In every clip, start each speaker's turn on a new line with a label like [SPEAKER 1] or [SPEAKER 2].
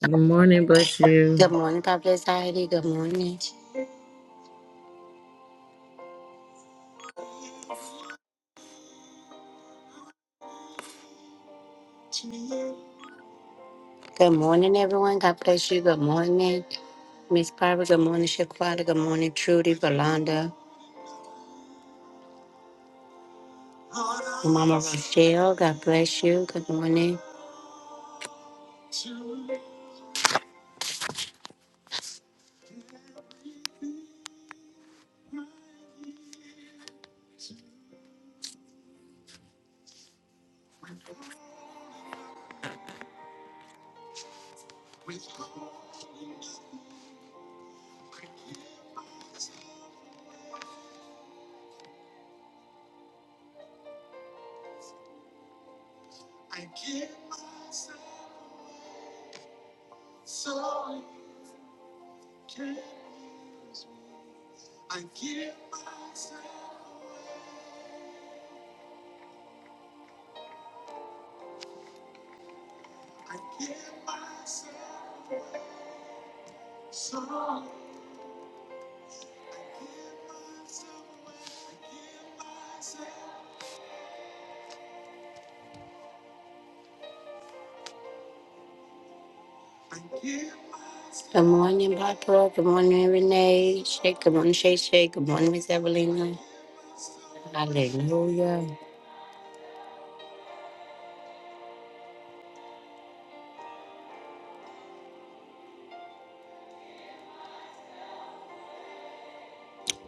[SPEAKER 1] Good morning, bless you.
[SPEAKER 2] Good morning, God bless Heidi. Good morning. Good morning, everyone. God bless you. Good morning, Miss Barbara. Good morning, Shaquata. Good morning, Trudy, Valanda, Mama Rochelle. God bless you. Good morning. Good morning, Barbara. Good morning, Renee. Shake. Good morning, Shay Shay. Good morning, Miss Evelina. Hallelujah.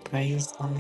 [SPEAKER 2] Praise God.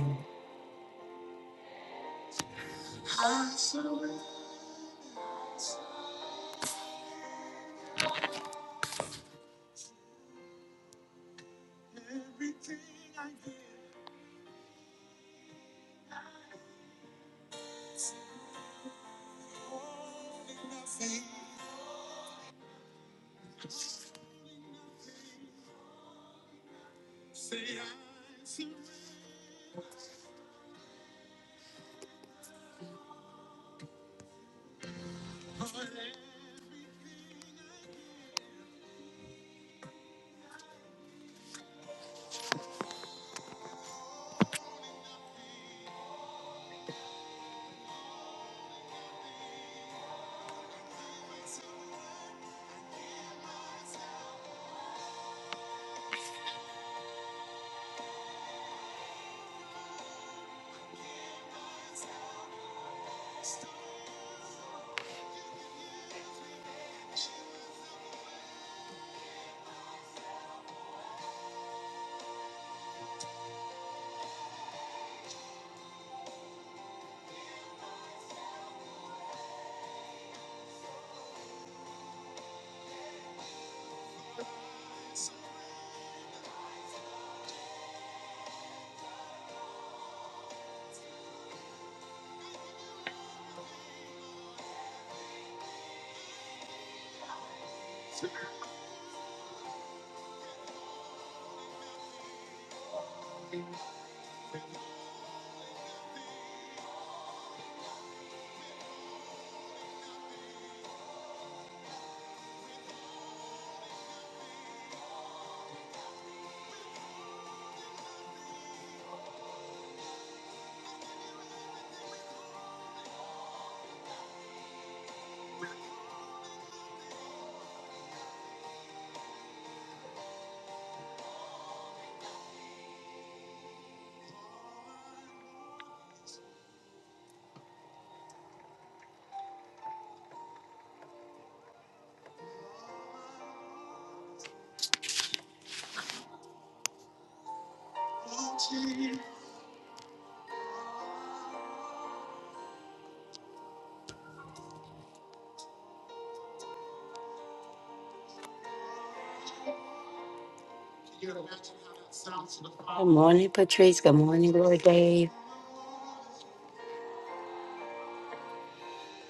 [SPEAKER 2] Good morning, Patrice. Good morning, Lord Dave.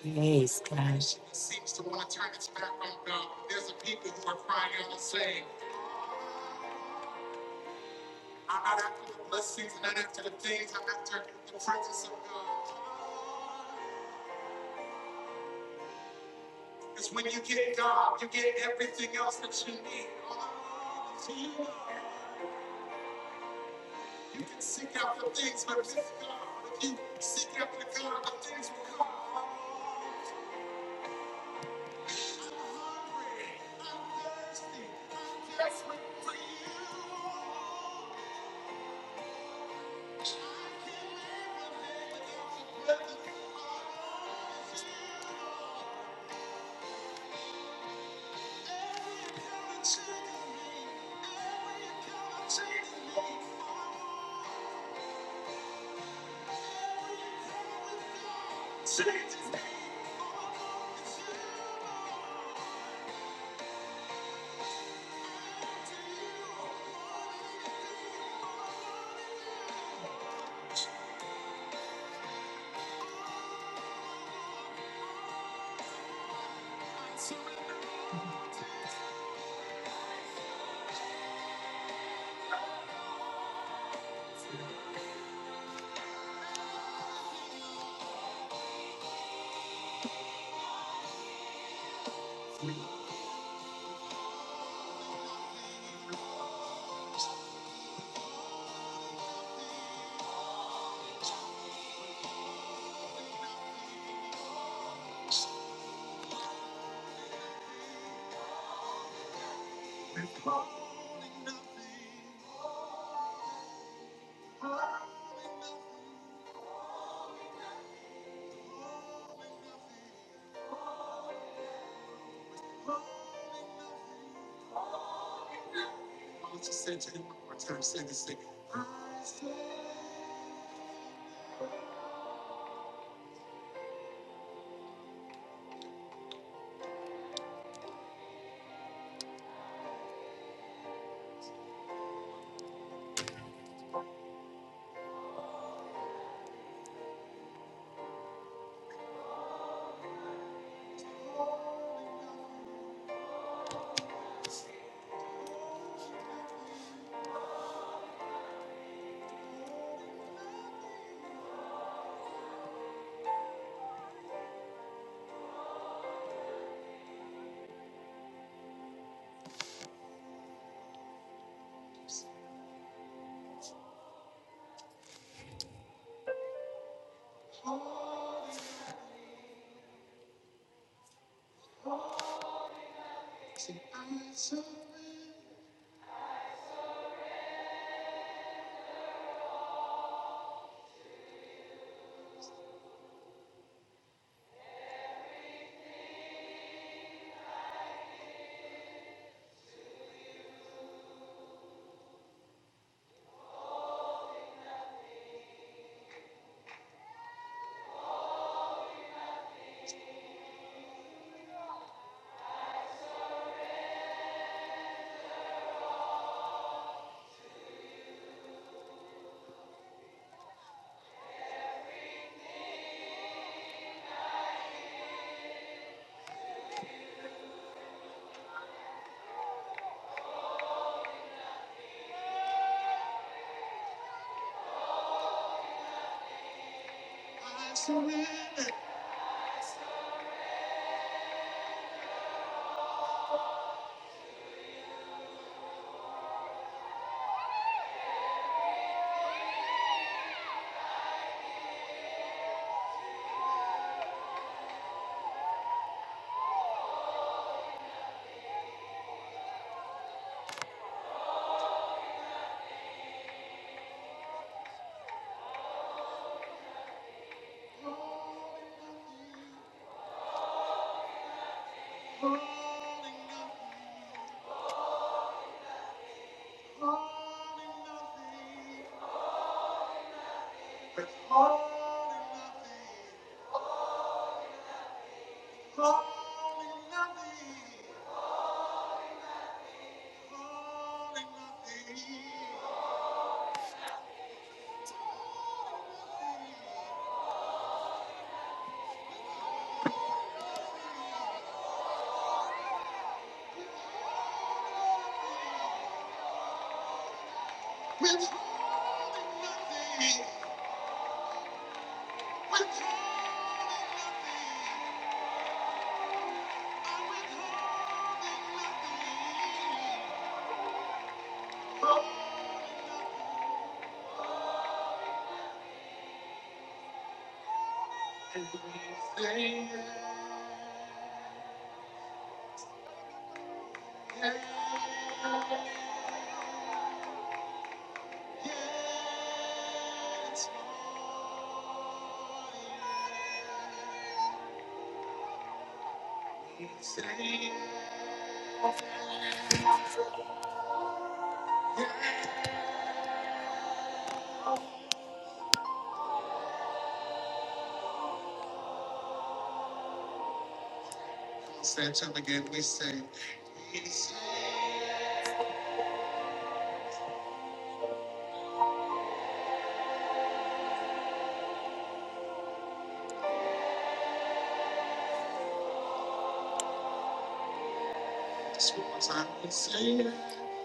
[SPEAKER 2] Praise God.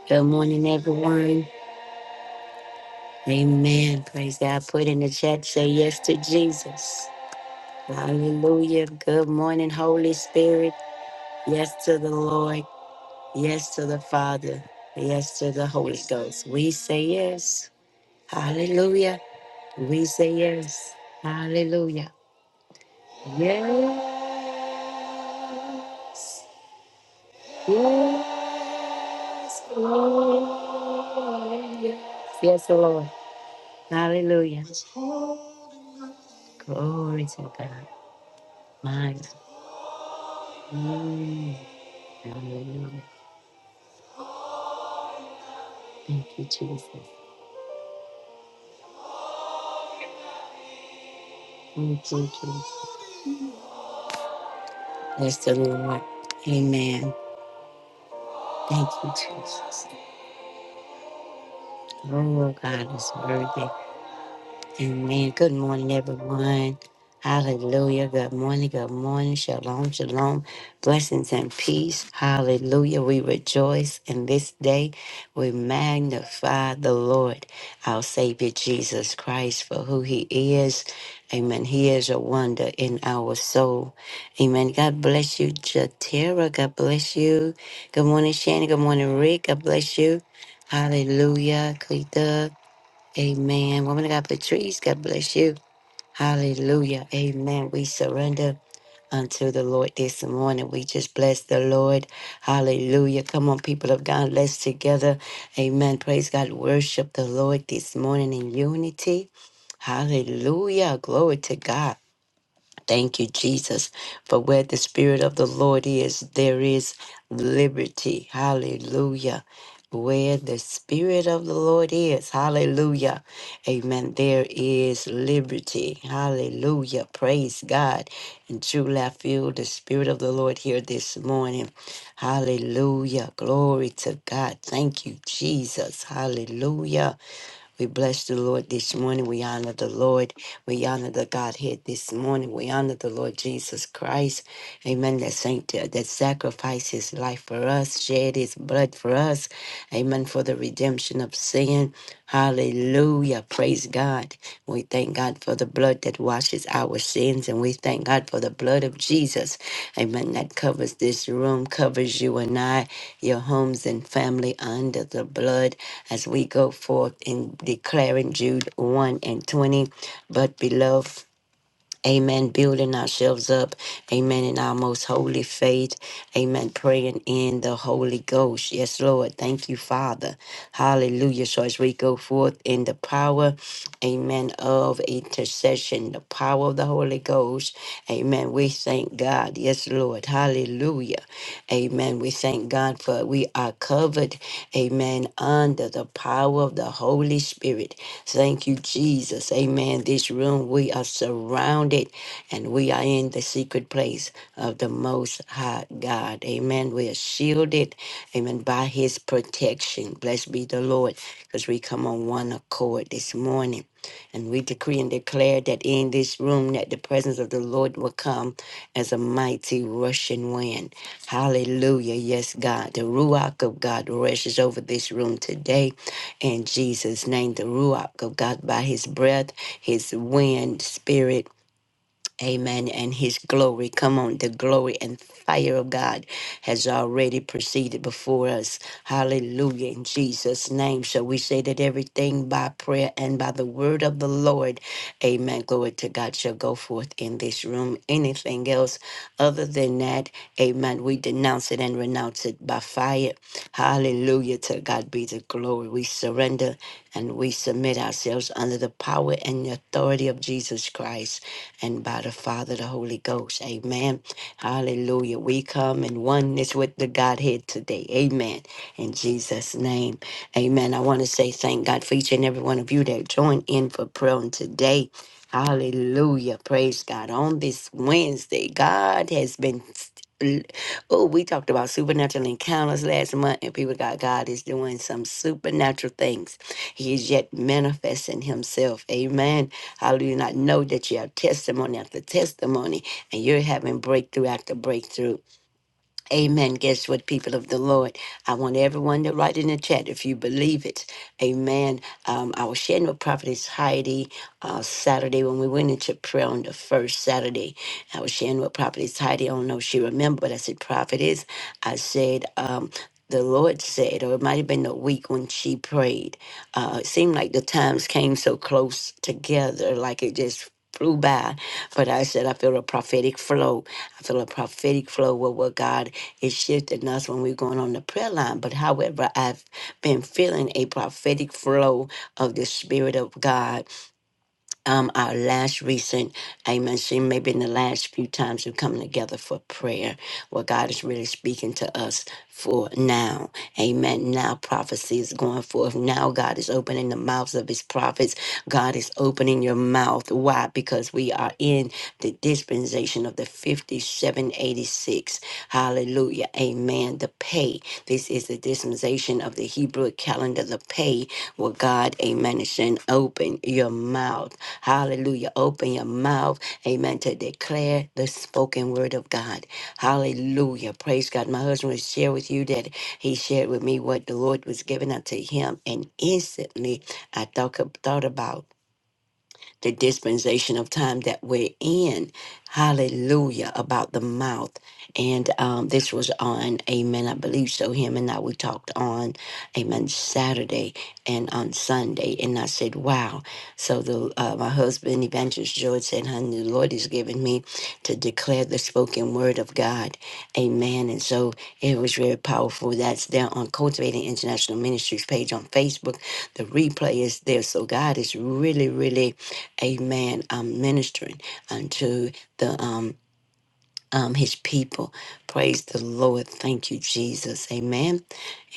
[SPEAKER 2] Good morning, everyone. Amen. Praise God. Put in the chat, say yes to Jesus. Hallelujah. Good morning, Holy Spirit. Yes to the Lord. Yes to the Father. Yes to the Holy Ghost. We say yes. Hallelujah. We say yes. Hallelujah. Yes. Yes. Hallelujah. Yes, the Lord. Hallelujah. Glory to God. My God. Mm. Hallelujah. Thank you, Jesus. Thank you, Jesus. Bless the Lord. Amen. Thank you, Jesus. Oh, God is worthy. Amen. Good morning, everyone. Hallelujah. Good morning. Good morning. Shalom. Shalom. Blessings and peace. Hallelujah. We rejoice in this day. We magnify the Lord, our Savior Jesus Christ, for who he is. Amen. He is a wonder in our soul. Amen. God bless you, Jatera. God bless you. Good morning, Shannon. Good morning, Rick. God bless you. Hallelujah. Cleta. Amen. Woman of God, Patrice, God bless you. Hallelujah. Amen. We surrender unto the Lord this morning. We just bless the Lord. Hallelujah. Come on, people of God. Let's together. Amen. Praise God. Worship the Lord this morning in unity. Hallelujah. Glory to God. Thank you, Jesus. For where the Spirit of the Lord is, there is liberty. Hallelujah. Where the Spirit of the Lord is, hallelujah. Amen. There is liberty. Hallelujah. Praise God. And truly, I feel the Spirit of the Lord here this morning. Hallelujah. Glory to God. Thank you, Jesus. Hallelujah. We bless the Lord this morning. We honor the Lord. We honor the Godhead this morning. We honor the Lord Jesus Christ. Amen. That saint uh, that sacrificed his life for us, shed his blood for us. Amen. For the redemption of sin. Hallelujah. Praise God. We thank God for the blood that washes our sins, and we thank God for the blood of Jesus. Amen. That covers this room, covers you and I, your homes and family under the blood as we go forth in declaring Jude 1 and 20. But beloved, Amen. Building ourselves up. Amen. In our most holy faith. Amen. Praying in the Holy Ghost. Yes, Lord. Thank you, Father. Hallelujah. So as we go forth in the power, amen, of intercession, the power of the Holy Ghost. Amen. We thank God. Yes, Lord. Hallelujah. Amen. We thank God for we are covered. Amen. Under the power of the Holy Spirit. Thank you, Jesus. Amen. This room, we are surrounded founded, and we are in the secret place of the Most High God. Amen. We are shielded, amen, by His protection. Blessed be the Lord, because we come on one accord this morning. And we decree and declare that in this room that the presence of the Lord will come as a mighty rushing wind. Hallelujah. Yes, God. The Ruach of God rushes over this room today. In Jesus' name, the Ruach of God by his breath, his wind, spirit. Amen. And his glory. Come on, the glory and fire of God has already proceeded before us. Hallelujah. In Jesus' name. Shall we say that everything by prayer and by the word of the Lord, amen. Glory to God shall go forth in this room. Anything else other than that, amen. We denounce it and renounce it by fire. Hallelujah. To God be the glory. We surrender and we submit ourselves under the power and authority of Jesus Christ and by the Father, the Holy Ghost. Amen. Hallelujah. We come in oneness with the Godhead today. Amen. In Jesus' name. Amen. I want to say thank God for each and every one of you that joined in for prayer on today. Hallelujah. Praise God. On this Wednesday, God has been. Oh, we talked about supernatural encounters last month, and people got God is doing some supernatural things. He is yet manifesting Himself. Amen. Hallelujah. And I know that you have testimony after testimony and you're having breakthrough after breakthrough. Amen. Guess what, people of the Lord? I want everyone to write in the chat if you believe it. Amen. Um, I was sharing with Prophetess Heidi uh, Saturday when we went into prayer on the first Saturday. I was sharing with Prophetess Heidi. I don't know if she remembered, but I said, Prophetess, I said, um, the Lord said, or it might have been the week when she prayed. Uh, it seemed like the times came so close together, like it just flew by. But I said, I feel a prophetic flow. I feel a prophetic flow with what God is shifting us when we're going on the prayer line. But however, I've been feeling a prophetic flow of the Spirit of God. Um, our last recent, amen, see, maybe in the last few times we've come together for prayer, where God is really speaking to us for now. Amen. Now prophecy is going forth. Now God is opening the mouths of his prophets. God is opening your mouth. Why? Because we are in the dispensation cancellation of the 5786. Hallelujah. Amen. The pay. This is the dispensation of the Hebrew calendar, the pay, where God, amen, is saying, open your mouth. Hallelujah. Open your mouth, amen, to declare the spoken word of God. Hallelujah. Praise God. My husband will share with you that he shared with me what the Lord was giving unto him, and instantly I thought, thought about the dispensation of time that we're in. Hallelujah about the mouth. And um, this was on Amen, I believe so. Him and I we talked on Amen Saturday and on Sunday, and I said, "Wow!" So the uh, my husband, Evangelist George, said, "Honey, the Lord has given me to declare the spoken word of God." Amen. And so it was very powerful. That's there on Cultivating International Ministries page on Facebook. The replay is there. So God is really, really amen, um, ministering unto the um, um, his people. Praise the Lord. Thank you, Jesus. Amen.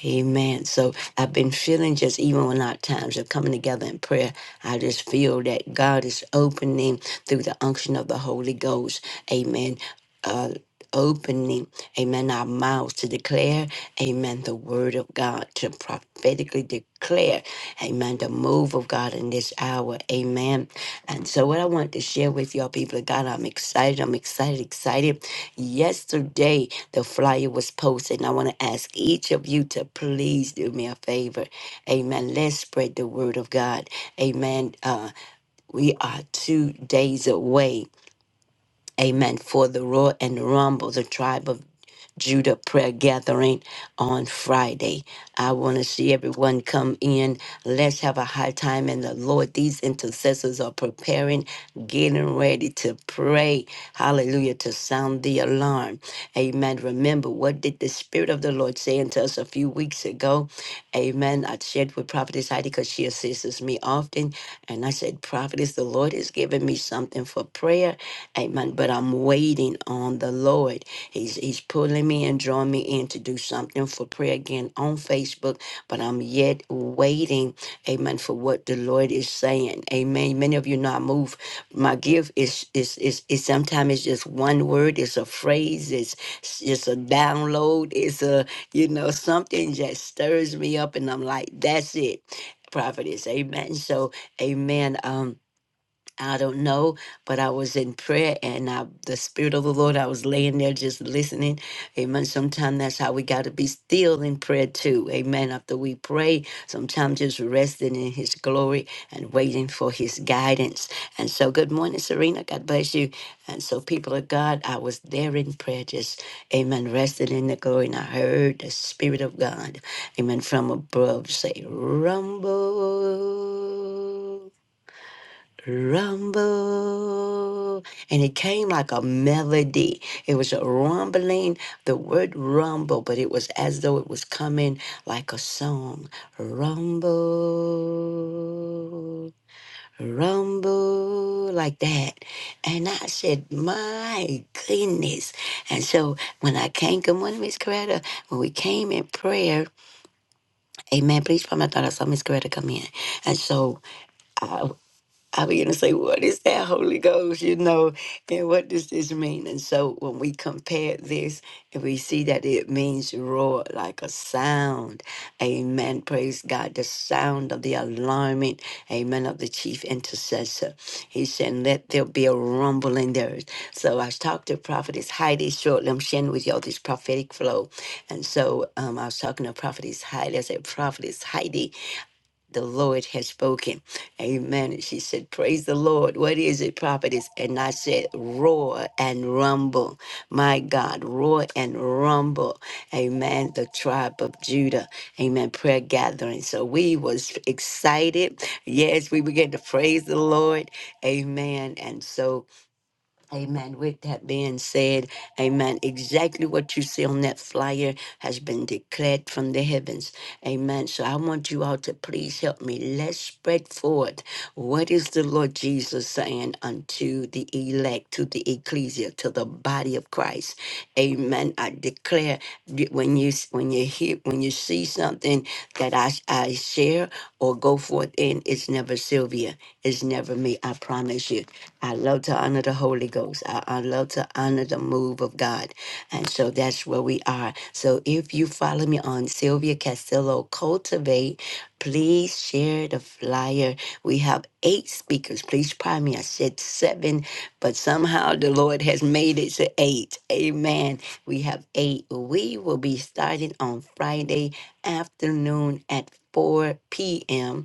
[SPEAKER 2] Amen. So I've been feeling just even when our times are coming together in prayer, I just feel that God is opening through the unction of the Holy Ghost. Amen. Uh, opening, amen, our mouths to declare, amen, the word of God, to prophetically declare, amen, the move of God in this hour. Amen. And so, what I want to share with y'all, people of God, I'm excited. I'm excited, excited. Yesterday, the flyer was posted, and I want to ask each of you to please do me a favor. Amen. Let's spread the word of God. Amen. Uh, we are two days away. Amen. For the roar and the rumble, the tribe of Judah prayer gathering on Friday. I want to see everyone come in. Let's have a high time in the Lord. These intercessors are preparing, getting ready to pray. Hallelujah, to sound the alarm. Amen. Remember, what did the Spirit of the Lord say unto us a few weeks ago? Amen. I shared with Prophetess Heidi because she assists me often. And I said, Prophetess, the Lord has given me something for prayer. Amen. But I'm waiting on the Lord. He's He's pulling me and drawing me in to do something for prayer again on Facebook. But I'm yet waiting. Amen. For what the Lord is saying. Amen. Many of you know I move. My gift is is is is sometimes it's just one word, it's a phrase, It's s- it's a download, it's a, you know, something that stirs me up and I'm like, that's it. Prophetess, amen. So, amen. Um, I don't know, but I was in prayer and I, the Spirit of the Lord, I was laying there just listening. Amen. Sometimes that's how we got to be still in prayer too. Amen. After we pray, sometimes just resting in His glory and waiting for His guidance. And so, good morning, Serena. God bless you. And so, people of God, I was there in prayer, just, amen, resting in the glory. And I heard the Spirit of God, amen, from above say, Rumble rumble. And it came like a melody. It was a rumbling, the word rumble, but it was as though it was coming like a song. Rumble, rumble, like that. And I said, my goodness. And so when I came, good morning, Miss Coretta. When we came in prayer, amen, please, promise I thought I saw Miss Coretta come in. And so I began to say, What is that Holy Ghost? You know, and what does this mean? And so when we compare this and we see that it means roar like a sound. Amen. Praise God. The sound of the alarming, amen, of the chief intercessor. He said, Let there be a rumble in there. So I talked to Prophetess Heidi shortly. I'm sharing with y'all this prophetic flow. And so um, I was talking to Prophetess Heidi. I said, Prophetess Heidi, the Lord has spoken. Amen. And she said, Praise the Lord. What is it, prophetess? And I said, Roar and rumble. My God, roar and rumble. Amen. The tribe of Judah. Amen. Prayer gathering. So we was excited. Yes, we began to praise the Lord. Amen. And so Amen. With that being said, amen. Exactly what you see on that flyer has been declared from the heavens. Amen. So I want you all to please help me. Let's spread forward. What is the Lord Jesus saying unto the elect, to the ecclesia, to the body of Christ? Amen. I declare that when you when you hear when you see something that I I share or go forth in, it's never Sylvia. It's never me. I promise you. I love to honor the Holy Ghost. I, I love to honor the move of God. And so that's where we are. So if you follow me on Sylvia Castillo Cultivate. Please share the flyer. We have eight speakers. Please try me. I said seven, but somehow the Lord has made it to eight. Amen. We have eight. We will be starting on Friday afternoon at 4 p.m.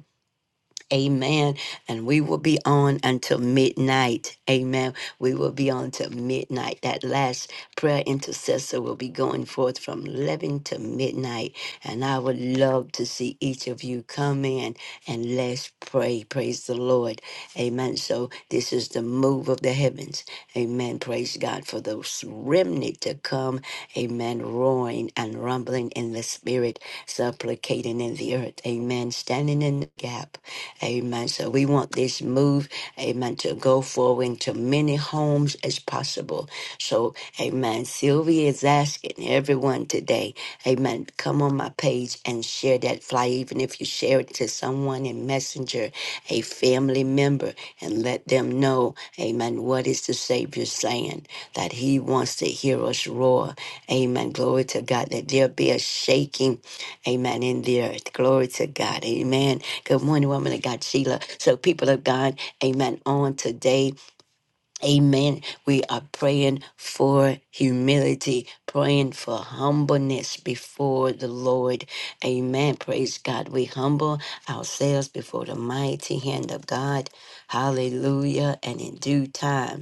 [SPEAKER 2] Amen. And we will be on until midnight. Amen. We will be on till midnight. That last prayer intercessor will be going forth from 11 to midnight. And I would love to see each of you come in and let's pray. Praise the Lord. Amen. So this is the move of the heavens. Amen. Praise God for those remnant to come come, amen, roaring and rumbling in the spirit, supplicating in the earth, amen, standing in the gap, amen. So we want this move, amen, to go forward into many homes as possible. So, amen, Sylvia is asking everyone today, amen, come on my page and share that flyer, even if you share it to someone in Messenger, a family member and let them know, amen, what is the Savior saying? That he wants to hear us roar. Amen. Glory to God. That there be a shaking, amen, in the earth. Glory to God. Amen. Good morning, woman of God, Sheila. So, people of God, amen, on today. Amen. We are praying for humility, praying for humbleness before the Lord. Amen. Praise God. We humble ourselves before the mighty hand of God. Hallelujah. And in due time,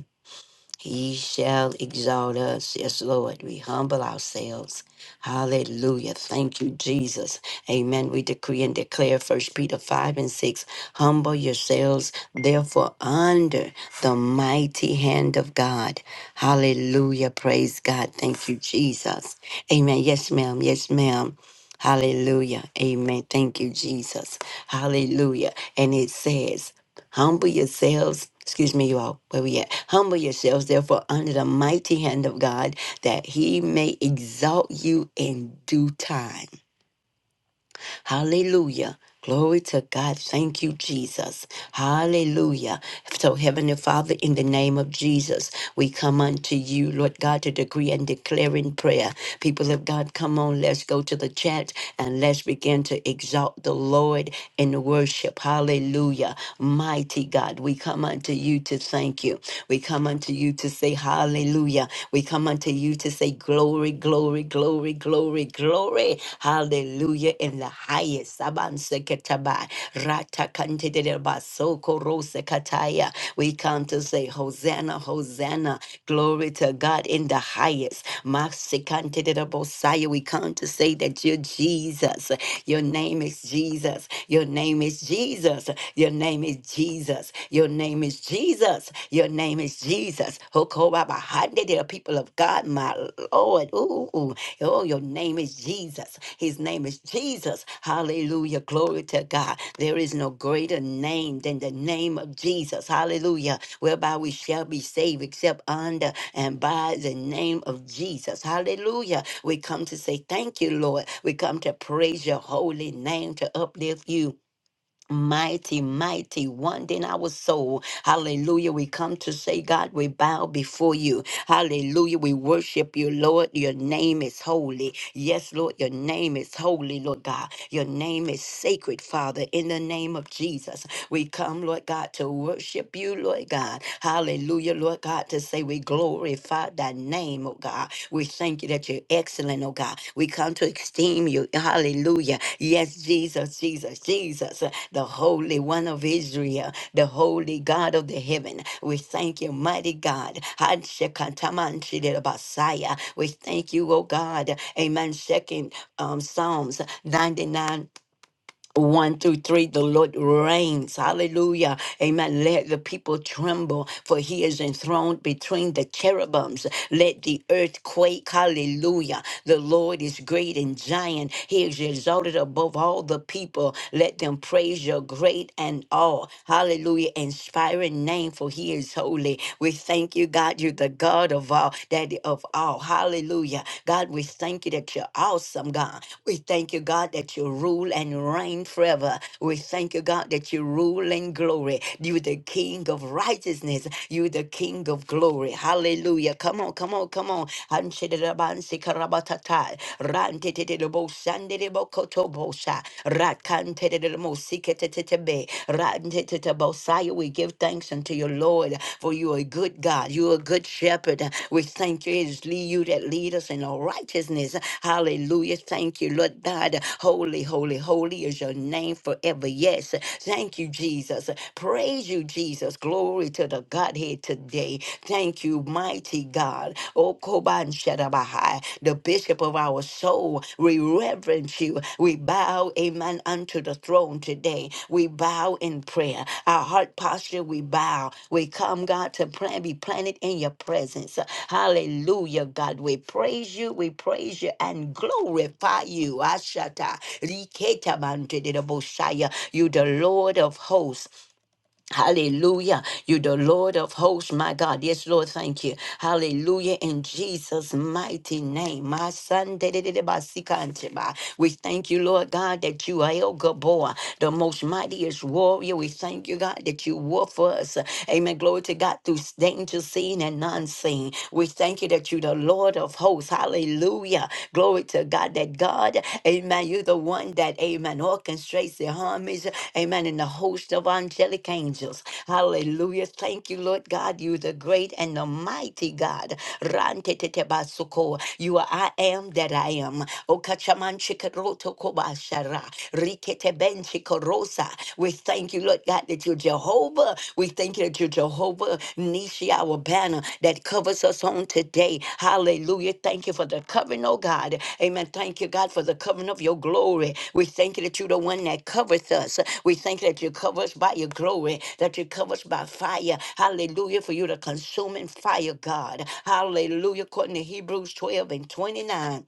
[SPEAKER 2] he shall exalt us. Yes, Lord. We humble ourselves. Hallelujah. Thank you, Jesus. Amen. We decree and declare First Peter 5 and 6. Humble yourselves, therefore, under the mighty hand of God. Hallelujah. Praise God. Thank you, Jesus. Amen. Yes, ma'am. Yes, ma'am. Hallelujah. Amen. Thank you, Jesus. Hallelujah. And it says, Humble yourselves, excuse me, you all, where we at? Humble yourselves, therefore, under the mighty hand of God, that he may exalt you in due time. Hallelujah. Glory to God. Thank you, Jesus. Hallelujah. So, Heavenly Father, in the name of Jesus, we come unto you, Lord God, to decree and declare in prayer. People of God, come on, let's go to the chat and let's begin to exalt the Lord in worship. Hallelujah. Mighty God, we come unto you to thank you. We come unto you to say hallelujah. We come unto you to say glory, glory, glory, glory, glory. Hallelujah in the highest. Sabanseketaba, ratakantedereba, sokorosekataya. We come to say, Hosanna, Hosanna. Glory to God in the highest. Masikantederebosaya. We come to say that you're Jesus. Your name is Jesus. Your name is Jesus. Your name is Jesus. Your name is Jesus. Jesus. Your name is Jesus. Hokobabahande, dear people of God, my Lord. Ooh, ooh. Oh, your name is Jesus. His name is Jesus. Hallelujah. Glory to God. There is no greater name than the name of Jesus. Hallelujah. Whereby we shall be saved except under and by the name of Jesus. Hallelujah. We come to say thank you, Lord. We come to praise your holy name to uplift you. Mighty, mighty one in our soul. Hallelujah. We come to say, God, we bow before you. Hallelujah. We worship you, Lord. Your name is holy. Yes, Lord, your name is holy, Lord God. Your name is sacred, Father, in the name of Jesus. We come, Lord God, to worship you, Lord God. Hallelujah, Lord God, to say we glorify magnify thy name, oh God. We thank you that you're excellent, oh God. We come to esteem you. Hallelujah. Yes, Jesus, Jesus, Jesus, uh, the Holy One of Israel, the Holy God of the heaven. We thank you, mighty God. Hanshekatamanshidabasaya. We thank you, oh God. Amen. Second um, Psalms 99 1 through 3 the lord reigns hallelujah amen let the people tremble for he is enthroned between the cherubims let the earth quake hallelujah the lord is great and giant he is exalted above all the people let them praise your great and all hallelujah inspiring name for he is holy we thank you god you're the god of all that of all, Hallelujah! God, we thank you that you're awesome, God. We thank you, God, that you rule and reign forever. We thank you, God, that you rule in glory. You the King of righteousness. You the King of glory. Hallelujah! Come on, come on, come on! Hanshidirabansikarabatata, rantetedebosandedebokotobosa, rakantededemosiketedebosha, Bosaya, we give thanks unto you, Lord, for you are a good God. You are a good shepherd. We thank you. It is le- you that lead us in all righteousness. Hallelujah. Thank you, Lord God. Holy, holy, holy is your name forever. Yes. Thank you, Jesus. Praise you, Jesus. Glory to the Godhead today. Thank you, mighty God. Oh, Rabahai, the bishop of our soul. We reverence you. We bow, amen, unto the throne today. We bow in prayer. Our heart posture, we bow. We come, God, to plan, be planted in your presence. Hallelujah, God. We praise you, we praise you, and glorify you. Ashata, Liketa Mantidabosaya. You, the Lord of hosts. Hallelujah. You're the Lord of hosts, my God. Yes, Lord, thank you. Hallelujah. In Jesus' mighty name. My son, da-da-da-da-ba-si-kan-ti-ba. we thank you, Lord God, that you are El Gabor, the most mightiest warrior. We thank you, God, that you war for us. Amen. Glory to God through danger seen and unseen. We thank you that you're the Lord of hosts. Hallelujah. Glory to God that God, amen, you're the one that, amen, orchestrates the armies, amen, and the host of angelic angels. Hallelujah. Thank you, Lord God. You're the great and the mighty God. Rantetetebasuko. You are I am that I am. Okachamanchikaroto kobashara. Riketebenchikarosa. We thank you, Lord God, that you're Jehovah. Jehovah. We thank you that you're Jehovah Nisi our banner that covers us on today. Hallelujah. Thank you for the covering, oh God. Amen. Thank you, God, for the covering of your glory. We thank you that you're the one that covers us. We thank you that you cover us by your glory, that you cover us by fire. Hallelujah. For you, the consuming fire, God. Hallelujah. According to Hebrews 12 and 29.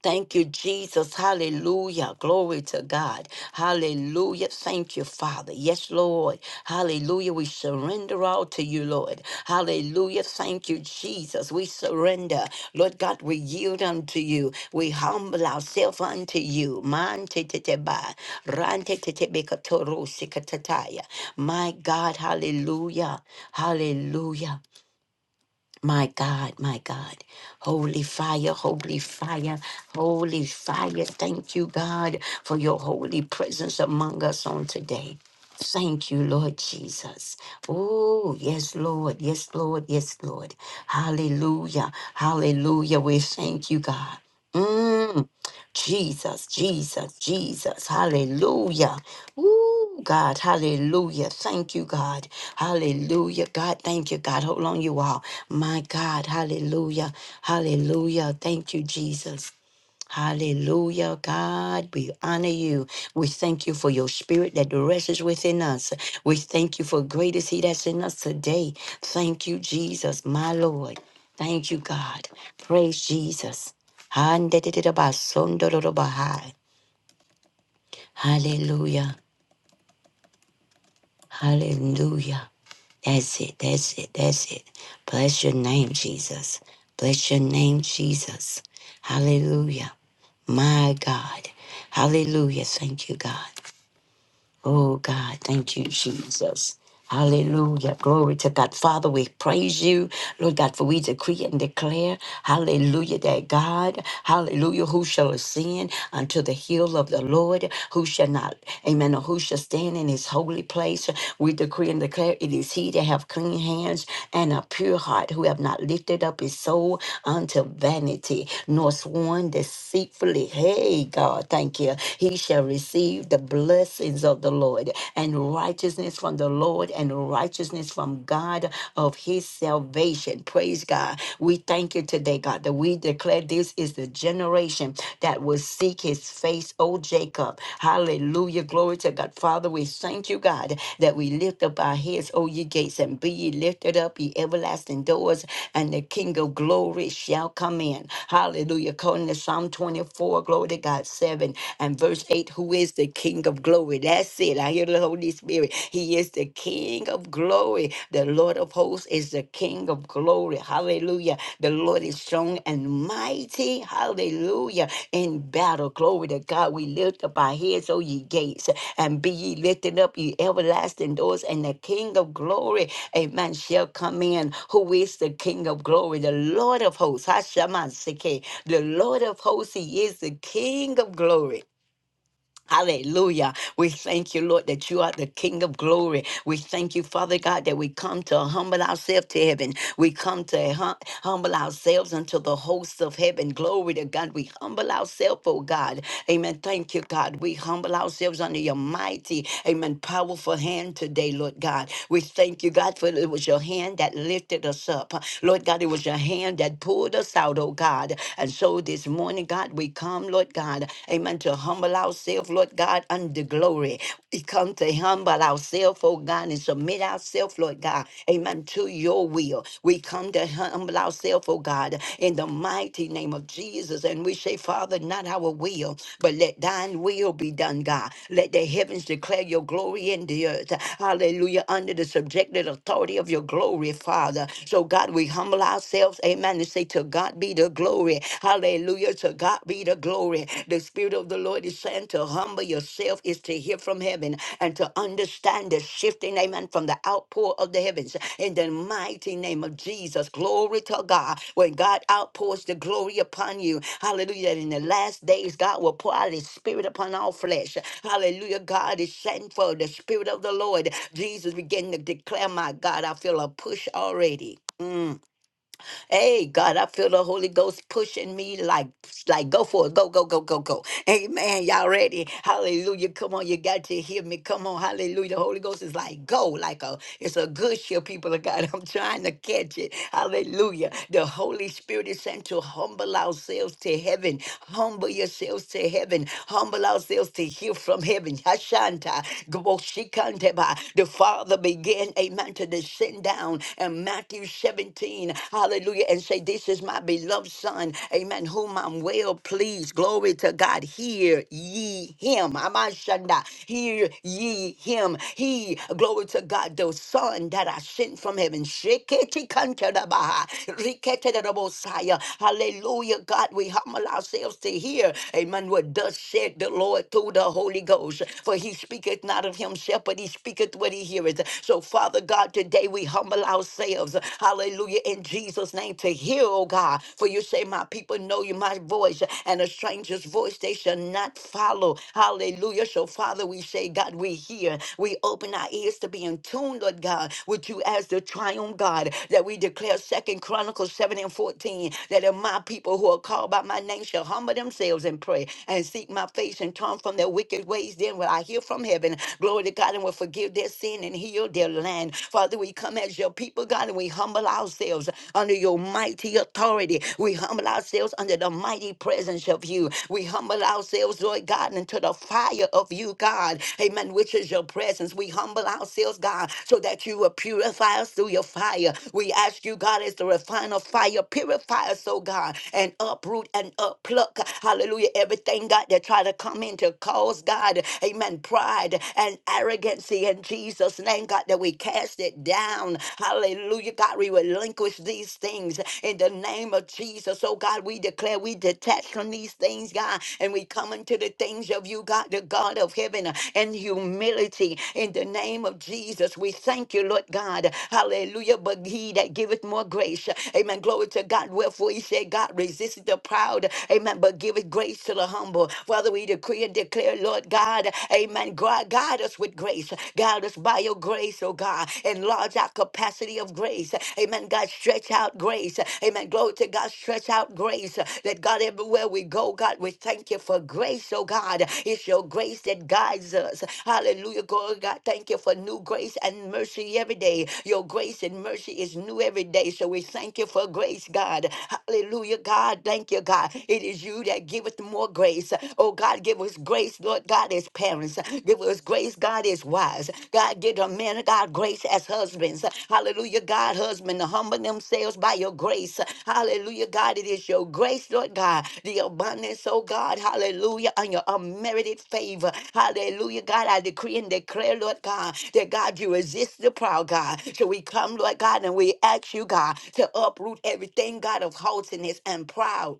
[SPEAKER 2] Thank you, Jesus. Hallelujah. Glory to God. Hallelujah. Thank you, Father. Yes, Lord. Hallelujah. We surrender all to you, Lord. Hallelujah. Thank you, Jesus. We surrender. Lord God, we yield unto you. We humble ourselves unto you. Man te te te ba. Ran te te te be ka to ro si ka ta ta ya. My God. Hallelujah. Hallelujah. My God, my God. Holy fire, holy fire, holy fire. Thank you, God, for your holy presence among us on today. Thank you, Lord Jesus. Oh, yes, Lord. Yes, Lord. Yes, Lord. Hallelujah. Hallelujah. We thank you, God. Mm. Jesus, Jesus, Jesus. Hallelujah. God, hallelujah. Thank you, God. Hallelujah. God, thank you, God. Hold on, you all. My God, hallelujah. Hallelujah. Thank you, Jesus. Hallelujah, God. We honor you. We thank you for your spirit that rests within us. We thank you for great is He that's in us today. Thank you, Jesus, my Lord. Thank you, God. Praise Jesus. Hallelujah. Hallelujah. That's it. That's it. That's it. Bless your name, Jesus. Bless your name, Jesus. Hallelujah. My God. Hallelujah. Thank you, God. Oh God, thank you, Jesus. Hallelujah. Glory to God. Father, we praise you. Lord God, for we decree and declare, hallelujah, that God, hallelujah, who shall ascend unto the hill of the Lord, who shall not, amen, or who shall stand in his holy place. We decree and declare it is he that have clean hands and a pure heart, who have not lifted up his soul unto vanity, nor sworn deceitfully. Hey, God, thank you. He shall receive the blood blessings of the Lord and righteousness from the Lord and righteousness from God of his salvation. Praise God. We thank you today, God, that we declare this is the generation that will seek his face, O Jacob. Hallelujah. Glory to God. Father, we thank you, God, that we lift up our heads, O ye gates, and be ye lifted up, ye everlasting doors, and the King of glory shall come in. Hallelujah. According to Psalm 24, glory to God, 7 and verse 8, who is the King of glory. That's it. I hear the Holy Spirit. He is the King of glory. The Lord of hosts is the King of glory. Hallelujah. The Lord is strong and mighty. Hallelujah. In battle, glory to God. We lift up our heads, O ye gates, and be ye lifted up, ye everlasting doors, and the King of glory, amen, shall come in. Who is the King of glory? The Lord of hosts. Hashaman Seke. The Lord of hosts, he is the King of glory. Hallelujah. We thank you, Lord, that you are the King of glory. We thank you, Father God, that we come to humble ourselves to heaven. We come to hum- humble ourselves unto the hosts of heaven. Glory to God. We humble ourselves, oh God. Amen. Thank you, God. We humble ourselves under your mighty, amen, powerful hand today, Lord God. We thank you, God, for it was your hand that lifted us up. Lord God, it was your hand that pulled us out, oh God. And so this morning, God, we come, Lord God, amen, to humble ourselves, Lord God, under glory. We come to humble ourselves, oh God, and submit ourselves, Lord God, amen, to your will. We come to humble ourselves, oh God, in the mighty name of Jesus. And we say, Father, not our will, but let thine will be done, God. Let the heavens declare your glory in the earth. Hallelujah. Under the subjected authority of your glory, Father. So, God, we humble ourselves, amen, and say to God, God be the glory. Hallelujah. To God be the glory. The Spirit of the Lord is saying to humble yourself is to hear from heaven and to understand the shifting, amen, from the outpour of the heavens. In the mighty name of Jesus, glory to God. When God outpours the glory upon you, hallelujah, that in the last days, God will pour out his spirit upon all flesh. Hallelujah. God is sent for the spirit of the Lord. Jesus began to declare, my God, I feel a push already. Mm. Hey, God, I feel the Holy Ghost pushing me like, like go for it. Go, go, go, go, go. Amen. Y'all ready? Hallelujah. Come on. You got to hear me. Come on. Hallelujah. The Holy Ghost is like, go. Like a, it's a good ship, people of God. I'm trying to catch it. Hallelujah. The Holy Spirit is sent to humble ourselves to heaven. Humble yourselves to heaven. Humble ourselves to hear from heaven. Hashanta. Gwoshikanteba. The Father began, amen, to descend down and Matthew 17, hallelujah, and say, This is my beloved Son, amen, whom I'm well pleased. Glory to God. Hear ye him. Amashanda. Hear ye him. He, glory to God, the Son that I sent from heaven. Sheketikantarabaha. Riketerabosaya. Hallelujah, God. We humble ourselves to hear, amen, what thus said the Lord through the Holy Ghost. For he speaketh not of himself, but he speaketh what he heareth. So, Father God, God, today we humble ourselves. Hallelujah. In Jesus' name to hear, oh God. For you say, My people know you, my voice, and a stranger's voice they shall not follow. Hallelujah. So, Father, we say, God, we hear. We open our ears to be in tune, Lord God, with you as the triumph God. That we declare Second Chronicles 7 and 14 that if my people who are called by my name shall humble themselves and pray and seek my face and turn from their wicked ways, then will I hear from heaven. Glory to God and will forgive forgive their sin and heal their land. Father, we come as your people, God, and we humble ourselves under your mighty authority. We humble ourselves under the mighty presence of you. We humble ourselves, Lord God, into the fire of you, God. Amen. Which is your presence. We humble ourselves, God, so that you will purify us through your fire. We ask you, God, as the refiner fire, purify us, oh God, and uproot and uppluck. Hallelujah. Everything, God, that try to come in to cause God, amen, pride and arrogancy in Jesus' name, God, that we cast it down. Hallelujah, God, we relinquish these things in the name of Jesus. Oh, God, we declare we detach from these things, God, and we come into the things of you, God, the God of heaven, and humility in the name of Jesus. We thank you, Lord God. Hallelujah, but he that giveth more grace. Amen. Glory to God. Wherefore he said, God resisted the proud. Amen. But giveth grace to the humble. Father, we decree and declare, Lord God, amen. Gu- Guide us with grace. Guide us by your grace, oh God. Enlarge our capacity of grace. Amen. God, stretch out grace. Amen. Glory to God, stretch out grace. That God, everywhere we go, God, we thank you for grace, oh God. It's your grace that guides us. Hallelujah. Glory, God, thank you for new grace and mercy every day. Your grace and mercy is new every day. So we thank you for grace, God. Hallelujah, God. Thank you, God. It is you that giveth more grace. Oh God, give us grace, Lord God, as parents. Give us grace, God, as wives. God, give a man of God grace as husbands. Hallelujah, God, husband, to humble themselves by your grace. Hallelujah, God, it is your grace, Lord God, the abundance, oh God, hallelujah, and your unmerited favor. Hallelujah, God, I decree and declare, Lord God, that God, you resist the proud, God. So we come, Lord God, and we ask you, God, to uproot everything, God, of haughtiness and proud.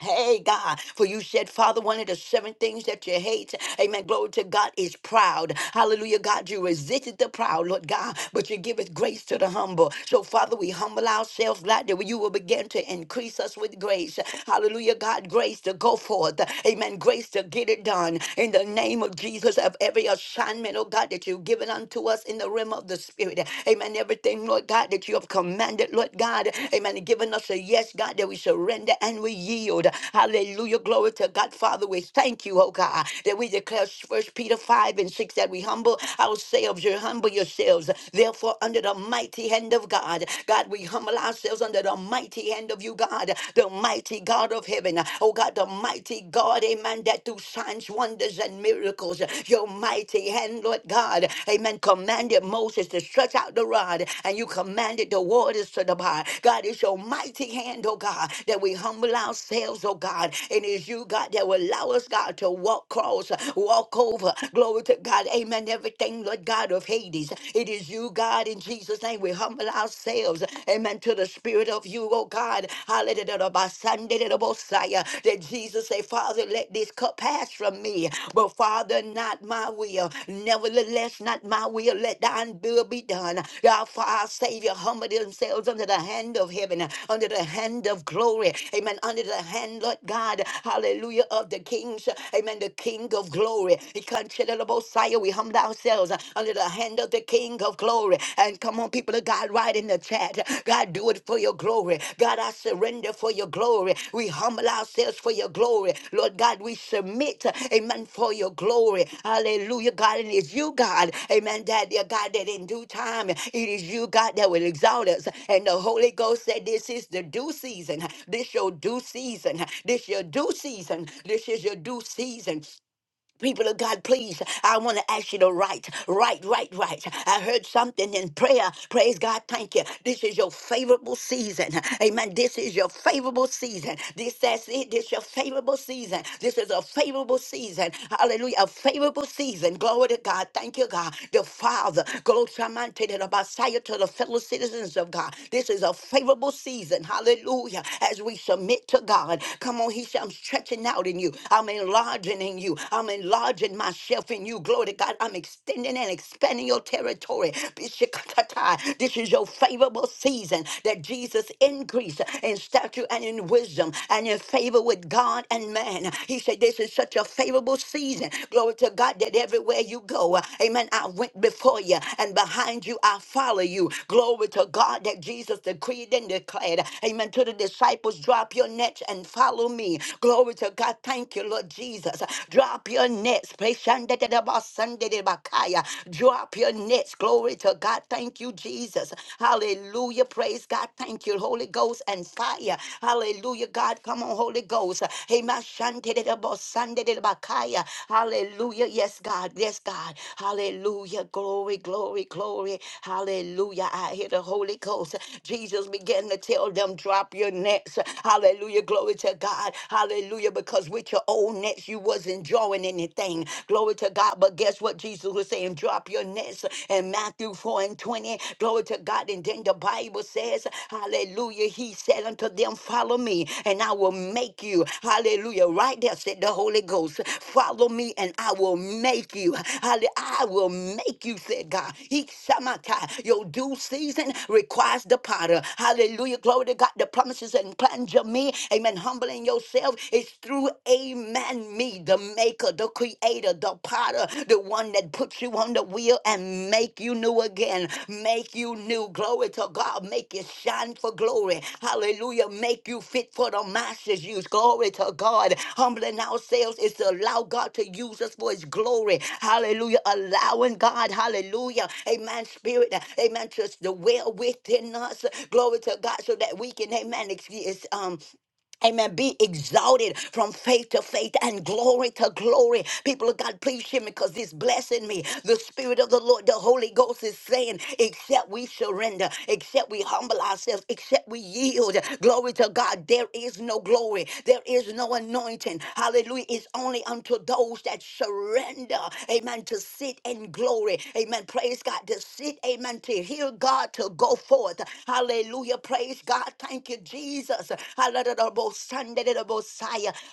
[SPEAKER 2] Hey God, for you said, Father, one of the seven things that you hate, amen. Glory to God is proud. Hallelujah, God, you resisted the proud, Lord God, but you giveth grace to the humble. So, Father, we humble ourselves, God, that you will begin to increase us with grace. Hallelujah, God, grace to go forth, amen. Grace to get it done in the name of Jesus of every assignment, oh God, that you've given unto us in the realm of the Spirit, amen. Everything, Lord. Lord God, that you have commanded, Lord God, amen, and given us a yes, God, that we surrender and we yield. Hallelujah. Glory to God. Father, we thank you, oh God, that we declare First Peter 5 and 6 that we humble ourselves, you humble yourselves, therefore, under the mighty hand of God. God, we humble ourselves under the mighty hand of you, God, the mighty God of heaven. Oh God, the mighty God, amen, that through signs, wonders, and miracles shows your mighty hand, Lord God. Amen. Commanded Moses to stretch out the rod, and you commanded the waters to the God, it's your mighty hand, oh God, that we humble ourselves, oh God. And it's you, God, that will allow us, God, to walk across, walk over. Glory to God. Amen. Everything, Lord God of Hades. It is you, God, in Jesus' name. We humble ourselves. Amen. To the spirit of you, oh God. Hallelujah. That Jesus say, Father, let this cup pass from me. But Father, not my will. Nevertheless, not my will. Let thine will be done. Therefore, our Savior humbled themselves under the hand of heaven, under the hand of glory. Amen. Under the hand, Lord God. Hallelujah. Of the kings. Amen. The King of glory. He considered the Messiah. We humbled ourselves under the hand of the King of glory glory. And come on, people of God, right in the chat. God, do it for your glory. God, I surrender for your glory. We humble ourselves for your glory. Lord God, we submit, amen, for your glory. Hallelujah, God. And it's you, God, amen, that dear God, that in due time, it is you, God, that will exalt us. And the Holy Ghost said, This is the due season. This your due season. This your due season. This is your due season. People of God, please, I want to ask you to write, write, write, write. I heard something in prayer. Praise God, thank you. This is your favorable season. Amen. This is your favorable season. This, that's it. This is your favorable season. This is a favorable season. Hallelujah. A favorable season. Glory to God. Thank you, God. The Father. Glory to God, to the Messiah, to the fellow citizens of God. This is a favorable season. Hallelujah. As we submit to God. Come on, He said, I'm stretching out in you. I'm enlarging enlarging in you. I'm enlarging myself in you. Glory to God. I'm extending and expanding your territory. Bishikatatai. This is your favorable season that Jesus increased in stature and in wisdom and in favor with God and man. He said, This is such a favorable season. Glory to God that everywhere you go, amen. I went before you and behind you I follow you. Glory to God that Jesus decreed and declared. Amen. To the disciples, drop your nets and follow me. Glory to God. Thank you Thank you, Lord Jesus. Drop your nets. Preshandadadabasandadabakaya. Drop your nets. Glory to God. Thank you, Jesus. Hallelujah. Praise God. Thank you, Holy Ghost and fire. Hallelujah, God. Come on, Holy Ghost. Hey, my Shandadadabasandadabakaya. Hallelujah. Yes, God. Yes, God. Hallelujah. Glory, glory, glory. Hallelujah. I hear the Holy Ghost. Jesus began to tell them, drop your nets. Hallelujah. Glory to God. Hallelujah. Hallelujah. Because with your old nets, you wasn't drawing anything. Glory to God. But guess what Jesus was saying? Drop your nets in Matthew 4 and 20. Glory to God. And then the Bible says, Hallelujah. He said unto them, Follow me, and I will make you. Hallelujah. Right there said the Holy Ghost. Follow me, and I will make you. Hallelujah. I will make you, said God. He shamata. Your due season requires the potter. Hallelujah. Glory to God. The promises and plans of me. Amen. Humble humbling yourself, it's through Amen, me, the maker, the creator, the potter, the one that puts you on the wheel and make you new again, make you new. Glory to God, make you shine for glory. Hallelujah, make you fit for the master's use. Glory to God. Humbling ourselves is to allow God to use us for his glory. Hallelujah, allowing God, hallelujah, amen, spirit, amen, just the well within us. Glory to God, so that we can, amen, ex- um, Amen. Be exalted from faith to faith and glory to glory. People of God, please hear me because it's blessing me. The Spirit of the Lord, the Holy Ghost is saying, except we surrender, except we humble ourselves, except we yield. Glory to God. There is no glory. There is no anointing. Hallelujah. It's only unto those that surrender. Amen. To sit in glory. Amen. Praise God. To sit. Amen. To hear God. To go forth. Hallelujah. Praise God. Thank you, Jesus. Hallelujah.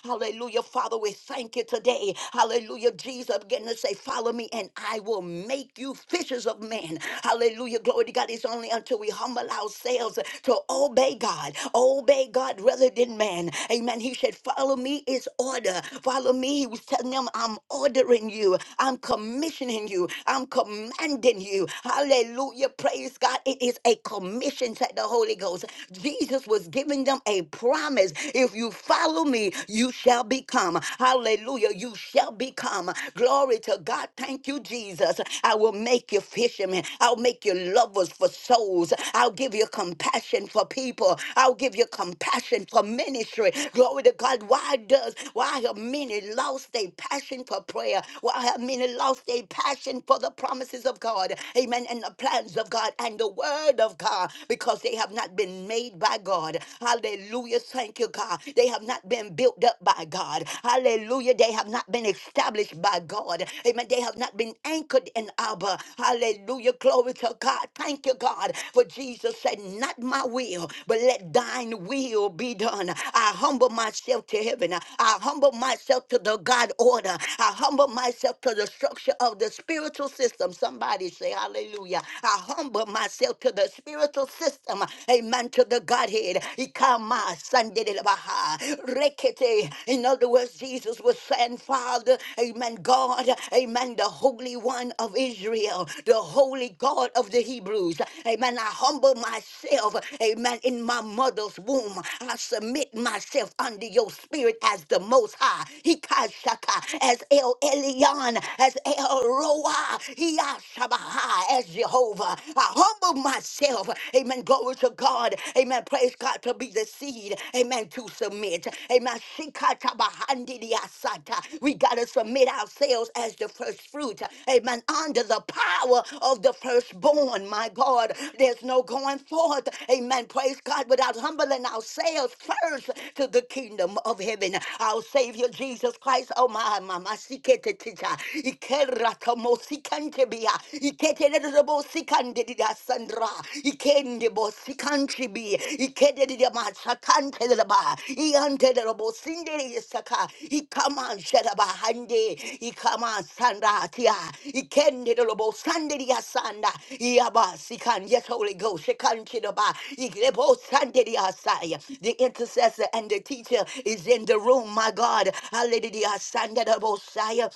[SPEAKER 2] Hallelujah. Father, we thank you today. Hallelujah. Jesus began to say, Follow me, and I will make you fishers of men. Hallelujah. Glory to God. It's only until we humble ourselves to obey God. Obey God rather than man. Amen. He said, Follow me is order. Follow me. He was telling them, I'm ordering you. I'm commissioning you. I'm commanding you. Hallelujah. Praise God. It is a commission, said the Holy Ghost. Jesus was given giving them a promise. If you follow me, you shall become. Hallelujah. You shall become. Glory to God. Thank you, Jesus. I will make you fishermen. I'll make you lovers for souls. I'll give you compassion for people. I'll give you compassion for ministry. Glory to God. Why does why have many lost their passion for prayer? Why have many lost their passion for the promises of God? Amen. And the plans of God and the word of God because they have not been made by by God. Hallelujah. Thank you, God. They have not been built up by God. Hallelujah. They have not been established by God. Amen. They have not been anchored in Abba. Hallelujah. Glory to God. Thank you, God. For Jesus said, Not my will, but let thine will be done. I humble myself to heaven. I humble myself to the God order. I humble myself to the structure of the spiritual system. Somebody say, Hallelujah. I humble myself to the spiritual system. Amen man to the Godhead. Ikama sandelebaha. Rekete. In other words, Jesus was saying, Father, amen, God, amen, the Holy One of Israel, the Holy God of the Hebrews. Amen. I humble myself, amen, in my mother's womb. I submit myself under your spirit as the Most High. Hikashaka, as El Elyon, as El Roa, Hiyashabaha, as Jehovah. I humble myself, amen. Glory to God. Amen. Praise God to be the seed. Amen. To submit. Amen. Shikata bahandidiasata. We got to submit ourselves as the first fruit. Amen. Under the power of the firstborn. My God, there's no going forth. Amen. Praise God without humbling ourselves first to the kingdom of heaven. Our Savior Jesus Christ. Oh, my, my, my. Sikete tita. Ikerata mosikantebia. Ikete nedobo sikandida sandra ikende bo sikanchi bi ikede di ma sakante da ba iante da bo sinde di saka ikama shada ba hande ikama sanda tia ikende da bo sande di asanda iaba sikan yes holy ghost sikanchi da ba ikebo sande di asaya the intercessor and the teacher is in the room my god hallelujah sanda da bo saya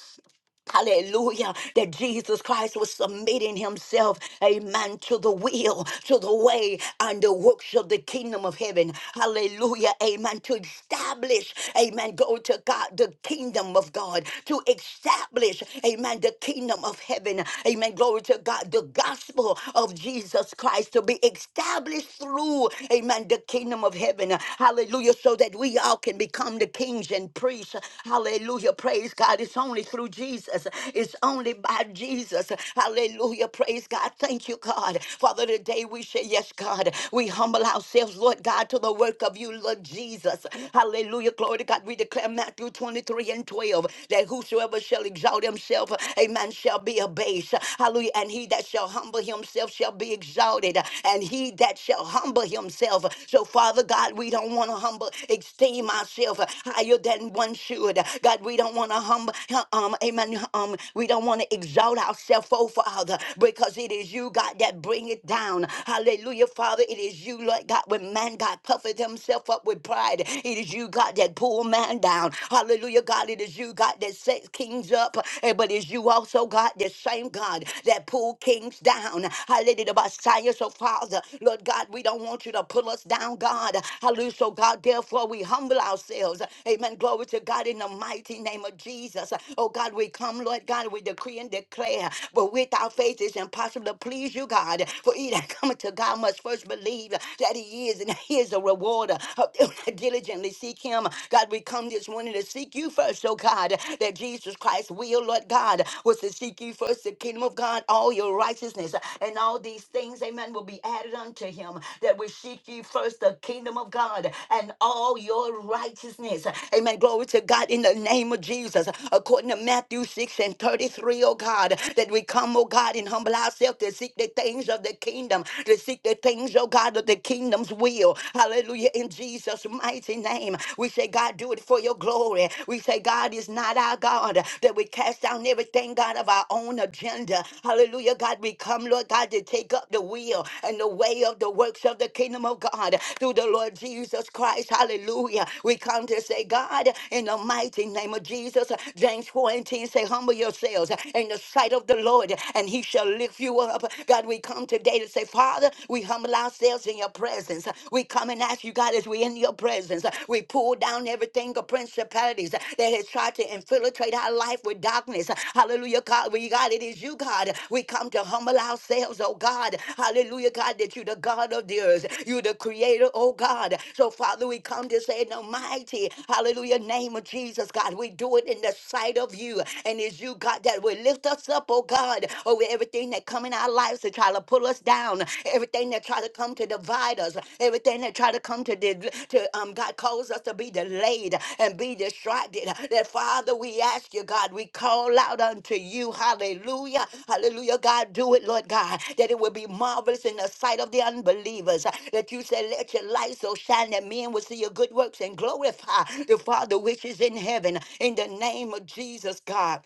[SPEAKER 2] Hallelujah. That Jesus Christ was submitting himself, amen, to the will, to the way, and the works of the kingdom of heaven. Hallelujah. Amen. To establish, amen, go to God, the kingdom of God. To establish, amen, the kingdom of heaven. Amen. Glory to God. The gospel of Jesus Christ to be established through, amen, the kingdom of heaven. Hallelujah. So that we all can become the kings and priests. Hallelujah. Praise God. It's only through Jesus. Jesus. It's only by Jesus. Hallelujah. Praise God. Thank you, God. Father, today we say, Yes, God. We humble ourselves, Lord God, to the work of you, Lord Jesus. Hallelujah. Glory to God. We declare Matthew 23 and 12 that whosoever shall exalt himself, a man shall be abased. Hallelujah. And he that shall humble himself shall be exalted. And he that shall humble himself. So, Father God, we don't want to humble, esteem ourselves higher than one should. God, we don't want to humble, um, amen, want um we don't want to exalt ourselves oh father because it is you god that bring it down hallelujah father it is you lord god when man god puffeth himself up with pride it is you god that pull man down hallelujah god it is you god that sets kings up eh, but it's you also god the same god that pull kings down hallelujah Messiah, so father lord god we don't want you to pull us down god hallelujah so god therefore we humble ourselves amen glory to god in the mighty name of jesus oh god we come come, Lord God. We decree and declare, but without faith it's impossible to please you, God. For he that cometh to God must first believe that he is, and he is a rewarder of them that diligently seek him. God, we come this morning to seek you first, oh God, that Jesus Christ will, Lord God, was to seek you first, the kingdom of God, all your righteousness, and all these things, amen, will be added unto him. That we seek you first, the kingdom of God, and all your righteousness. Amen. Glory to God in the name of Jesus. According to Matthew 6. Luke 6 and 33, O God, that we come, oh God, and humble ourselves to seek the things of the kingdom, to seek the things, oh God, of the kingdom's will. Hallelujah. In Jesus' mighty name, we say, God, do it for your glory. We say, God is not our God, that we cast down everything, God, of our own agenda. Hallelujah. God, we come, Lord God, to take up the will and the way of the works of the kingdom of God through the Lord Jesus Christ. Hallelujah. We come to say, God, in the mighty name of Jesus, James 4 and 10 say, say, humble yourselves in the sight of the Lord and he shall lift you up. God, we come today to say, Father, we humble ourselves in your presence. We come and ask you, God, as we in your presence, we pull down everything of principalities that has tried to infiltrate our life with darkness. Hallelujah, God. We, God, it is you, God. We come to humble ourselves, oh God. Hallelujah, God, that you the God of the earth. You the creator, oh God. So, Father, we come to say in the mighty, hallelujah, name of Jesus, God. We do it in the sight of you and. And it's you, God, that will lift us up, oh God, over everything that come in our lives to try to pull us down, everything that try to come to divide us, everything that try to come to, de- to um, God, cause us to be delayed and be distracted. That, Father, we ask you, God, we call out unto you, hallelujah, hallelujah, God, do it, Lord God, that it will be marvelous in the sight of the unbelievers, that you said, let your light so shine that men will see your good works and glorify the Father which is in heaven, in the name of Jesus, God.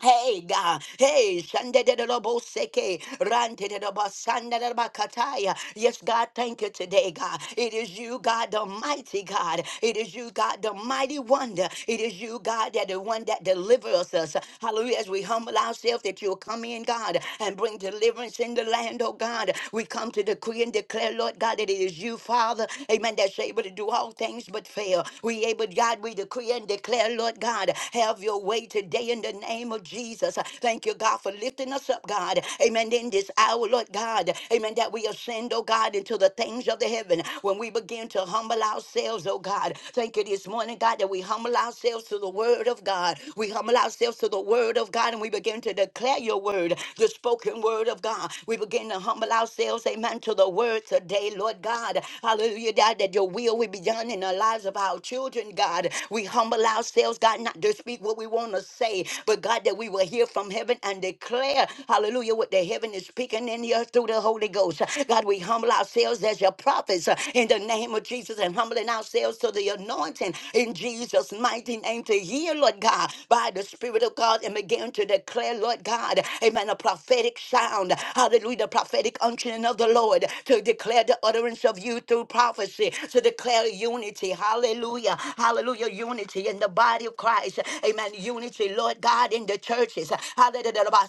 [SPEAKER 2] Hey God, hey Sunday, Shandedaboseke, Rantedabasandabakataya. Yes, God, thank you today, God. It is you, God, the mighty God. It is you, God, the mighty wonder. It is you, God, that the one that delivers us. Hallelujah. As we humble ourselves, that you'll come in, God, and bring deliverance in the land, oh God. We come to decree and declare, Lord God, that it is you, Father. Amen. That's able to do all things but fail. We able, God, we decree and declare, Lord. Lord God. Have your way today in the name of Jesus. Thank you, God, for lifting us up, God. Amen. In this hour, Lord God. Amen. That we ascend, oh God, into the things of the heaven when we begin to humble ourselves, oh God. Thank you this morning, God, that we humble ourselves to the word of God. We humble ourselves to the word of God and we begin to declare your word, the spoken word of God. We begin to humble ourselves, amen, to the word today, Lord God. Hallelujah, God, that your will will be done in our lives lives of our children, God. We humble ourselves, God, not to speak what we want to say, but God, that we will hear from heaven and declare, hallelujah, what the heaven is speaking in the earth through the Holy Ghost. God, we humble ourselves as your prophets uh, in the name of Jesus and humbling ourselves to the anointing in Jesus' mighty name to hear, Lord God, by the Spirit of God and begin to declare, Lord God, amen, a prophetic sound. Hallelujah, the prophetic unctioning of the Lord to declare the utterance of you you through prophecy to declare unity. Hallelujah. Hallelujah. Unity in the body of Christ. Amen. Unity, Lord God, in the churches. Hallelujah.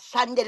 [SPEAKER 2] Sunday,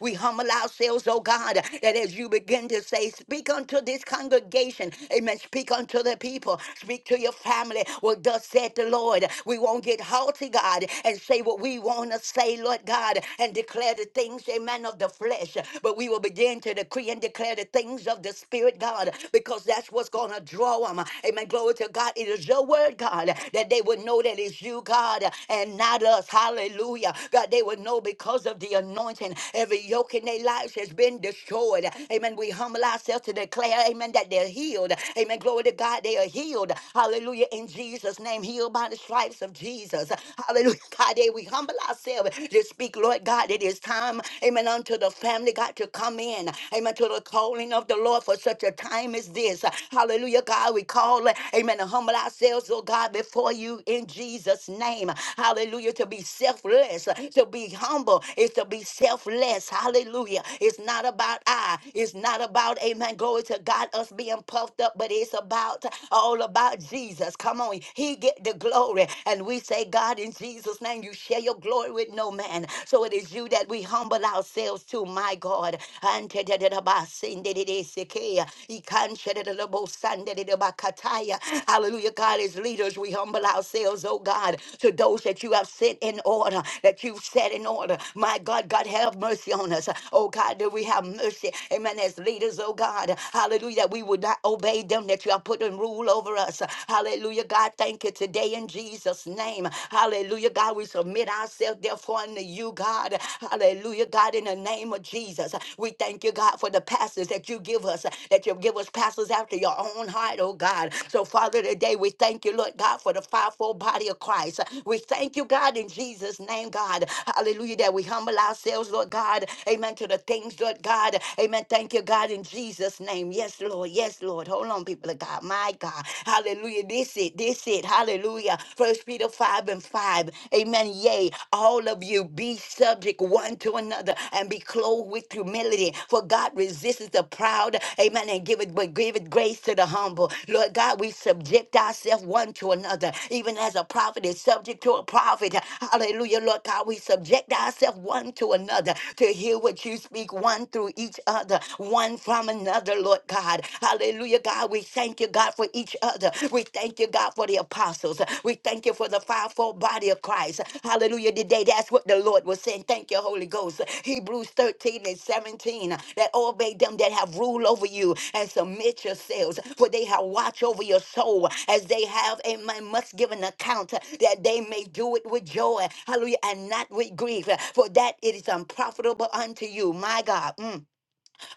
[SPEAKER 2] We humble ourselves, oh God, that as you begin to say, speak unto this congregation. Amen. Speak unto the people. Speak to your family. What thus said the Lord. We won't get haughty, God, and say what we want to say, Lord God, and declare the things, amen, of the flesh. But we will begin to to decree and declare the things of the Spirit, God, because that's what's going to draw them. Amen. Glory to God. It is your word, God, that they would know that it's you, God, and not us. Hallelujah. God, they would know because of the anointing. Every yoke in their lives has been destroyed. Amen. We humble ourselves to declare, amen, that they're healed. Amen. Glory to God. They are healed. Hallelujah. In Jesus' name, healed by the stripes of Jesus. Hallelujah. God, they we humble ourselves to speak, Lord God, it is time time, amen, unto the family, God, to come in, amen, to the calling of the Lord for such a time as this. Hallelujah, God, we call, amen, to humble ourselves, oh God, before you in Jesus' name. Hallelujah, to be selfless, to be humble is to be selfless. Hallelujah. It's not about I, it's not about, amen, glory to God, us being puffed up, but it's about all about Jesus. Come on, He get the glory. And we say, God, in Jesus' name, you share your glory with no man. So it is you that we humble ourselves to, my God. Antedadadabasindididisikea, ikanchedadadabosandididabakataya. Hallelujah, God, as leaders, we humble ourselves, oh God, to those that you have set in order, that you've set in order. My God, God, have mercy on us. Oh God, that we have mercy. Amen. As leaders, oh God, hallelujah, that we would not obey them that you have put in rule over us. Hallelujah, God, thank you today in Jesus. Jesus' name. Hallelujah, God. We submit ourselves, therefore, unto you, God. Hallelujah, God, in the name of Jesus. We thank you, God, for the pastors that you give us, that you give us pastors after your own heart, oh God. So, Father, today we thank you, Lord God, for the fivefold body of Christ. We thank you, God, in Jesus' name, God. Hallelujah, that we humble ourselves, Lord God. Amen. To the things, Lord God. Amen. Thank you, God, in Jesus' name. Yes, Lord. Yes, Lord. Hold on, people of God. My God. Hallelujah. This it, this it. Hallelujah. First Peter 5 and 5. Amen. Yea, all of you be subject one to another and be clothed with humility. For God resists the proud. Amen. And give it but give it grace to the humble. Lord God, we subject ourselves one to another. Even as a prophet is subject to a prophet. Hallelujah. Lord God, we subject ourselves one to another to hear what you speak one through each other, one from another, Lord God. God. Hallelujah, God. We thank you, God, for each other. We thank you, God, for the apostles. We thank you for the fivefold body of Christ. Hallelujah, today. That's what the Lord was saying. Thank you, Holy Ghost. Hebrews 13 and 17 that obey them that have rule over you and submit yourselves, for they have watch over your soul as they have a man must give an account that they may do it with joy. Hallelujah, and not with grief, for that it is unprofitable unto you, my God. Mm.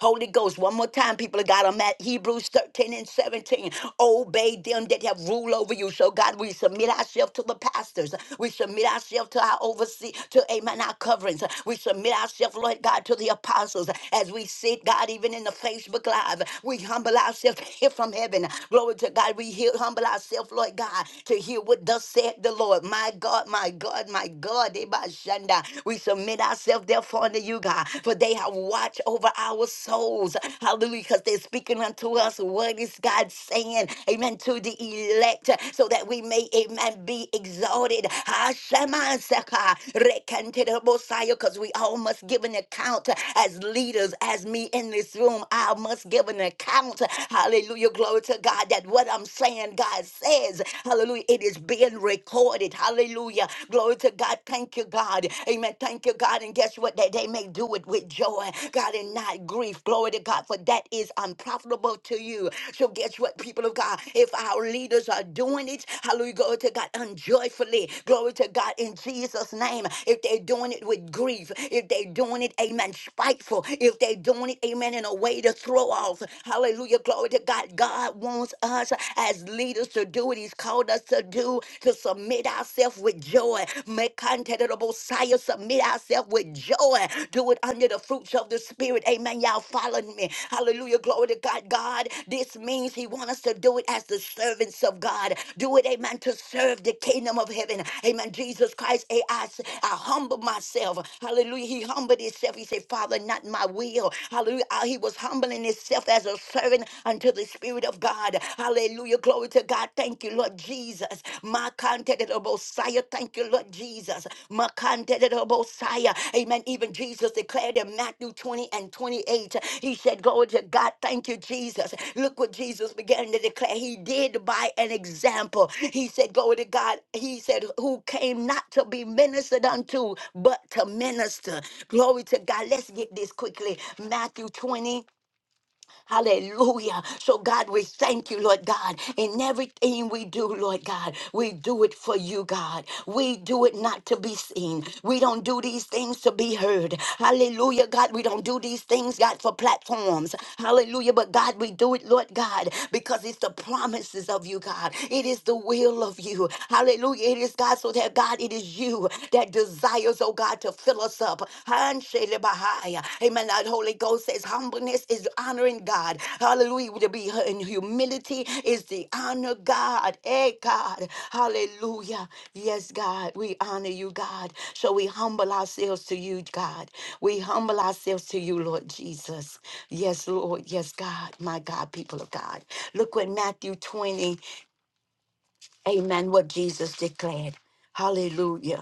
[SPEAKER 2] Holy Ghost, one more time, people of God, I'm at Hebrews 13 and 17. Obey them that have rule over you. So, God, we submit ourselves to the pastors. We submit ourselves to our overseer, to, amen, our coverings. We submit ourselves, Lord God, to the apostles as we sit, God, even in the Facebook Live. We humble ourselves to hear from heaven. Glory to God. We hear, humble ourselves, Lord God, to hear what thus said the Lord. My God, my God, my God. Eba Shanda. We submit ourselves therefore unto you, God, for they have watched over our souls. Hallelujah, because they're speaking unto us what is God saying, amen, to the elect, so that we may, amen, be exalted. Hashemasaka, rekanterabosaya, Because we all must give an account as leaders, as me in this room. I must give an account. Hallelujah, glory to God that what I'm saying, God says, hallelujah, it is being recorded. Hallelujah, glory to Glory to God. Thank you, God. Amen. Thank you, God. And guess what? That they may do it with joy, God, and not grief. Glory to God, for that is unprofitable to you. So guess what, people of God? If our leaders are doing it, hallelujah, glory to God, unjoyfully, glory to God, in Jesus' name. If they're doing it with grief, if they're doing it, amen, spiteful, if they're doing it, amen, in a way to throw off, hallelujah, glory to God. God wants us as leaders to do it. He's called us us to do to submit ourselves with joy. Make contact of the Messiah, submit ourselves with joy. Do it under the fruits of the Spirit. Amen. Y'all following me. Hallelujah. Glory to God. God, this means He wants us to do it as the servants of God. Do it, amen, to serve the kingdom of heaven. Amen. Jesus Christ, eh, I, s- I humble myself. Hallelujah. He humbled himself. He said, Father, not my will. Hallelujah. Ah, He was humbling himself as a servant unto the Spirit of God of God. Hallelujah. Glory to God. Thank you, Lord Jesus. Makante de Bosiah. Thank you, Lord Jesus. Makante de Bosiah. Amen. Even Jesus declared in Matthew 20 and 28. He said, Glory to God. Thank you, Jesus. Look what Jesus began to declare. He did by an example. He said, Glory to God. He said, Who came not to be ministered unto, but to minister. Glory to God. Let's get this quickly. Matthew 20 Hallelujah. So, God, we thank you, Lord God. In everything we do, Lord God, we do it for you, God. We do it not to be seen. We don't do these things to be heard. Hallelujah, God. We don't do these things, God, for platforms. Hallelujah. But, God, we do it, Lord God, because it's the promises of you, God. It is the will of you. Hallelujah. It is, God, so that, God, it is you that desires Oh God, to fill us up. Hanshelebahaya. Amen. That Holy Ghost says humbleness is honoring God. Hallelujah. To be in humility is to honor God. Hey, God. Hallelujah. Yes, God. We honor you, God. So we humble ourselves to you, God. We humble ourselves to you, Lord Jesus. Yes, Lord. Yes, God. My God, people of God. Look what Matthew 20, amen, what Jesus declared. Hallelujah.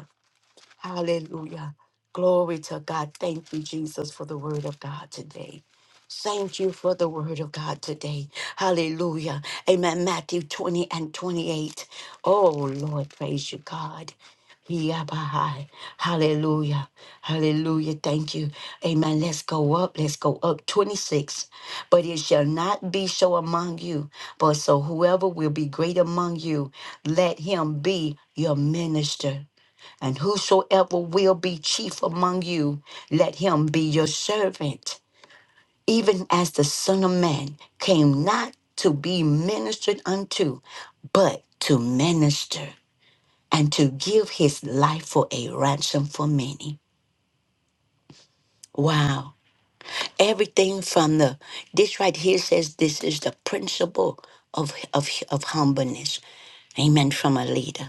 [SPEAKER 2] Hallelujah. Glory to God. Thank you, Jesus, for the word of God today. Thank you for the word of God today. Hallelujah. Amen. Matthew 20 and 28. Oh, Lord, praise you, God. Yabai. Hallelujah. Hallelujah. Thank you. Amen. Let's go up. Let's go up. 26. But it shall not be so among you. But so whoever will be great among you, let him be your minister. And whosoever will be chief among you, let him be your servant. Even as the Son of Man came not to be ministered unto, but to minister and to give his life for a ransom for many. Wow. Everything from the, this right here says this is the principle of, of, of humbleness. Amen. From a leader.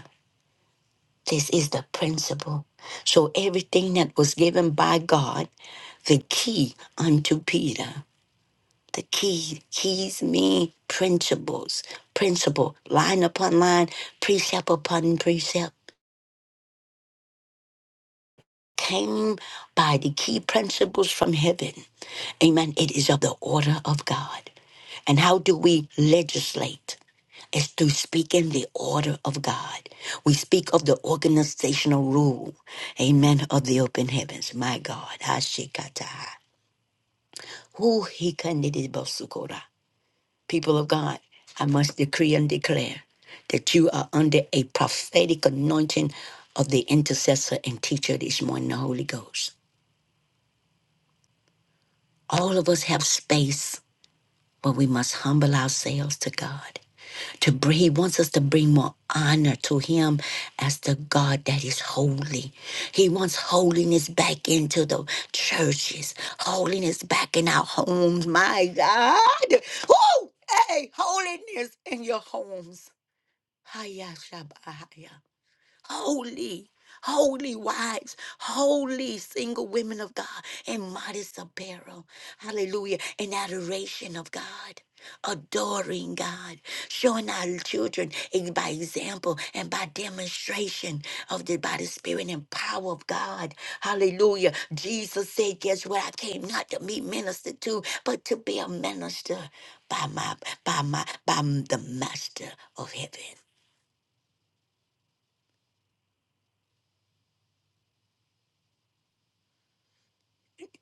[SPEAKER 2] This is the principle. So everything that was given by God, the key unto Peter, the key, keys mean principles, principle, line upon line, precept upon precept. came by the key principles from heaven. Amen. It is of the order of God. And how do we legislate? It's through speaking the order of God. We speak of the organizational rule. Amen. Of the open heavens. My God. Hashikataha. Who he candidate basukora. People of God, I must decree and declare that you are under a prophetic anointing of the intercessor and teacher this morning, the Holy Ghost. All of us have space, but we must humble ourselves to God. To bring, he wants us to bring more honor to him as the God that is holy. He wants holiness back into the churches, holiness back in our homes. My God, Woo! hey, holiness in your homes. Hayashabahaya holy, holy wives, holy single women of God, and modest apparel. Hallelujah. And adoration of God. Adoring God, showing our children ex- by example and by demonstration of the by the spirit and power of God. Hallelujah. Jesus said, Guess what? I came not to be ministered to, but to be a minister by my by my by m- the master of heaven.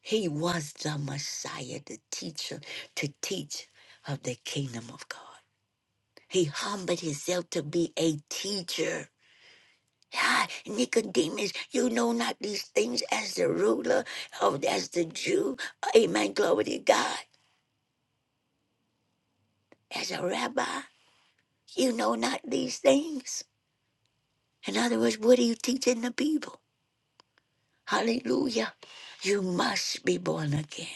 [SPEAKER 2] He was the Messiah, the teacher, to teach of the kingdom of God. He humbled himself to be a teacher. Ah, Nicodemus, you know not these things as the ruler of as the Jew. Amen. Glory to God. As a rabbi, you know not these things. In other words, what are you teaching the people? Hallelujah. You must be born again.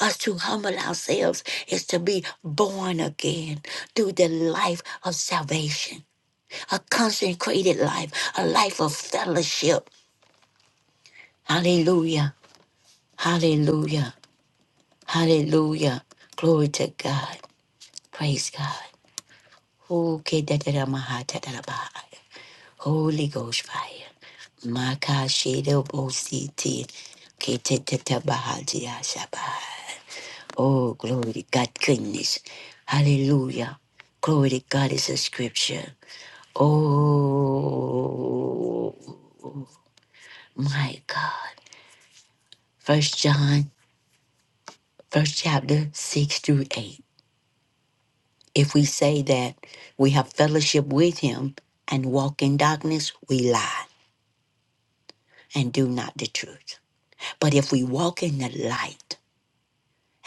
[SPEAKER 2] us to humble ourselves is to be born again through the life of salvation, a consecrated life, a life of fellowship. Hallelujah. Hallelujah. Hallelujah. Glory to God. Praise God. Okay, da- da- da- maha- da- da- da- ba- Holy Ghost fire. Maka Shede Bositi. Kete Teta Bahadia Shabbat. Oh, glory to God, goodness. Hallelujah. Glory to God is a scripture. Oh, my God. First John, first chapter, 6 through 8. If we say that we have fellowship with him and walk in darkness, we lie and do not the truth. But if we walk in the light,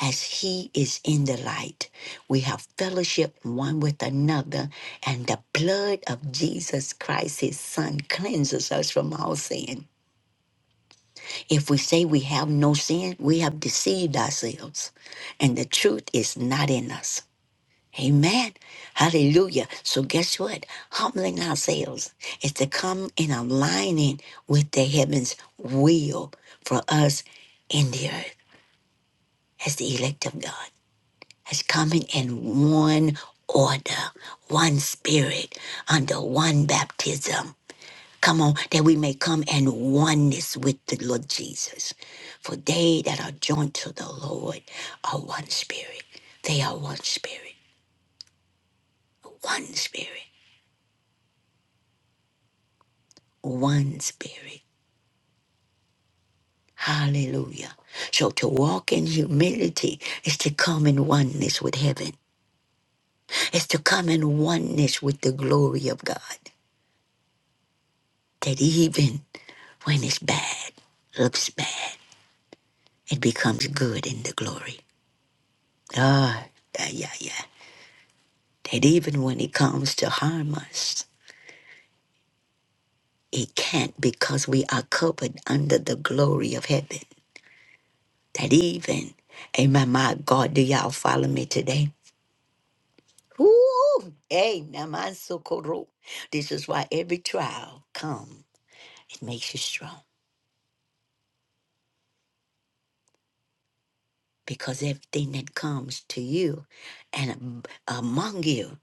[SPEAKER 2] as he is in the light. We have fellowship one with another, and the blood of Jesus Christ, his son, cleanses us from all sin. If we say we have no sin, we have deceived ourselves, and the truth is not in us. Amen. Hallelujah. So guess what? Humbling ourselves is to come in aligning with the heaven's will for us in the earth as the elect of God. is coming in one order, one spirit, under one baptism. Come on, that we may come in oneness with the Lord Jesus. For they that are joined to the Lord are one spirit. They are one spirit, one spirit, one spirit. Hallelujah. So to walk in humility is to come in oneness with heaven, is to come in oneness with the glory of God. That even When it's bad, looks bad, it becomes good in the glory. Ah, yeah, yeah, yeah. That even when it comes to harm us, it can't because we are covered under the glory of heaven. That even, amen, my God, do y'all follow me today? Woo! Hey, so Namasokoro. This is why every trial come. It makes you strong. because everything that comes to you and am- among you,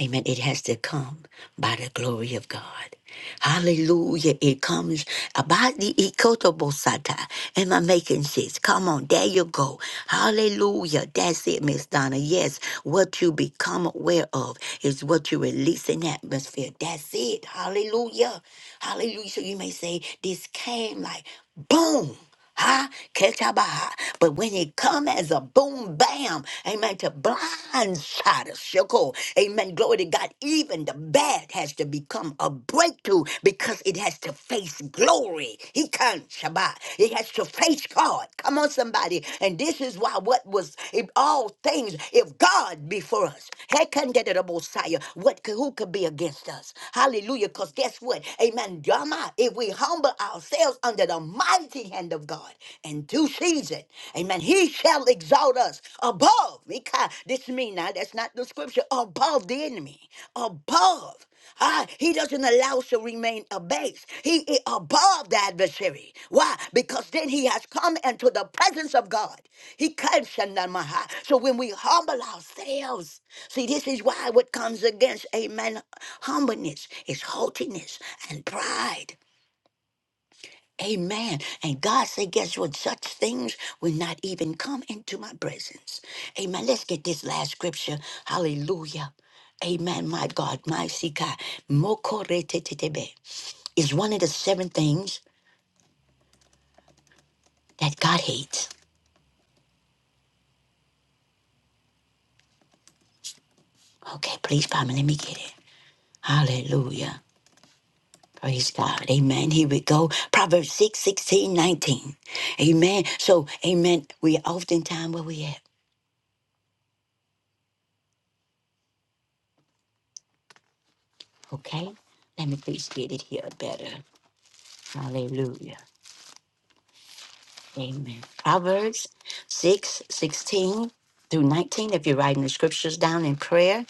[SPEAKER 2] amen, it has to come by the glory of God. Hallelujah. It comes about the ikotobosata. Am I making sense? Come on, there you go. Hallelujah. That's it, Miss Donna. Yes, what you become aware of is what you release in the atmosphere. That's it. Hallelujah. Hallelujah. So you may say, this came like boom. Ha, Ketabaha. But when He come as a boom bam, amen, to blindside us, Shoko, amen, glory to God, even the bad has to become a breakthrough because it has to face glory. He can't, Shabbat. It has to face God. Come on, somebody. And this is why what was, if all things, if God be for us, Hekandedabosaya, what could, who could be against us? Hallelujah, because guess what? Amen, Drama, if we humble ourselves, ourselves under the mighty hand of God in due season. Amen. He shall exalt us above. Mika- This mean now, that's not the scripture. Above the enemy. Above. Ah, he doesn't allow us to remain abased. He is above the adversary. Why? Because then he has come into the presence of God. He comes Shandamaha. So when we humble ourselves, see, this is why what comes against, amen, humbleness is haughtiness and pride. Amen. And God said, guess what? Such things will not even come into my presence. Amen. Let's get this last scripture. Hallelujah. Amen. My God, my Sika. Mokoretetebe is one of the seven things that God hates. Okay, please, Mama, let me get it. Hallelujah. Praise God. Amen. Here we go. Proverbs 6, 16, 19. Amen. So, amen. We oftentimes where we at. Okay? Let me please get it here better. Hallelujah. Amen. Proverbs 6 16 through 19. If you're writing the scriptures down in prayer,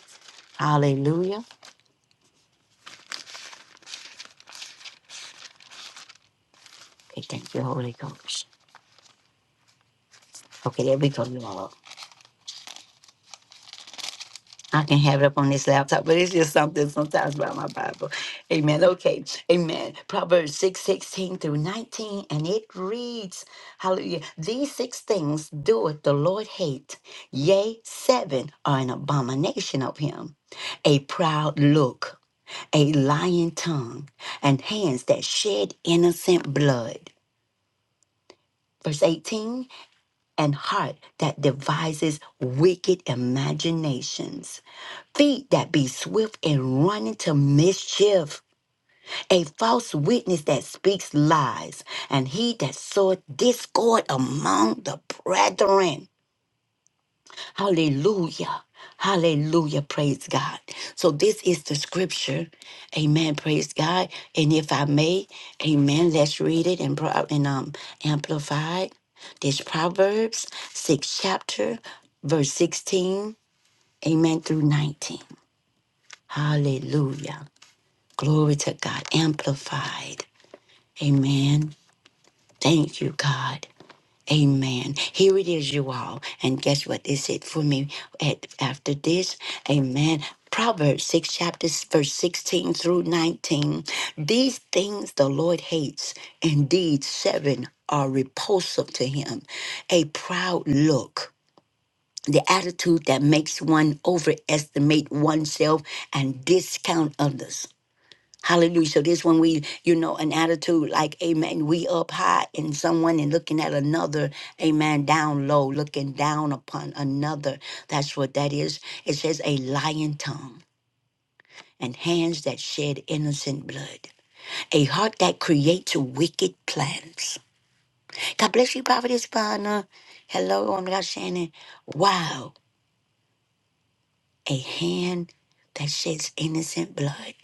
[SPEAKER 2] hallelujah. Okay, thank you, Holy Ghost. Okay, there we go, you all. I can have it up on this laptop, but it's just something sometimes about my Bible. Amen. Okay. Amen. Proverbs 6 16 through 19. And it reads, Hallelujah. These six things doeth the Lord hate. Yea, seven are an abomination of him. A proud look a lying tongue, and hands that shed innocent blood. Verse 18, and heart that devises wicked imaginations, feet that be swift in running to mischief, a false witness that speaks lies, and he that soweth discord among the brethren. Hallelujah. Hallelujah. Praise God. So this is the scripture. Amen. Praise God. And if I may, amen, let's read it and, pro- and um, amplify it. This Proverbs 6 chapter, verse 16, amen, through 19. Hallelujah. Glory to God. Amplified. Amen. Thank you, God. Amen. Here it is, you all. And guess what? It's it for me at after this. Amen. Proverbs 6, chapters, verse 16 through 19. These things the Lord hates. Indeed, seven are repulsive to him. A proud look, the attitude that makes one overestimate oneself and discount others Hallelujah. So this when we, you know, an attitude like, amen, we up high and someone and looking at another, amen, down low, looking down upon another. That's what that is. It says a lying tongue and hands that shed innocent blood. A heart that creates wicked plans. God bless you, Prophetess Bonner. Hello, woman of God, Shannon. Wow. A hand that sheds innocent blood.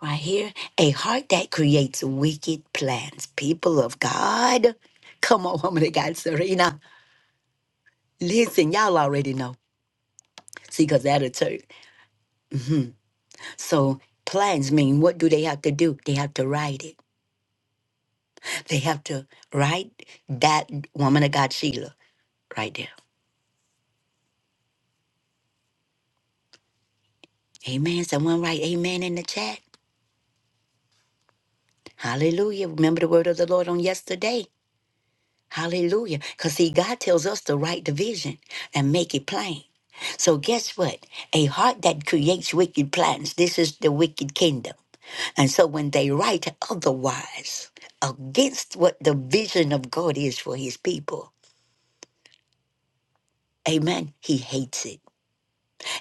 [SPEAKER 2] Right here, a heart that creates wicked plans. People of God, come on, woman of God, Serena. Listen, y'all already know. See, because that'll turn. So, plans mean what do they have to do? They have to write it. They have to write that woman of God, Sheila, right there. Amen. Someone write amen in the chat. Hallelujah. Remember the word of the Lord on yesterday. Hallelujah. Because, see, God tells us to write the vision and make it plain. So guess what? A heart that creates wicked plans, this is the wicked kingdom. And so when they write otherwise, against what the vision of God is for his people, amen, he hates it.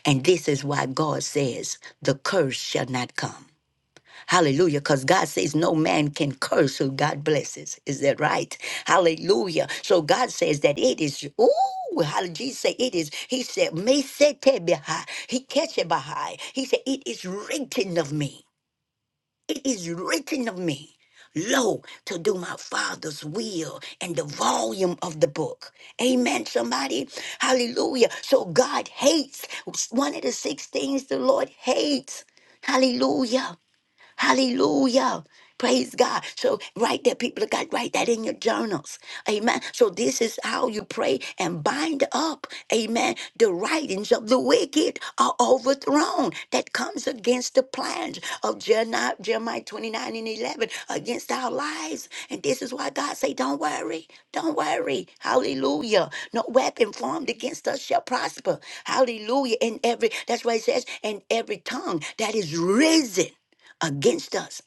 [SPEAKER 2] And this is why God says, the curse shall not come. Hallelujah. Because God says no man can curse who God blesses. Is that right? Hallelujah. So God says that it is, ooh, how did Jesus say it is? He said, me sete behi. He catch it behi. He said, it is written of me. It is written of me. Lo, to do my father's will and the volume of the book. Amen, somebody. Hallelujah. So God hates. One of the six things the Lord hates. Hallelujah. Hallelujah. Praise God. So write that, people of God, write that in your journals. Amen. So this is how you pray and bind up, amen, the writings of the wicked are overthrown. That comes against the plans of Jeremiah, Jeremiah 29 and 11 against our lives. And this is why God say, don't worry. Don't worry. Hallelujah. No weapon formed against us shall prosper. Hallelujah. And every, that's why it says, and every tongue that is risen against us,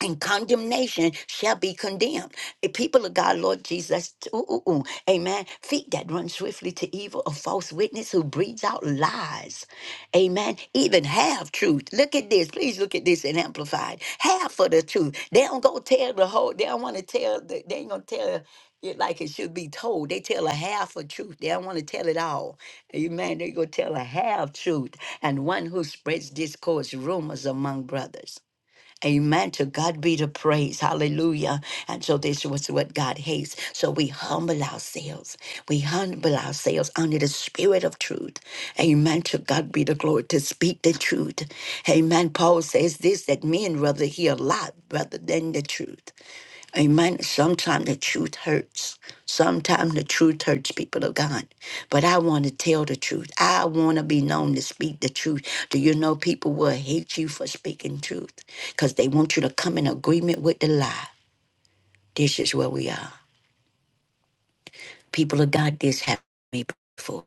[SPEAKER 2] and condemnation shall be condemned. The people of God, Lord Jesus, ooh, ooh, ooh, amen. Feet that run swiftly to evil, a false witness who breathes out lies, amen. Even half truth. Look at this. Please look at this and amplified. Half of the truth. They don't go tell the whole, they don't want to tell, the, they ain't going to tell it like it should be told. They tell a half of truth. They don't want to tell it all. Amen. They go tell a half truth. And one who spreads discourse, rumors among brothers. Amen. To God be the praise. Hallelujah. And so this was what God hates. So we humble ourselves. We humble ourselves under the spirit of truth. Amen. To God be the glory to speak the truth. Amen. Paul says this that men rather hear a lot rather than the truth. Amen. Sometimes the truth hurts. Sometimes the truth hurts people of God. But I want to tell the truth. I want to be known to speak the truth. Do you know people will hate you for speaking truth? Because they want you to come in agreement with the lie. This is where we are. People of God, this happened to me before.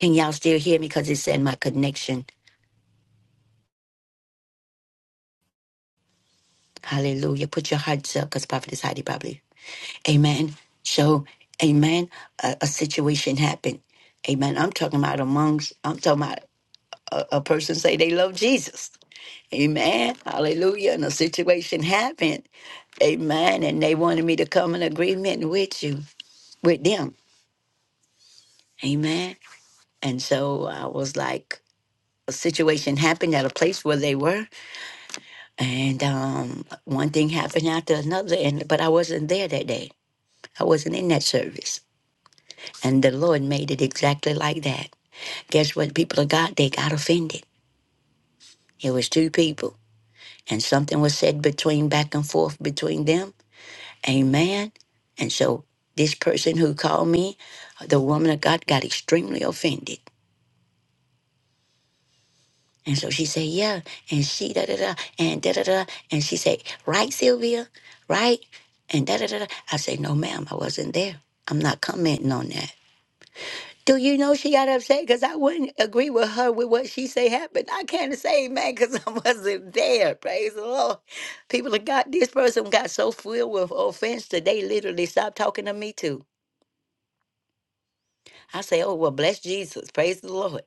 [SPEAKER 2] Can y'all still hear me? Because it's in my connection. Hallelujah. Put your hearts up because Prophet is Heidi probably. Amen. So, amen. A, a situation happened. Amen. I'm talking about amongst, I'm talking about a, a person say they love Jesus. Amen. Hallelujah. And a situation happened. Amen. And they wanted me to come in agreement with you, with them. Amen. And so I was like, a situation happened at a place where they were. And um, one thing happened after another. And But I wasn't there that day. I wasn't in that service. And the Lord made it exactly like that. Guess what? People of God, they got offended. It was two people, and something was said between back and forth between them. Amen. And so this person who called me, the woman of God, got extremely offended. And so she said, "Yeah," and she da da da and da da da, and she said, "Right, Sylvia, right?" And da da da. da." I said, "No, ma'am, I wasn't there. I'm not commenting on that." Do you know she got upset? Because I wouldn't agree with her with what she say happened. I can't say man because I wasn't there. Praise the Lord. People of God, this person got so filled with offense that they literally stopped talking to me too. I say, oh, well, bless Jesus. Praise the Lord.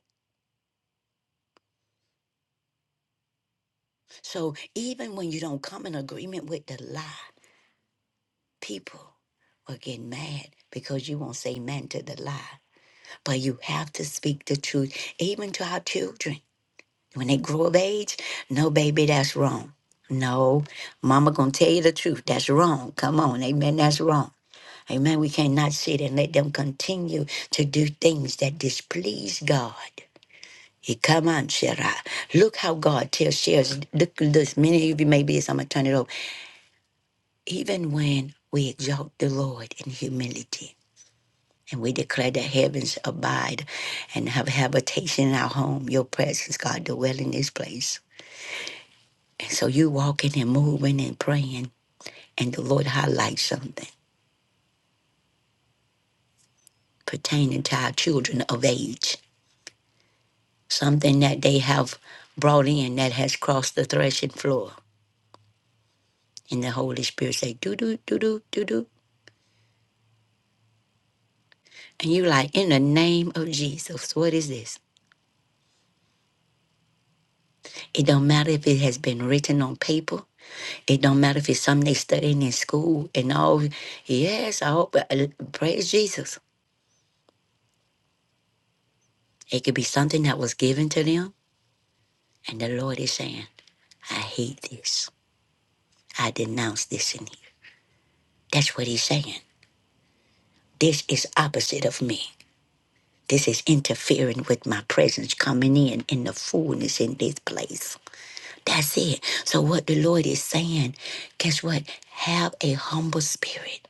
[SPEAKER 2] So even when you don't come in agreement with the lie, people will get mad because you won't say man to the lie. But you have to speak the truth, even to our children. When they grow of age, no, baby, that's wrong. No, mama gonna tell you the truth. That's wrong. Come on, amen. That's wrong. Amen. We cannot sit and let them continue to do things that displease God. He come on, Sarah. Look how God tells shares. Look at this. Many of you may be this. I'm gonna turn it over. Even when we exalt the Lord in humility and we declare the heavens abide and have habitation in our home, your presence, God, dwell in this place. And so you walking and moving and praying, and the Lord highlights something pertaining to our children of age, something that they have brought in that has crossed the threshing floor. And the Holy Spirit say, do do do do do do, And you like, in the name of Jesus, what is this? It don't matter if it has been written on paper. It don't matter if it's something they studying in school and all. Yes, I hope, uh, praise Jesus. It could be something that was given to them. And the Lord is saying, I hate this. I denounce this in you. That's what he's saying. This is opposite of me. This is interfering with my presence coming in in the fullness in this place. That's it. So what the Lord is saying, guess what? Have a humble spirit.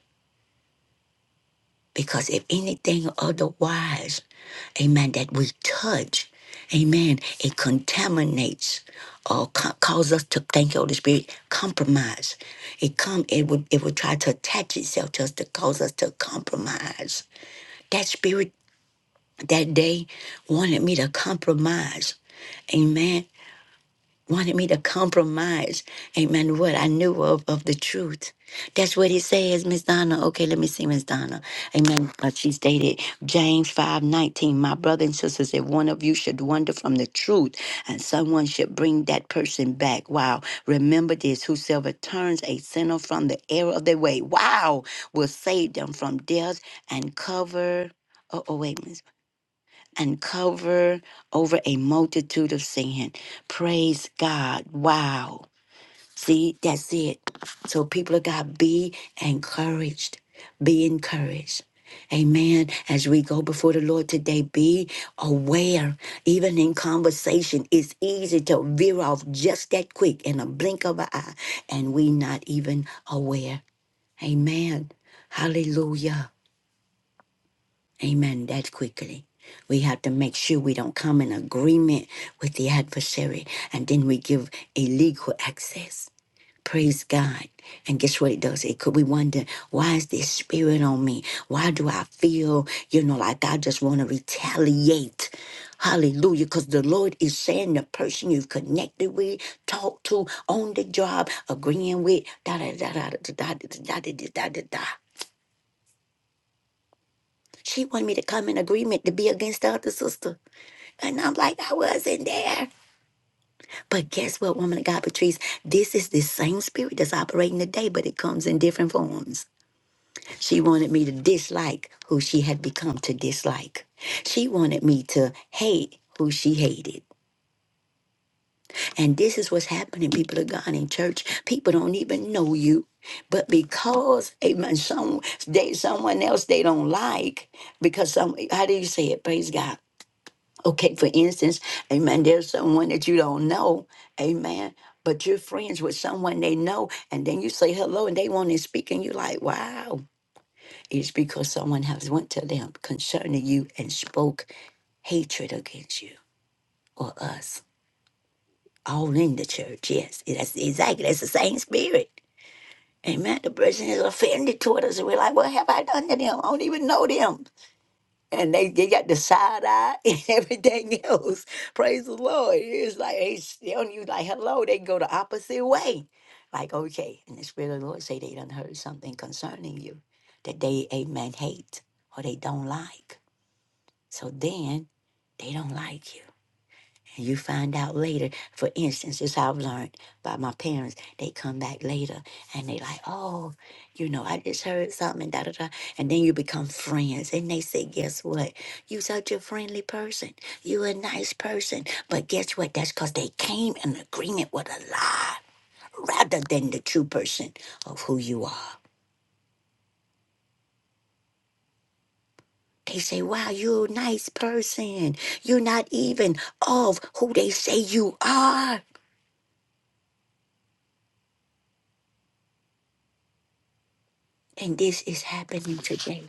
[SPEAKER 2] Because if anything otherwise, amen, that we touch, amen, it contaminates or co- cause us to thank you, Holy Spirit, compromise. It come, it would, it would try to attach itself to us to cause us to compromise. That spirit that day wanted me to compromise. Amen wanted me to compromise, amen, what I knew of, of the truth. That's what it says, Miss Donna. Okay, let me see, Miss Donna. Amen. Uh, she's dated James 5 19. My brother and sisters, if one of you should wander from the truth and someone should bring that person back. Wow. Remember this whosoever turns a sinner from the error of their way, wow, will save them from death and cover. Oh, oh wait and cover over a multitude of sin. Praise God. Wow. See, that's it. So, people of God, be encouraged. Be encouraged. Amen. As we go before the Lord today, be aware. Even in conversation, it's easy to veer off just that quick in a blink of an eye, and we not even aware. Amen. Hallelujah. Amen. That quickly. We have to make sure we don't come in agreement with the adversary and then we give illegal access. Praise God. And guess what it does? It could we wonder, why is this spirit on me? Why do I feel, you know, like I just want to retaliate? Hallelujah. Because the Lord is saying the person you've connected with, talked to, on the job, agreeing with, da da da da da da da da da da da. da. She wanted me to come in agreement to be against the other sister. And I'm like, I wasn't there. But guess what, woman of God, Patrice? This is the same spirit that's operating today, but it comes in different forms. She wanted me to dislike who she had become to dislike. She wanted me to hate who she hated. And this is what's happening, people of God in church. People don't even know you. But because, amen, some, they, someone else they don't like, because some, how do you say it? Praise God Okay, for instance, amen, there's someone that you don't know, amen, but you're friends with someone they know, and then you say hello and they want to speak, and you're like, wow. It's because someone has went to them concerning you and spoke hatred against you or us. All in the church, yes. That's exactly that's the same spirit. Amen. The person is offended toward us, and we're like, What have I done to them? I don't even know them. and they, they got the side eye and everything else. Praise the Lord. It's like they telling you like hello, they go the opposite way. Like, okay, and the Spirit of the Lord say they done heard something concerning you that they amen hate or they don't like. So then they don't like you. And you find out later, for instance, this I've learned by my parents. They come back later and they like, oh, you know, I just heard something, da da da. And then you become friends. And they say, guess what? You such a friendly person. You a nice person. But guess what? That's because they came in agreement with a lie rather than the true person of who you are. They say, wow, you're a nice person. You're not even of who they say you are. And this is happening today.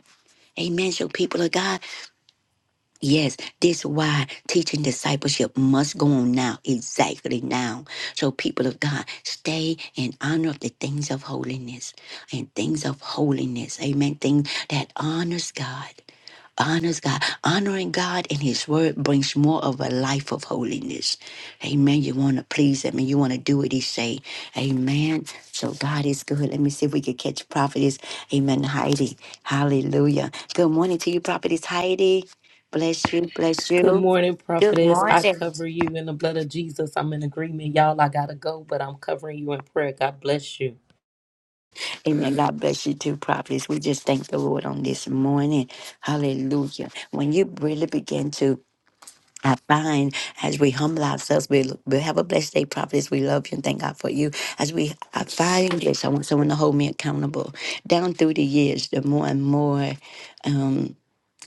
[SPEAKER 2] Amen. So, people of God, Yes, this is why teaching discipleship must go on now, exactly now. So, people of God, stay in honor of the things of holiness and things of holiness. Amen. Things that honors God, honors God, honoring God and His Word brings more of a life of holiness. Amen. You want to please Him and you want to do what He say. Amen. So God is good. Let me see if we can catch prophetess. Amen. Heidi. Hallelujah. Good morning to you, prophetess Heidi. Bless you, bless
[SPEAKER 1] Good
[SPEAKER 2] you.
[SPEAKER 1] morning,
[SPEAKER 2] Good
[SPEAKER 1] prophetess. I
[SPEAKER 2] morning.
[SPEAKER 1] cover you in the blood of Jesus. I'm in agreement, y'all. I gotta go, but I'm covering you in prayer. God bless you.
[SPEAKER 2] Amen. God bless you too, prophets. We just thank the Lord on this morning. Hallelujah. When you really begin to I find as we humble ourselves, we we have a blessed day, prophets. We love you and thank God for you. As we I find this, I want someone to hold me accountable. Down through the years, the more and more um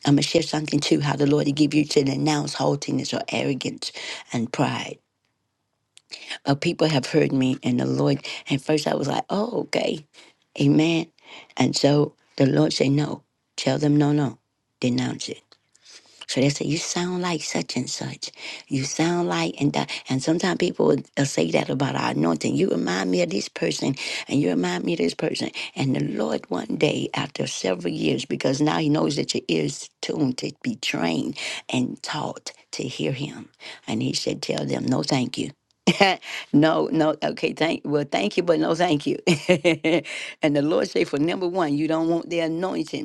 [SPEAKER 2] I'm gonna share something too, how the Lord will give you to denounce haughtiness or arrogance and pride. Uh, people have heard me, and the Lord. At first, I was like, "Oh, okay, Amen." And so the Lord said, "No, tell them no, no, denounce it." So they say, You sound like such and such. You sound like, and that. And sometimes people will uh, say that about our anointing. You remind me of this person, and you remind me of this person. And the Lord, one day, after several years, because now He knows that your ears tuned to be trained and taught to hear Him. And He said, Tell them, No, thank you. no, no, okay, thank well, thank you, but no, thank you. and the Lord say, for number one, you don't want the anointing.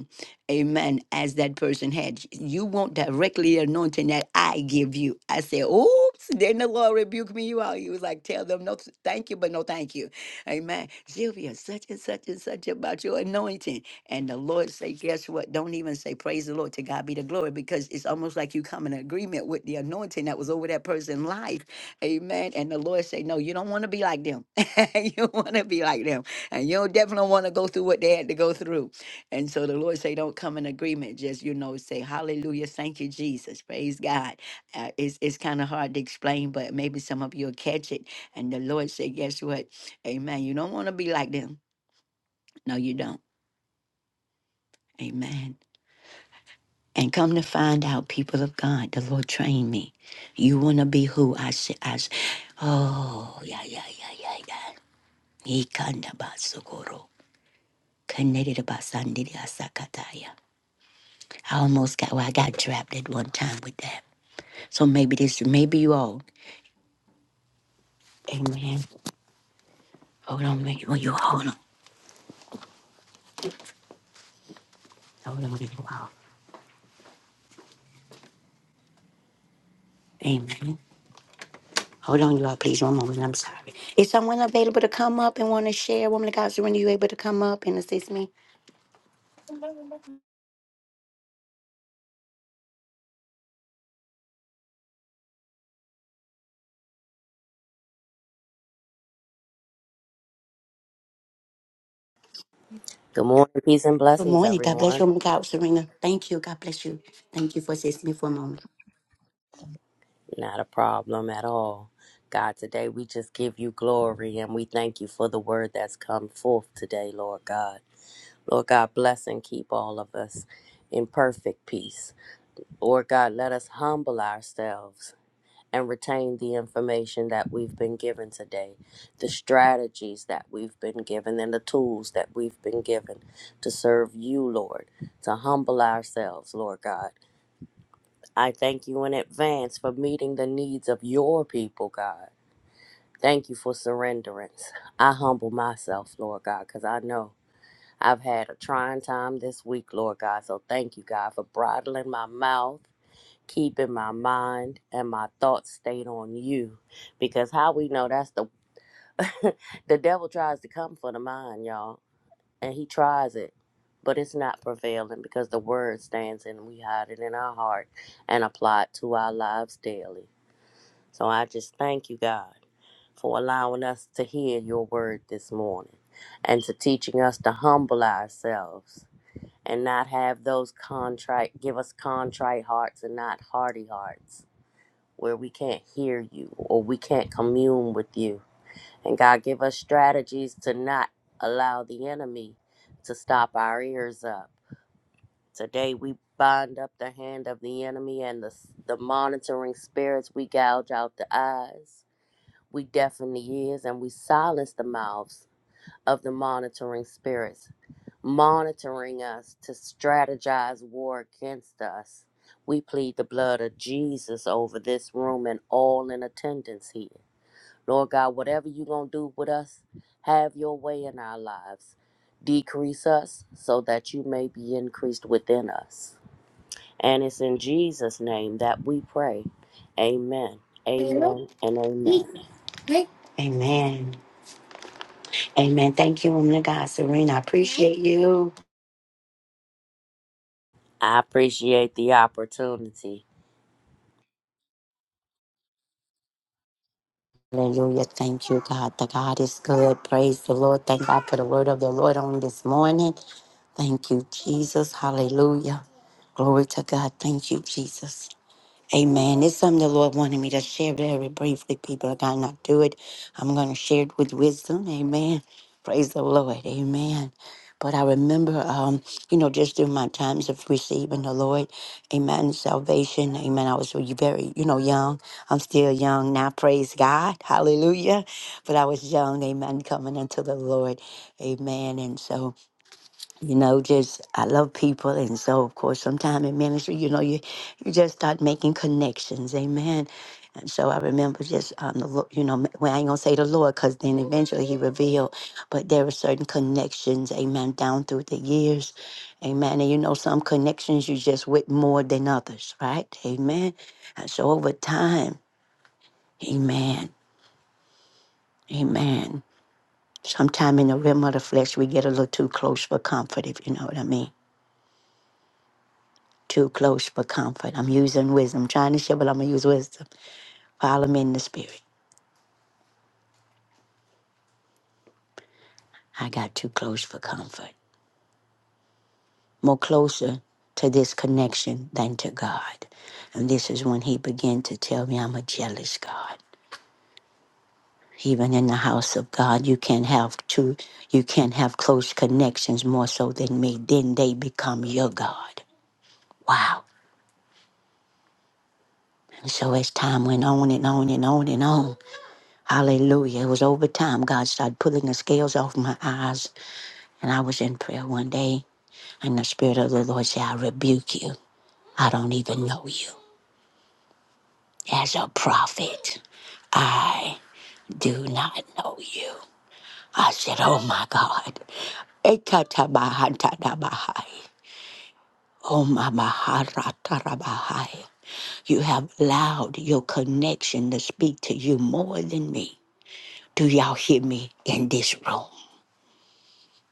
[SPEAKER 2] Amen. As that person had, you want not directly the anointing that I give you. I said, oops. Then the Lord rebuked me. You all. He was like, tell them no, th- thank you, but no, thank you. Amen. Sylvia, such and such and such about your anointing. And the Lord say, guess what? Don't even say praise the Lord. To God be the glory, because it's almost like you come in agreement with the anointing that was over that person's life. Amen. And the Lord say, no, you don't want to be like them. you want to be like them, and you don't definitely want to go through what they had to go through. And so the Lord say, don't come in agreement. Just you know, say Hallelujah, thank you, Jesus, praise God. Uh, it's it's kind of hard to explain, but maybe some of you'll catch it. And the Lord say, guess what? Amen. You don't want to be like them. No, you don't. Amen. And come to find out, people of God, the Lord trained me. You want to be who I say. I s- oh yeah yeah yeah yeah yeah. He kanda basukoro. Connected about I almost got well, I got trapped at one time with that. So maybe this, maybe you all. Amen. Hold on, man. Oh, you hold on. Hold on, you all. Amen. Hold on, you all. Please, one moment. I'm sorry. Is someone available to come up and want to share? Woman of God, Serena, you able to come up and assist me?
[SPEAKER 3] Good morning, peace and
[SPEAKER 2] Good
[SPEAKER 3] blessings,
[SPEAKER 2] morning. God bless
[SPEAKER 3] everyone.
[SPEAKER 2] you, woman of God, Serena. Thank you. God bless you. Thank you for assisting me for a moment.
[SPEAKER 3] Not a problem at all. God, today we just give you glory and we thank you for the word that's come forth today, Lord God. Lord God, bless and keep all of us in perfect peace. Lord God, let us humble ourselves and retain the information that we've been given today, the strategies that we've been given, and the tools that we've been given to serve you, Lord, to humble ourselves, Lord God I thank you in advance for meeting the needs of your people, God. Thank you for surrenderance. I humble myself, Lord God, because I know I've had a trying time this week, Lord God. So thank you, God, for bridling my mouth, keeping my mind and my thoughts stayed on you. Because how we know that's the the devil tries to come for the mind, y'all, and he tries it, but it's not prevailing because the word stands and we hide it in our heart and apply it to our lives daily. So I just thank you, God, for allowing us to hear your word this morning and to teaching us to humble ourselves and not have those contrite, give us contrite hearts and not hardy hearts where we can't hear you or we can't commune with you. And God, give us strategies to not allow the enemy to stop our ears up. Today we bind up the hand of the enemy and the, the monitoring spirits. We gouge out the eyes we deafen the ears and we silence the mouths of the monitoring spirits, monitoring us to strategize war against us. We plead the blood of Jesus over this room and all in attendance here. Lord God, whatever you're going to do with us, have your way in our lives. Decrease us so that you may be increased within us. And it's in Jesus' name that we pray. Amen. Amen and amen.
[SPEAKER 2] Amen. Amen. Thank you, woman of God, Serena. I appreciate you.
[SPEAKER 3] I appreciate the opportunity.
[SPEAKER 2] Hallelujah. Thank you, God. The God is good. Praise the Lord. Thank God for the word of the Lord on this morning. Thank you, Jesus. Hallelujah. Glory to God. Thank you, Jesus. Amen. It's something the Lord wanted me to share very briefly. People are going to not do it. I'm going to share it with wisdom. Amen. Praise the Lord. Amen. But I remember, um, you know, just through my times of receiving the Lord, amen, salvation, amen. I was really very, you know, young. I'm still young now, praise God, hallelujah. But I was young, amen, coming into the Lord, amen. And so, you know, just I love people, and so of course, sometime in ministry, you know, you you just start making connections, amen. And so I remember just um, the Lo- you know, well, I ain't gonna say the Lord, cause then eventually He revealed, but there were certain connections, amen, down through the years, amen. And you know, some connections you just with more than others, right, amen. And so over time, amen, amen. Sometime in the realm of the flesh, we get a little too close for comfort, if you know what I mean. Too close for comfort. I'm using wisdom. I'm trying to share, but I'm going to use wisdom. While I'm in the spirit, I got too close for comfort. More closer to this connection than to God. And this is when he began to tell me I'm a jealous God. Even in the house of God, you can't have two, you can't have close connections more so than me. Then they become your God. Wow. And so as time went on and on and on and on, hallelujah, it was over time God started pulling the scales off my eyes And I was in prayer one day, and the Spirit of the Lord said, I rebuke you. I don't even know you. As a prophet, I do not know you. I said, Oh my God. Ekatabahatadabahai. Oh my Maharatarabahai. You have allowed your connection to speak to you more than me. Do y'all hear me in this room?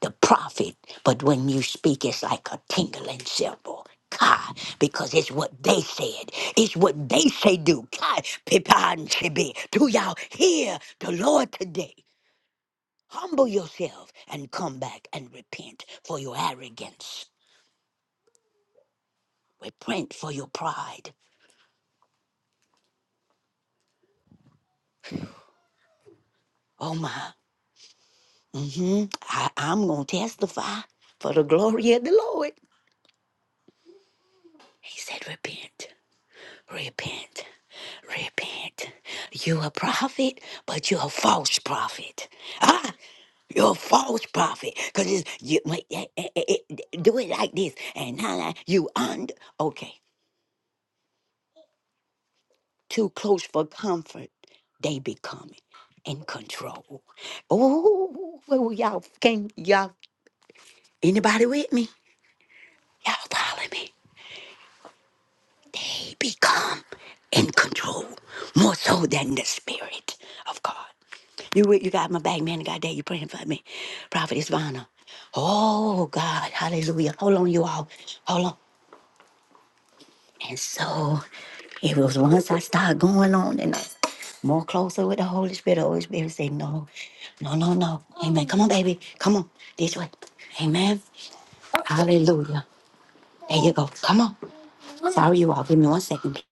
[SPEAKER 2] the prophet, but when you speak, it's like a tingling symbol. Kai, because it's what they said. It's what they say do. Kai, pipan chibi. Do y'all hear the Lord today? Humble yourself and come back and repent for your arrogance. Repent for your pride. Oh my. hmm I, I'm going to testify for the glory of the Lord. He said, repent. Repent. Repent. You a prophet, but you a false prophet. Ah, you're a false prophet. Cause it's, you wait, eh, eh, eh, eh, eh, do it like this, and now that you under okay, too close for comfort, they become in control. Oh, well, y'all can y'all anybody with me? Y'all follow me. they become in control more so than the spirit of God. You you got my back, man. God, that you praying for me, Prophet Isvana. Oh God, Hallelujah! Hold on, you all, hold on. And so it was once I started going on and I more closer with the Holy Spirit. The Holy Spirit say, No, no, no, no. Amen. Come on, baby. Come on. This way. Amen. Hallelujah. There you go. Come on. Sorry, you all. Give me one second.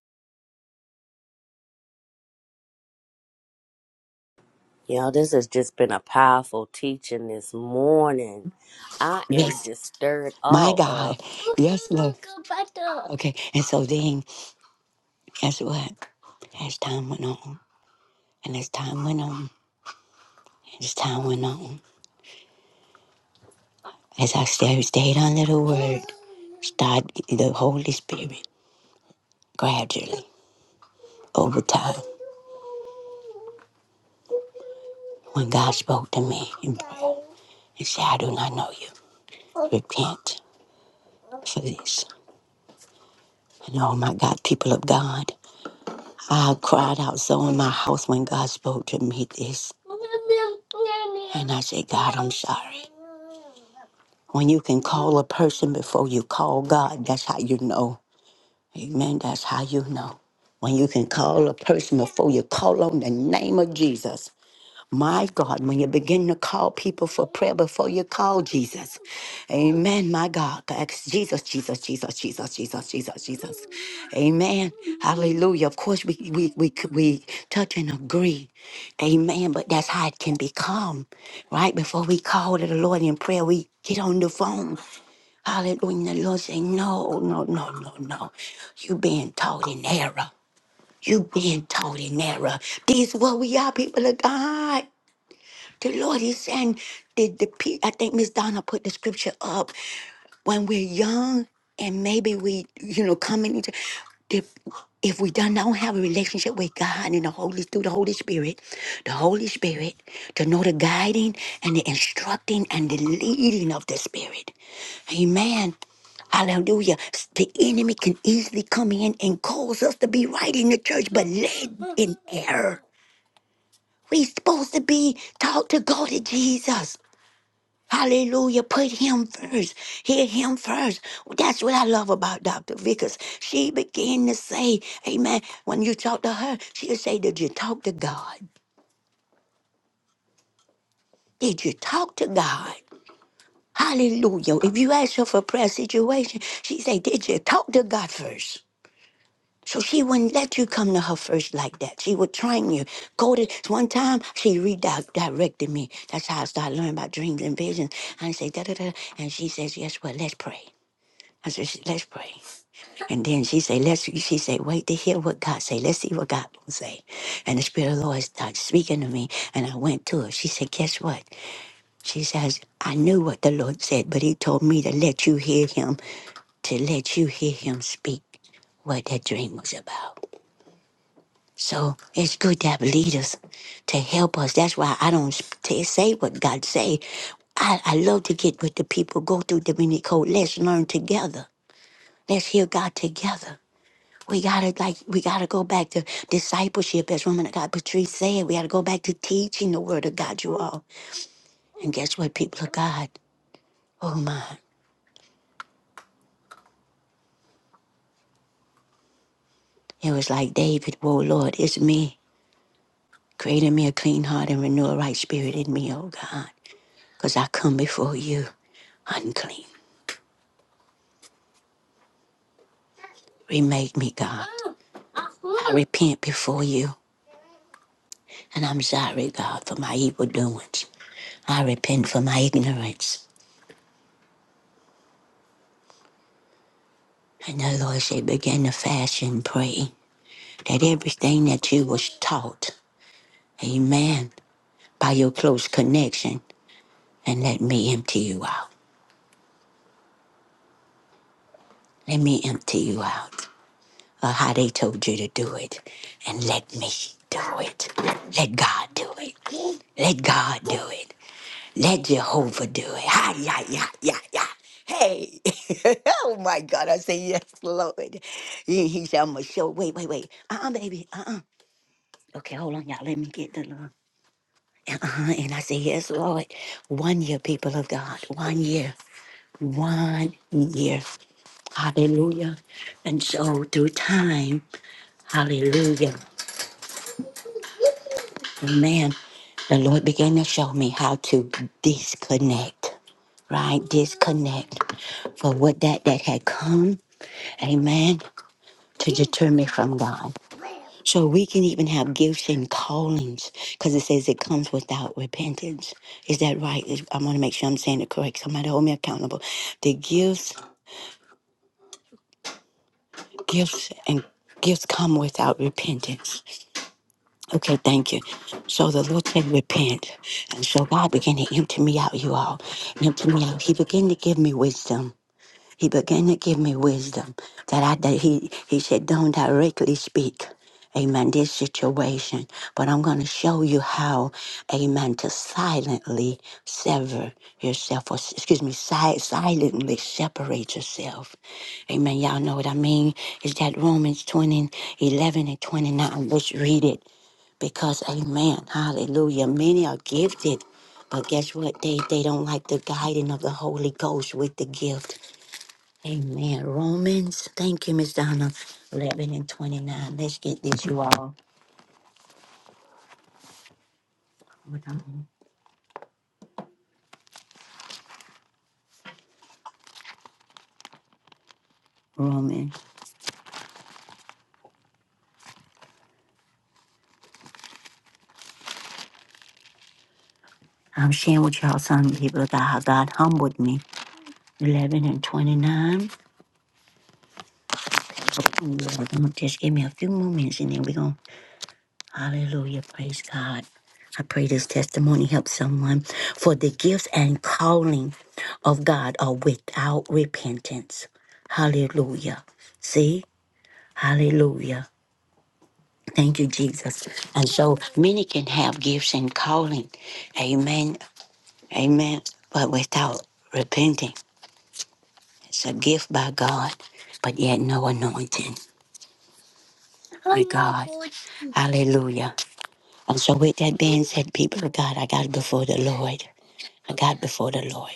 [SPEAKER 3] Y'all, this has just been a powerful teaching this morning. I am
[SPEAKER 2] Yes.
[SPEAKER 3] just stirred
[SPEAKER 2] My
[SPEAKER 3] all up.
[SPEAKER 2] God. Yes, Lord. Okay. And so then, guess what? As time went on, and as time went on, and as time went on, as I stayed, stayed under the word, started, the Holy Spirit gradually, over time, when God spoke to me in prayer and said, I do not know you, repent for this. And oh my God, people of God. I cried out so in my house when God spoke to me this. And I said, God, I'm sorry. When you can call a person before you call God, that's how you know. Amen. That's how you know. When you can call a person before you call on the name of Jesus. My God, when you begin to call people for prayer before you call Jesus. Amen, my God. Ask Jesus, Jesus, Jesus, Jesus, Jesus, Jesus, Jesus. Amen. Hallelujah. Of course, we, we, we, we touch and agree. Amen. But that's how it can become, right? Before we call to the Lord in prayer, we get on the phone. Hallelujah. The Lord say, no, no, no, no, no. You being taught in error. You being taught in error. These what we are, people of God. The Lord is saying, the, the, pe- I think Miss Donna put the scripture up when we're young and maybe we, you know, coming into, the, if we don't, don't have a relationship with God and the Holy, through the Holy Spirit, the Holy Spirit, to know the guiding and the instructing and the leading of the Spirit. Amen. Hallelujah. The enemy can easily come in and cause us to be right in the church, but led in error. We supposed to be taught to go to Jesus. Hallelujah. Put him first. Hear him first. That's what I love about Dr. Vickers. She began to say, Amen. When you talk to her, she'll say, Did you talk to God? Did you talk to God? Hallelujah. If you ask her for a prayer situation, she say, Did you talk to God first? So she wouldn't let you come to her first like that. She would train you. Go to one time she redirected me. That's how I started learning about dreams and visions. And I say da da da. And she says, Yes, well, let's pray. I said, "Sh- let's pray. And then she said, let's, she said, wait to hear what God say. Let's see what God will say. And the Spirit of the Lord started speaking to me. And I went to her. She said, guess what? She says, I knew what the Lord said, but he told me to let you hear him, to let you hear him speak what that dream was about. So it's good to have leaders to help us. That's why I don't sp- t- say what God say. I, I love to get with the people, go through the mini code. Let's learn together. Let's hear God together. We gotta like we gotta go back to discipleship, as woman of God Patrice said. We gotta go back to teaching the word of God, you all. And guess what, people of God? Oh my. It was like David, whoa Lord, it's me. Create in me a clean heart and renew a right spirit in me, oh God. Cause I come before you unclean. Remake me, God. I repent before you. And I'm sorry, God, for my evil doings. I repent for my ignorance. And the Lord said, begin to fast and pray. that everything that you was taught, amen, by your close connection, and let me empty you out. Let me empty you out of how they told you to do it, and let me do it. Let God do it. Let God do it. Let Jehovah do it. Ha, yeah, yeah, yeah, yeah. Hey, oh my God, I say yes, Lord. He, he said, I'm going to show. Wait, wait, wait. Uh-uh, baby. Uh-uh. Okay, hold on, y'all. Let me get the little. Uh-huh. And I say, Yes, Lord. One year, people of God. One year. One year. Hallelujah. And so through time, hallelujah. Amen. The Lord began to show me how to disconnect, right? Disconnect for what that that had come, amen, to deter me from God. So we can even have gifts and callings because it says it comes without repentance. Is that right? Is- I want to make sure I'm saying it correct. Somebody hold me accountable. The gifts, gifts, and gifts come without repentance. Okay, thank you. So the Lord said, repent. And so God began to empty me out, you all. Empty me out. He began to give me wisdom. He began to give me wisdom that I that he he said, Don't directly speak. Amen. This situation, but I'm going to show you how, amen, to silently sever yourself, or s- excuse me, si- silently separate yourself. Amen. Y'all know what I mean? Is that Romans 20 11 and 29? Let's read it because, amen, hallelujah. Many are gifted, but guess what? They, they don't like the guiding of the Holy Ghost with the gift. Amen. Romans. Thank you, Miss Donna. 11 and 29. Let's get this, you all. Hold on. Romans. I'm sharing with y'all some people about how God humbled me. 11 and 29. Lord, Just give me a few more minutes and then we're going to. Hallelujah. Praise God. I pray this testimony helps someone. For the gifts and calling of God are without repentance. Hallelujah. See? Hallelujah. Thank you, Jesus. And so many can have gifts and calling. Amen. Amen. But without repenting, it's a gift by God, but yet no anointing by God. Hallelujah. And so, with that being said, people of God, I got before the Lord. I got before the Lord.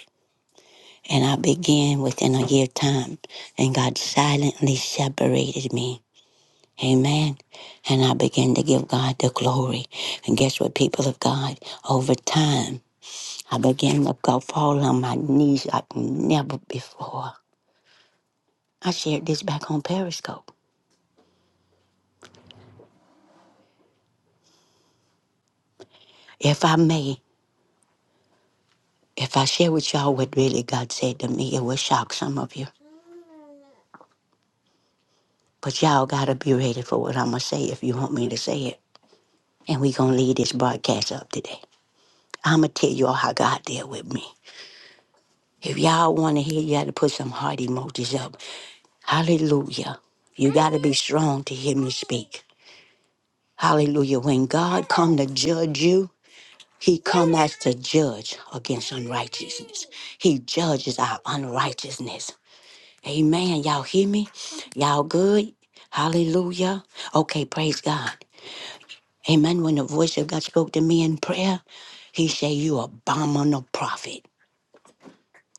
[SPEAKER 2] And I began within a year time, and God silently separated me. Amen. And I began to give God the glory. And guess what, people of God? Over time, I began to go fall on my knees like never before. I shared this back on Periscope. If I may, if I share with y'all what really God said to me, it will shock some of you. But y'all gotta be ready for what I'ma say if you want me to say it. And we gonna leave this broadcast up today. I'ma tell y'all how God dealt with me. If y'all wanna hear, you gotta put some heart emojis up. Hallelujah. You gotta be strong to hear me speak. Hallelujah. When God come to judge you, He cometh to judge against unrighteousness. He judges our unrighteousness. Amen. Y'all hear me? Y'all good? Hallelujah. Okay, praise God. Amen. When the voice of God spoke to me in prayer, he said, You abominable prophet.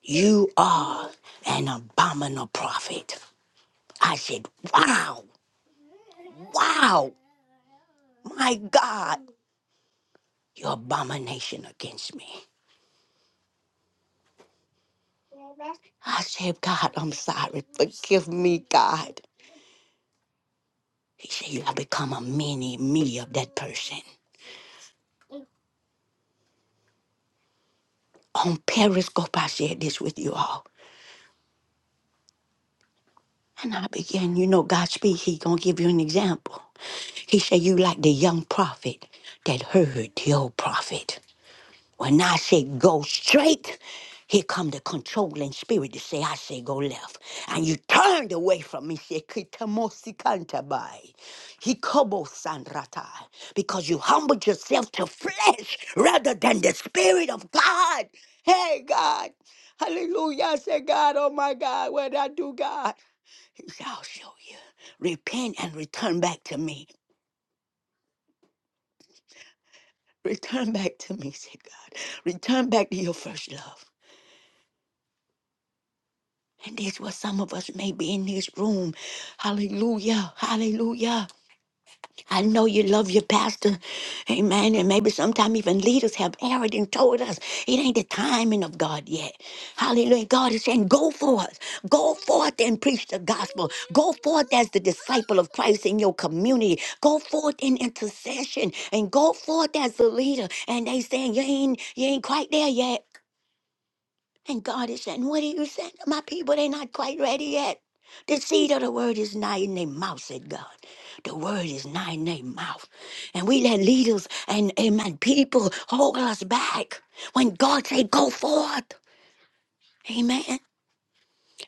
[SPEAKER 2] You are an abominable prophet. I said, Wow, wow, my God, your abomination against me. I said, God, I'm sorry. Forgive me, God. He said, You have become a mini me of that person. On Periscope, I shared this with you all. And I began, you know, God speak, he gonna give you an example. He said, You like the young prophet that heard the old prophet. When I say go straight, here come the controlling spirit to say, I say go left. And you turned away from me, say, Kitamosi kantabai, hikobo sanrata," because you humbled yourself to flesh rather than the spirit of God. Hey, God. Hallelujah. I say, God, oh my God, what I do, God? He said, I'll show you. Repent and return back to me. Return back to me, say God. Return back to your first love. And this what some of us may be in this room. Hallelujah. Hallelujah. I know you love your pastor. Amen. And maybe sometimes even leaders have erred and told us it ain't the timing of God yet. Hallelujah. God is saying, go forth. Go forth and preach the gospel. Go forth as the disciple of Christ in your community. Go forth in intercession and go forth as the leader. And they saying, you ain't, you ain't quite there yet. And God is saying, What are you saying? My people, they're not quite ready yet. The seed of the word is nigh in their mouth, said God. The word is nigh in their mouth. And we let leaders and amen people hold us back when God say go forth. Amen.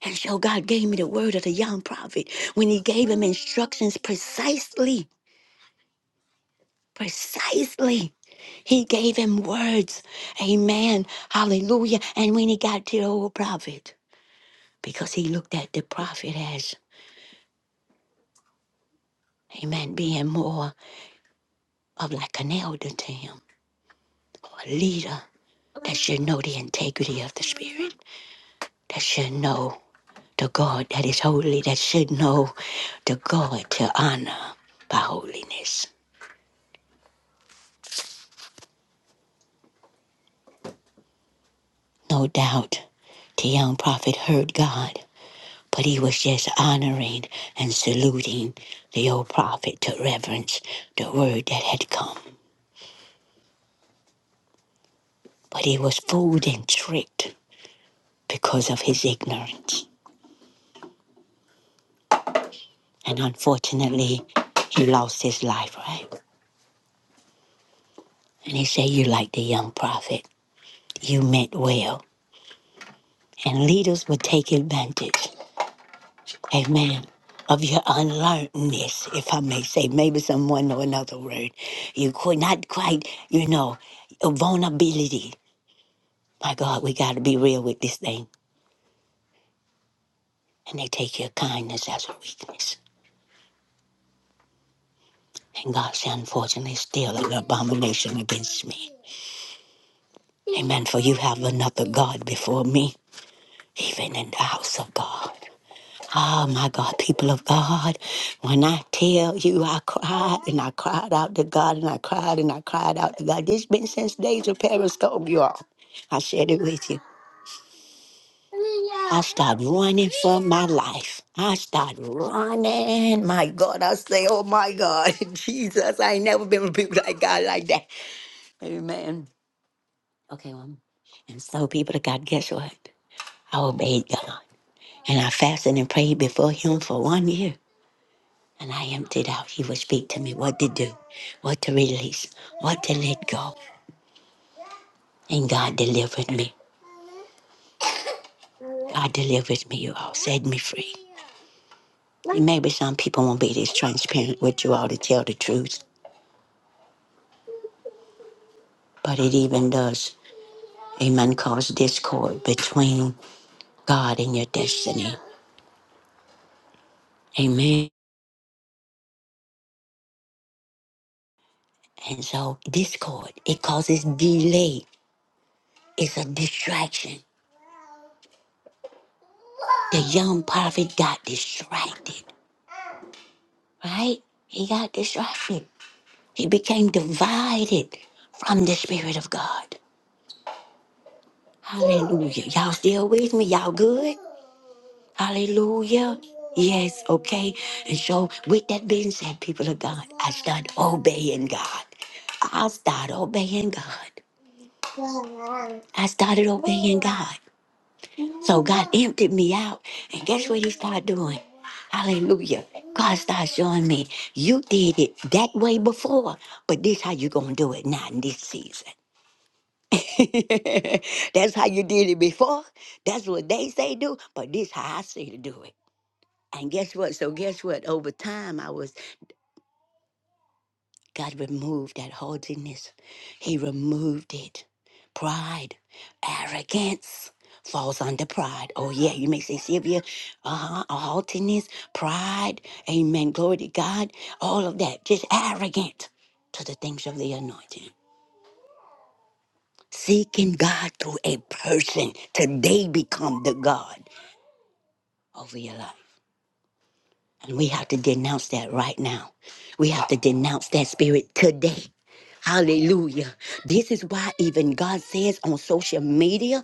[SPEAKER 2] And so God gave me the word of the young prophet when he gave him instructions precisely, precisely. He gave him words. Amen. Hallelujah. And when he got to the old prophet, because he looked at the prophet as, amen, being more of like an elder to him, or a leader that should know the integrity of the spirit, that should know the God that is holy, that should know the God to honor by holiness. No doubt the young prophet heard God, but he was just honoring and saluting the old prophet to reverence the word that had come. But he was fooled and tricked because of his ignorance. And unfortunately, he lost his life, right? And he said, You like the young prophet, you meant well. And leaders would take advantage, amen, of your unlearnedness, if I may say. Maybe someone know another word. You could not quite, you know, vulnerability. My God, we got to be real with this thing. And they take your kindness as a weakness. And God said, Unfortunately, still an abomination against me. Amen. For you have another God before me even in the house of God. Oh my God, people of God, when I tell you I cried and I cried out to God and I cried and I cried out to God, this been since days of Periscope, you all. I shared it with you. I start running for my life. I start running. My God, I say, oh my God, Jesus, I ain't never been with people like God like that. Amen. Okay, well, and so people of God, guess what? I obeyed God. And I fasted and prayed before him for one year. And I emptied out. He would speak to me what to do, what to release, what to let go. And God delivered me. God delivered me, you all. Set me free. And maybe some people won't be this transparent with you all to tell the truth. But it even does, amen, cause discord between God and your destiny. Amen. And so discord, it causes delay. It's a distraction. The young prophet got distracted right? He got distracted. He became divided from the Spirit of God. Hallelujah. Y'all still with me? Y'all good? Hallelujah. Yes, okay. And so, with that being said, people of God, I start obeying God. I start obeying God. I started obeying God. So God emptied me out. And guess what he started doing? Hallelujah. God started showing me, you did it that way before, but this how you gonna do it now in this season. That's how you did it before. That's what they say do, but this how I say to do it. And guess what? So guess what? Over time, I was God removed that haughtiness. He removed it. Pride, arrogance falls under pride. Oh, yeah, you may say, Sylvia, uh huh, A haughtiness, pride, amen, glory to God, all of that, just arrogant to the things of the anointing. Seeking God through a person today become the God over your life. And We have to denounce that right now. We have to denounce that spirit today. Hallelujah. This is why even God says on social media,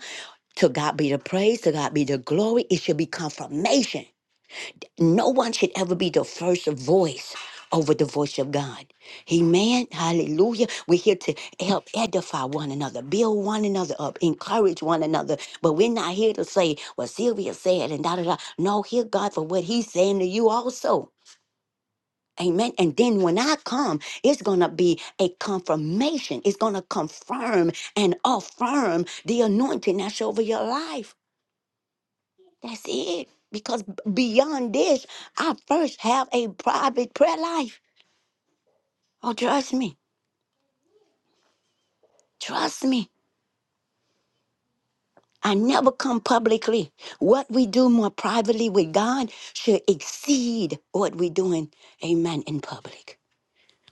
[SPEAKER 2] to God be the praise, to God be the glory. It should be confirmation. No one should ever be the first voice over the voice of God. Amen. Hallelujah. We're here to help edify one another, build one another up, encourage one another. But we're not here to say what Sylvia said and da da da. No, hear God for what He's saying to you also. Amen. And then when I come, it's going to be a confirmation. It's going to confirm and affirm the anointing that's over your life. That's it. Because b- beyond this, I first have a private prayer life. Oh, trust me. Trust me. I never come publicly. What we do more privately with God should exceed what we're doing, amen, in public.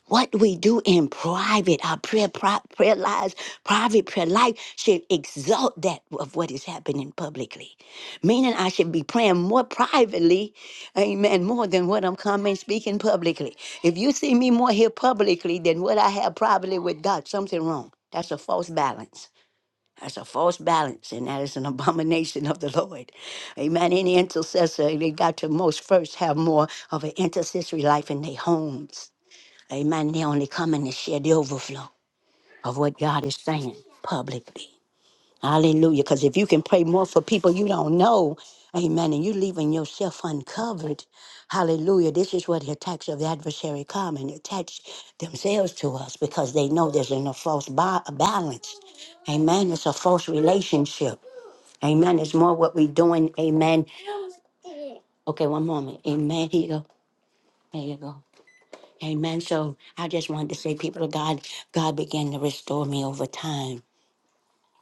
[SPEAKER 2] What we do in private, our prayer, pri- prayer lives, private prayer life should exalt that of what is happening publicly. Meaning, I should be praying more privately, amen, more than what I'm coming speaking publicly. If you see me more here publicly than what I have privately with God, something wrong. That's a false balance. That's a false balance, and that is an abomination of the Lord. Amen. Any intercessor, they got to most first have more of an intercessory life in their homes Amen. They're only coming to share the overflow of what God is saying publicly. Hallelujah. Because if you can pray more for people you don't know, amen, and you leaving yourself uncovered, hallelujah. This is where the attacks of the adversary come and attach themselves to us because they know there's a false ba- balance. Amen. It's a false relationship. Amen. It's more what we're doing. Amen. Okay, one moment. Amen. Here you go. There you go. Amen. So I just wanted to say, people of God, God began to restore me over time.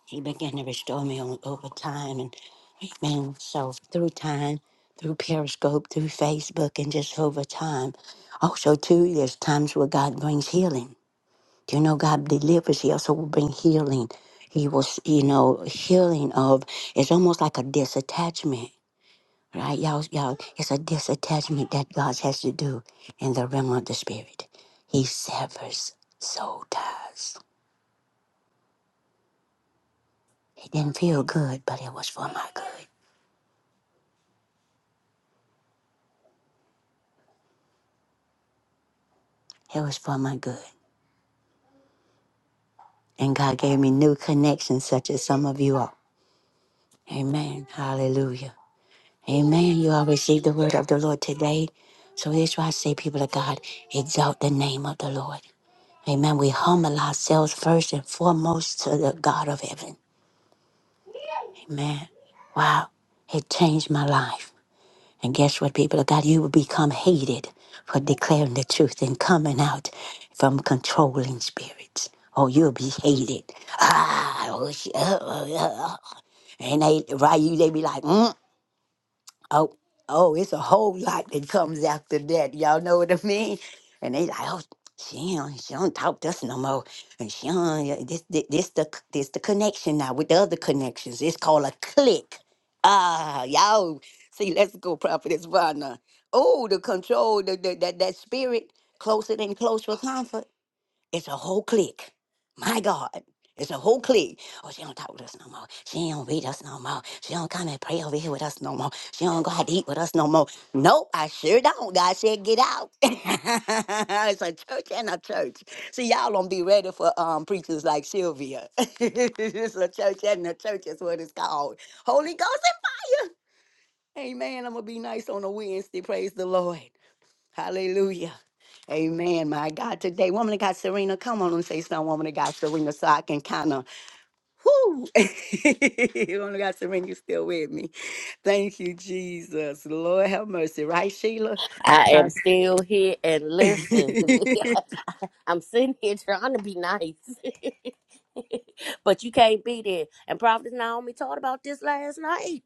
[SPEAKER 2] He began to restore me o- over time. And amen. So through time, through Periscope, through Facebook, and just over time. Also, too, there's times where God brings healing. Do you know God delivers? He also will bring healing. He will, s- you know, healing of, it's almost like a disattachment. Right, y'all, y'all, it's a disattachment that God has to do in the realm of the spirit. He severs soul ties. It didn't feel good, but it was for my good. It was for my good. And God gave me new connections, such as some of you are. Amen. Hallelujah. Amen. You all received the word of the Lord today. So that's why I say, people of God, exalt the name of the Lord. Amen. We humble ourselves first and foremost to the God of heaven. Man, wow, it changed my life. And guess what, people of God? You will become hated for declaring the truth and coming out from controlling spirits. Oh, you'll be hated. Ah, oh, she, oh, oh, oh. And they, right, you, they be like, mm Oh, oh, it's a whole lot that comes after that. Y'all know what I mean? And they like, oh, she don't, she don't talk to us no more. And she don't, uh, this, this, this the, c- this the connection now with the other connections. It's called a click. Ah, y'all. See, let's go, Prophetess Vana. Oh, the control, the, the, that, that spirit, closer than close for comfort. It's a whole clique. My God. It's a whole clique. Oh, she don't talk with us no more. She don't read us no more. She don't come and pray over here with us no more. She don't go out to eat with us no more. Nope, I sure don't. God said, get out. it's a church and a church. See, y'all don't be ready for um preachers like Sylvia. it's a church and a church is what it's called. Holy Ghost and Amen. I'm gonna be nice on a Wednesday. Praise the Lord. Hallelujah. Amen. My God, today, woman of God, Serena, come on and say something, woman of God, Serena, so I can kind of, whoo. woman of God, Serena, you still with me. Thank you, Jesus. Lord have mercy. Right, Sheila?
[SPEAKER 3] I
[SPEAKER 2] Huh?
[SPEAKER 3] am still here and listen. I'm sitting here trying to be nice. but you can't be there. And Prophet Naomi taught about this last night.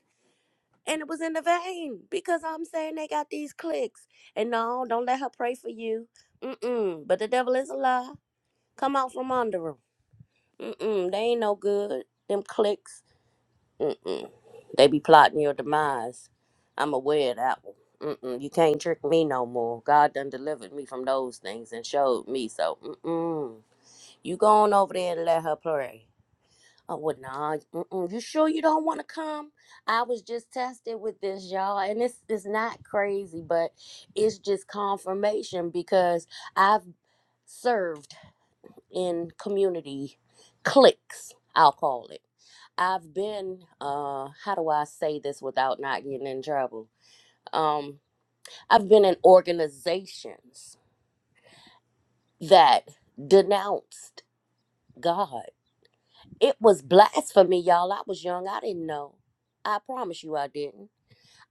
[SPEAKER 3] And it was in the vein because I'm saying they got these clicks. And no, don't let her pray for you. Mm-mm. But the devil is a lie. Come out from under him. Mm-mm, they ain't no good. Them clicks. Mm-mm. They be plotting your demise. I'm aware of that one. Mm-mm, you can't trick me no more. God done delivered me from those things and showed me. So, mm-mm. You go on over there and let her pray. Oh, well, nah. Mm-mm. You sure you don't want to come? I was just tested with this, y'all. And it's, it's not crazy, but it's just confirmation because I've served in community cliques, I'll call it. I've been, uh, how do I say this without not getting in trouble? Um, I've been in organizations that denounced God. It was blasphemy, y'all. I was young. I didn't know. I promise you I didn't.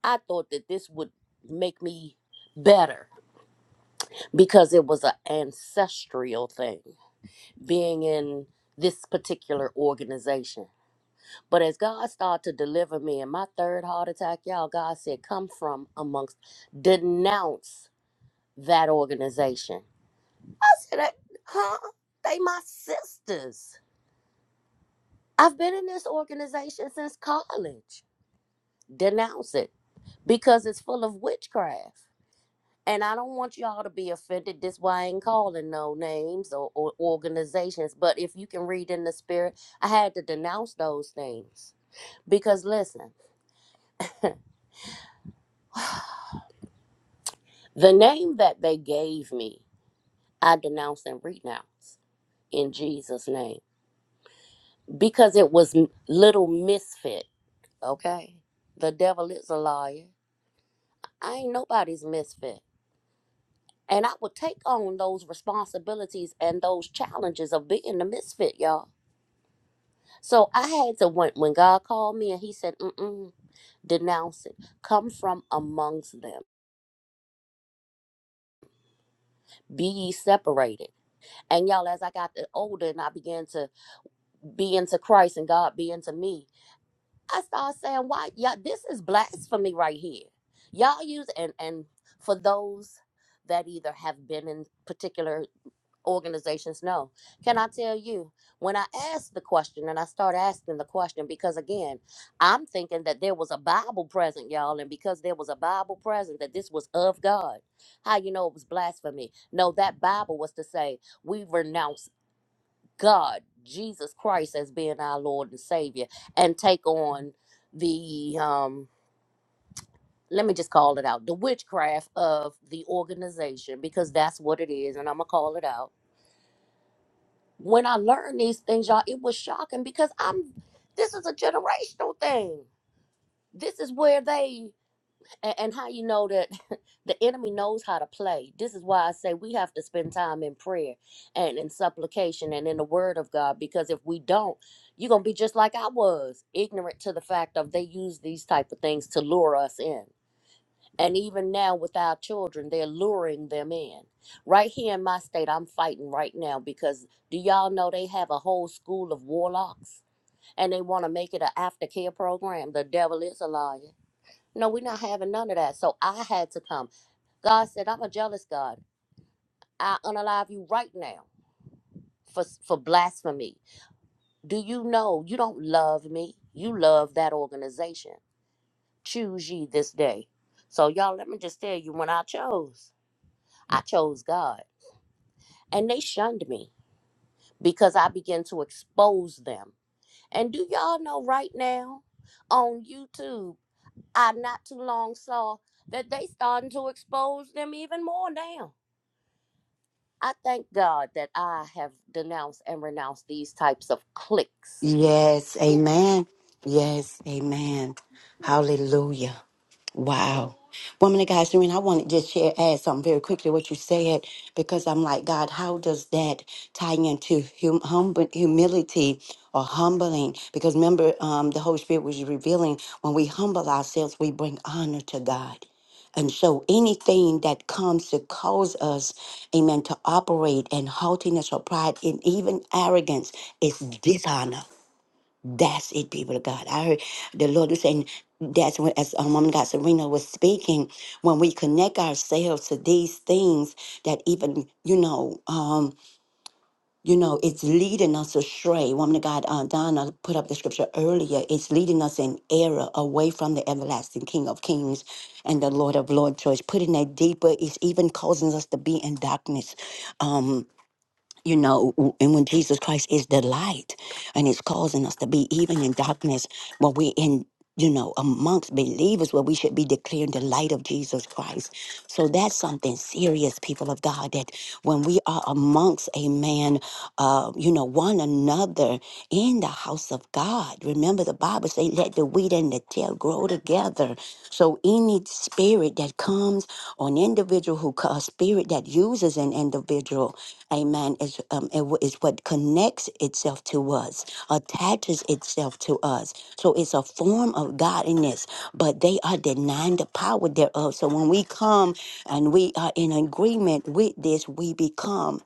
[SPEAKER 3] I thought that this would make me better because it was an ancestral thing being in this particular organization But as God started to deliver me in my third heart attack, y'all, God said, come from amongst, denounce that organization. I said, "Eh, huh? They my sisters. I've been in this organization since college. Denounce it because it's full of witchcraft. And I don't want y'all to be offended. This why I ain't calling no names or, or organizations. But if you can read in the spirit, I had to denounce those things. Because listen, the name that they gave me I denounce and renounce in Jesus' name because it was m- little misfit. Okay, the devil is a liar. I ain't nobody's misfit, and I would take on those responsibilities and those challenges of being the misfit, y'all. So I had to when when God called me and He said, Mm-mm, "Denounce it. Come from amongst them." Be ye separated. And y'all, as I got older and I began to be into Christ and God be into me, I start saying, why? Yeah, this is blasphemy right here. Y'all use and and for those that either have been in particular organizations, no. Can I tell you when I ask the question and I start asking the question because again, I'm thinking that there was a Bible present, y'all, and because there was a Bible present, that this was of God. How you know it was blasphemy? No, that Bible was to say we renounce God, Jesus Christ, as being our Lord and Savior, and take on the um let me just call it out the witchcraft of the organization because that's what it is, and I'm gonna call it out. When I learned these things, y'all, it was shocking because I'm this is a generational thing. This is where they and, and how you know that the enemy knows how to play this is why i say we have to spend time in prayer and in supplication and in the word of god because if we don't you're gonna be just like i was ignorant to the fact of they use these type of things to lure us in and even now with our children they're luring them in right here in my state i'm fighting right now because do y'all know they have a whole school of warlocks and they want to make it an aftercare program the devil is a liar no, we're not having none of that. So I had to come. God said, I'm a jealous God. I unalive you right now for, for blasphemy. Do you know you don't love me? You love that organization. Choose ye this day. So, y'all, let me just tell you when I chose, I chose God. And they shunned me because I began to expose them. And do y'all know right now on YouTube, I not too long saw that they starting to expose them even more now I thank God that I have denounced and renounced these types of cliques.
[SPEAKER 2] yes. Amen. Yes. Amen. Hallelujah. Wow. Woman of God, Serena, I want to just share, add something very quickly what you said, because I'm like, God, how does that tie into hum, humble, humility or humbling? Because remember, um, the Holy Spirit was revealing when we humble ourselves, we bring honor to God. And so anything that comes to cause us, amen, to operate in haughtiness or pride and even arrogance is dishonor. That's it, people of God. I heard the Lord was saying that's when, as um, woman God Serena was speaking, when we connect ourselves to these things that even you know, um, you know, it's leading us astray. Woman of God, uh, Donna put up the scripture earlier. It's leading us in error away from the everlasting King of Kings and the Lord of Lords. So it's putting that deeper. It's even causing us to be in darkness. Um, you know, w- and when Jesus Christ is the light and it's causing us to be even in darkness when we're in, you know, amongst believers where we should be declaring the light of Jesus Christ. So that's something serious, people of God, that when we are amongst, amen, uh, you know, one another in the house of God, remember the Bible say, let the wheat and the tail grow together. So any spirit that comes on individual who, a spirit that uses an individual, Amen. Is um, it wa- is what connects itself to us, attaches itself to us. So it's a form of godliness, but they are denying the power thereof. So when we come and we are in agreement with this, we become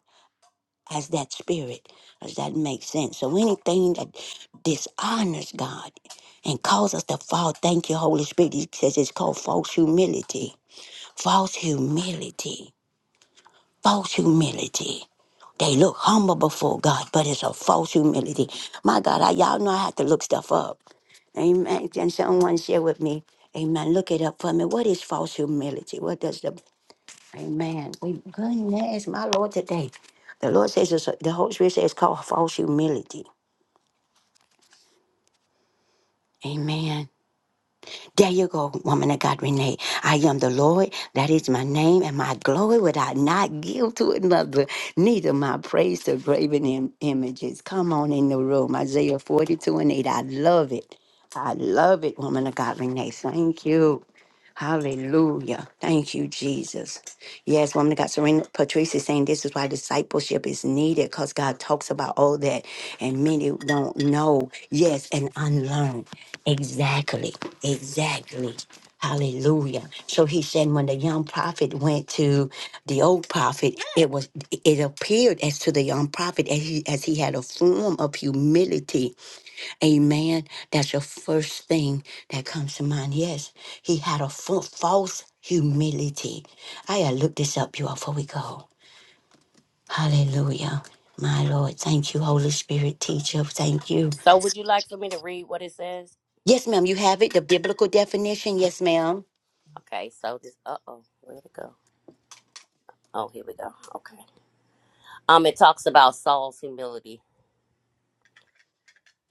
[SPEAKER 2] as that spirit. Does that make sense? So anything that dishonors God and causes us to fall, thank you, Holy Spirit. He says it's called false humility. False humility. False humility. They look humble before God, but it's a false humility. My God, I, y'all know I have to look stuff up. Amen. Can someone share with me? Amen. Look it up for me. What is false humility? What does the Amen? We goodness, my Lord, today. The Lord says it's, a, the Holy Spirit says it's called false humility. Amen. There you go, woman of God, Renee. I am the Lord. That is my name and my glory would I not give to another, neither my praise to graven im- images. Come on in the room. Isaiah 42 and 8. I love it. I love it, woman of God, Renee. Thank you. Hallelujah. Thank you, Jesus. Yes, woman of God, Serena Patrice is saying this is why discipleship is needed because God talks about all that and many don't know. Yes, and unlearn. Exactly. Exactly. Hallelujah. So he said when the young prophet went to the old prophet, it was it appeared as to the young prophet as he as he had a form of humility Amen. That's the first thing that comes to mind. Yes, he had a fa- false humility. I gotta look this up, y'all, before we go. Hallelujah. My Lord, thank you, Holy Spirit teacher. Thank you.
[SPEAKER 3] So, would you like for me to read what it says?
[SPEAKER 2] Yes, ma'am, you have it. The biblical definition. Yes, ma'am.
[SPEAKER 3] Okay, so this, uh oh, where'd it go? Oh, here we go. Okay. Um, it talks about Saul's humility.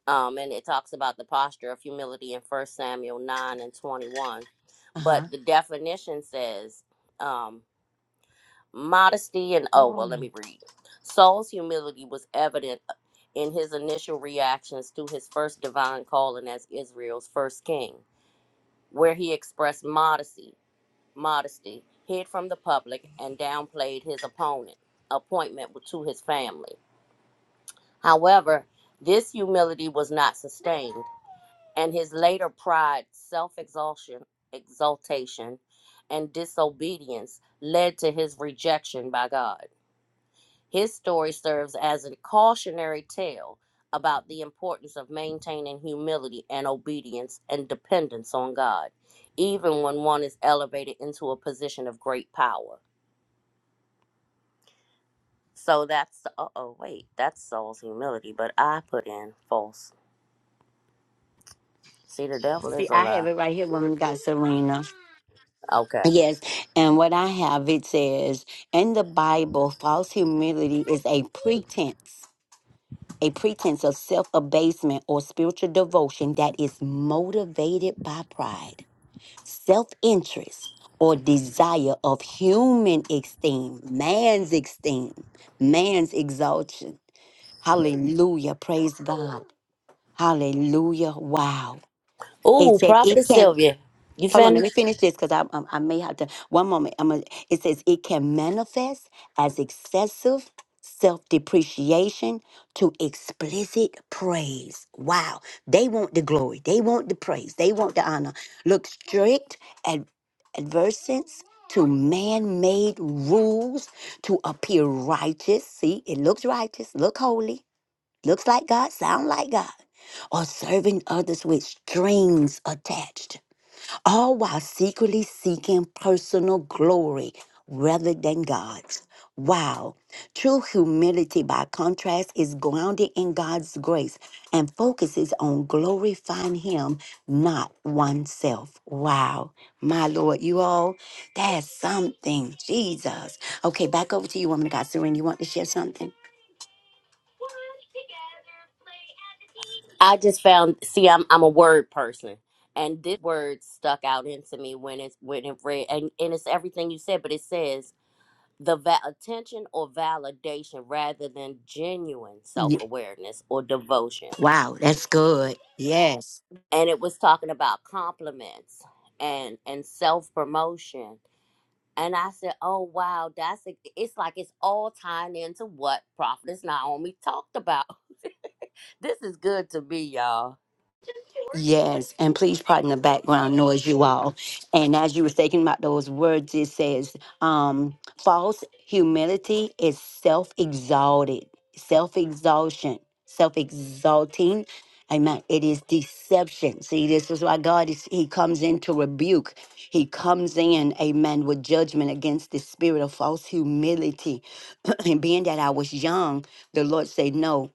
[SPEAKER 3] Um, and it talks about the posture of humility in First Samuel 9 and 21.
[SPEAKER 2] Uh
[SPEAKER 3] But
[SPEAKER 2] huh.
[SPEAKER 3] the definition says, um, modesty and oh
[SPEAKER 2] Oh,
[SPEAKER 3] well let me read saul's humility was evident in his initial reactions to his first divine calling as israel's first king where he expressed modesty modesty hid from the public and downplayed his opponent appointment to his family however this humility was not sustained and his later pride self-exaltation exaltation and disobedience led to his rejection by god His story serves as a cautionary tale about the importance of maintaining humility and obedience and dependence on God, even when one is elevated into a position of great power. So that's, uh oh, wait, that's Saul's humility, but I put in false. See, the devil
[SPEAKER 2] See,
[SPEAKER 3] is a
[SPEAKER 2] I have
[SPEAKER 3] lie.
[SPEAKER 2] it right here, woman got Serena.
[SPEAKER 3] Okay.
[SPEAKER 2] Yes, and what I have it says in the Bible, false humility is a pretense a pretense of self abasement or spiritual devotion that is motivated by pride, self interest, or desire of human esteem, man's esteem, man's exaltation. Hallelujah. Praise God. Hallelujah. Wow. It
[SPEAKER 3] Ooh,
[SPEAKER 2] said it
[SPEAKER 3] Prophetess
[SPEAKER 2] can
[SPEAKER 3] Sylvia, you
[SPEAKER 2] Hold on, let me
[SPEAKER 3] finished?
[SPEAKER 2] finish this because I, I I may have to. One moment. I'm gonna, it says it can manifest as excessive self depreciation to explicit praise. Wow. They want the glory. They want the praise. They want the honor. Look, strict ad, adversance to man made rules to appear righteous. See, it looks righteous, look holy, looks like God, sound like God, or serving others with strings attached all while secretly seeking personal glory rather than God's. Wow. True humility, by contrast, is grounded in God's grace and focuses on glorifying Him, not oneself. Wow. My Lord, you all, that's something. Jesus. Okay, back over to you, woman of God. Serene, you want to share something?
[SPEAKER 3] I just found, see, I'm, I'm a word person and this word stuck out into me when it's when it read and, and it's everything you said but it says the va- attention or validation rather than genuine
[SPEAKER 2] Ye-
[SPEAKER 3] self-awareness or devotion
[SPEAKER 2] Wow, that's good.
[SPEAKER 3] and it was talking about compliments and and self-promotion and i said oh wow that's a, it's like it's all tying into what prophetess naomi talked about this is good to me y'all
[SPEAKER 2] Yes, and please pardon the background noise, you all. And as you were thinking about those words, it says, um, false humility is self exalted, self exhaustion, self exalting. Amen. It is deception. See, this is why God is, He comes in to rebuke. He comes in, amen, with judgment against the spirit of false humility. and being that I was young, the Lord said, No,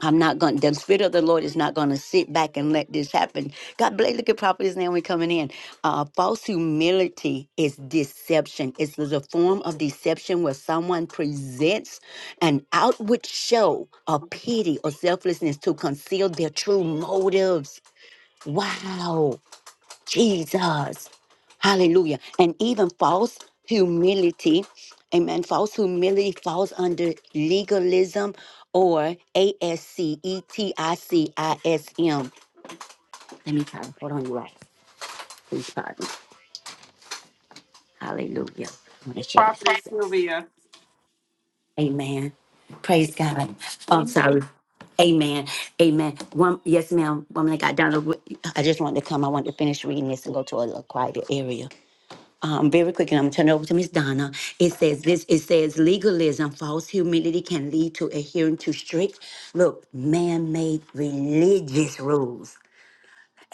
[SPEAKER 2] I'm not going. The spirit of the Lord is not going to sit back and let this happen. God bless. Look at Prophet is now we coming in. Uh, false humility is deception. It's the form of deception where someone presents an outward show of pity or selflessness to conceal their true motives. Wow. Jesus. Hallelujah. And even false humility, amen. False humility falls under legalism or A S C E T I C I S M. Let me try. Hold on, you guys. Please pardon. Hallelujah. I want to share this.
[SPEAKER 4] Prophetess Sylvia.
[SPEAKER 2] Amen. Praise God.
[SPEAKER 4] Can
[SPEAKER 2] Oh,
[SPEAKER 4] you
[SPEAKER 2] I'm
[SPEAKER 4] hear me?
[SPEAKER 2] sorry. Amen. Amen. One, yes, ma'am. Woman, I got down. I just wanted to come. I wanted to finish reading this and go to a, little quieter area. um, very quick, and I'm turning over to Miss Donna. It says this. It says legalism, false humility, can lead to adhering to strict, look, man-made religious rules.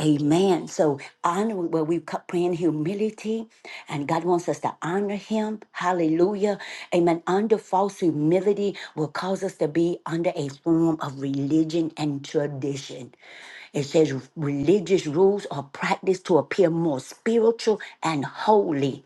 [SPEAKER 2] Amen. So honor where we co- pray in humility, and God wants us to honor Him. Hallelujah. Amen. Under false humility will cause us to be under a form of religion and tradition. It says religious rules are practiced to appear more spiritual and holy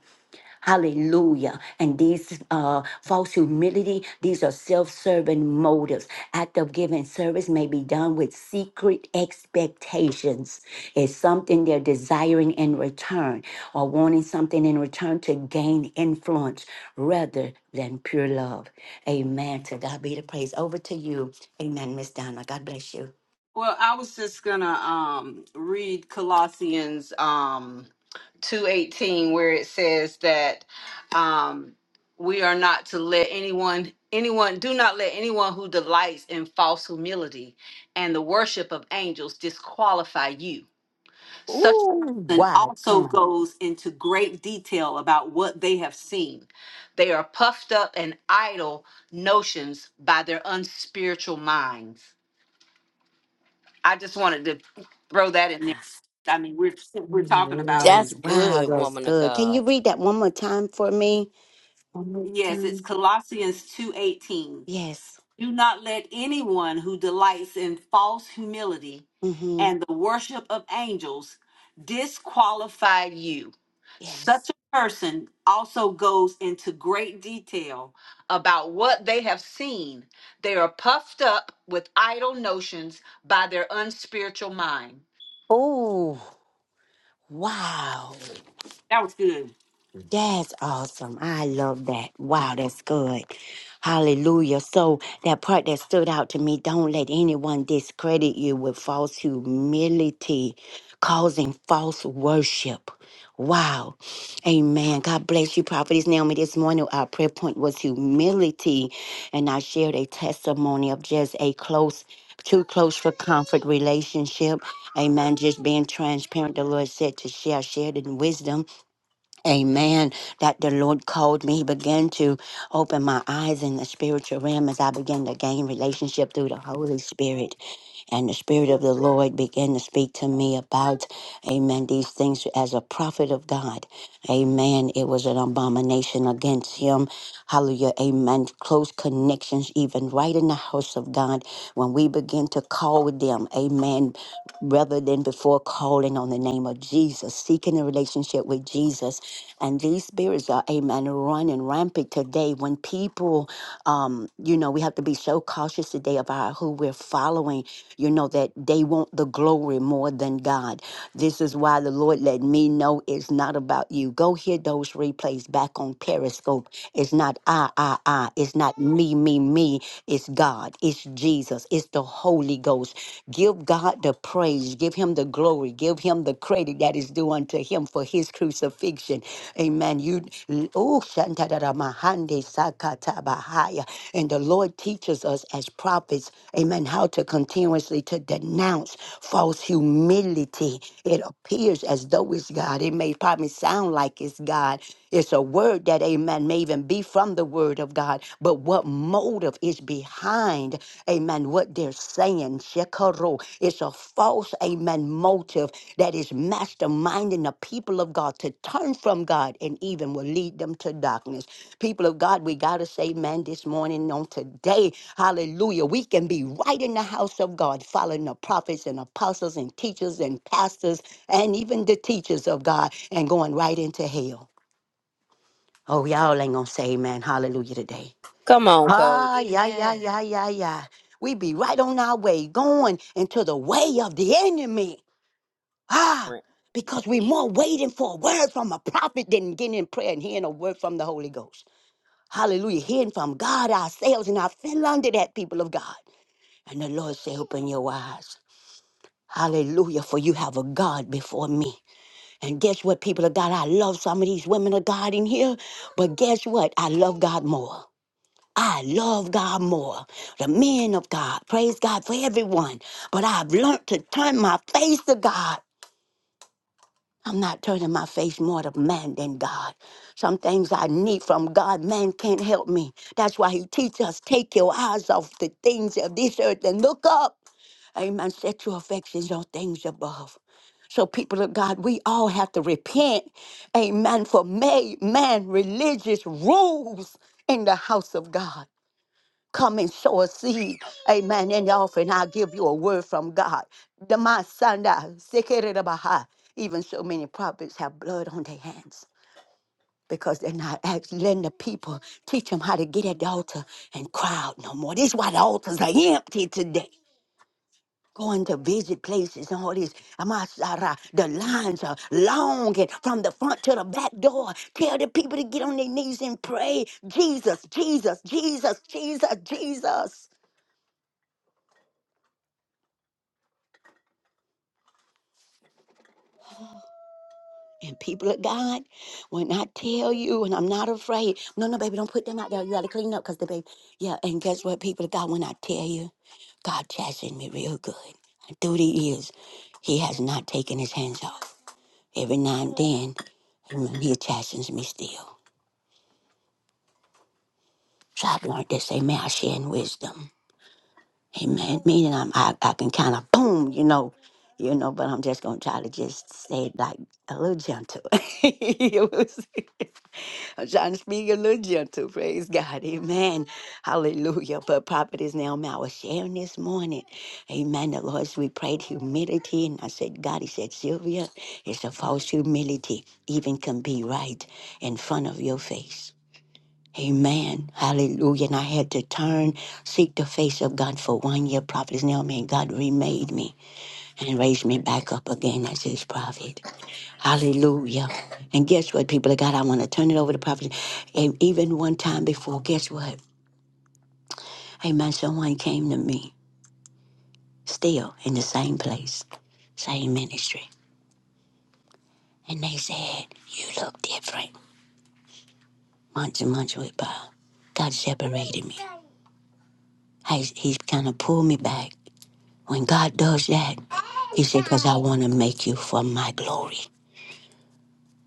[SPEAKER 2] Hallelujah. And these uh, false humility, these are self serving motives. Act of giving service may be done with secret expectations. It's something they're desiring in return or wanting something in return to gain influence rather than pure love. Amen. To God be the praise. Over to you. Amen, Miss Donna. God bless you.
[SPEAKER 4] Well, I was just gonna um read Colossians um two eighteen where it says that um we are not to let anyone anyone do not let anyone who delights in false humility and the worship of angels disqualify you Such a
[SPEAKER 2] Ooh,
[SPEAKER 4] person
[SPEAKER 2] wow.
[SPEAKER 4] also
[SPEAKER 2] Come on.
[SPEAKER 4] goes into great detail about what they have seen. They are puffed up and idle notions by their unspiritual minds. I just wanted to throw that in there.
[SPEAKER 2] Yes.
[SPEAKER 4] I mean, we're we're talking about it.
[SPEAKER 3] that's
[SPEAKER 2] Wow,
[SPEAKER 3] good
[SPEAKER 2] that's
[SPEAKER 3] woman of
[SPEAKER 2] good. Can
[SPEAKER 3] god
[SPEAKER 2] you read that one more time for me? One more
[SPEAKER 4] Yes, it's
[SPEAKER 2] time.
[SPEAKER 4] Colossians two eighteen.
[SPEAKER 2] Yes.
[SPEAKER 4] Do not let anyone who delights in false humility
[SPEAKER 2] Mm-hmm.
[SPEAKER 4] and the worship of angels disqualify you. Such
[SPEAKER 2] Yes.
[SPEAKER 4] a person also goes into great detail about what they have seen. They are puffed up with idle notions by their unspiritual mind.
[SPEAKER 2] Oh, wow.
[SPEAKER 4] That was good.
[SPEAKER 2] That's awesome. I love that. Wow, that's good. Hallelujah. So that part that stood out to me, don't let anyone discredit you with false humility, causing false worship. Wow. Amen. God bless you, Prophetess Naomi. This morning, our prayer point was humility, and I shared a testimony of just a close, too close for comfort relationship. Amen. Just being transparent, the Lord said to share, shared in wisdom. Amen. That the Lord called me. He began to open my eyes in the spiritual realm as I began to gain relationship through the Holy Spirit. And the Spirit of the Lord began to speak to me about, amen, these things as a prophet of God. Amen. It was an abomination against him. Hallelujah. Amen. Close connections, even right in the house of God, when we begin to call them, amen, rather than before calling on the name of Jesus, seeking a relationship with Jesus. And these spirits are, amen, running rampant today when people, um, you know, we have to be so cautious today about who we're following, you know, that they want the glory more than God. This is why the Lord let me know it's not about you. Go hear those replays back on Periscope. It's not I, I, I. It's not me, me, me me, it's God, it's Jesus, it's the Holy Ghost. Give God the praise, give him the glory, give him the credit that is due unto him for his crucifixion. Amen. You oh shantaramahande sakatabahaya. And the Lord teaches us as prophets, amen, how to continuously to denounce false humility. It appears as though it's God. It may probably sound like it's God, it's a word that, amen, may even be from the word of God, but what motive is behind, amen, what they're saying, shekaro. It's a false, amen, motive that is masterminding the people of God to turn from God and even will lead them to darkness. People of God, we got to say, man, this morning on today, hallelujah, we can be right in the house of God, following the prophets and apostles and teachers and pastors and even the teachers of God and going right into hell. Oh, y'all ain't gonna say amen. Hallelujah today.
[SPEAKER 3] come on
[SPEAKER 2] Ah,
[SPEAKER 3] coach
[SPEAKER 2] yeah, yeah,
[SPEAKER 5] Amen.
[SPEAKER 2] yeah, yeah, yeah. We be right on our way, going into the way of the enemy. Ah, because we more waiting for a word from a prophet than getting in prayer and hearing a word from the Holy Ghost. Hallelujah. Hearing from God ourselves, and I fell under that, people of God. And the Lord say, Open your eyes. Hallelujah, for you have a God before me. And guess what, people of God? I love some of these women of God in here, but guess what? I love God more. I love God more, the men of God. Praise God for everyone. But I've learned to turn my face to God. I'm not turning my face more to man than God. Some things I need from God, man can't help me. That's why he teaches us take your eyes off the things of this earth and look up. Amen. Set your affections on things above. So, people of God, we all have to repent, amen, for made man religious rules in the house of God. Come and sow a seed. Amen. In the offering, I'll give you a word from God. The my son, that- Sekerebaha. even so many prophets have blood on their hands because they're not actually letting the people teach them how to get at the altar and cry out no more. This is why the altars are empty today. Going to visit places and all this. Amasara, the lines are long and from the front to the back door. Tell the people to get on their knees and pray. Jesus, Jesus, Jesus, Jesus, Jesus. And people of God, when I tell you, and I'm not afraid, no, no, baby, don't put them out there. You got to clean up because the baby, yeah. And guess what, people of God, when I tell you, God chastened me real good. And through the years, He has not taken His hands off. Every now and then, amen, He chastens me still. So I've learned this, amen, I share in wisdom. Amen. Meaning I'm, I, I can kind of boom, you know, you know, but I'm just going to try to just say it like a little gentle. I'm trying to speak a little gentle. Praise God. Amen. Hallelujah. But Prophet is now I was sharing this morning. Amen. The Lord, we prayed humility. And I said, God, he said, Sylvia, it's a false humility. Even can be right in front of your face. Amen. Hallelujah. And I had to turn, seek the face of God for one year. Prophet is now man. God remade me and raised me back up again as his prophet. Hallelujah. And guess what, people of God? I want to turn it over to Prophet. And even one time before, guess what? Amen. Someone came to me still in the same place, same ministry. And they said, You look different. Months and months went by. God separated me. He's, he's kind of pulled me back. When God does that, He said, Because I want to make you for my glory.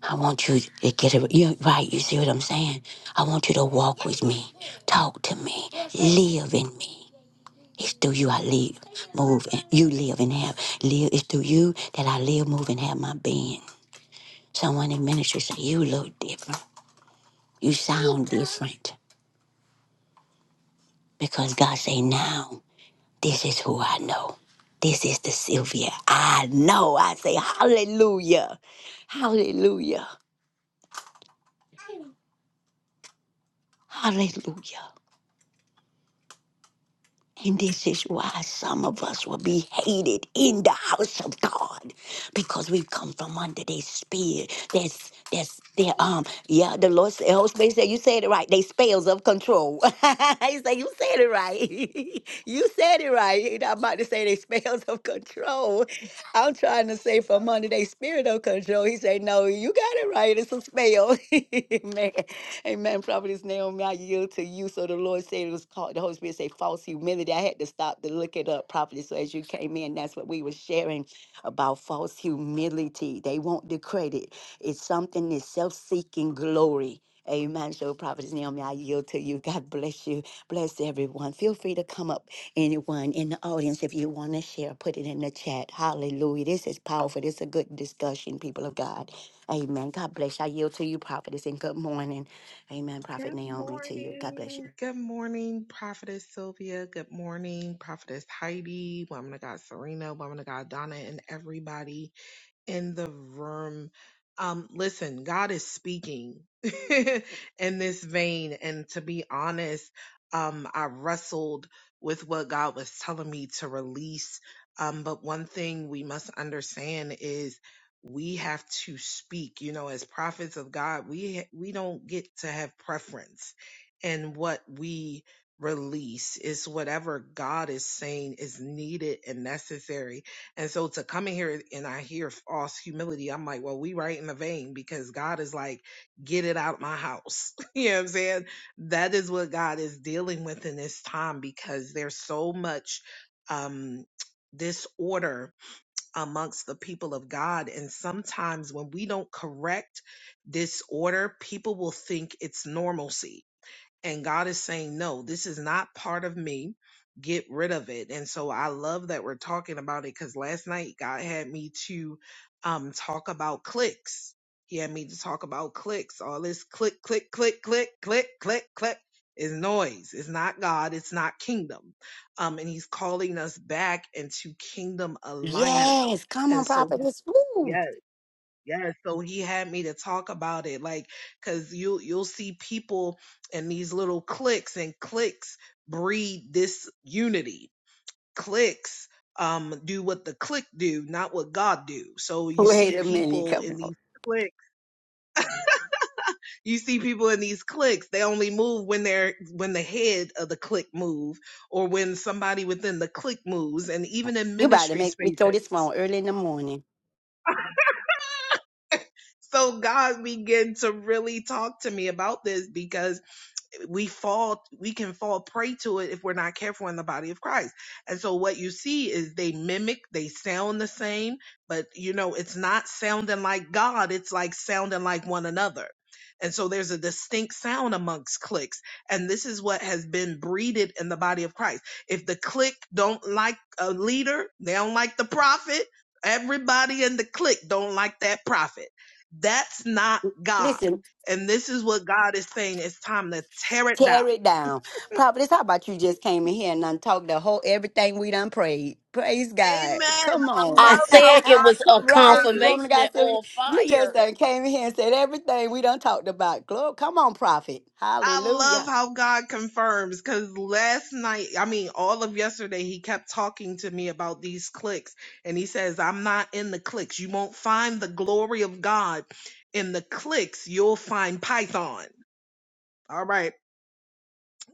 [SPEAKER 2] I want you to get it. You're right. You see what I'm saying? I want you to walk with me, talk to me, live in me. It's through you I live, move, and you live and have. Live. It's through you that I live, move, and have my being. Someone in ministry say, You look different. You sound different. Because God say, Now, this is who I know. This is the Sylvia. I know. I say, Hallelujah. Hallelujah. Hallelujah. And this is why some of us will be hated in the house of God because we've come from under their spear. There's, there's, their um, yeah, the Lord said, Holy Spirit said, You said it right. They spells of control. he said, You said it right. you said it right. And I'm about to say they spells of control. I'm trying to say from under their spirit of control. He said, No, you got it right. It's a spell. Amen. Amen. Prophetess Naomi, I yield to you. So the Lord said it was called, the Holy Spirit said false humility. I had to stop to look it up properly. So as you came in, that's what we were sharing about false humility. They want the credit. It's something that's self-seeking glory. Amen. So Prophetess Naomi, I yield to you. God bless you. Bless everyone. Feel free to come up Anyone in the audience, if you want to share, put it in the chat. Hallelujah. This is powerful. This is a good discussion, people of God. Amen. God bless you. I yield to you, prophetess, and good morning. Amen,
[SPEAKER 5] Good
[SPEAKER 2] Prophet Naomi, to you. God bless you.
[SPEAKER 5] morning. Good morning, Prophetess Sylvia. Good morning, Prophetess Heidi, Woman of God Serena, Woman of God Donna, and everybody in the room. Um, listen, God is speaking in this vein. And to be honest, um, I wrestled with what God was telling me to release. Um, but one thing we must understand is we have to speak. You know, as prophets of God, we we don't get to have preference in what we release. It's whatever God is saying is needed and necessary and so to come in here and I hear false humility, I'm like, well, we right in the vein because God is like, get it out of my house. you know what I'm saying? That is what God is dealing with in this time because there's so much um disorder amongst the people of God. And sometimes when we don't correct disorder, people will think it's normalcy and God is saying, no, this is not part of me. Get rid of it. And so I love that we're talking about it because last night God had me to um, talk about clicks. He had me to talk about clicks. All this click, click, click, click, click, click, click is noise. It's not God. It's not kingdom. Um, and he's calling us back into kingdom alignment.
[SPEAKER 2] Yes. Come on,
[SPEAKER 5] And so,
[SPEAKER 2] prophetess. Woo.
[SPEAKER 5] yes. Yes, so he had me to talk about it, like, cause you you'll see people in these little cliques, and cliques breed this unity. Cliques um do what the clique do, not what God do. So you
[SPEAKER 2] Wait
[SPEAKER 5] see
[SPEAKER 2] a minute.
[SPEAKER 5] people
[SPEAKER 2] Come
[SPEAKER 5] in
[SPEAKER 2] on.
[SPEAKER 5] these cliques. You see people in these cliques. They only move when they're when the head of the clique move, or when somebody within the clique moves, and even in
[SPEAKER 2] You about to
[SPEAKER 5] ministry
[SPEAKER 2] make me throw this
[SPEAKER 5] spaces.
[SPEAKER 2] phone early in the morning.
[SPEAKER 5] So God began to really talk to me about this because we fall we can fall prey to it if we're not careful in the body of Christ. And so what you see is they mimic, they sound the same, but you know, it's not sounding like God, it's like sounding like one another. And so there's a distinct sound amongst cliques. And this is what has been breeded in the body of Christ. If the clique don't like a leader, they don't like the prophet, everybody in the clique don't like that prophet. That's not God.
[SPEAKER 2] Listen.
[SPEAKER 5] And this is what God is saying. It's time to tear it
[SPEAKER 2] Tear
[SPEAKER 5] down.
[SPEAKER 2] it down. Prophetess, how about you just came in here and done talked the whole everything we done prayed? Praise God.
[SPEAKER 5] Amen.
[SPEAKER 2] Come
[SPEAKER 5] I
[SPEAKER 2] on.
[SPEAKER 3] i
[SPEAKER 5] love how
[SPEAKER 3] said it
[SPEAKER 5] God
[SPEAKER 3] was a
[SPEAKER 2] right,
[SPEAKER 5] confirms.
[SPEAKER 2] woman of
[SPEAKER 3] confirmation
[SPEAKER 2] God.
[SPEAKER 3] that
[SPEAKER 2] So
[SPEAKER 3] on
[SPEAKER 2] you just
[SPEAKER 3] fire
[SPEAKER 2] done came in here and said everything we done talked about. Glory. Come on, prophet.
[SPEAKER 5] I love
[SPEAKER 2] Hallelujah.
[SPEAKER 5] how God confirms because last night, I mean, all of yesterday, he kept talking to me about these clicks. And he says, I'm not in the clicks. You won't find the glory of God in the clicks. You'll find Python. All right.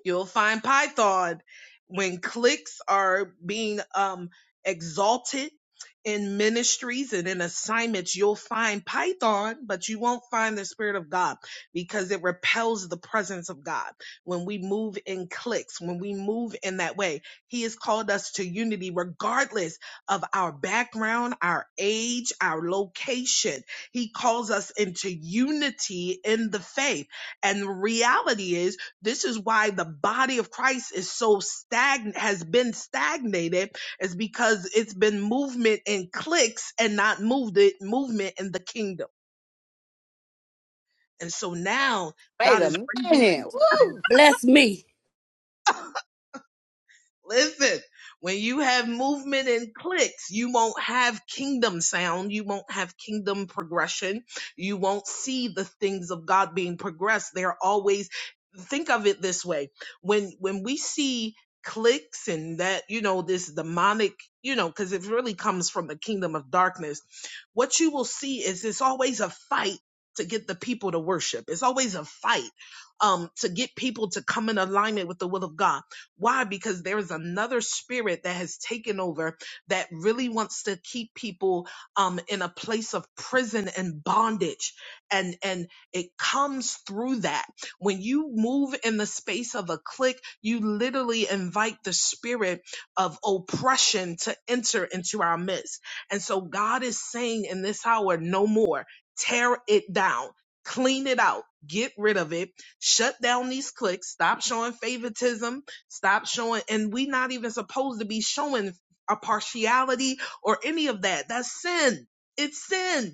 [SPEAKER 5] You'll find Python when cliques are being um, exalted in ministries and in assignments. You'll find Python, but you won't find the Spirit of God because it repels the presence of God. When we move in cliques, when we move in that way, He has called us to unity regardless of our background, our age, our location. He calls us into unity in the faith. And the reality is, this is why the body of Christ is so stagnant, has been stagnated, is because it's been movement in cliques and not moved it, movement in the kingdom. And so now
[SPEAKER 2] Wait
[SPEAKER 5] God
[SPEAKER 2] a
[SPEAKER 5] is raising
[SPEAKER 2] minute. Woo.
[SPEAKER 3] bless me
[SPEAKER 5] Listen, when you have movement and clicks, you won't have kingdom sound. You won't have kingdom progression. You won't see the things of God being progressed. They're always, think of it this way. When, when we see clicks and that, you know, this demonic, you know, cause it really comes from the kingdom of darkness. What you will see is it's always a fight to get the people to worship. It's always a fight, um, to get people to come in alignment with the will of God why? Because there is another spirit that has taken over that really wants to keep people um, in a place of prison and bondage. And, and it comes through that. When you move in the space of a click, you literally invite the spirit of oppression to enter into our midst. And so God is saying in this hour, no more. Tear it down. Clean it out. Get rid of it. Shut down these clicks. Stop showing favoritism Stop showing, and we not even supposed to be showing a partiality or any of that. That's sin. It's sin.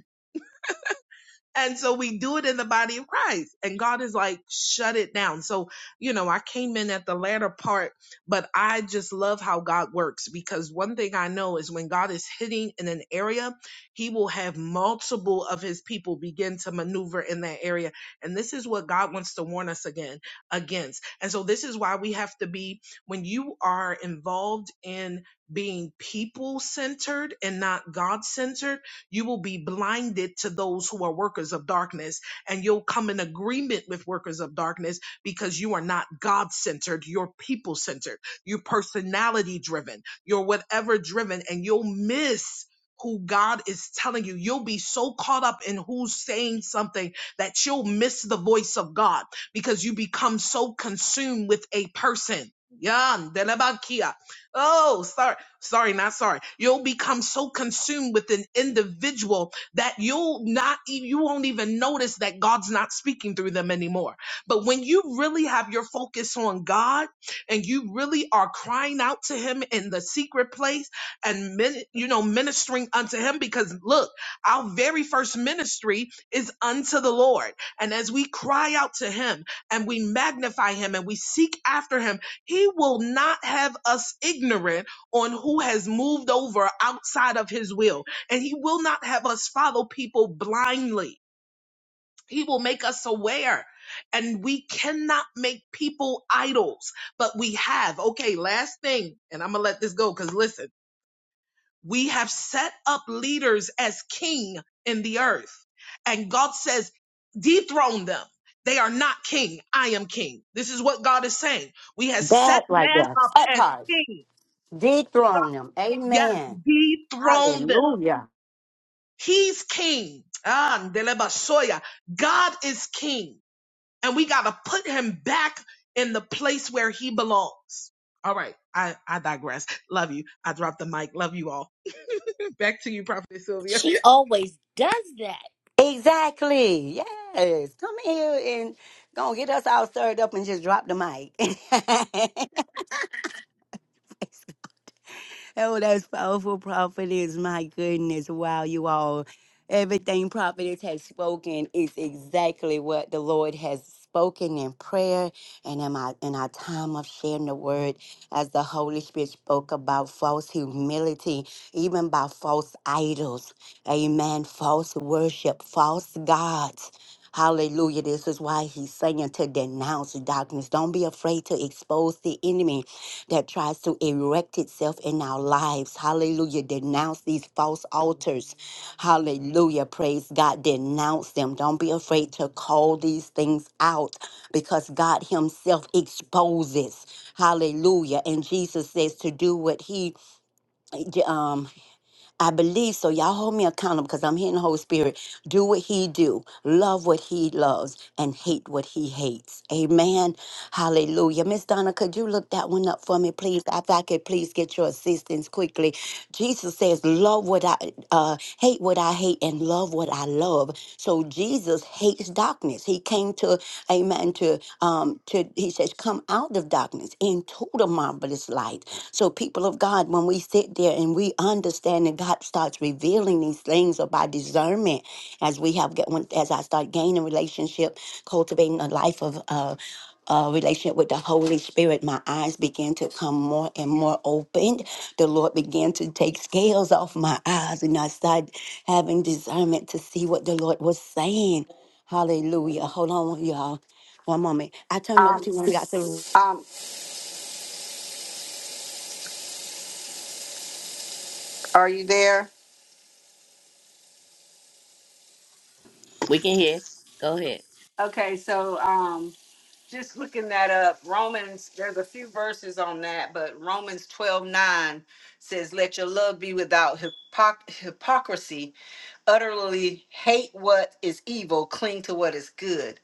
[SPEAKER 5] And so we do it in the body of Christ. And God is like, shut it down. So, you know, I came in at the latter part, but I just love how God works because one thing I know is when God is hitting in an area, he will have multiple of his people begin to maneuver in that area. And this is what God wants to warn us again against. And so this is why we have to be when you are involved in being people centered and not God centered you will be blinded to those who are workers of darkness, and you'll come in agreement with workers of darkness because you are not God centered, you're people centered, you're personality driven, you're whatever driven, and you'll miss. Who God is telling you, you'll be so caught up in who's saying something that you'll miss the voice of God because you become so consumed with a person. Yeah, delabakia. Oh, sorry sorry, not sorry. You'll become so consumed with an individual that you'll not, e- you won't even notice that God's not speaking through them anymore. But when you really have your focus on God and you really are crying out to Him in the secret place and, min, you know, ministering unto Him, because look, our very first ministry is unto the Lord. And as we cry out to Him and we magnify Him and we seek after Him, He will not have us ignorant on who has moved over outside of his will. And he will not have us follow people blindly. He will make us aware. And we cannot make people idols, but we have. Okay, last thing, and I'm going to let this go because listen, we have set up leaders as king in the earth. And God says, dethrone them. They are not king. I am king. This is what God is saying. We have set
[SPEAKER 2] That like
[SPEAKER 5] man
[SPEAKER 2] that.
[SPEAKER 5] up
[SPEAKER 2] That
[SPEAKER 5] as
[SPEAKER 2] part.
[SPEAKER 5] king.
[SPEAKER 2] Dethrone them.
[SPEAKER 5] Yes,
[SPEAKER 2] Amen.
[SPEAKER 5] dethrone them
[SPEAKER 2] Hallelujah.
[SPEAKER 5] He's king. Ah, Ndelebasoya. God is king. And we got to put him back in the place where he belongs. All right. I, I digress. Love you. I dropped the mic. Love you all. Back to you, Prophet Sylvia.
[SPEAKER 3] She always does that.
[SPEAKER 2] Exactly. Yes. Come here and gonna get us all stirred up and just drop the mic. Oh, that's powerful, prophetess. My goodness. Wow, you all. Everything prophetess has spoken is exactly what the Lord has spoken in prayer and in, my, in our time of sharing the word as the Holy Spirit spoke about false humility, even by false idols. Amen. False worship, false gods. Hallelujah. This is why he's saying to denounce darkness. Don't be afraid to expose the enemy that tries to erect itself in our lives. Hallelujah. Denounce these false altars. Hallelujah. Praise God. Denounce them. Don't be afraid to call these things out because God Himself exposes. Hallelujah. And Jesus says to do what He um, I believe so. Y'all hold me accountable because I'm hearing the Holy Spirit. Do what he do. Love what he loves and hate what he hates. Amen. Hallelujah. Miss Donna, could you look that one up for me, please? If I could please get your assistance quickly. Jesus says, love what I uh, hate hate what I hate and love what I love. So Jesus hates darkness. He came to, amen, to, um, to, he says, come out of darkness into the marvelous light. So people of God, when we sit there and we understand that God starts revealing these things about discernment, as we have, get- when- as I start gaining relationship, cultivating a life of, uh, uh, relationship with the Holy Spirit, my eyes began to come more and more opened. The Lord began to take scales off my eyes, and I started having discernment to see what the Lord was saying. Hallelujah. Hold on, y'all. One moment. I turn it over to
[SPEAKER 4] Um,
[SPEAKER 2] you. when we got to
[SPEAKER 4] um, are you there?
[SPEAKER 3] We can hear. Go ahead.
[SPEAKER 4] Okay, so um, just looking that up, Romans, there's a few verses on that, but Romans 12 9 says, Let your love be without hypoc- hypocrisy, utterly hate what is evil, cling to what is good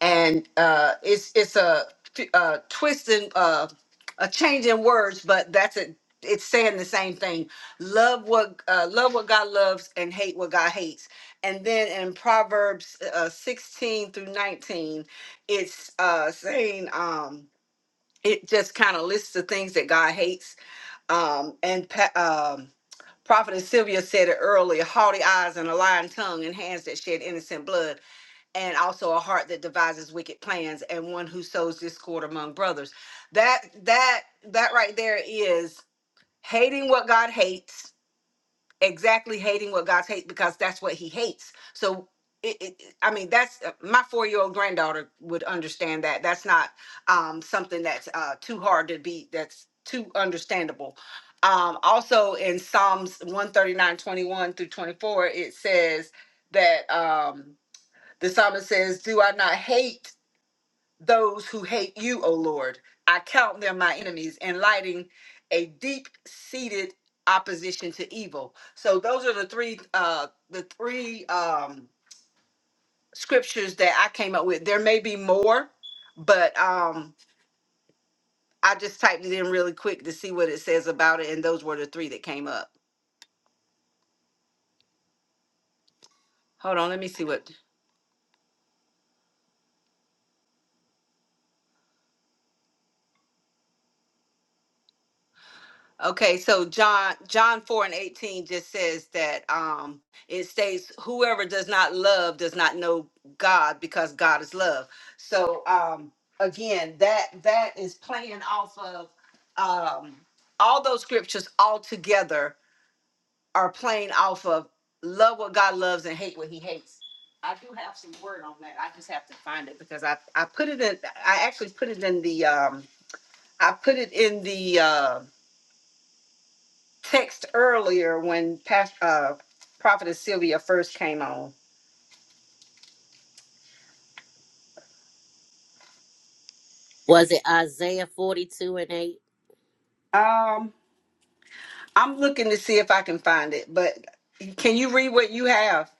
[SPEAKER 4] and uh, it's it's a, a twist in uh, a change in words, but that's it. It's saying the same thing. Love what uh, love what God loves and hate what God hates. And then in Proverbs uh, uh, sixteen through nineteen, it's uh, saying um, it just kind of lists the things that God hates. Um, and pa- um, Prophet Sylvia said it earlier: haughty eyes and a lying tongue and hands that shed innocent blood and also a heart that devises wicked plans and one who sows discord among brothers that that that right there is hating what god hates exactly hating what god hates because that's what he hates so it, it, it- i mean that's uh, my four-year-old granddaughter would understand that that's not um, something that's uh, too hard to be that's too understandable um, also in psalms one thirty-nine twenty-one through 24 it says that um, the psalmist says, Do I not hate those who hate you, O Lord? I count them my enemies, enlighting a deep seated opposition to evil. So those are the three uh the three um scriptures that I came up with. There may be more, but um I just typed it in really quick to see what it says about it, and those were the three that came up. Hold on, let me see what Okay, so John John 4 and 18 just says that um it states whoever does not love does not know God because God is love. So um again that that is playing off of um all those scriptures all together are playing off of love what God loves and hate what he hates. I do have some word on that. I just have to find it because I I put it in I actually put it in the um I put it in the uh text earlier when Pastor uh prophetess sylvia first came on
[SPEAKER 3] Was it Isaiah 42 and 8?
[SPEAKER 4] um i'm looking to see if i can find it but can you read what you have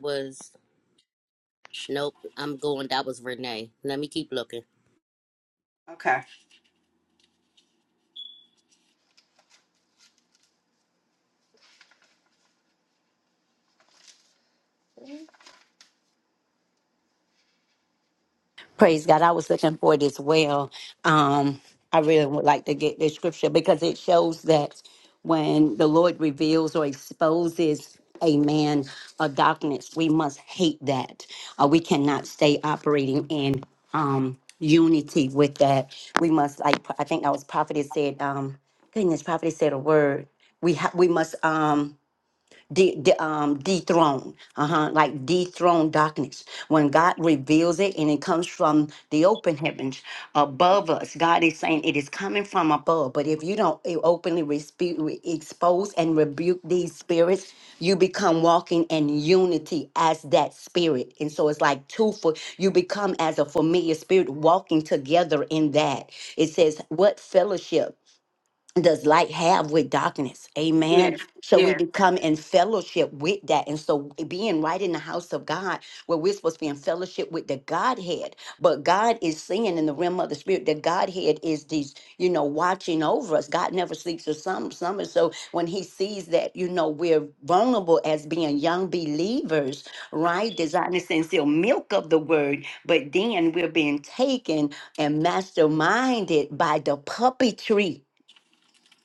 [SPEAKER 3] Was nope, I'm going. That was Renee. Let me keep looking.
[SPEAKER 4] okay
[SPEAKER 2] Praise God. I was looking for it as well. Um, I really would like to get this scripture because it shows that when the Lord reveals or exposes a man of darkness, we must hate that. Uh, we cannot stay operating in um, unity with that. We must, like, I think that was prophetess said, um, goodness, prophetess said a word. We, ha- we must. Um, de- de- um, dethrone, uh-huh, like dethrone darkness. When God reveals it and it comes from the open heavens above us, God is saying it is coming from above. But if you don't eh, openly respe- re- expose and rebuke these spirits, you become walking in unity as that spirit. And so it's like two for you become as a familiar spirit walking together in that. It says, What fellowship? does light have with darkness? Amen.
[SPEAKER 4] yeah
[SPEAKER 2] So we
[SPEAKER 4] yeah
[SPEAKER 2] become in fellowship with that. And so being right in the house of God, where we're supposed to be in fellowship with the Godhead, but God is seeing in the realm of the spirit, the Godhead is these, you know, watching over us. God never sleeps or some summer. So when he sees that, you know, we're vulnerable as being young believers, right? Desiring the sincere milk of the word, but then we're being taken and masterminded by the puppetry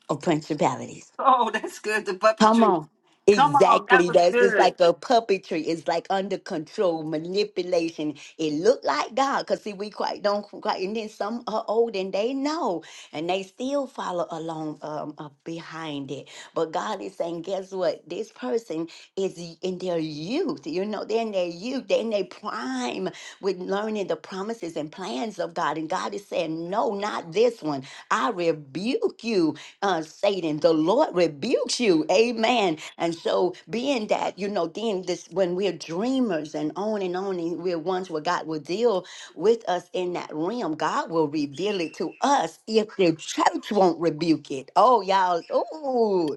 [SPEAKER 2] of principalities.
[SPEAKER 4] oh that's good the
[SPEAKER 2] Come
[SPEAKER 4] puppetry
[SPEAKER 2] on.
[SPEAKER 4] come on that
[SPEAKER 2] Exactly.
[SPEAKER 4] was
[SPEAKER 2] That's just
[SPEAKER 4] good
[SPEAKER 2] like a puppetry. It's like under control, manipulation. It looked like God, because see, we quite don't quite, and then some are old and they know, and they still follow along um, uh, behind it. But God is saying, guess what? This person is y- in their youth. You know, they're in their youth, they're in their prime with learning the promises and plans of God. And God is saying, no, not this one. I rebuke you uh, Satan, the Lord rebukes you. Amen. And so, being that, you know, then this, when we're dreamers and on and on, and we're ones where God will deal with us in that realm, God will reveal it to us if the church won't rebuke it. Oh, y'all. Ooh.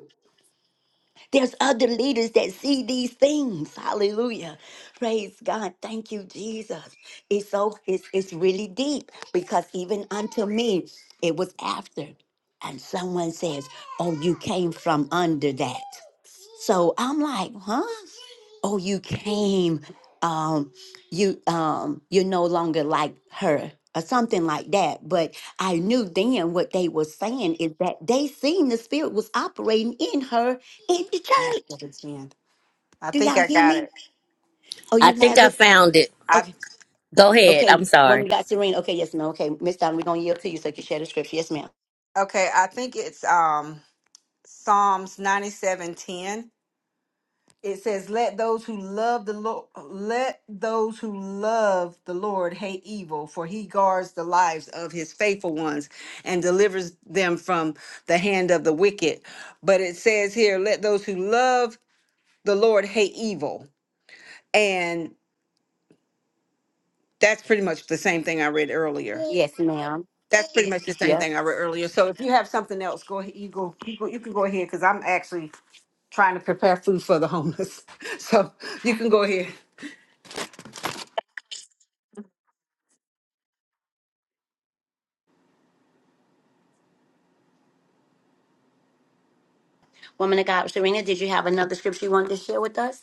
[SPEAKER 2] There's other leaders that see these things. Hallelujah. Praise God. Thank you, Jesus. It's so it's it's really deep because even unto me, it was after. And someone says, Oh, you came from under that. So I'm like, huh? Oh, you came. Um, you um, you're no longer like her or something like that. But I knew then what they were saying is that they seen the spirit was operating in her in the church.
[SPEAKER 4] i must go to 10 i
[SPEAKER 2] Do
[SPEAKER 4] think
[SPEAKER 2] y'all
[SPEAKER 4] i
[SPEAKER 2] hear
[SPEAKER 4] got
[SPEAKER 2] me?
[SPEAKER 4] it
[SPEAKER 2] Oh, you
[SPEAKER 3] I think
[SPEAKER 2] have
[SPEAKER 3] I
[SPEAKER 2] it?
[SPEAKER 3] found it.
[SPEAKER 4] i
[SPEAKER 2] Okay.
[SPEAKER 3] Go ahead.
[SPEAKER 2] Okay.
[SPEAKER 3] I'm
[SPEAKER 2] Woman
[SPEAKER 3] sorry.
[SPEAKER 2] got Serena. Okay, yes, ma'am. Okay, Miss Donna, we're gonna yield to you so you can share the scripture. Yes, ma'am.
[SPEAKER 4] okay i think it's um psalms ninety-seven ten. it says let those who love the lord let those who love the lord hate evil for he guards the lives of his faithful ones and delivers them from the hand of the wicked but it says here let those who love the lord hate evil and that's pretty much the same thing i read earlier
[SPEAKER 2] Yes, ma'am.
[SPEAKER 4] that's pretty much the same
[SPEAKER 2] Yep.
[SPEAKER 4] thing i read earlier so if you have something else go ahead you go you, go, you can go ahead because i'm actually trying to prepare food for the homeless so you can go ahead
[SPEAKER 2] Woman of God, Serena, did you have another scripture you wanted to share with us?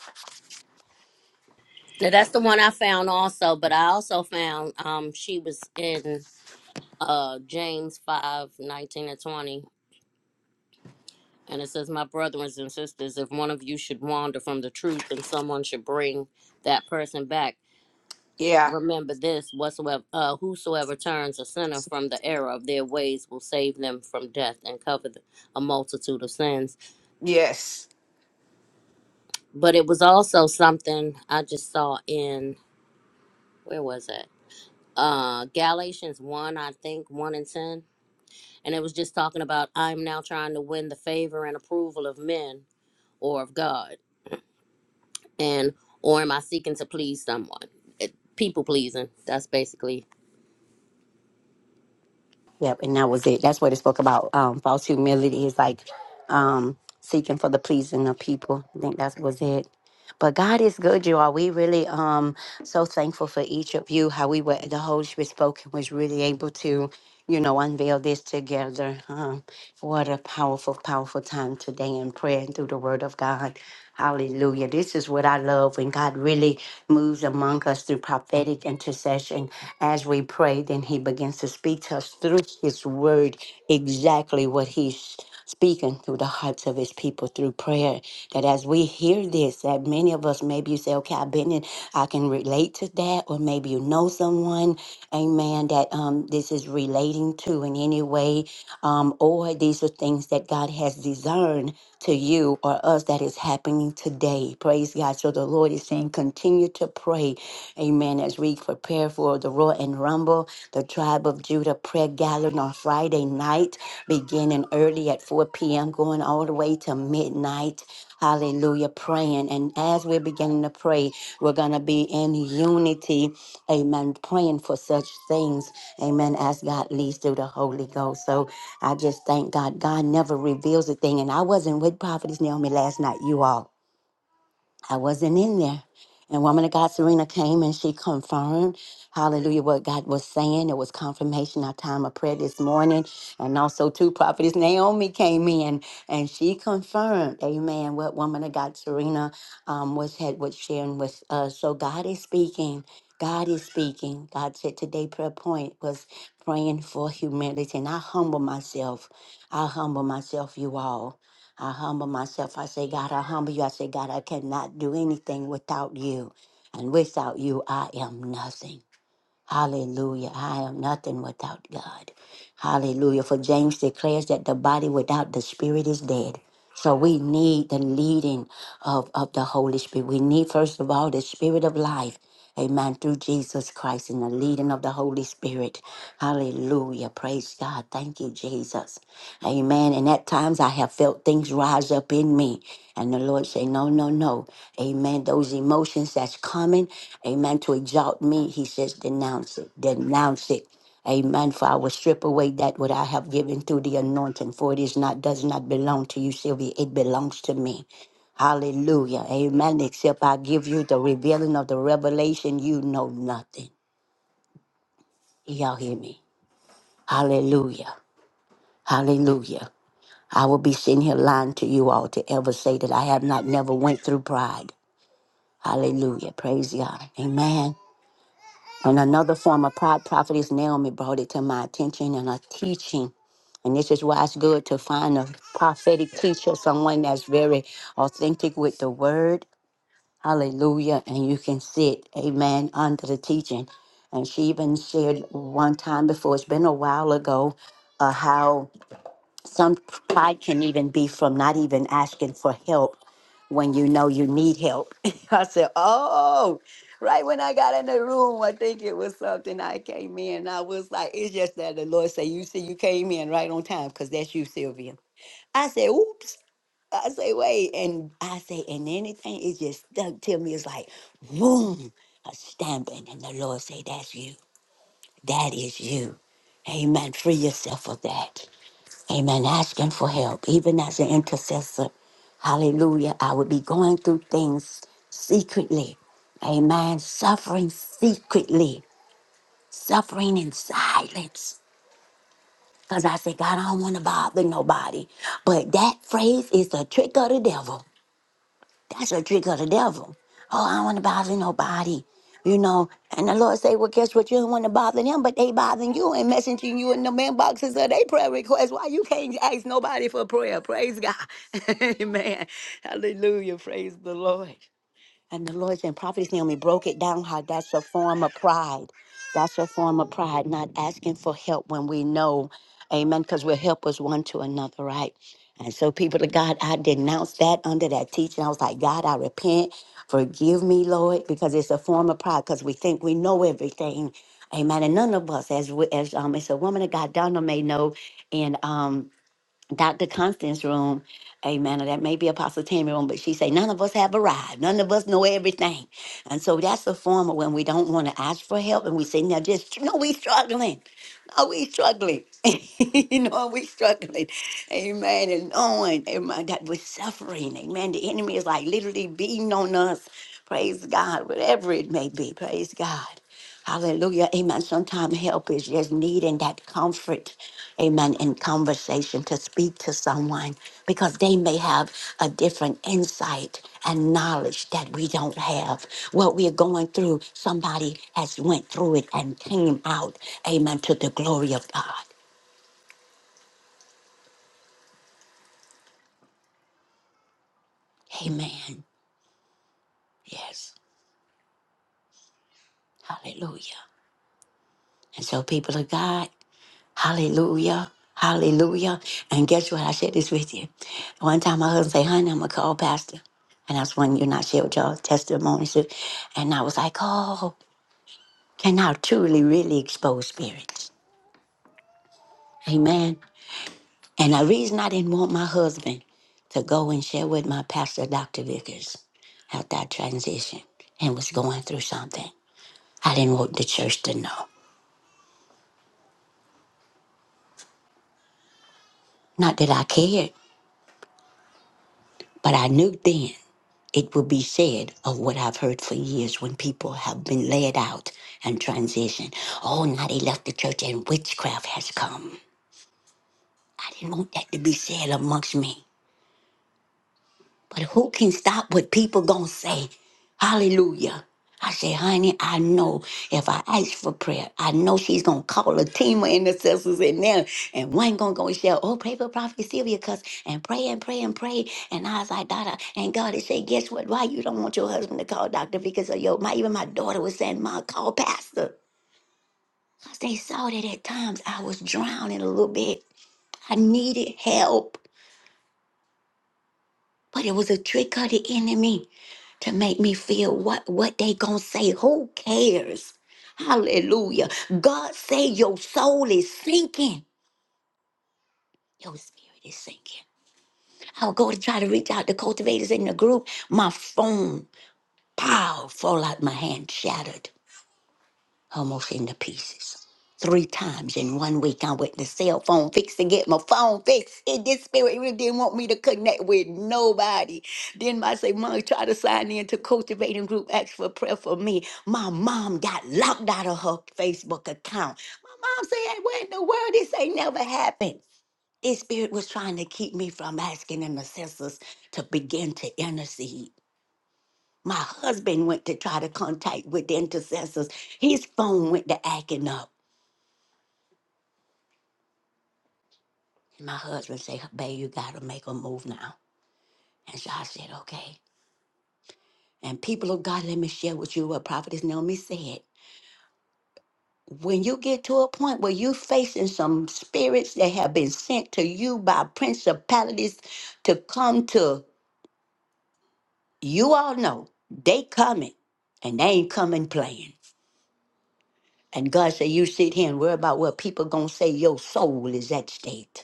[SPEAKER 3] Now that's the one I found also, but I also found um she was in uh James 5 19 and 20. And it says, My brothers and sisters, if one of you should wander from the truth and someone should bring that person back,
[SPEAKER 4] yeah
[SPEAKER 3] Remember this whatsoever uh, whosoever turns a sinner from the error of their ways will save them from death and cover the, a multitude of sins.
[SPEAKER 4] yes
[SPEAKER 3] But it was also something I just saw in where was it? Uh Galatians 1, I think, 1 and 10. And it was just talking about I'm now trying to win the favor and approval of men or of God. And or am I seeking to please someone? It, people pleasing. That's basically.
[SPEAKER 2] Yep, and that was it. That's what it spoke about. Um, false humility is like um, seeking for the pleasing of people. I think that was it. But God is good, you all. We really um so thankful for each of you. How we were the Holy Spirit spoken was really able to, you know, unveil this together. Um, what a powerful, powerful time today in prayer and through the Word of God. Hallelujah. This is what I love when God really moves among us through prophetic intercession. As we pray, then He begins to speak to us through His word exactly what He's speaking through the hearts of His people through prayer. That as we hear this, that many of us, maybe you say, okay, I've been in, I can relate to that, or maybe you know someone, amen, that um, this is relating to in any way, um, or these are things that God has discerned to you or us that is happening today. Praise God. So the Lord is saying, continue to pray Amen. As we prepare for the roar and Rumble, the Tribe of Judah prayer gathering on Friday night, beginning early at 4 p.m., going all the way to midnight. Hallelujah, praying. And as we're beginning to pray, we're going to be in unity. Amen. Praying for such things. Amen. As God leads through the Holy Ghost. So I just thank God. God never reveals a thing. And I wasn't with Prophetess Naomi last night, you all. I wasn't in there. And woman of God, Serena came and she confirmed, hallelujah, what God was saying. It was confirmation our time of prayer this morning. And also, two prophetess Naomi came in and she confirmed, amen, what woman of God, Serena, um, was, had, was sharing with us. So God is speaking. God is speaking. God said today prayer point was praying for humility. And I humble myself. I humble myself, you all. I humble myself. I say, God, I humble you. I say, God, I cannot do anything without you. And without you, I am nothing. Hallelujah. I am nothing without God. Hallelujah. For James declares that the body without the spirit is dead. So we need the leading of, of the Holy Spirit. We need, first of all, the spirit of life. Amen. Through Jesus Christ and the leading of the Holy Spirit. Hallelujah. Praise God. Thank you, Jesus. Amen. And at times I have felt things rise up in me. And the Lord say, no, no, no. Amen. Those emotions that's coming, amen, to exalt me, he says, denounce it, denounce it. Amen. For I will strip away that what I have given through the anointing, for it is not, does not belong to you, Sylvia. It belongs to me. Hallelujah. Amen. Except I give you the revealing of the revelation, you know nothing. Y'all hear me? Hallelujah. Hallelujah. I will be sitting here lying to you all to ever say that I have not never went through pride. Hallelujah. Praise God. Amen. And another form of pride, prophetess Naomi brought it to my attention in a teaching. And this is why it's good to find a prophetic teacher, someone that's very authentic with the word. Hallelujah. And you can sit, amen, under the teaching. And she even shared one time before, it's been a while ago, uh, how some pride can even be from not even asking for help when you know you need help. I said, Oh, right when I got in the room, I think it was something I came in. I was like, It's just that the Lord said, You see, you came in right on time because that's you, Sylvia. I said, Oops. I say, Wait. And I say, And anything, it just stuck to me. It's like, boom, a stamping. And the Lord say, That's you. That is you. Amen. Free yourself of that. Amen. Asking for help, even as an intercessor. Hallelujah. I would be going through things secretly. Amen. Suffering secretly, suffering in silence. Because I said, God, I don't want to bother nobody. But that phrase is a trick of the devil. That's a trick of the devil. Oh, I don't want to bother nobody. You know, and the Lord say, Well, guess what? You don't want to bother them, but they bothering you and messaging you in the mailboxes of their prayer requests. Why you can't ask nobody for prayer? Praise God. Amen. Hallelujah. Praise the Lord. And the Lord and Prophetess Naomi broke it down how that's a form of pride. That's a form of pride, not asking for help when we know, amen, because we're helpers one to another, right? And so, people of God, I denounced that under that teaching. I was like, God, I repent. Forgive me, Lord, because it's a form of pride, because we think we know everything. Amen. And none of us, as we, as um, it's a woman of God, Donna may know, and um, Dr. Constance room, amen, or that may be Apostle Tammy room, but she say, none of us have arrived. None of us know everything. And so that's a form of when we don't want to ask for help and we say, now just, no, we struggling. No, we struggling. you know, we struggling. Amen. And knowing, amen, that we're suffering. Amen. The enemy is like literally beating on us. Praise God, whatever it may be. Praise God. Hallelujah. Amen. Sometimes help is just needing that comfort amen, in conversation to speak to someone because they may have a different insight and knowledge that we don't have. What we are going through, somebody has went through it and came out, amen, to the glory of God. Amen. Yes. Hallelujah. And so, people of God, hallelujah. Hallelujah. And guess what? I shared this with you. One time my husband said, honey, I'm going to call pastor. And that's when you and I shared your testimonies. And I was like, oh. can now truly, really expose spirits. Amen. And the reason I didn't want my husband to go and share with my pastor, Dr. Vickers, after I transitioned and was going through something, I didn't want the church to know. Not that I cared, but I knew then it would be said of what I've heard for years when people have been led out and transitioned. Oh, now they left the church and witchcraft has come. I didn't want that to be said amongst me. But who can stop what people gonna say? Hallelujah. I say, honey, I know if I ask for prayer, I know she's gonna call a team of intercessors in there, and one gonna go and shout, "Oh, pray for Prophet Sylvia, cuz," and pray and pray and pray. And I was like, "Dada," and God is saying, "Guess what? Why you don't want your husband to call doctor because of your my even my daughter was saying, "Mom, call pastor." I say, saw that at times I was drowning a little bit. I needed help, but it was a trick of the enemy. to make me feel what what they gonna say who cares hallelujah god say your soul is sinking your spirit is sinking i would go to try to reach out to cultivators in the group my phone powerful like my hand shattered almost into pieces. Three times in one week, I went to cell phone fix to get my phone fixed. And this spirit really didn't want me to connect with nobody. Then I say, Mom, try to sign in to Cultivating Group, ask for prayer for me. My mom got locked out of her Facebook account. My mom said, "Hey, What in the world? This ain't never happened. This spirit was trying to keep me from asking intercessors to begin to intercede. My husband went to try to contact with the intercessors. His phone went to acting up. And my husband said, Babe, you got to make a move now. And so I said, Okay. And people of God, let me share with you what Prophetess Naomi said. When you get to a point where you're facing some spirits that have been sent to you by principalities to come to, you all know they coming and they ain't coming playing. And God said, You sit here and worry about what people gonna say your soul is at stake.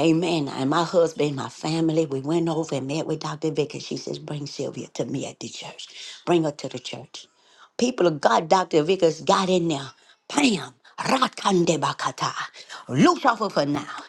[SPEAKER 2] Amen. And my husband, my family, we went over and met with Dr. Vickers. She says, Bring Sylvia to me at the church. Bring her to the church. People of God, Dr. Vickers got in there. Bam! Rakande bakata. Loose off of her now.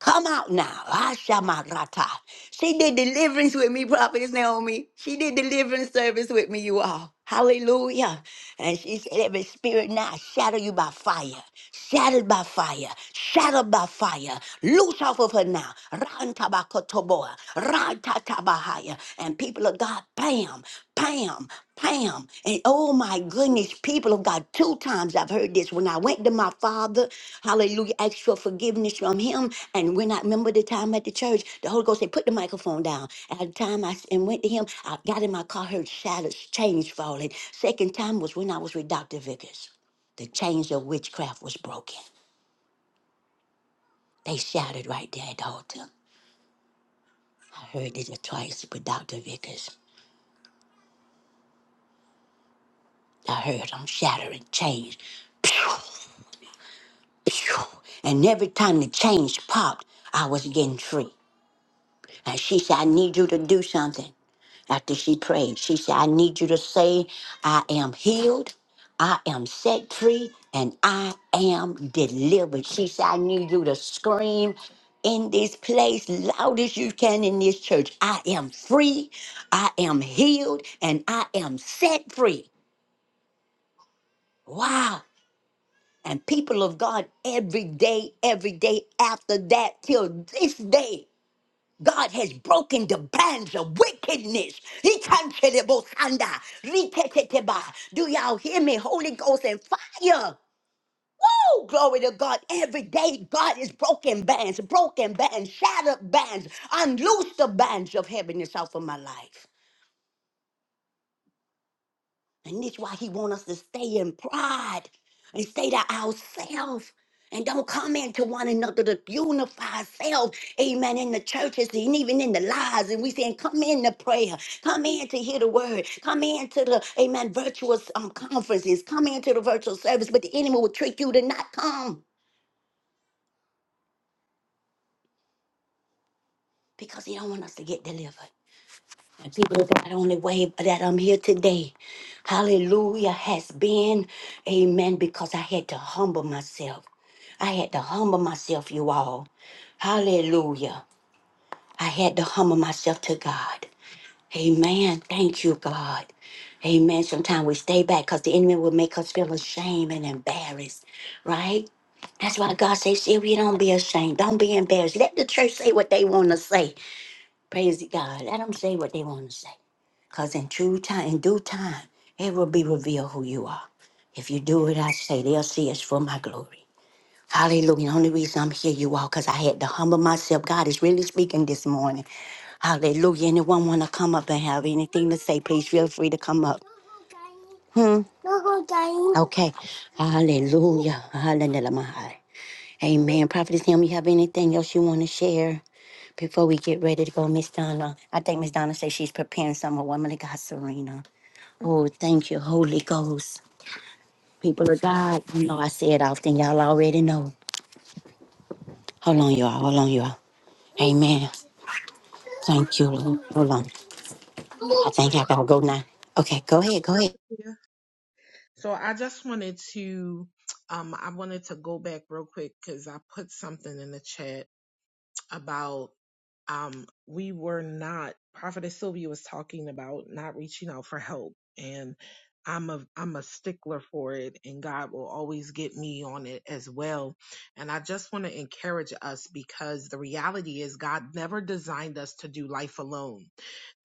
[SPEAKER 2] Come out now. Ashamarata. She did deliverance with me, Prophetess Naomi. She did deliverance service with me, you all. Hallelujah. And she said, every spirit now shatter you by fire. Shattered by fire. Shattered by fire. Loose off of her now. Rantabakotoboa. Rantatabahaya. And people of God. God, bam, bam, bam. And oh my goodness, people of God, two times I've heard this. When I went to my father, hallelujah, asked for forgiveness from him. And when I remember the time at the church, the Holy Ghost said, put the microphone down. And At the time I s- and went to him, I got in my car, heard shatters, chains falling. Second time was when I was with Dr. Vickers. The chains of witchcraft was broken. They shouted right there at the altar. I heard it twice with Dr. Vickers. I heard them shattering chains. Phew. And every time the change popped, I was getting free. And she said, I need you to do something. After she prayed, she said, I need you to say, I am healed, I am set free, and I am delivered. She said, I need you to scream in this place loud as you can in this church. I am free, I am healed, and I am set free. Wow. And people of God, every day, every day after that, till this day, God has broken the bands of wickedness. He canceled Do y'all hear me? Holy Ghost and fire. Oh, glory to God. Every day, God is broken bands, broken bands, shattered bands, unloose the bands of heaviness off of my life. And this why he want us to stay in pride and stay to ourselves and don't come into one another to unify ourselves. Amen. In the churches and even in the lives. And we saying, come in to prayer. Come in to hear the word. Come in to the, amen, virtual um, conferences. Come into the virtual service. But the enemy will trick you to not come because he don't want us to get delivered. And people of God, only way that I'm here today, hallelujah, has been, amen, because I had to humble myself. I had to humble myself, you all. Hallelujah. I had to humble myself to God. Amen. Thank you, God. Amen. Sometimes we stay back because the enemy will make us feel ashamed and embarrassed, right? That's why God says, Sylvia, don't be ashamed. Don't be embarrassed. Let the church say what they want to say. Praise God. Let them say what they want to say. Because in true time, in due time, it will be revealed who you are. If you do what I say, they'll see it's for my glory. Hallelujah. The only reason I'm here, you all, because I had to humble myself. God is really speaking this morning. Hallelujah. Anyone want to come up and have anything to say, please feel free to come up. Hmm? Okay. Hallelujah. Hallelujah. Amen. Prophetess Him, you have anything else you want to share? Before we get ready to go, Miss Donna, I think Miss Donna says she's preparing some of Woman of God, Serena. Oh, thank you, Holy Ghost. People of God, you know I say it often. Y'all already know. Hold on, y'all. Hold on, y'all. Amen. Thank you, Lord. Hold on. I think I
[SPEAKER 5] Quick.
[SPEAKER 2] gotta go now. Okay, go ahead. Go ahead.
[SPEAKER 5] Sylvia. So I just wanted to, um, I wanted to go back real quick because I put something in the chat about um, we were not prophetess sylvia was talking about not reaching out for help and i'm a i'm a stickler for it and god will always get me on it as well and i just want to encourage us because the reality is god never designed us to do life alone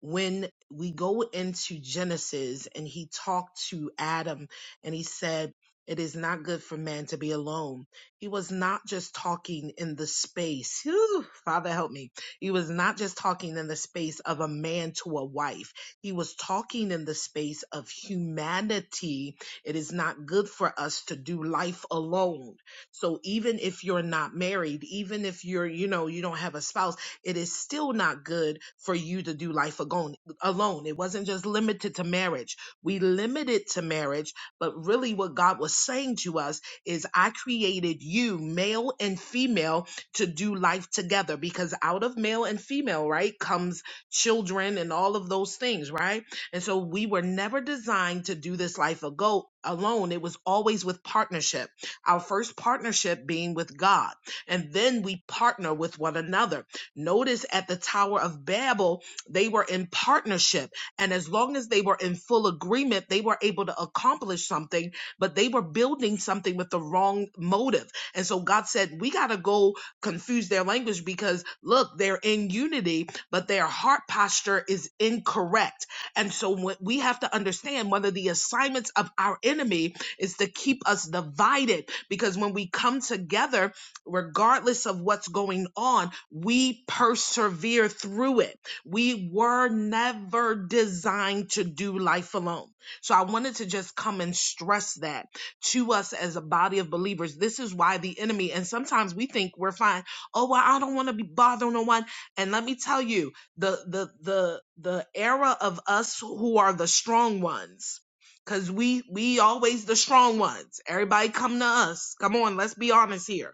[SPEAKER 5] when we go into Genesis and he talked to Adam and he said, it is not good for man to be alone. He was not just talking in the space. Whew, Father help me. He was not just talking in the space of a man to a wife. He was talking in the space of humanity. It is not good for us to do life alone. So even if you're not married, even if you're, you know, you don't have a spouse, it is still not good for you to do life agon- alone. It wasn't just limited to marriage. We limited to marriage, but really what God was saying to us is, I created you, male and female, to do life together because out of male and female, right, comes children and all of those things, right? And so we were never designed to do this life ago alone. It was always with partnership. Our first partnership being with God. And then we partner with one another Notice at the Tower of Babel, they were in partnership. And as long as they were in full agreement, they were able to accomplish something, but they were building something with the wrong motive. And so God said, We got to go confuse their language because look, they're in unity, but their heart posture is incorrect. And so what we have to understand one of the assignments of our enemy is to keep us divided because when we come together, regardless of what's going on, we persevere through it. We were never designed to do life alone. So I wanted to just come and stress that to us as a body of believers. This is why the enemy, and sometimes we think we're fine. Oh, well, I don't want to be bothering no one. And let me tell you, the the the the era of us who are the strong ones. Cause we we always the strong ones. Everybody come to us. Come on, let's be honest here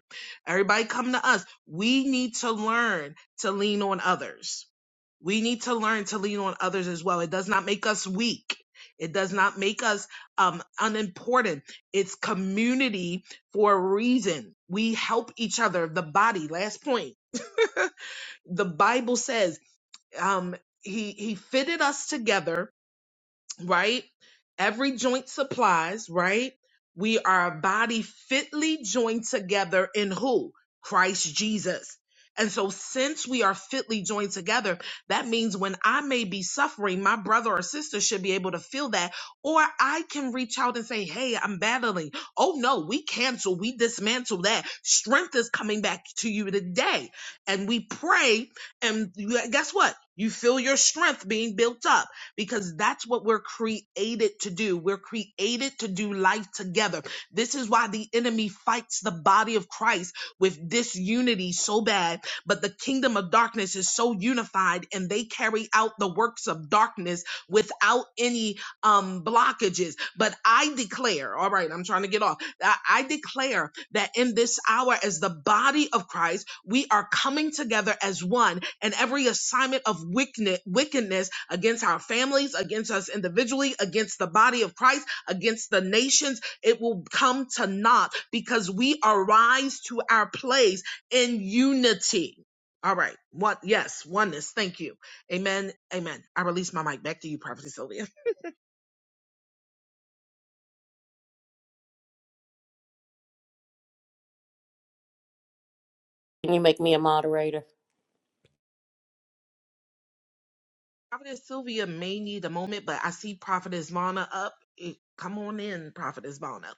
[SPEAKER 5] Everybody come to us. We need to learn to lean on others. We need to learn to lean on others as well. It does not make us weak. It does not make us um, unimportant. It's community for a reason. We help each other. The body, last point. The Bible says um, he, he fitted us together right? Every joint supplies, right? We are a body fitly joined together in who? Christ Jesus. And so, since we are fitly joined together, that means when I may be suffering, my brother or sister should be able to feel that. Or I can reach out and say, Hey, I'm battling. Oh no, we cancel, we dismantle that. Strength is coming back to you today. And we pray, and you- guess what? You feel your strength being built up because that's what we're created to do. We're created to do life together. This is why the enemy fights the body of Christ with disunity so bad, but the kingdom of darkness is so unified and they carry out the works of darkness without any um blockages. But I declare, all right, I'm trying to get off. I I declare that in this hour, as the body of Christ, we are coming together as one, and every assignment of wickedne- wickedness against our families, against us individually, against the body of Christ, against the nations, it will come to naught because we arise to our place in unity. All right. What? Yes. Oneness. Thank you. Amen. Amen. I release my mic back to you, Prophet Sylvia.
[SPEAKER 3] Can you make me a moderator?
[SPEAKER 5] Prophetess Sylvia may need a moment, but I see Prophetess Vonna up. Eh, Come on in, Prophetess Vonna.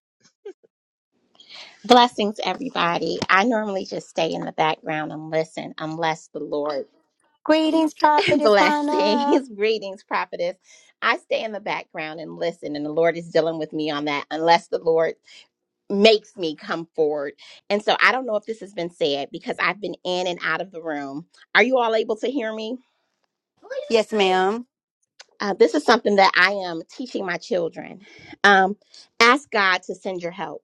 [SPEAKER 6] Blessings, everybody. I normally just stay in the background and listen unless the Lord
[SPEAKER 2] Greetings, Prophet Ivana.
[SPEAKER 6] blessings, greetings, prophetess. I stay in the background and listen, and the Lord is dealing with me on that unless the Lord makes me come forward. And so I don't know if this has been said because I've been in and out of the room. Are you all able to hear me?
[SPEAKER 2] Yes, ma'am.
[SPEAKER 6] Uh, this is something that I am teaching my children. Um, ask God to send your help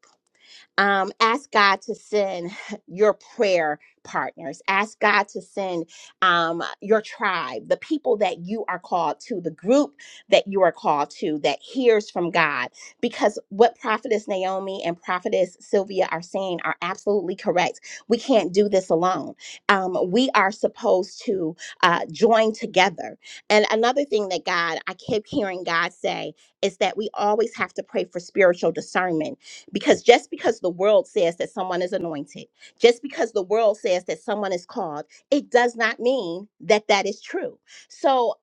[SPEAKER 6] um, ask God to send your prayer partners. Ask God to send um, your tribe, the people that you are called to, the group that you are called to that hears from God. Because what Prophetess Naomi and Prophetess Sylvia are saying are absolutely correct. We can't do this alone. Um, we are supposed to uh, join together. And another thing that God, I kept hearing God say, is that we always have to pray for spiritual discernment because just because the world says that someone is anointed, just because the world says that someone is called, it does not mean that that is true. So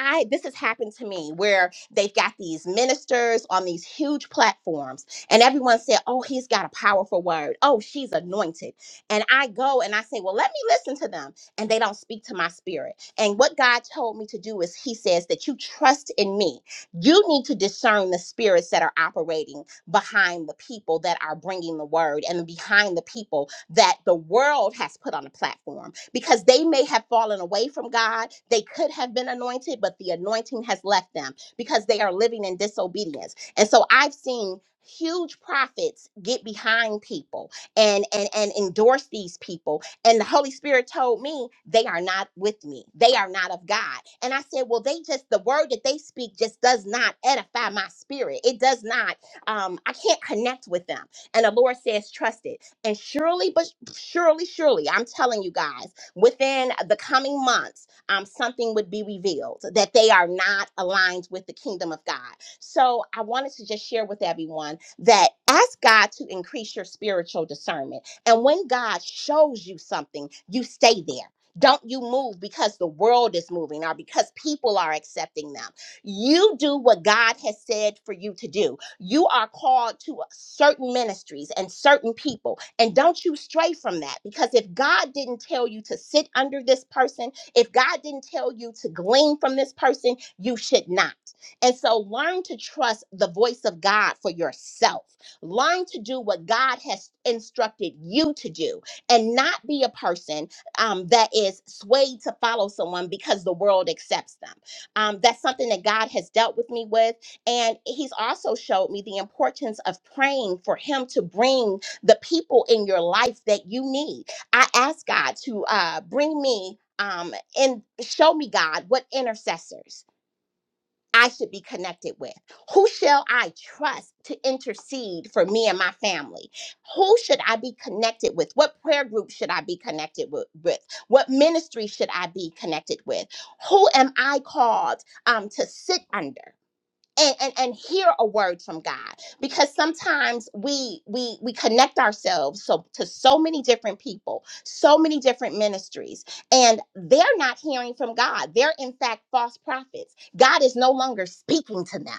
[SPEAKER 6] I this has happened to me where they've got these ministers on these huge platforms and everyone said, "Oh, he's got a powerful word. Oh, she's anointed." And I go and I say, "Well, let me listen to them." And they don't speak to my spirit. And what God told me to do is he says that you trust in me. You need to discern the spirits that are operating behind the people that are bringing the word and behind the people that the world has put on a platform because they may have fallen away from God. They could have been anointed, but the anointing has left them because they are living in disobedience. And so I've seen huge prophets get behind people and and and endorse these people and the holy spirit told me they are not with me they are not of god and i said well they just the word that they speak just does not edify my spirit it does not um, I can't connect with them. And the Lord says, trust it. And surely, but surely, surely, I'm telling you guys, within the coming months, um, something would be revealed that they are not aligned with the kingdom of God. So I wanted to just share with everyone that ask God to increase your spiritual discernment. And when God shows you something, you stay there. Don't you move because the world is moving or because people are accepting them. You do what God has said for you to do you are called to certain ministries and certain people. And don't you stray from that because if God didn't tell you to sit under this person, if God didn't tell you to glean from this person, you should not. And so learn to trust the voice of God for yourself. Learn to do what God has instructed you to do and not be a person um, that is swayed to follow someone because the world accepts them. Um, that's something that God has dealt with me with and he's also showed me the importance of praying for him to bring the people in your life that you need. I asked God to uh, bring me um, and show me, God, what intercessors I should be connected with. Who shall I trust to intercede for me and my family? Who should I be connected with? What prayer group should I be connected wi- with? What ministry should I be connected with? Who am I called um, to sit under? and, and and hear a word from God because sometimes we we we connect ourselves so to so many different people, so many different ministries, and they're not hearing from God. They're in fact false prophets. God is no longer speaking to them.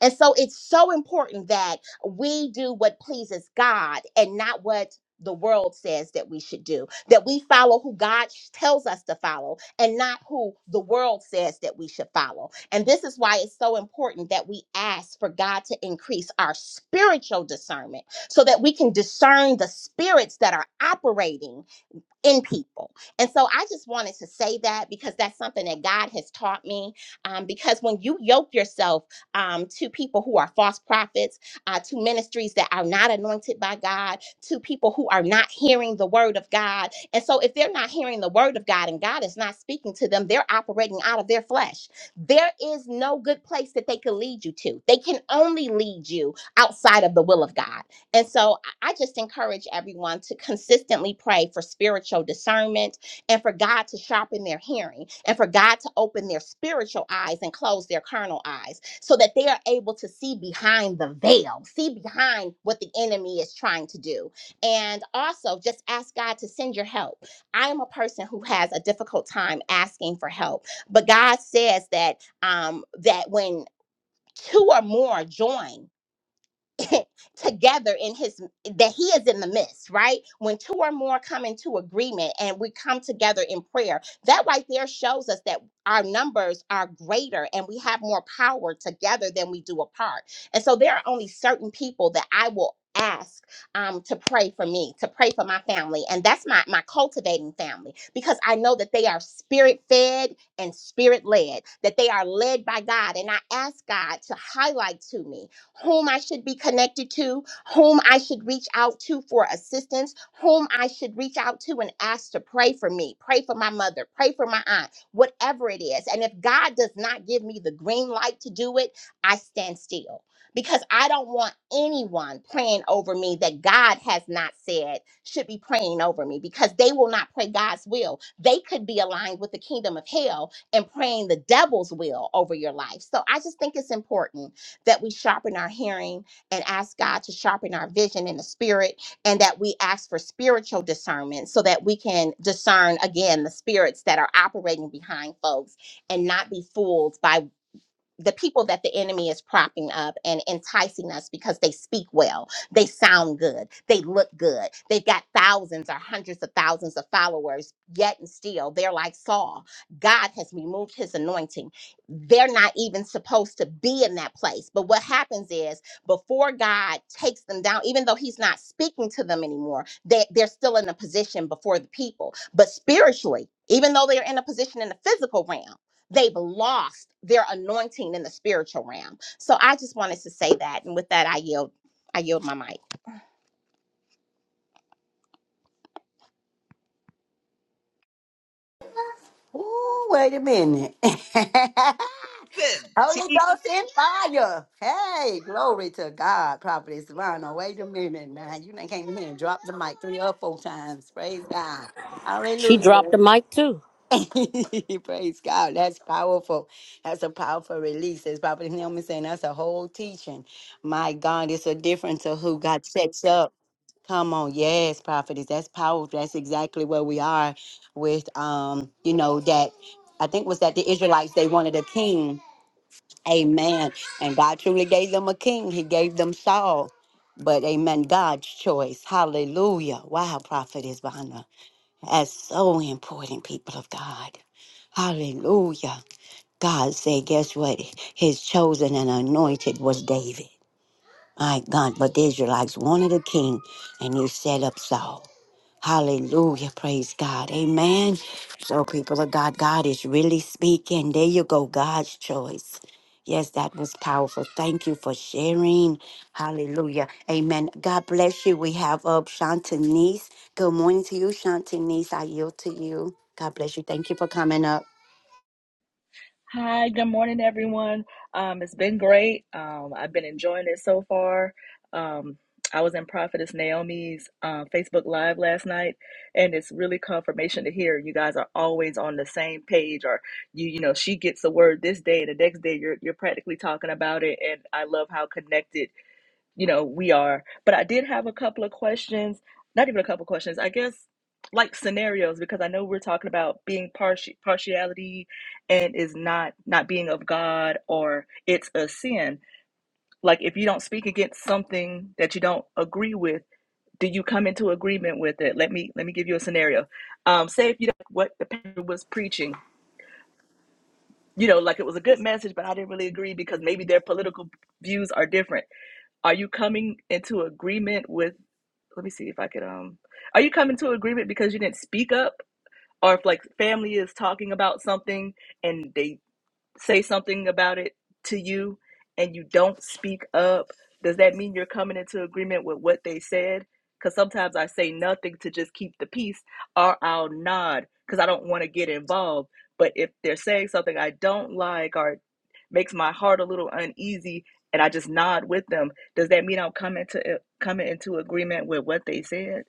[SPEAKER 6] And so it's so important that we do what pleases God and not what the world says that we should do, that we follow who God tells us to follow and not who the world says that we should follow. And this is why it's so important that we ask for God to increase our spiritual discernment so that we can discern the spirits that are operating in people. And so I just wanted to say that because that's something that God has taught me. Um, because when you yoke yourself um, to people who are false prophets, uh, to ministries that are not anointed by God, to people who are not hearing the word of God. And so if they're not hearing the word of God and God is not speaking to them, they're operating out of their flesh. There is no good place that they can lead you to. They can only lead you outside of the will of God. And so I just encourage everyone to consistently pray for spiritual discernment and for God to sharpen their hearing and for God to open their spiritual eyes and close their carnal eyes so that they are able to see behind the veil, see behind what the enemy is trying to do. And also just ask God to send your help. I am a person who has a difficult time asking for help, but God says that um that when two or more join together in his that he is in the midst right when two or more come into agreement and we come together in prayer that right there shows us that our numbers are greater and we have more power together than we do apart and so there are only certain people that i will ask um, to pray for me to pray for my family and that's my my cultivating family because i know that they are spirit fed and spirit led that they are led by god and i ask god to highlight to me whom I should be connected to, whom I should reach out to for assistance, whom I should reach out to and ask to pray for me, pray for my mother, pray for my aunt, whatever it is. And if God does not give me the green light to do it, I stand still because I don't want anyone praying over me that God has not said should be praying over me because they will not pray God's will. They could be aligned with the kingdom of hell and praying the devil's will over your life. So I just think it's important that we sharpen our hearing and ask God to sharpen our vision in the spirit, and that we ask for spiritual discernment so that we can discern again the spirits that are operating behind folks and not be fooled by the people that the enemy is propping up and enticing us because they speak well, they sound good, they look good, they've got thousands or hundreds of thousands of followers, yet and still they're like Saul. God has removed his anointing. They're not even supposed to be in that place. But what happens is before God takes them down, even though he's not speaking to them anymore, they, they're still in a position before the people. But spiritually, even though they're in a position in the physical realm, they've lost their anointing in the spiritual realm. So I just wanted to say that. And with that, I yield, I yield my mic.
[SPEAKER 2] Ooh, wait a minute.
[SPEAKER 5] Good.
[SPEAKER 2] Holy
[SPEAKER 5] tea.
[SPEAKER 2] Ghost in fire. Hey, glory to God, Prophetess Lana. Wait a minute now. You done came in here and dropped the mic three or four times. Praise God.
[SPEAKER 3] She
[SPEAKER 2] Hallelujah.
[SPEAKER 3] dropped the mic too.
[SPEAKER 2] Praise God. That's powerful. That's a powerful release. As Prophet Hillman saying, that's a whole teaching. My God, it's a difference of who God sets up. Come on, yes, prophetess. That's powerful. That's exactly where we are with um, you know, that I think was that the Israelites they wanted a king. Amen. And God truly gave them a king. He gave them Saul. But amen, God's choice. Hallelujah. Wow, prophetess Bonner. That's so important, people of God. Hallelujah. God said, guess what? His chosen and anointed was David. My God, but the Israelites wanted a king, and you set up Saul. Hallelujah. Praise God. Amen. So, people of God, God is really speaking. There you go. God's choice. Yes, that was powerful. Thank you for sharing. Hallelujah. Amen. God bless you. We have up Shantanese. Good morning to you, Shantanese. I yield to you. God bless you. Thank you for coming up.
[SPEAKER 7] Hi, good morning, everyone. Um, it's been great. Um, I've been enjoying it so far. Um, I was in Prophetess Naomi's uh, Facebook Live last night, and it's really confirmation to hear you guys are always on the same page. Or you, you know, she gets the word this day, and the next day you're you're practically talking about it. And I love how connected you know, we are. But I did have a couple of questions, not even a couple of questions, I guess like scenarios because I know we're talking about being partial partiality and is not not being of God or it's a sin. Like if you don't speak against something that you don't agree with, do you come into agreement with it? Let me let me give you a scenario. Um say if you don't like what the pastor was preaching, you know, like it was a good message, but I didn't really agree because maybe their political views are different are you coming into agreement with let me see if I could um are you coming to agreement because you didn't speak up or if like family is talking about something and they say something about it to you and you don't speak up does that mean you're coming into agreement with what they said because sometimes I say nothing to just keep the peace or I'll nod because I don't want to get involved but if they're saying something I don't like or makes my heart a little uneasy and I just nod with them, does that mean I'm coming to uh, coming into agreement with what they said?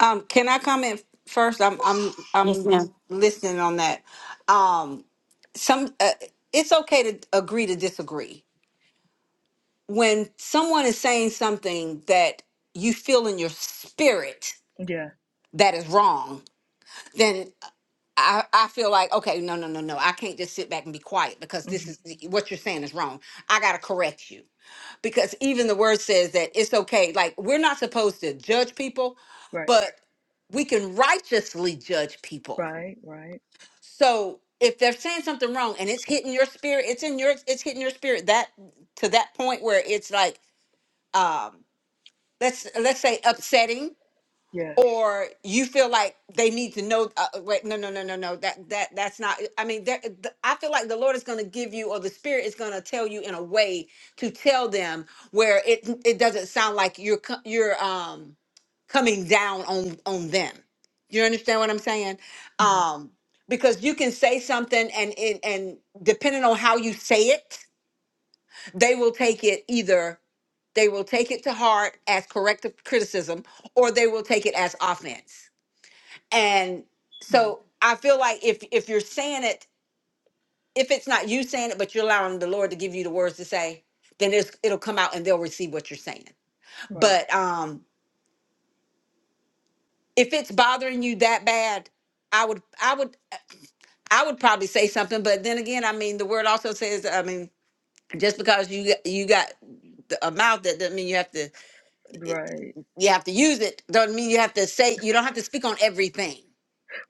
[SPEAKER 4] Um, can I comment first? I'm I'm
[SPEAKER 2] Yes,
[SPEAKER 4] I'm
[SPEAKER 2] ma'am.
[SPEAKER 4] listening on that. Um, some uh, it's okay to agree to disagree when someone is saying something that you feel in your spirit
[SPEAKER 7] Yeah.
[SPEAKER 4] that is wrong. Then I, I feel like okay, no, no, no, no. I can't just sit back and be quiet because this
[SPEAKER 7] hmm
[SPEAKER 4] is what you're saying is wrong. I gotta correct you because even the word says that it's okay. Like we're not supposed to judge people,
[SPEAKER 7] Right.
[SPEAKER 4] but we can righteously judge people
[SPEAKER 7] Right. Right.
[SPEAKER 4] So if they're saying something wrong and it's hitting your spirit, it's in your it's hitting your spirit that to that point where it's like um let's let's say upsetting
[SPEAKER 7] Yeah.
[SPEAKER 4] or you feel like they need to know uh, uh, wait no no no no no that that that's not i mean there, th- i feel like the lord is going to give you or the spirit is going to tell you in a way to tell them where it it doesn't sound like you're co- you're um coming down on on them you understand what i'm saying
[SPEAKER 7] hmm
[SPEAKER 4] um because you can say something and and, and depending on how you say it they will take it either they will take it to heart as corrective criticism or they will take it as offense and so I feel like if if you're saying it, if it's not you saying it, but you're allowing the Lord to give you the words to say, then it's, it'll come out and they'll receive what you're saying.
[SPEAKER 7] Right.
[SPEAKER 4] But um, if it's bothering you that bad, I would I would I would probably say something. But then again, I mean, the word also says, I mean, just because you got- you got the- a mouth that doesn't mean you have to
[SPEAKER 7] Right.
[SPEAKER 4] you have to use it. Doesn't mean you have to say you don't have to speak on everything.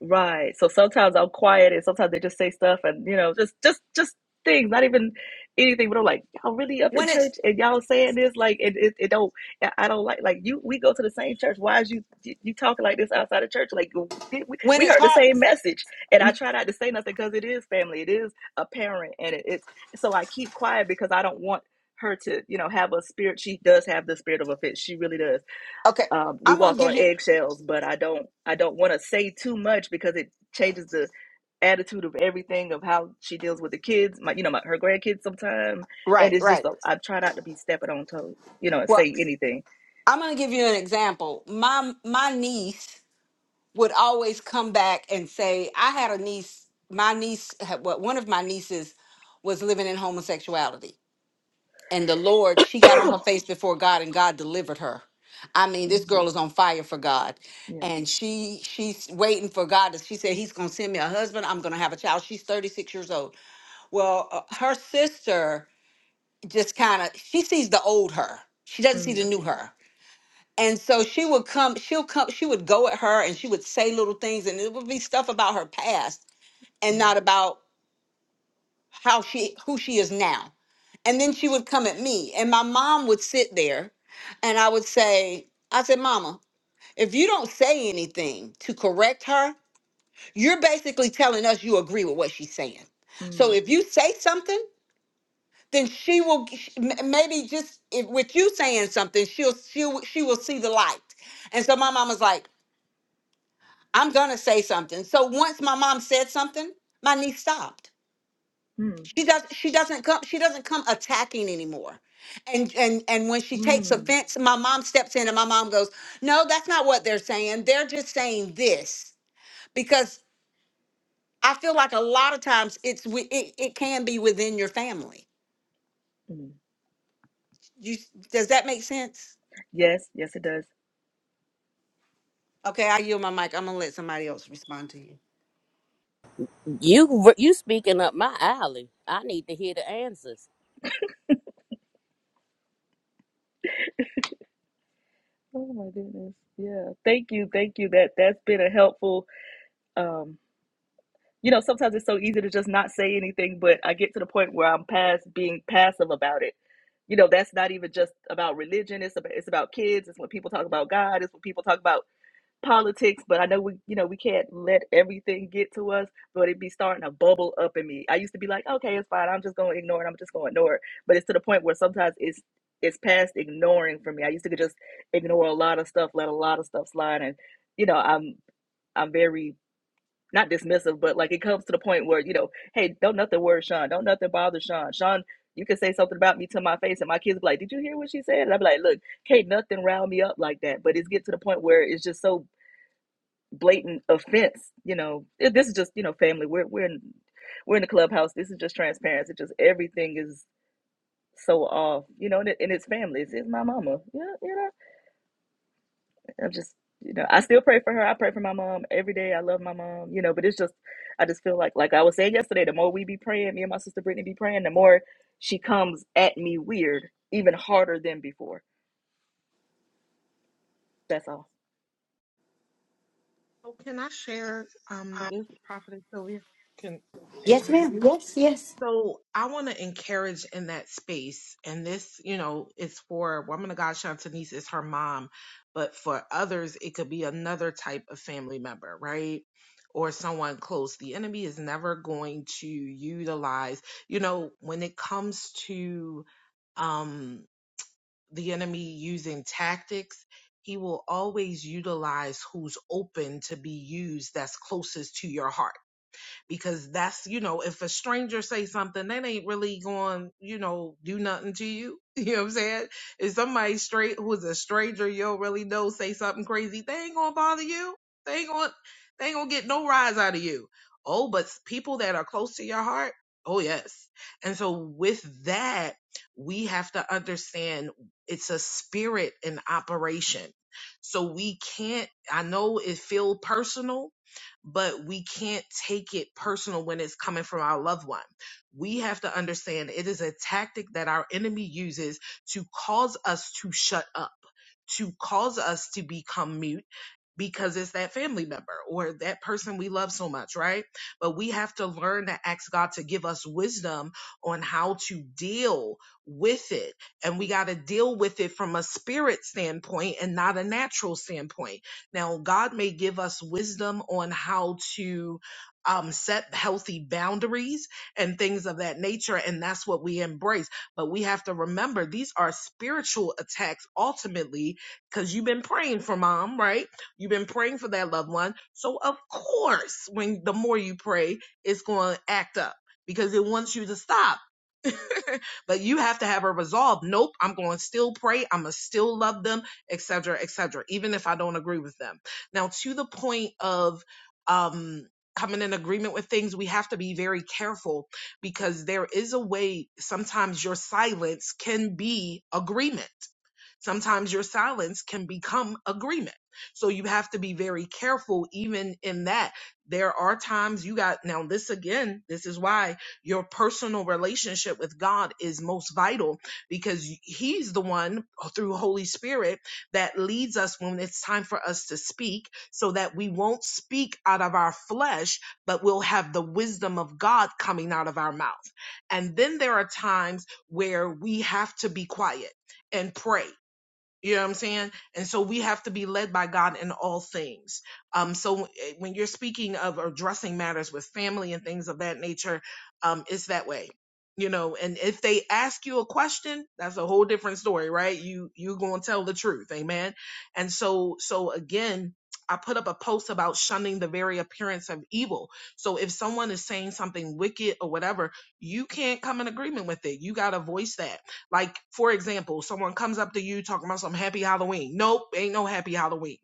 [SPEAKER 7] Right. So sometimes I'm quiet and sometimes they just say stuff and you know, just just just things, not even anything, but I'm like, y'all really up
[SPEAKER 4] When
[SPEAKER 7] in
[SPEAKER 4] it's
[SPEAKER 7] church and y'all saying this like it it, it don't I I don't like like you we go to the same church. Why is you you you talking like this outside of church? Like did we,
[SPEAKER 4] when
[SPEAKER 7] we
[SPEAKER 4] it's
[SPEAKER 7] heard the
[SPEAKER 4] hard,
[SPEAKER 7] same message and I try not to say nothing because it is family. It is a parent and it, it's so I keep quiet because I don't want her to, you know, have a spirit. She does have the spirit of offense. She really does
[SPEAKER 4] okay.
[SPEAKER 7] um, we
[SPEAKER 4] I'm gonna
[SPEAKER 7] walk
[SPEAKER 4] give
[SPEAKER 7] on
[SPEAKER 4] you
[SPEAKER 7] eggshells but i don't i don't want to say too much because it changes the attitude of everything of how she deals with the kids my you know my, her grandkids sometimes and
[SPEAKER 4] right,
[SPEAKER 7] it's just
[SPEAKER 4] right.
[SPEAKER 7] a, i try not to be stepping on toes you know and
[SPEAKER 4] Well,
[SPEAKER 7] say anything
[SPEAKER 4] I'm going to give you an example. My my niece would always come back and say, "I had a niece. My niece, had- well, one of my nieces, was living in homosexuality, and the Lord, she got on her face before God, and God delivered her. I mean, this girl
[SPEAKER 7] Amen.
[SPEAKER 4] is on fire for God,
[SPEAKER 7] yeah
[SPEAKER 4] and she she's waiting for God. to- She said, "He's going to send me a husband. I'm going to have a child." She's 36 years old. Well, uh, her sister just kind of she sees the old her. She doesn't see the
[SPEAKER 7] mm,
[SPEAKER 4] new her and so she would come, she'll come, she would go at her and she would say little things and it would be stuff about her past and
[SPEAKER 7] mm,
[SPEAKER 4] not about how she who she is now. And then she would come at me and my mom would sit there and I would say, I said, Mama, if you don't say anything to correct her, you're basically telling us you agree with what she's saying. So
[SPEAKER 7] mm,
[SPEAKER 4] if you say something, then she will g- sh- m- maybe just if with you saying something, she'll she'll she will see the light. And so my mom was like, I'm gonna say something. So once my mom said something, my niece stopped.
[SPEAKER 7] mm,
[SPEAKER 4] She does she doesn't come she doesn't come attacking anymore. And and and when she takes
[SPEAKER 7] mm,
[SPEAKER 4] offense, my mom steps in and my mom goes, "No, that's not what they're saying. They're just saying this." Because I feel like a lot of times it's wi- it, it can be within your family.
[SPEAKER 7] mm.
[SPEAKER 4] You does that make sense?
[SPEAKER 7] yes yes it does
[SPEAKER 4] Okay, I yield my mic. I'm gonna let somebody else respond to you.
[SPEAKER 3] You you speaking up my alley. I need to hear the answers.
[SPEAKER 7] oh my goodness yeah thank you thank you that that's been a helpful Um, you know, sometimes it's so easy to just not say anything, but I get to the point where I'm past being passive about it. You know, that's not even just about religion. It's about it's about kids. It's when people talk about God. It's when people talk about politics. But I know we, you know, we can't let everything get to us. But it be starting to bubble up in me. I used to be like, okay, it's fine. I'm just going to ignore it. I'm just going to ignore it. But it's to the point where sometimes it's it's past ignoring for me. I used to just ignore a lot of stuff, let a lot of stuff slide, and you know, I'm I'm very not dismissive, but like it comes to the point where, you know, hey, don't nothing worry Sean. Don't nothing bother Sean. Sean, you can say something about me to my face, and my kids be like, Did you hear what she said? And I'm like, Look, can't nothing round me up like that. But it's get to the point where it's just so blatant offense, you know. It- This is just, you know, family. We're we're in we're in the clubhouse. This is just transparency. Just everything is so off, you know, and, it, and it's family. It's, it's my mama. Yeah, you know. I'm just, you know, I still pray for her. I pray for my mom every day. I love my mom, you know, but it's just, I just feel like, like I was saying yesterday, the more we be praying, me and my sister Brittany be praying, the more she comes at me weird, even harder than before. That's all.
[SPEAKER 5] Oh, can I share um this Prophetess Sylvia? Can am
[SPEAKER 2] Yes,
[SPEAKER 5] I good?
[SPEAKER 2] ma'am. Yes, yes.
[SPEAKER 5] So I want to encourage in that space, and this, you know, is for woman of God, Shantanese is her mom, but for others, it could be another type of family member, right? Or someone close. The enemy is never going to utilize, you know, when it comes to um, the enemy using tactics, he will always utilize who's open to be used that's closest to your heart because that's you know if a stranger say something that ain't really going you know do nothing to you you know what i'm saying if somebody straight who's a stranger you don't really know say something crazy they ain't gonna bother you they ain't gonna they ain't gonna get no rise out of you oh but s- people that are close to your heart oh yes and so with that we have to understand it's a spirit in operation so we can't i know it feel personal but we can't take it personal when it's coming from our loved one. We have to understand it is a tactic that our enemy uses to cause us to shut up, to cause us to become mute because it's that family member or that person we love so much, right? But we have to learn to ask God to give us wisdom on how to deal with it. And we got to deal with it from a spirit standpoint and not a natural standpoint now, God may give us wisdom on how to um, set healthy boundaries and things of that nature, and that's what we embrace. But we have to remember these are spiritual attacks ultimately, because you've been praying for mom, right? You've been praying for that loved one. So, of course, when the more you pray, it's going to act up because it wants you to stop. but you have to have a resolve. Nope, I'm going to still pray. I'm going to still love them, et cetera, et cetera, even if I don't agree with them. Now, to the point of, um, coming in agreement with things, we have to be very careful because there is a way sometimes your silence can be agreement. Sometimes your silence can become agreement. So you have to be very careful even in that. There are times you got, now this again, this is why your personal relationship with God is most vital because He's the one through Holy Spirit that leads us when it's time for us to speak so that we won't speak out of our flesh, but we'll have the wisdom of God coming out of our mouth. And then there are times where we have to be quiet and pray. You know what I'm saying? And so we have to be led by God in all things. Um, so eh, when you're speaking of addressing matters with family and things of that nature, um, it's that way. You know, and if they ask you a question, that's a whole different story, right? You you gonna tell the truth, amen. And so so again, I put up a post about shunning the very appearance of evil. So if someone is saying something wicked or whatever, you can't come in agreement with it. You gotta voice that like, for example, someone comes up to you talking about some happy Halloween. Nope, ain't no happy Halloween.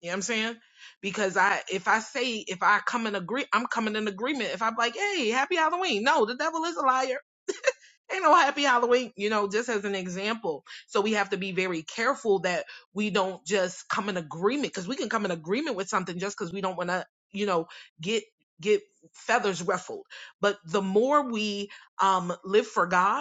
[SPEAKER 5] You know what I'm saying? Because I, if I say, if I come in agree, I'm coming in agreement. If I'm like, hey, happy Halloween. No, the devil is a liar. Ain't no happy Halloween. You know, just as an example. So we have to be very careful that we don't just come in agreement because we can come in agreement with something just because we don't want to, you know, get, get feathers ruffled. But the more we, um, live for God,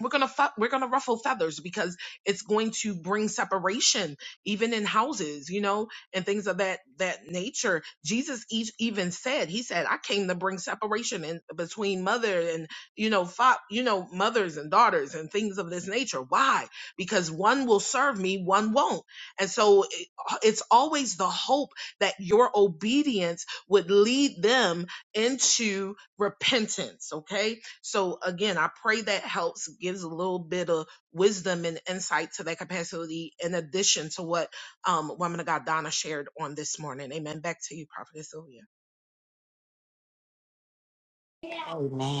[SPEAKER 5] we're gonna fe- we're gonna ruffle feathers because it's going to bring separation even in houses you know and things of that that nature jesus e- even said he said i came to bring separation in between mother and you know fa- you know mothers and daughters and things of this nature why because one will serve me one won't and so it- it's always the hope that your obedience would lead them into repentance okay so again, I pray that helps, gives a little bit of wisdom and insight to that capacity in addition to what um, woman of God Donna shared on this morning. Amen. Back to you, Prophetess Sylvia.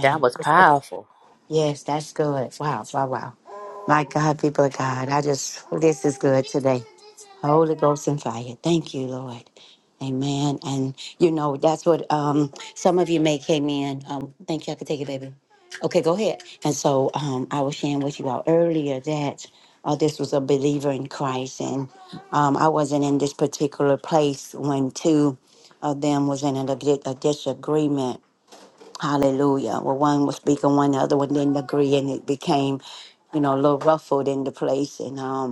[SPEAKER 3] That was powerful.
[SPEAKER 2] Yes, that's good. Wow, wow, wow. My God, people of God, I just, this is good today. Holy Ghost and fire. Thank you, Lord. Amen. And you know, that's what um some of you may came in. Um, thank you, I could take it, baby. Okay, go ahead. And so um I was sharing with you all earlier that uh, this was a believer in Christ and um I wasn't in this particular place when two of them was in a, di- a disagreement. Hallelujah. Well, one was speaking, one the other one didn't agree, and it became, you know, a little ruffled in the place. And um,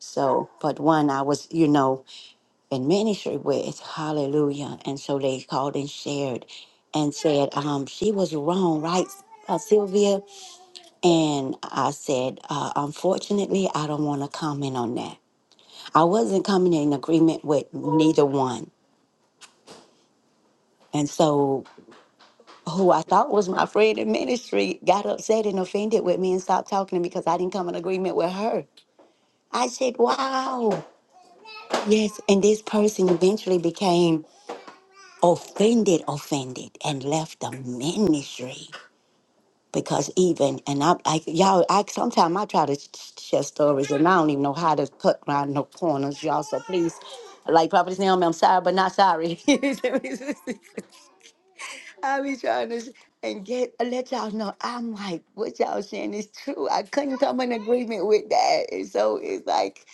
[SPEAKER 2] so, but one I was, you know, in ministry with, hallelujah. And so they called and shared and said, um, she was wrong, right, uh, Sylvia? And I said, uh, unfortunately, I don't want to comment on that. I wasn't coming in agreement with neither one. And so, who I thought was my friend in ministry got upset and offended with me and stopped talking to me because I didn't come in agreement with her. I said, wow. Yes. And this person eventually became offended, offended, and left the ministry because even and I, I y'all, I sometimes I try to sh- sh- share stories and I don't even know how to cut around no corners, y'all. So please, like Prophet Naomi, I'm sorry, but not sorry. I be trying to s- and get uh, let y'all know. I'm like, what y'all saying is true. I couldn't come in agreement with that. And so it's like,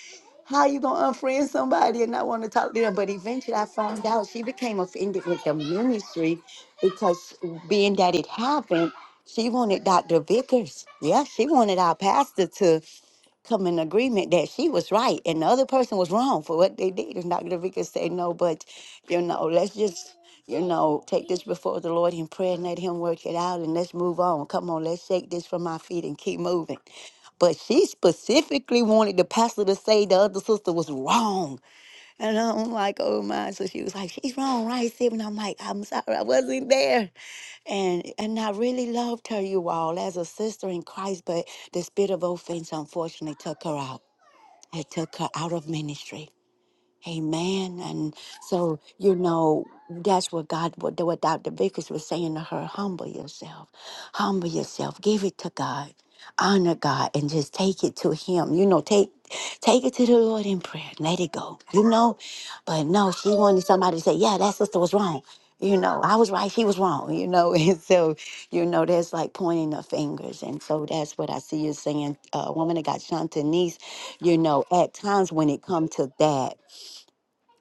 [SPEAKER 2] how you gonna unfriend somebody and not want to talk to them? But eventually, I found out she became offended with the ministry because being that it happened, she wanted Dr. Vickers. Yeah, she wanted our pastor to come in agreement that she was right and the other person was wrong for what they did. And Dr. Vickers said, no, but you know, let's just you know, take this before the Lord in prayer and let Him work it out and let's move on. Come on, let's shake this from our feet and keep moving. But she specifically wanted the pastor to say the other sister was wrong. And I'm like, oh my. So she was like, she's wrong, right, Sib? And I'm like, I'm sorry, I wasn't there. And and I really loved her, you all, as a sister in Christ, but the spirit of offense unfortunately took her out. It took her out of ministry. Amen. And so, you know, that's what God, what, what Dr. Vickers was saying to her humble yourself, humble yourself, give it to God, honor God, and just take it to Him. You know, take take it to the Lord in prayer, let it go, you know. But no, she wanted somebody to say, yeah, that sister was wrong. You know, I was right, she was wrong, you know. And so, you know, that's like pointing the fingers. And so that's what I see you saying, uh, woman that got Shanta Niece, you know, at times when it comes to that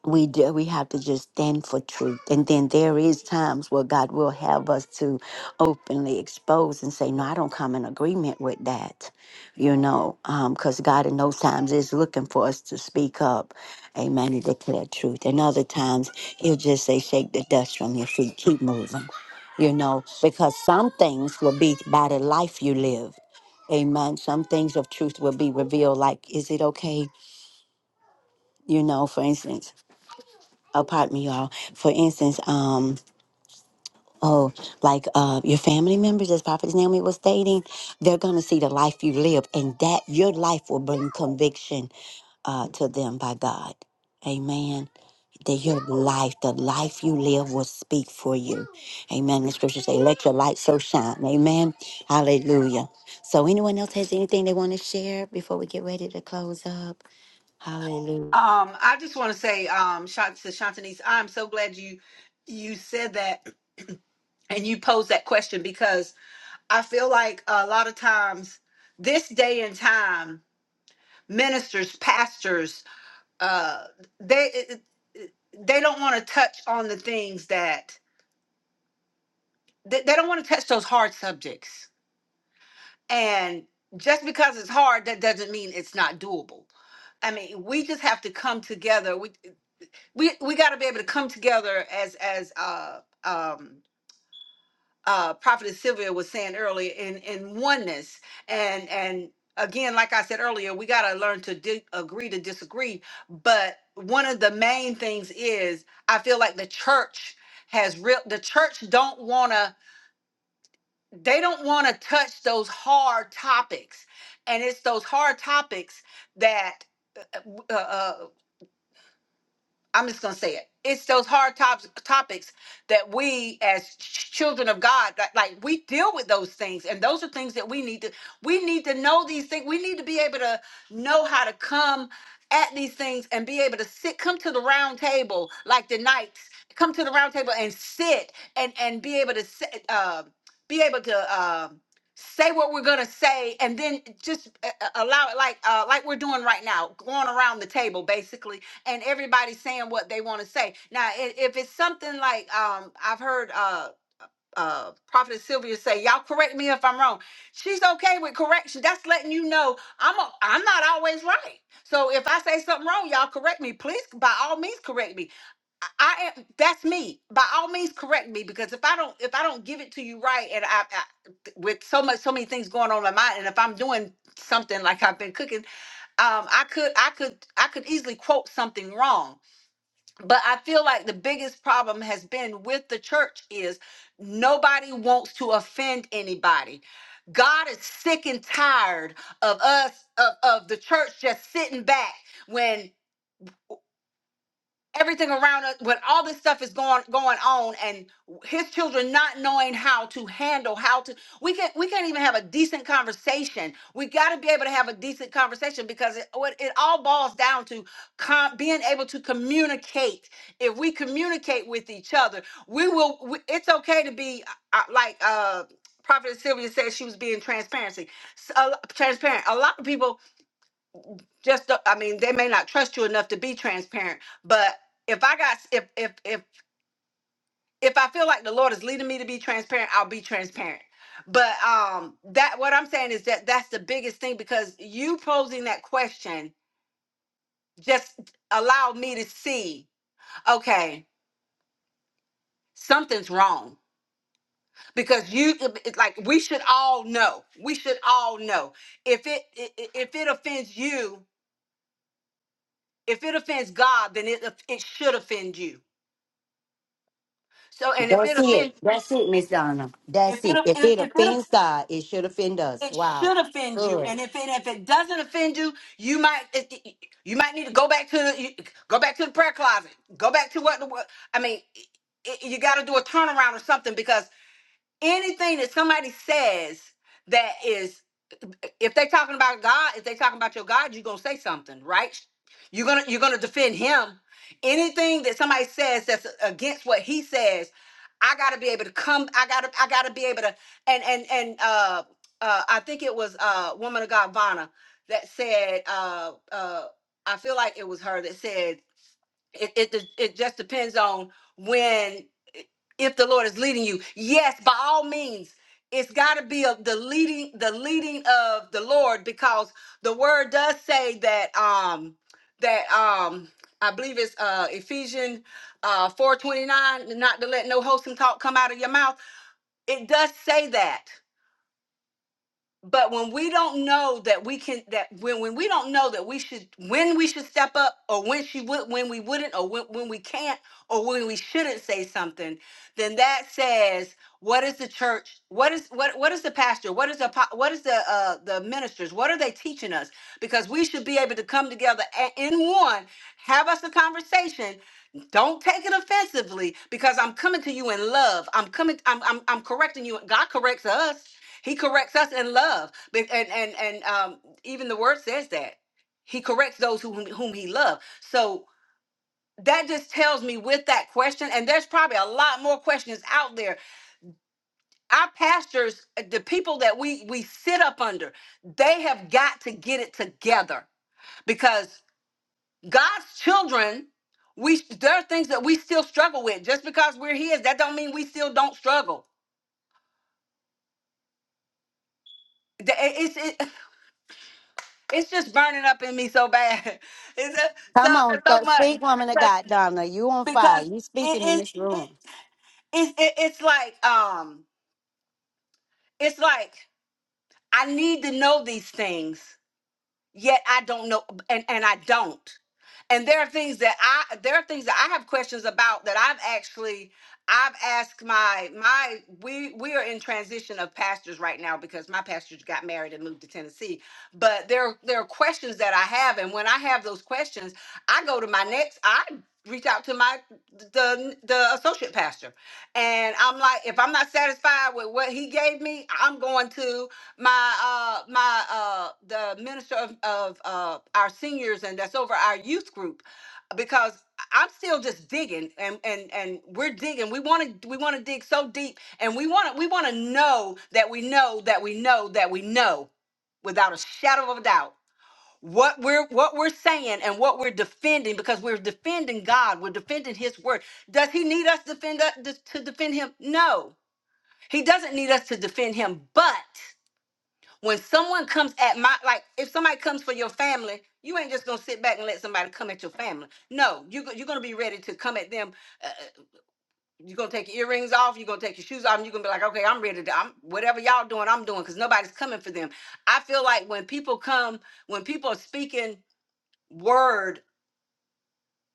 [SPEAKER 2] we do, we have to just stand for truth and then there is times where god will have us to openly expose and say no i don't come in agreement with that you know because god in those times is looking for us to speak up amen and declare truth and other times he'll just say shake the dust from your feet keep moving you know because some things will be by the life you live amen some things of truth will be revealed like is it okay you know for instance Oh, pardon me, y'all. For instance, um, oh, like uh, your family members, as Prophet Naomi was stating, they're gonna see the life you live, and that your life will bring conviction uh, to them by God. Amen. That your life, the life you live, will speak for you. Amen. The scriptures say, "Let your light so shine." Amen. Hallelujah. So, anyone else has anything they want to share before we get ready to close up? Hallelujah.
[SPEAKER 4] Um, I just want to say, um, Shant to Shantanese, I'm so glad you you said that and you pose that question because I feel like a lot of times this day and time, ministers, pastors, uh, they eh, eh, they don't want to touch on the things that they, they don't want to touch those hard subjects. And just because it's hard, that doesn't mean it's not doable. I mean, we just have to come together. We we we got to be able to come together as as uh, um, uh, Prophetess Sylvia was saying earlier in in oneness and and again like I said earlier we got to learn to di- agree to disagree but one of the main things is I feel like the church has real the church don't want to they don't want to touch those hard topics and it's those hard topics that uh, uh, uh, I'm just gonna say it. It's those hard tops, topics that we, as ch- children of God, like, like we deal with those things, and those are things that we need to. We need to know these things. We need to be able to know how to come at these things and be able to sit. Come to the round table, like the knights. Come to the round table and sit, and and be able to sit. Uh, be able to. um say what we're gonna say, and then just uh, uh, allow it, like uh, like we're doing right now, going around the table, basically and everybody's saying what they want to say. Now, i- if it's something like um, I've heard uh, uh, Prophet Sylvia say, y'all correct me if I'm wrong. She's okay with correction. That's letting you know I'm a, I'm not always right. So if I say something wrong, y'all correct me. Please, by all means, correct me. I am that's me. By all means, correct me because if I don't if I don't give it to you right, and I, I with so much so many things going on in my mind, and if I'm doing something like I've been cooking, um, I could I could I could easily quote something wrong but I feel like the biggest problem has been with the church is nobody wants to offend anybody. God is sick and tired of us of, of the church just sitting back when everything around us but all this stuff is going going on and his children not knowing how to handle how to we can't we can't even have a decent conversation we got to be able to have a decent conversation because it, what it all boils down to com- being able to communicate if we communicate with each other we will we, it's okay to be uh, uh, like uh prophet sylvia said she was being transparency s- a lo- transparent a lot of people just the, i mean they may not trust you enough to be transparent but if i got if if if if i feel like the lord is leading me to be transparent i'll be transparent but um that what i'm saying is that that's the biggest thing because you posing that question just allowed me to see okay something's wrong because you it's like we should all know we should all know if it i- i- if it offends you if it offends god then it it should offend you so, and if it
[SPEAKER 2] That's it.
[SPEAKER 4] offends
[SPEAKER 2] That's it, Miss Donna.
[SPEAKER 4] If
[SPEAKER 2] That's
[SPEAKER 4] it
[SPEAKER 2] it. If
[SPEAKER 4] if,
[SPEAKER 2] it
[SPEAKER 4] if it
[SPEAKER 2] offends God, it should offend us.
[SPEAKER 4] it
[SPEAKER 2] Wow.
[SPEAKER 4] should offend you,
[SPEAKER 2] Good.
[SPEAKER 4] and if it if it doesn't offend you, you might it- you might need to go back to the you- go back to the prayer closet. Go back to what the what- I mean. i- i- You got to do a turnaround or something because anything that somebody says that is if they talking about God, if they talking about your God, you're gonna say something, right? You're gonna you're gonna defend him. Anything that somebody says that's against what he says, I gotta be able to come. I gotta I gotta be able to and and and uh uh I think it was uh woman of God Vanna that said uh uh I feel like it was her that said it, it it just depends on when if the Lord is leading you. Yes, by all means, it's got to be of the leading the leading of the Lord because the word does say that um that um I believe it's uh Ephesians uh 429 not to let no wholesome talk come out of your mouth. It does say that but when we don't know that we can that when when we don't know that we should when we should step up or when she would when we wouldn't or when, when we can't or when we shouldn't say something then that says what is the church what is what what is the pastor what is the apo- what is the uh the ministers what are they teaching us because we should be able to come together a- in one have us a conversation don't take it offensively because i'm coming to you in love i'm coming i'm i'm, I'm correcting you god corrects us he corrects us in love. Be- And and and um, even the word says that. He corrects those whom, whom he loves. So that just tells me with that question, and there's probably a lot more questions out there. Our pastors, uh, the people that we we sit up under, they have got to get it together because God's children, we there are things that we still struggle with. Just because we're his, that don't mean we still don't struggle. The- it- It's it's just burning up in me so bad. It's a, so
[SPEAKER 2] Come on,
[SPEAKER 4] so
[SPEAKER 2] th-
[SPEAKER 4] much
[SPEAKER 2] speak, woman of
[SPEAKER 4] because
[SPEAKER 2] God, Donna. You on fire.
[SPEAKER 4] because
[SPEAKER 2] You
[SPEAKER 4] it
[SPEAKER 2] speaking in
[SPEAKER 4] it,
[SPEAKER 2] this room.
[SPEAKER 4] it, it it it's like um it's like I need to know these things yet I don't know and and I don't. And there are things that I there are things that I have questions about that I've actually I've asked my my we we are in transition of pastors right now because my pastor got married and moved to Tennessee. But there there are questions that I have and when I have those questions, I go to my next I reach out to my the the associate pastor. And I'm like if I'm not satisfied with what he gave me, I'm going to my uh my uh the minister of, of uh our seniors and that's over our youth group because I'm still just digging and and and we're digging we want to we want to dig so deep and we want to we want to know that we know that we know that we know without a shadow of a doubt what we're what we're saying and what we're defending because we're defending God we're defending his word does he need us defend uh, to defend him no he doesn't need us to defend him but when someone comes at my like if somebody comes for your family you ain't just gonna sit back and let somebody come at your family no you, go- you're gonna be ready to come at them uh, you're gonna take your earrings off you're gonna take your shoes off and you're gonna be like okay i'm ready to i'm whatever y'all doing i'm doing because nobody's coming for them i feel like when people come when people are speaking word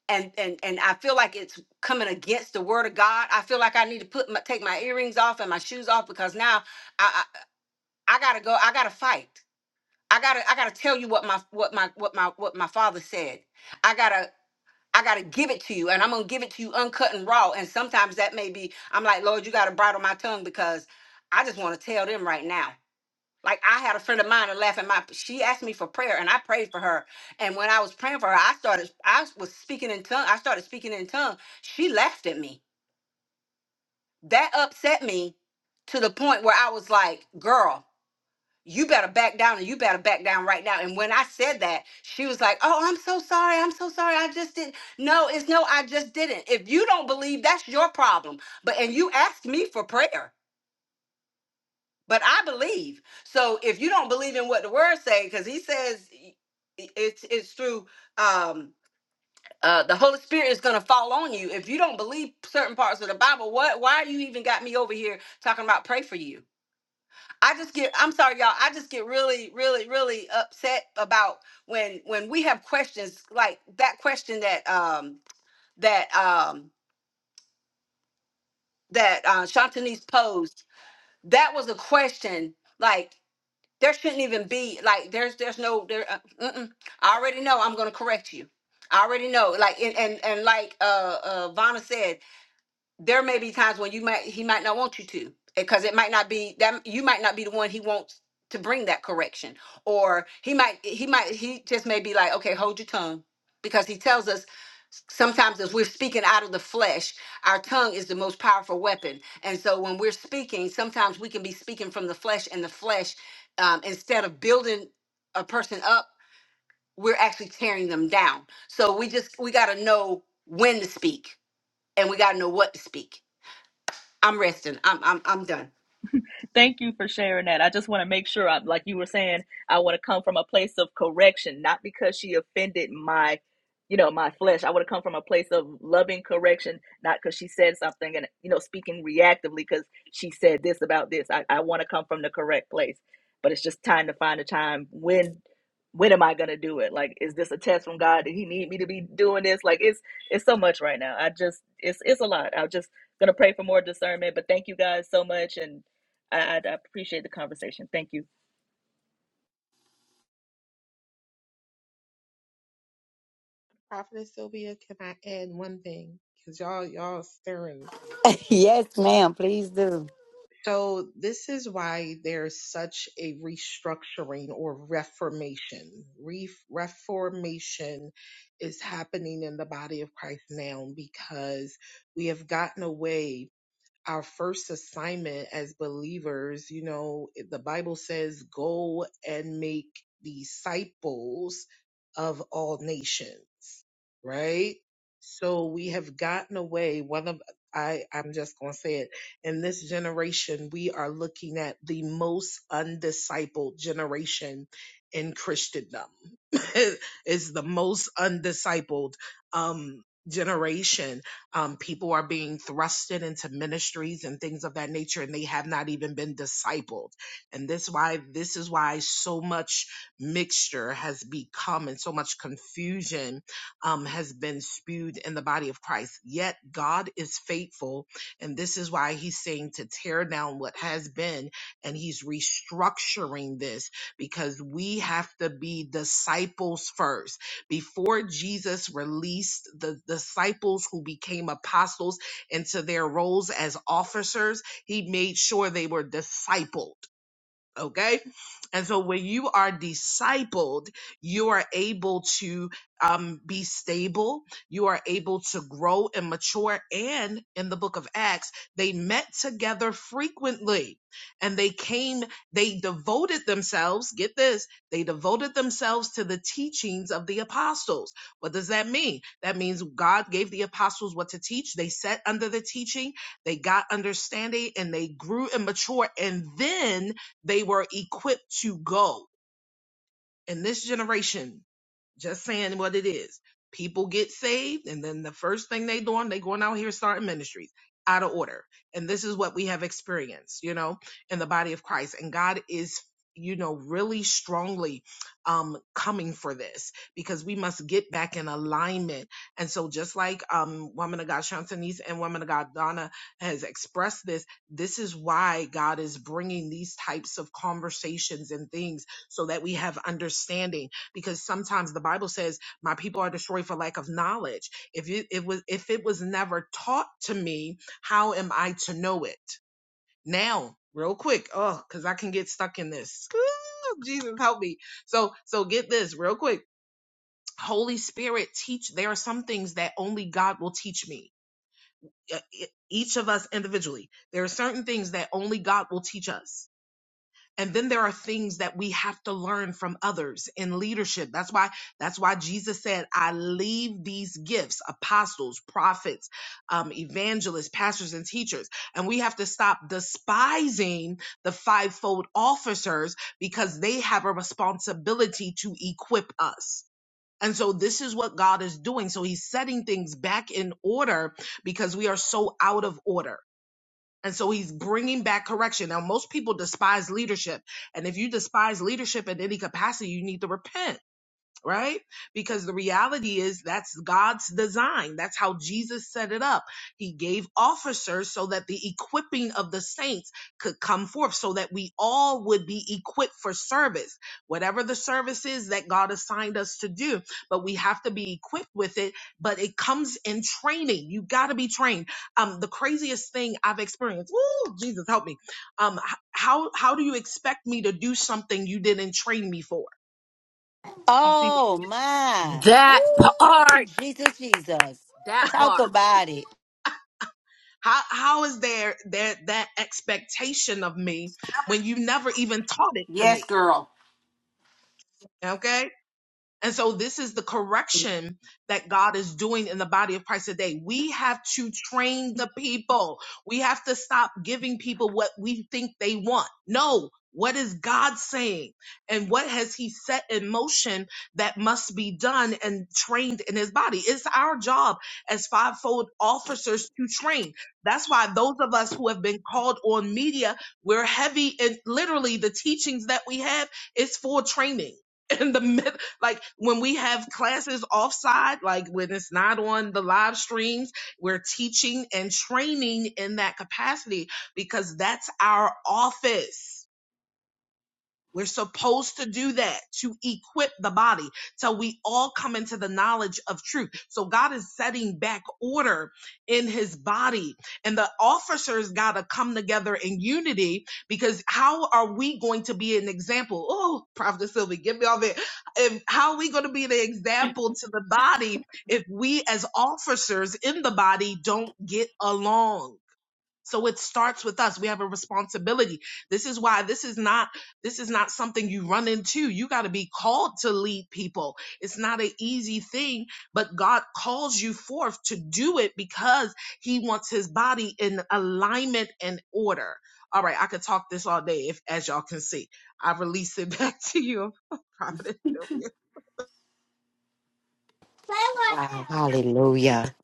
[SPEAKER 4] and and and i feel like it's coming against the word of god i feel like i need to put my take my earrings off and my shoes off because now i i, I gotta go i gotta fight I gotta I gotta tell you what my what my what my what my father said. I gotta I gotta give it to you and I'm gonna give it to you uncut and raw. And sometimes that may be I'm like, Lord, you gotta bridle my tongue because I just wanna tell them right now. Like I had a friend of mine that laughed at my she asked me for prayer and I prayed for her. And when I was praying for her, I started I was speaking in tongue. I started speaking in tongue. She laughed at me. That upset me to the point where I was like, girl, you better back down and you better back down right now. And when I said that, she was like, Oh, I'm so sorry. I'm so sorry. I just didn't. No, it's no, I just didn't. If you don't believe, that's your problem. But and you asked me for prayer, but I believe. So if you don't believe in what the word say, because he says i- i- it's it's through um uh the Holy Spirit is gonna fall on you. If you don't believe certain parts of the Bible, what why you even got me over here talking about pray for you? I just get I'm sorry y'all I just get really really really upset about when when we have questions like that question that um that um that uh Shantanese posed that was a question like there shouldn't even be like there's there's no there uh, mm-mm. I already know I'm going to correct you. I already know like and and, and like uh uh Vonna said there may be times when you might he might not want you to because it might not be that you might not be the one he wants to bring that correction or he might he might he just may be like okay hold your tongue because he tells us s- sometimes as we're speaking out of the flesh our tongue is the most powerful weapon and so when we're speaking sometimes we can be speaking from the flesh and the flesh um, instead of building a person up we're actually tearing them down so we just we got to know when to speak and we got to know what to speak I'm resting. I'm I'm I'm done.
[SPEAKER 7] Thank you for sharing that. I just want to make sure, I, like you were saying, I want to come from a place of correction, not because she offended my, you know, my flesh. I want to come from a place of loving correction, not because she said something and, you know, speaking reactively because she said this about this. I, I want to come from the correct place, but it's just time to find a time when. When am I gonna do it? Like, is this a test from God? Did He need me to be doing this? Like, it's it's so much right now. I just it's it's a lot. I'm just gonna pray for more discernment. But thank you guys so much, and I, I appreciate the conversation. Thank you.
[SPEAKER 5] Prophetess Sylvia, can I add one thing? Because y'all, y'all stirring.
[SPEAKER 2] yes, ma'am. Please do.
[SPEAKER 5] So this is why there's such a restructuring or reformation. Re- reformation is happening in the body of Christ now because we have gotten away our first assignment as believers, you know, the Bible says, go and make disciples of all nations, right? So we have gotten away. One of, I, I'm just going to say it. In this generation, we are looking at the most undiscipled generation in Christendom. it's the most undiscipled, um, generation um, people are being thrusted into ministries and things of that nature, and they have not even been discipled. And this why this is why so much mixture has become and so much confusion um, has been spewed in the body of Christ. Yet God is faithful, and this is why He's saying to tear down what has been, and He's restructuring this because we have to be disciples first before Jesus released the disciples who became apostles into their roles as officers, he made sure they were discipled. Okay. And so when you are discipled, you are able to um, be stable. You are able to grow and mature. And in the book of Acts, they met together frequently and they came, they devoted themselves, get this, they devoted themselves to the teachings of the apostles. What does that mean? That means God gave the apostles what to teach. They sat under the teaching, they got understanding and they grew and matured. And then they were equipped to go. In this generation, just saying what it is. People get saved, and then the first thing they doing, they going out here starting ministries out of order. And this is what we have experienced, you know, in the body of Christ. And God is, you know, really strongly um coming for this because we must get back in alignment. And so just like um woman of God Shantanese and woman of God Donna has expressed this, this is why God is bringing these types of conversations and things so that we have understanding because sometimes the Bible says my people are destroyed for lack of knowledge. If it, it was if it was never taught to me, how am I to know it? Now, real quick, oh, because I can get stuck in this. Ooh, Jesus help me. So so get this real quick. Holy Spirit teach there are some things that only God will teach me. Uh, e- Each of us individually. There are certain things that only God will teach us and then there are things that we have to learn from others in leadership. That's why that's why Jesus said, "I leave these gifts: apostles, prophets, um, evangelists, pastors, and teachers." And we have to stop despising the fivefold officers because they have a responsibility to equip us. And so this is what God is doing. So he's setting things back in order because we are so out of order. And so he's bringing back correction. Now, most people despise leadership. And if you despise leadership in any capacity, you need to repent right? Because the reality is that's God's design. That's how Jesus set it up. He gave officers so that the equipping of the saints could come forth so that we all would be equipped for service, whatever the service is that God assigned us to do. But we have to be equipped with it, but it comes in training. You got to be trained. Um, the craziest thing I've experienced, woo, Jesus help me. Um, h- how, how do you expect me to do something you didn't train me for?
[SPEAKER 2] Oh my.
[SPEAKER 3] That
[SPEAKER 2] Woo.
[SPEAKER 3] part.
[SPEAKER 2] Jesus, Jesus.
[SPEAKER 3] That
[SPEAKER 2] Talk
[SPEAKER 3] part.
[SPEAKER 2] about it.
[SPEAKER 5] How how is there there that expectation of me when you never even taught it to
[SPEAKER 4] Yes,
[SPEAKER 5] me?
[SPEAKER 4] girl.
[SPEAKER 5] Okay? And so this is the correction that God is doing in the body of Christ today. We have to train the people. We have to stop giving people what we think they want. No. What is God saying? And what has he set in motion that must be done and trained in his body? It's our job as fivefold officers to train. That's why those of us who have been called on media, we're heavy in literally the teachings that we have is for training in the like when we have classes offside, like when it's not on the live streams, we're teaching and training in that capacity because that's our office we're supposed to do that to equip the body till we all come into the knowledge of truth. So God is setting back order in his body and the officers got to come together in unity because how are we going to be an example? Oh, Prophet Sylvie, give me all that. If, how are we going to be the example to the body if we as officers in the body don't get along? So it starts with us. We have a responsibility. This is why this is not this is not something you run into. You got to be called to lead people. It's not an easy thing, but God calls you forth to do it because he wants his body in alignment and order. All right, I could talk this all day if as y'all can see. I release it back to you, Prophet Sylvia.
[SPEAKER 2] Wow. Hallelujah.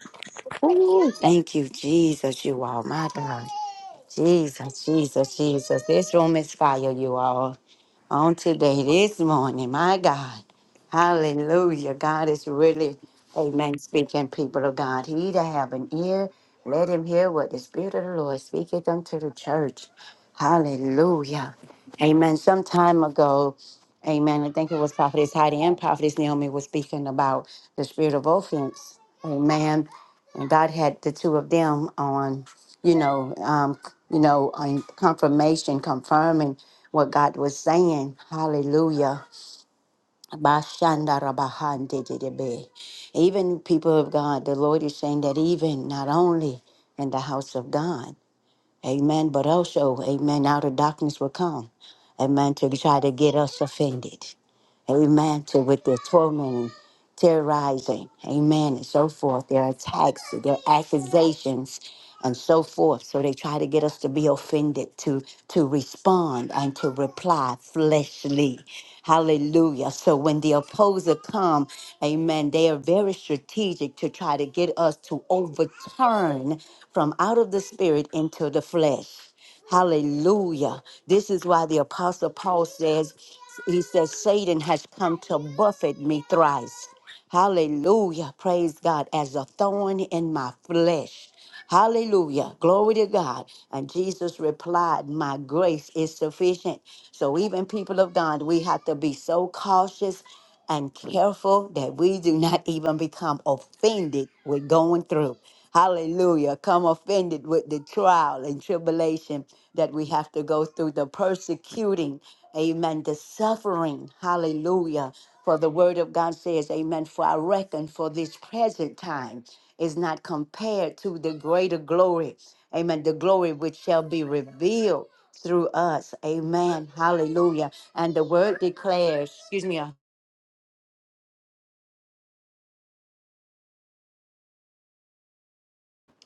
[SPEAKER 2] Ooh, thank you, Jesus. You all, my God. Jesus, Jesus, Jesus. This room is fire, you all. on today, this morning. My God. Hallelujah. God is really, amen, speaking, people of God. He that have an ear, let him hear what the Spirit of the Lord speaketh unto the church. Hallelujah. Amen. Some time ago, amen, I think it was Prophetess Heidi and Prophetess Naomi was speaking about the spirit of offense. Amen. And God had the two of them on, you know, um, you know, on confirmation, confirming what God was saying. Hallelujah. Bashandarabahandididebe. Even people of God, the Lord is saying that even not only in the house of God, amen, but also, amen, out of darkness will come, amen, to try to get us offended. Amen. To with their tormenting, terrorizing, amen, and so forth, their attacks, their accusations, and so forth. So they try to get us to be offended, to to respond and to reply fleshly. Hallelujah. So when the opposer come, amen, they are very strategic to try to get us to overturn from out of the spirit into the flesh. Hallelujah. This is why the Apostle Paul says, he says, Satan has come to buffet me thrice. Hallelujah. Praise God. As a thorn in my flesh. Hallelujah. Glory to God. And Jesus replied, My grace is sufficient. So, even people of God, we have to be so cautious and careful that we do not even become offended with going through. Hallelujah. Come offended with the trial and tribulation that we have to go through, the persecuting, amen, the suffering. Hallelujah. For the word of God says, Amen. For I reckon for this present time is not compared to the greater glory. Amen. The glory which shall be revealed through us. Amen. Hallelujah. And the word declares, excuse me,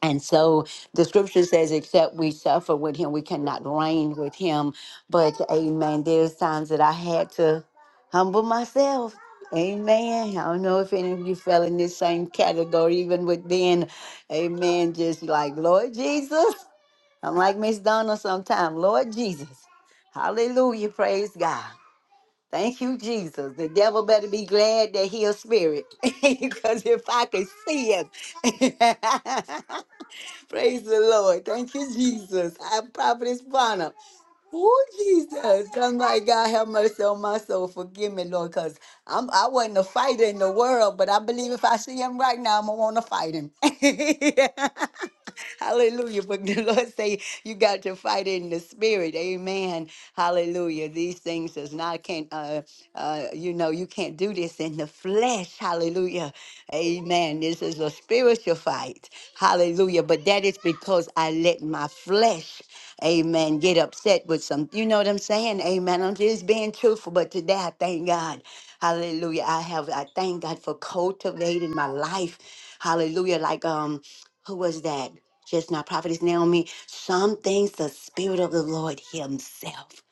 [SPEAKER 2] And so the scripture says, except we suffer with him, we cannot reign with him. But amen, there's times that I had to humble myself. Amen. I don't know if any of you fell in this same category, even with being, amen, just like, Lord Jesus. I'm like Miss Donna sometime, Lord Jesus. Hallelujah. Praise God. Thank you, Jesus. The devil better be glad that he a spirit. Because if I could see him. Praise the Lord. Thank you, Jesus. I am prophetess Bonner. Oh, Jesus. Come, my God, have mercy on my soul. Forgive me, Lord, because I'm I wasn't a fighter in the world, but I believe if I see him right now, I'm gonna wanna fight him. Hallelujah. But the Lord say you got to fight in the spirit. Amen. Hallelujah. These things does not can't uh uh you know you can't do this in the flesh. Hallelujah. Amen. This is a spiritual fight. Hallelujah. But that is because I let my flesh, amen, get upset with some. You know what I'm saying? Amen. I'm just being truthful. But today I thank God. Hallelujah. I have I thank God for cultivating my life. Hallelujah. Like um, who was that? Just not prophetess Naomi. Some things the Spirit of the Lord Himself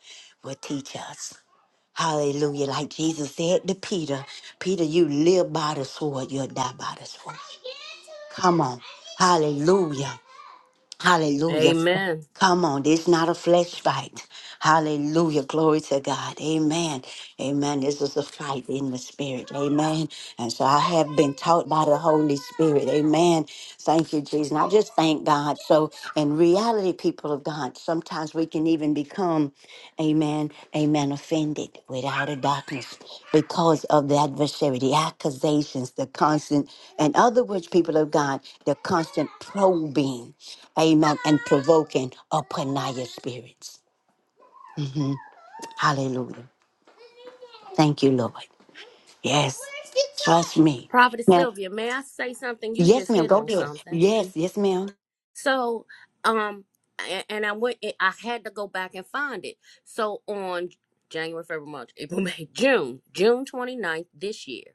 [SPEAKER 2] will teach us. Hallelujah. Like Jesus said to Peter, Peter, you live by the sword, you'll die by the sword. Come on. Hallelujah. Hallelujah.
[SPEAKER 3] Amen.
[SPEAKER 2] Come on, it's not a flesh fight. Hallelujah. Glory to God. Amen. Amen. This is a fight in the spirit. Amen. And so I have been taught by the Holy Spirit. Amen. Thank you, Jesus. And I just thank God. So, in reality, people of God, sometimes we can even become, amen, amen, offended without a darkness because of the adversary, the accusations, the constant, in other words, people of God, the constant probing. Amen. And provoking upon our spirits. Mhm. Hallelujah. Thank you, Lord. Yes. Trust me.
[SPEAKER 3] Prophetess
[SPEAKER 2] Now,
[SPEAKER 3] Sylvia, may I say something? You
[SPEAKER 2] yes,
[SPEAKER 3] just
[SPEAKER 2] ma'am.
[SPEAKER 3] hit
[SPEAKER 2] Go
[SPEAKER 3] on
[SPEAKER 2] there.
[SPEAKER 3] something.
[SPEAKER 2] Yes, yes, ma'am.
[SPEAKER 3] So, um, a- and I went. I had to go back and find it. So on January, February, March, April, May, June, June 29th this year,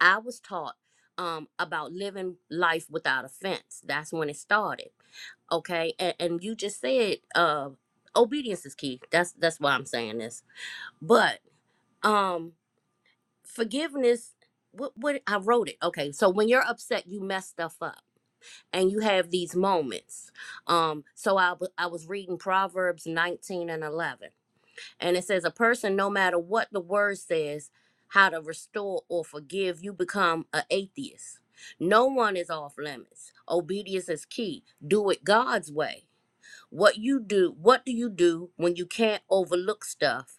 [SPEAKER 3] I was taught um about living life without offense. That's when it started. okay and, and you just said uh obedience is key that's that's why i'm saying this but um forgiveness what what i wrote it okay so when you're upset you mess stuff up and you have these moments um so i, w- I was reading proverbs 19 and 11 and it says a person no matter what the word says how to restore or forgive you become an atheist no one is off limits obedience is key do it god's way what you do, what do you do when you can't overlook stuff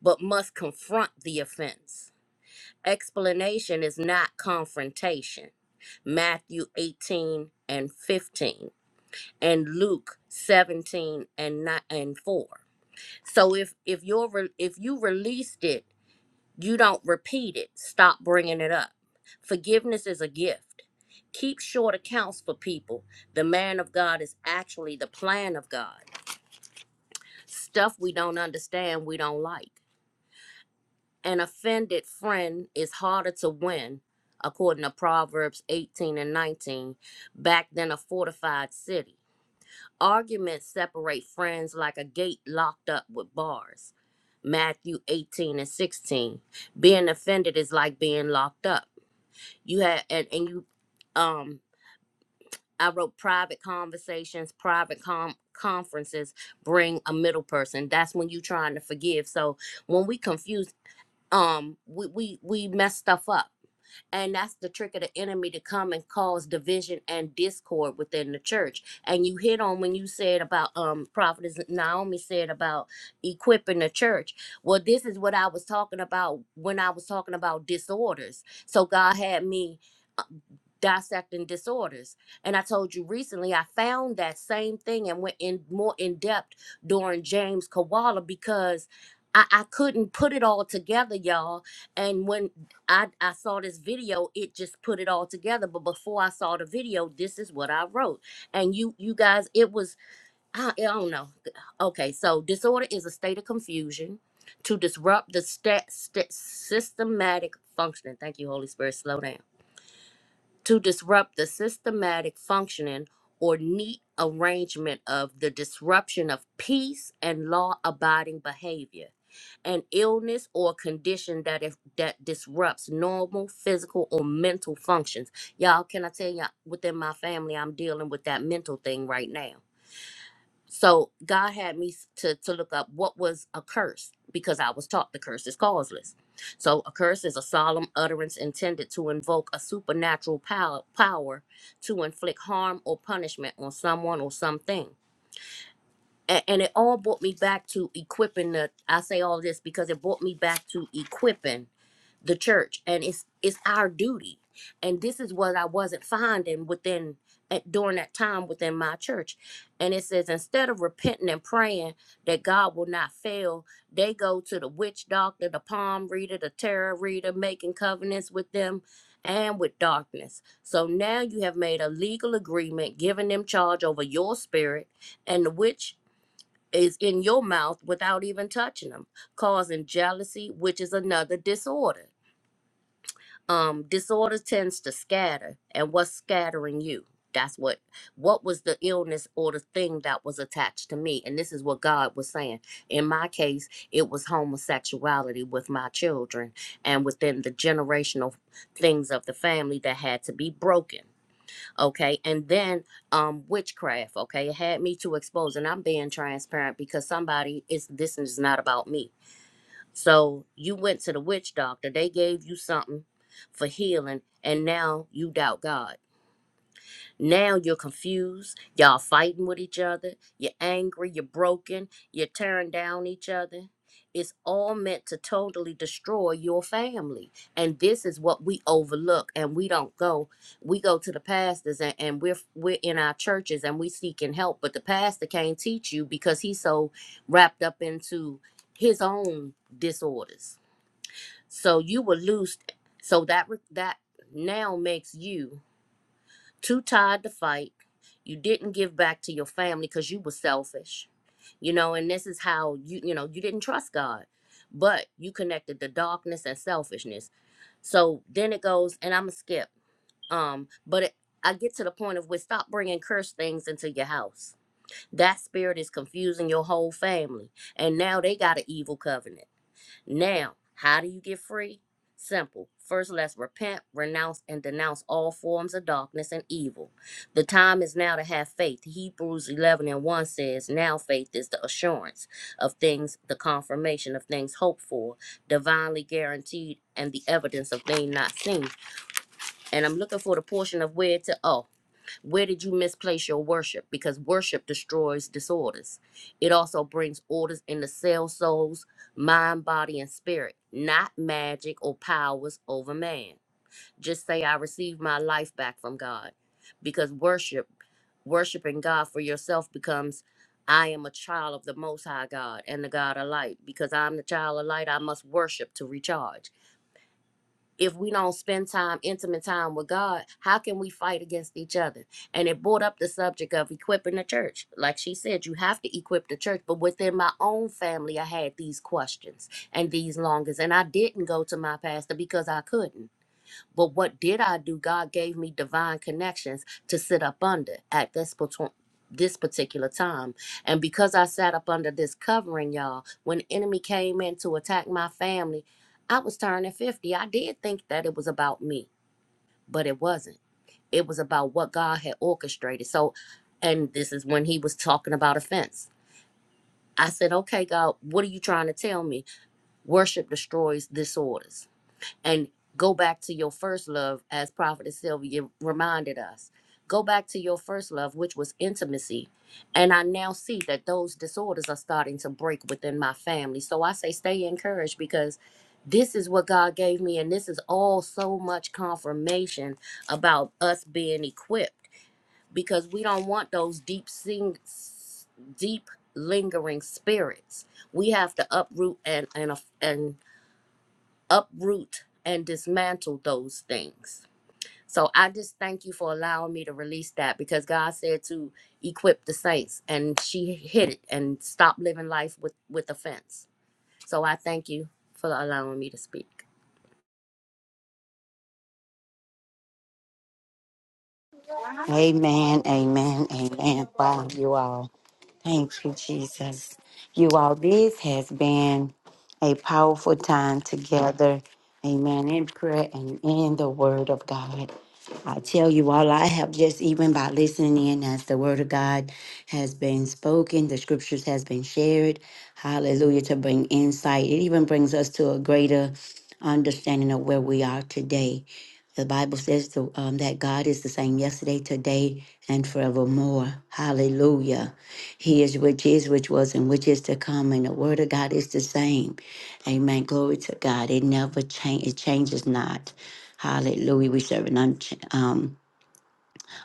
[SPEAKER 3] but must confront the offense? Explanation is not confrontation. Matthew 18 and 15 and Luke 17 and 9 and 4. So if if you're re- if you released it, you don't repeat it. Stop bringing it up. Forgiveness is a gift. Keep short accounts for people. The man of God is actually the plan of God. Stuff we don't understand, we don't like. An offended friend is harder to win, according to Proverbs 18 and 19, back than a fortified city. Arguments separate friends like a gate locked up with bars. Matthew 18 and 16. Being offended is like being locked up. You have and, and you um I wrote private conversations, private com- conferences, bring a middle person. That's when you trying to forgive. So when we confuse, um, we, we we mess stuff up. And that's the trick of the enemy to come and cause division and discord within the church. And you hit on when you said about um prophetess Naomi said about equipping the church. Well, this is what I was talking about when I was talking about disorders. So God had me dissecting disorders. And I told you recently I found that same thing and went in more in depth during James Kawala because I, I couldn't put it all together, y'all. And when I, I saw this video, it just put it all together. But before I saw the video, this is what I wrote. And you you guys, it was I, I don't know. Okay, so disorder is a state of confusion to disrupt the stat, stat systematic functioning. Thank you, Holy Spirit. Slow down to disrupt the systematic functioning or neat arrangement of the disruption of peace and law abiding behavior, an illness or condition that if, that disrupts normal physical or mental functions. Y'all, can I tell y'all within my family I'm dealing with that mental thing right now. So God had me s- to, to look up what was a curse because I was taught the curse is causeless. So a curse is a solemn utterance intended to invoke a supernatural power, power to inflict harm or punishment on someone or something. And, and it all brought me back to equipping the, I say all this because it brought me back to equipping the church and it's it's our duty and this is what i wasn't finding within at, during that time within my church and it says instead of repenting and praying that god will not fail they go to the witch doctor the palm reader the tarot reader making covenants with them and with darkness so now you have made a legal agreement giving them charge over your spirit and the witch is in your mouth without even touching them causing jealousy which is another disorder um disorder tends to scatter and what's scattering you that's what what was the illness or the thing that was attached to me and this is what god was saying in my case it was homosexuality with my children and within the generational things of the family that had to be broken okay and then um witchcraft okay it had me to expose and i'm being transparent because somebody is this is not about me so you went to the witch doctor, they gave you something for healing, and now you doubt God. Now you're confused, y'all fighting with each other, you're angry, you're broken, you're tearing down each other. It's all meant to totally destroy your family. And this is what we overlook and we don't go. We go to the pastors and, and we're we're in our churches and we seeking help, but the pastor can't teach you because he's so wrapped up into his own disorders so you would lose. So that re- that now makes you too tired to fight. You didn't give back to your family because you were selfish, you know. And this is how you you know you didn't trust God, but you connected the darkness and selfishness. So then it goes, and I'm gonna skip. Um, but it, I get to the point of which stop bringing cursed things into your house. That spirit is confusing your whole family, and now they got an evil covenant. Now, how do you get free? Simple. First, let's repent, renounce, and denounce all forms of darkness and evil. The time is now to have faith. Hebrews 11 and 1 says, Now faith is the assurance of things, the confirmation of things hoped for, divinely guaranteed, and the evidence of things not seen. And I'm looking for the portion of where to, oh, where did you misplace your worship? Because worship destroys disorders. It also brings orders in the cell, souls, mind, body, and spirit, not magic or powers over man. Just say, I receive my life back from God. Because worship, worshiping God for yourself becomes, I am a child of the Most High God and the God of light. Because I'm the child of light, I must worship to recharge if we don't spend time, intimate time with God, how can we fight against each other? And it brought up the subject of equipping the church. Like she said, you have to equip the church. But within my own family, I had these questions and these longings. And I didn't go to my pastor because I couldn't. But what did I do? God gave me divine connections to sit up under at this patw- this particular time. And because I sat up under this covering, y'all, when the enemy came in to attack my family, I was turning 50. I did think that it was about me, but it wasn't. It was about what God had orchestrated. So, and this is when he was talking about offense. I said, okay, God, what are you trying to tell me? Worship destroys disorders and go back to your first love, as Prophetess Sylvia reminded us. Go back to your first love, which was intimacy. And I now see that those disorders are starting to break within my family. So I say stay encouraged because this is what God gave me. And this is all so much confirmation about us being equipped because we don't want those deep, sing, deep lingering spirits. We have to uproot and, and, and uproot and dismantle those things. So I just thank you for allowing me to release that because God said to equip the saints and she hit it and stop living life with with offense. So I thank you for allowing me to speak.
[SPEAKER 2] Amen. Amen. Amen. Wow, you all. Thank you, Jesus. You all, this has been a powerful time together. Amen. In prayer and in the Word of God. I tell you all, I have just even by listening in as the Word of God has been spoken, the Scriptures has been shared. Hallelujah. To bring insight. It even brings us to a greater understanding of where we are today. The Bible says to, um, that God is the same yesterday, today, and forevermore. Hallelujah. He is which is, which was, and which is to come. And the word of God is the same. Amen. Glory to God. It never changes. It changes not. Hallelujah. We serve an unch- um,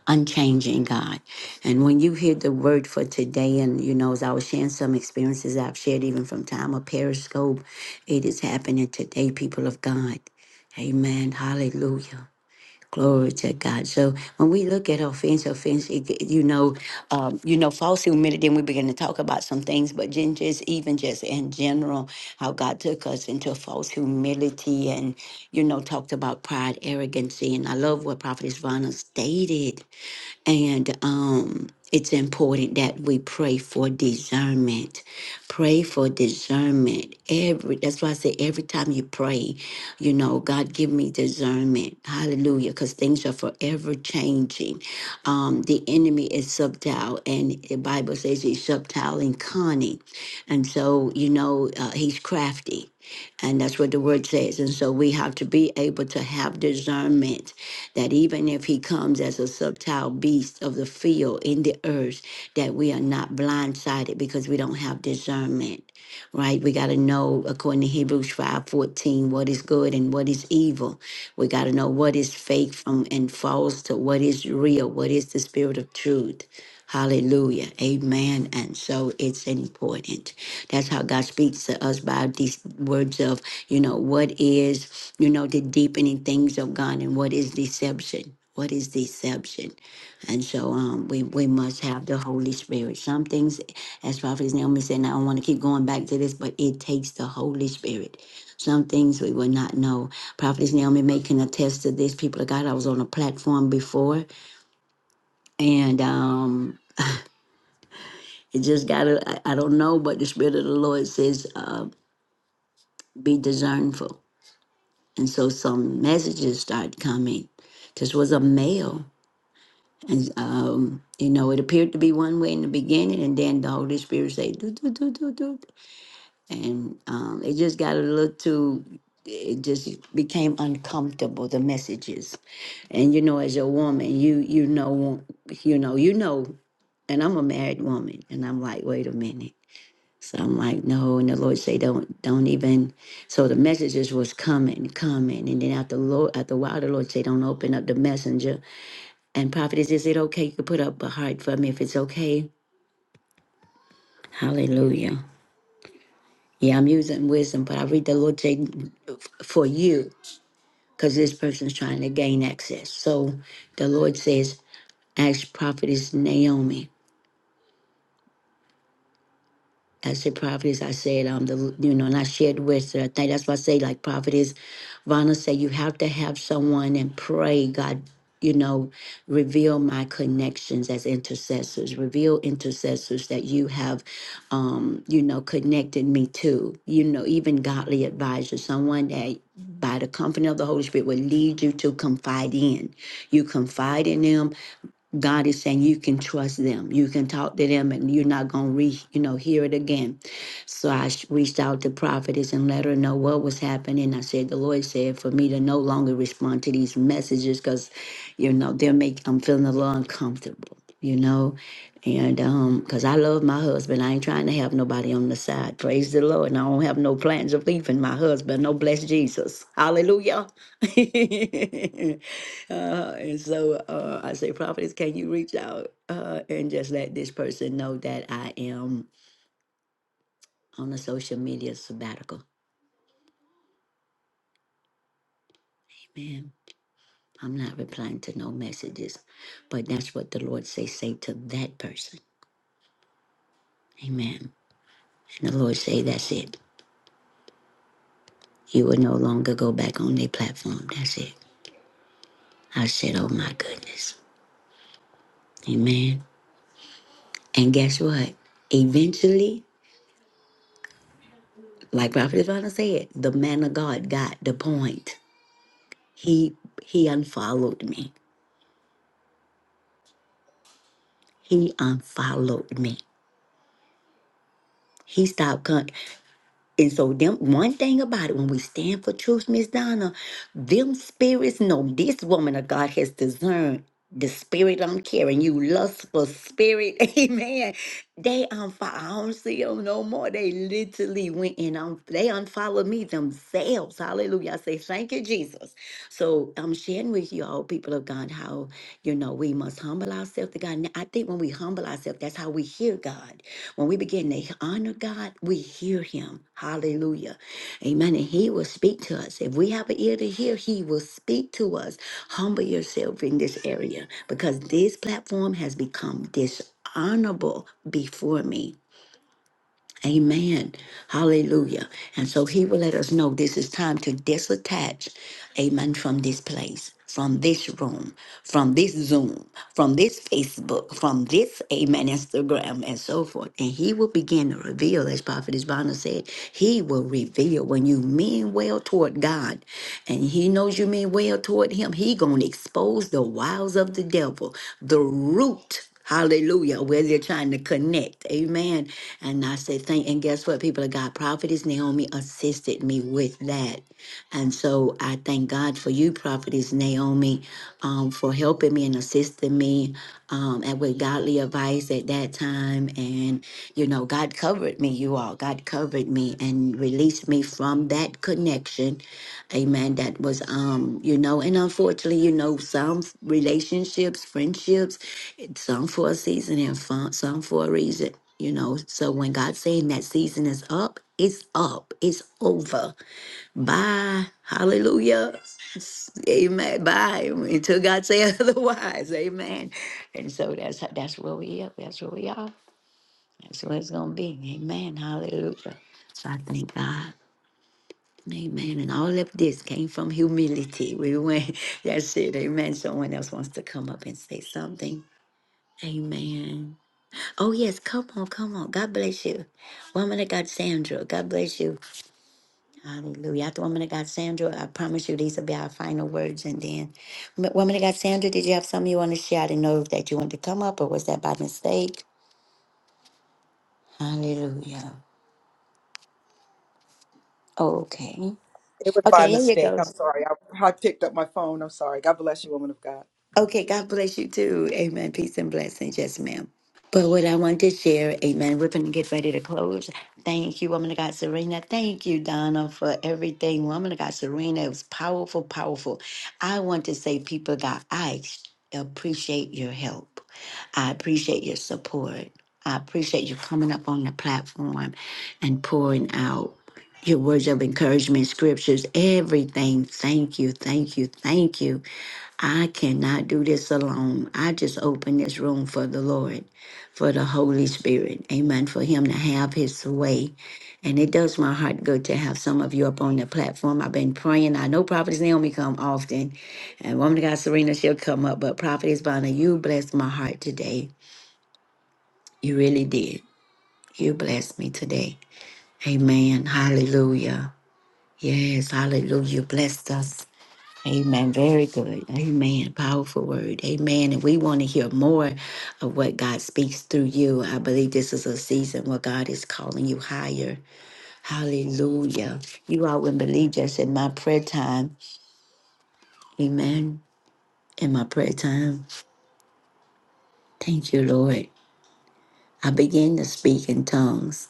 [SPEAKER 2] unchanging God. And when you hear the word for today, and you know, as I was sharing some experiences I've shared even from time of Periscope, it is happening today, people of God. Amen. Hallelujah. Glory to God. So when we look at offense, offense, it, it- you know, um, you know, false humility, then we begin to talk about some things, but then just even just in general, how God took us into false humility and, you know, talked about pride, arrogancy. And I love what Prophet Ivana stated and um, it's important that we pray for discernment. Pray for discernment. Every that's why I say every time you pray, you know, God give me discernment. Hallelujah. Because things are forever changing. Um, the enemy is subtle, and the Bible says he's subtle and cunning. And so, you know, uh, he's crafty. And that's what the word says. And so we have to be able to have discernment that even if he comes as a subtile beast of the field in the earth, that we are not blindsided because we don't have discernment, right? We got to know, according to Hebrews 5.14, what is good and what is evil. We got to know what is fake from and false to what is real, what is the spirit of truth. Hallelujah. Amen. And so it's important. That's how God speaks to us by these words of, you know, what is you know, the deepening things of God and what is deception. What is deception? And so um, we, we must have the Holy Spirit. Some things, as Prophet Naomi said, and I don't want to keep going back to this, but it takes the Holy Spirit. Some things we will not know. Prophet Naomi may can attest to this. People of God, I was on a platform before, and um, it just got, I I don't know, but the Spirit of the Lord says, uh, be discernful. And so some messages start coming. This was a male. And um, you know, it appeared to be one way in the beginning, and then the Holy Spirit say, "Do do do do do," and um, it just got a little too. It just became uncomfortable. The messages, and you know, as a woman, you you know, you know, you know, and I'm a married woman, and I'm like, wait a minute. So I'm like, no, and the Lord say, don't, don't even. So the messages was coming, coming, and then after the Lord, after a while, the Lord say, don't open up the messenger and prophetess, is it okay? You could put up a heart for me if it's okay. Hallelujah. Yeah, I'm using wisdom, but I read the Lord say f- for you, because this person's trying to gain access. So the Lord says, ask prophetess Naomi. I said prophetess. I said um the you know, and I shared with her. I think that's why I say like prophetess. Vonna said you have to have someone and pray God. You know, reveal my connections as intercessors. Reveal intercessors that you have, um, you know, connected me to. You know, even godly advisors, someone that by the company of the Holy Spirit will lead you to confide in. You confide in them God is saying you can trust them. You can talk to them, and you're not gonna re, you know, hear it again. So I sh- reached out to prophetess and let her know what was happening. I said the Lord said for me to no longer respond to these messages because, you know, they are make I'm feeling a little uncomfortable, you know, and um, because I love my husband, I ain't trying to have nobody on the side. Praise the Lord, and I don't have no plans of leaving my husband. No bless Jesus, Hallelujah. Uh, and so uh, I say, Prophetess, can you reach out uh, and just let this person know that I am on a social media sabbatical? Amen. I'm not replying to no messages, but that's what the Lord say. Say to that person, Amen. And the Lord say, that's it. You will no longer go back on their platform. That's it. I said, oh my goodness, Amen. And guess what? Eventually, like Prophet Ivana said, the man of God got the point. he he unfollowed me. He unfollowed me. He stopped coming. And so them one thing about it, when we stand for truth, Miss Donna, them spirits know this woman of God has discerned the spirit I'm carrying, you lustful spirit, amen. They unfollow. I don't see them no more. They literally went and um, they unfollowed me themselves. Hallelujah. I say thank you, Jesus. So I'm sharing with you all, people of God, how you know we must humble ourselves to God. And I think when we humble ourselves, that's how we hear God. When we begin to honor God, we hear Him. Hallelujah. Amen. And He will speak to us. If we have an ear to hear, He will speak to us. Humble yourself in this area because this platform has become dishonorable before me. Amen. Hallelujah. And so he will let us know this is time to disattach, amen, from this place, from this room, from this Zoom, from this Facebook, from this, amen, Instagram, and so forth. And he will begin to reveal, as Prophet Isbana said, he will reveal when you mean well toward God and he knows you mean well toward him, he gonna expose the wiles of the devil, the root. Hallelujah, where they're trying to connect. Amen. And I say thank and guess what, people of God, Prophetess Naomi assisted me with that. And so I thank God for you, Prophetess Naomi, um, for helping me and assisting me um, and with godly advice at that time. And, you know, God covered me, you all. God covered me and released me from that connection Amen. That was, um, you know, and unfortunately, you know, some relationships, friendships, it's some for a season and fun, some for a reason. You know, so when God's saying that season is up, it's up, it's over. Bye. Hallelujah. S- Amen. Bye. Until God say otherwise. Amen. And so that's that's where we are. That's where we are. That's where it's gonna be. Amen. Hallelujah. So I thank God. Amen. And all of this came from humility. We went, that's it. Amen. Someone else wants to come up and say something. Amen. Oh, yes. Come on. Come on. God bless you. Woman of God, Sandra. God bless you. Hallelujah. After woman of God, Sandra, I promise you these will be our final words. And then, M- woman of God, Sandra, did you have something you want to share? I didn't know that you wanted to come up or was that by mistake? Hallelujah. Okay.
[SPEAKER 8] It was by
[SPEAKER 2] Okay. There you
[SPEAKER 8] mistake.
[SPEAKER 2] go.
[SPEAKER 8] I'm sorry. I, I picked up my phone. I'm sorry. God bless you, woman of God.
[SPEAKER 2] Okay, God bless you too. Amen. Peace and blessings. Yes, ma'am. But what I want to share, amen, we're going to get ready to close. Thank you, woman of God, Serena. Thank you, Donna, for everything. Woman of God, Serena, it was powerful, powerful. I want to say, people, of God, I ex- appreciate your help. I appreciate your support. I appreciate you coming up on the platform and pouring out your words of encouragement, scriptures, everything. Thank you, thank you, thank you. I cannot do this alone. I just open this room for the Lord, for the Holy Spirit. Amen. For Him to have His way. And it does my heart good to have some of you up on the platform. I've been praying. I know Prophetess Naomi come often, and Woman of God Serena, she'll come up. But Prophetess Bonner, you blessed my heart today. You really did. You blessed me today. Amen. Hallelujah. Yes, hallelujah. You blessed us. Amen. Very good. Amen. Powerful word. Amen. And we want to hear more of what God speaks through you. I believe this is a season where God is calling you higher. Hallelujah. You all would not believe just in my prayer time. Amen. In my prayer time. Thank you, Lord. I began to speak in tongues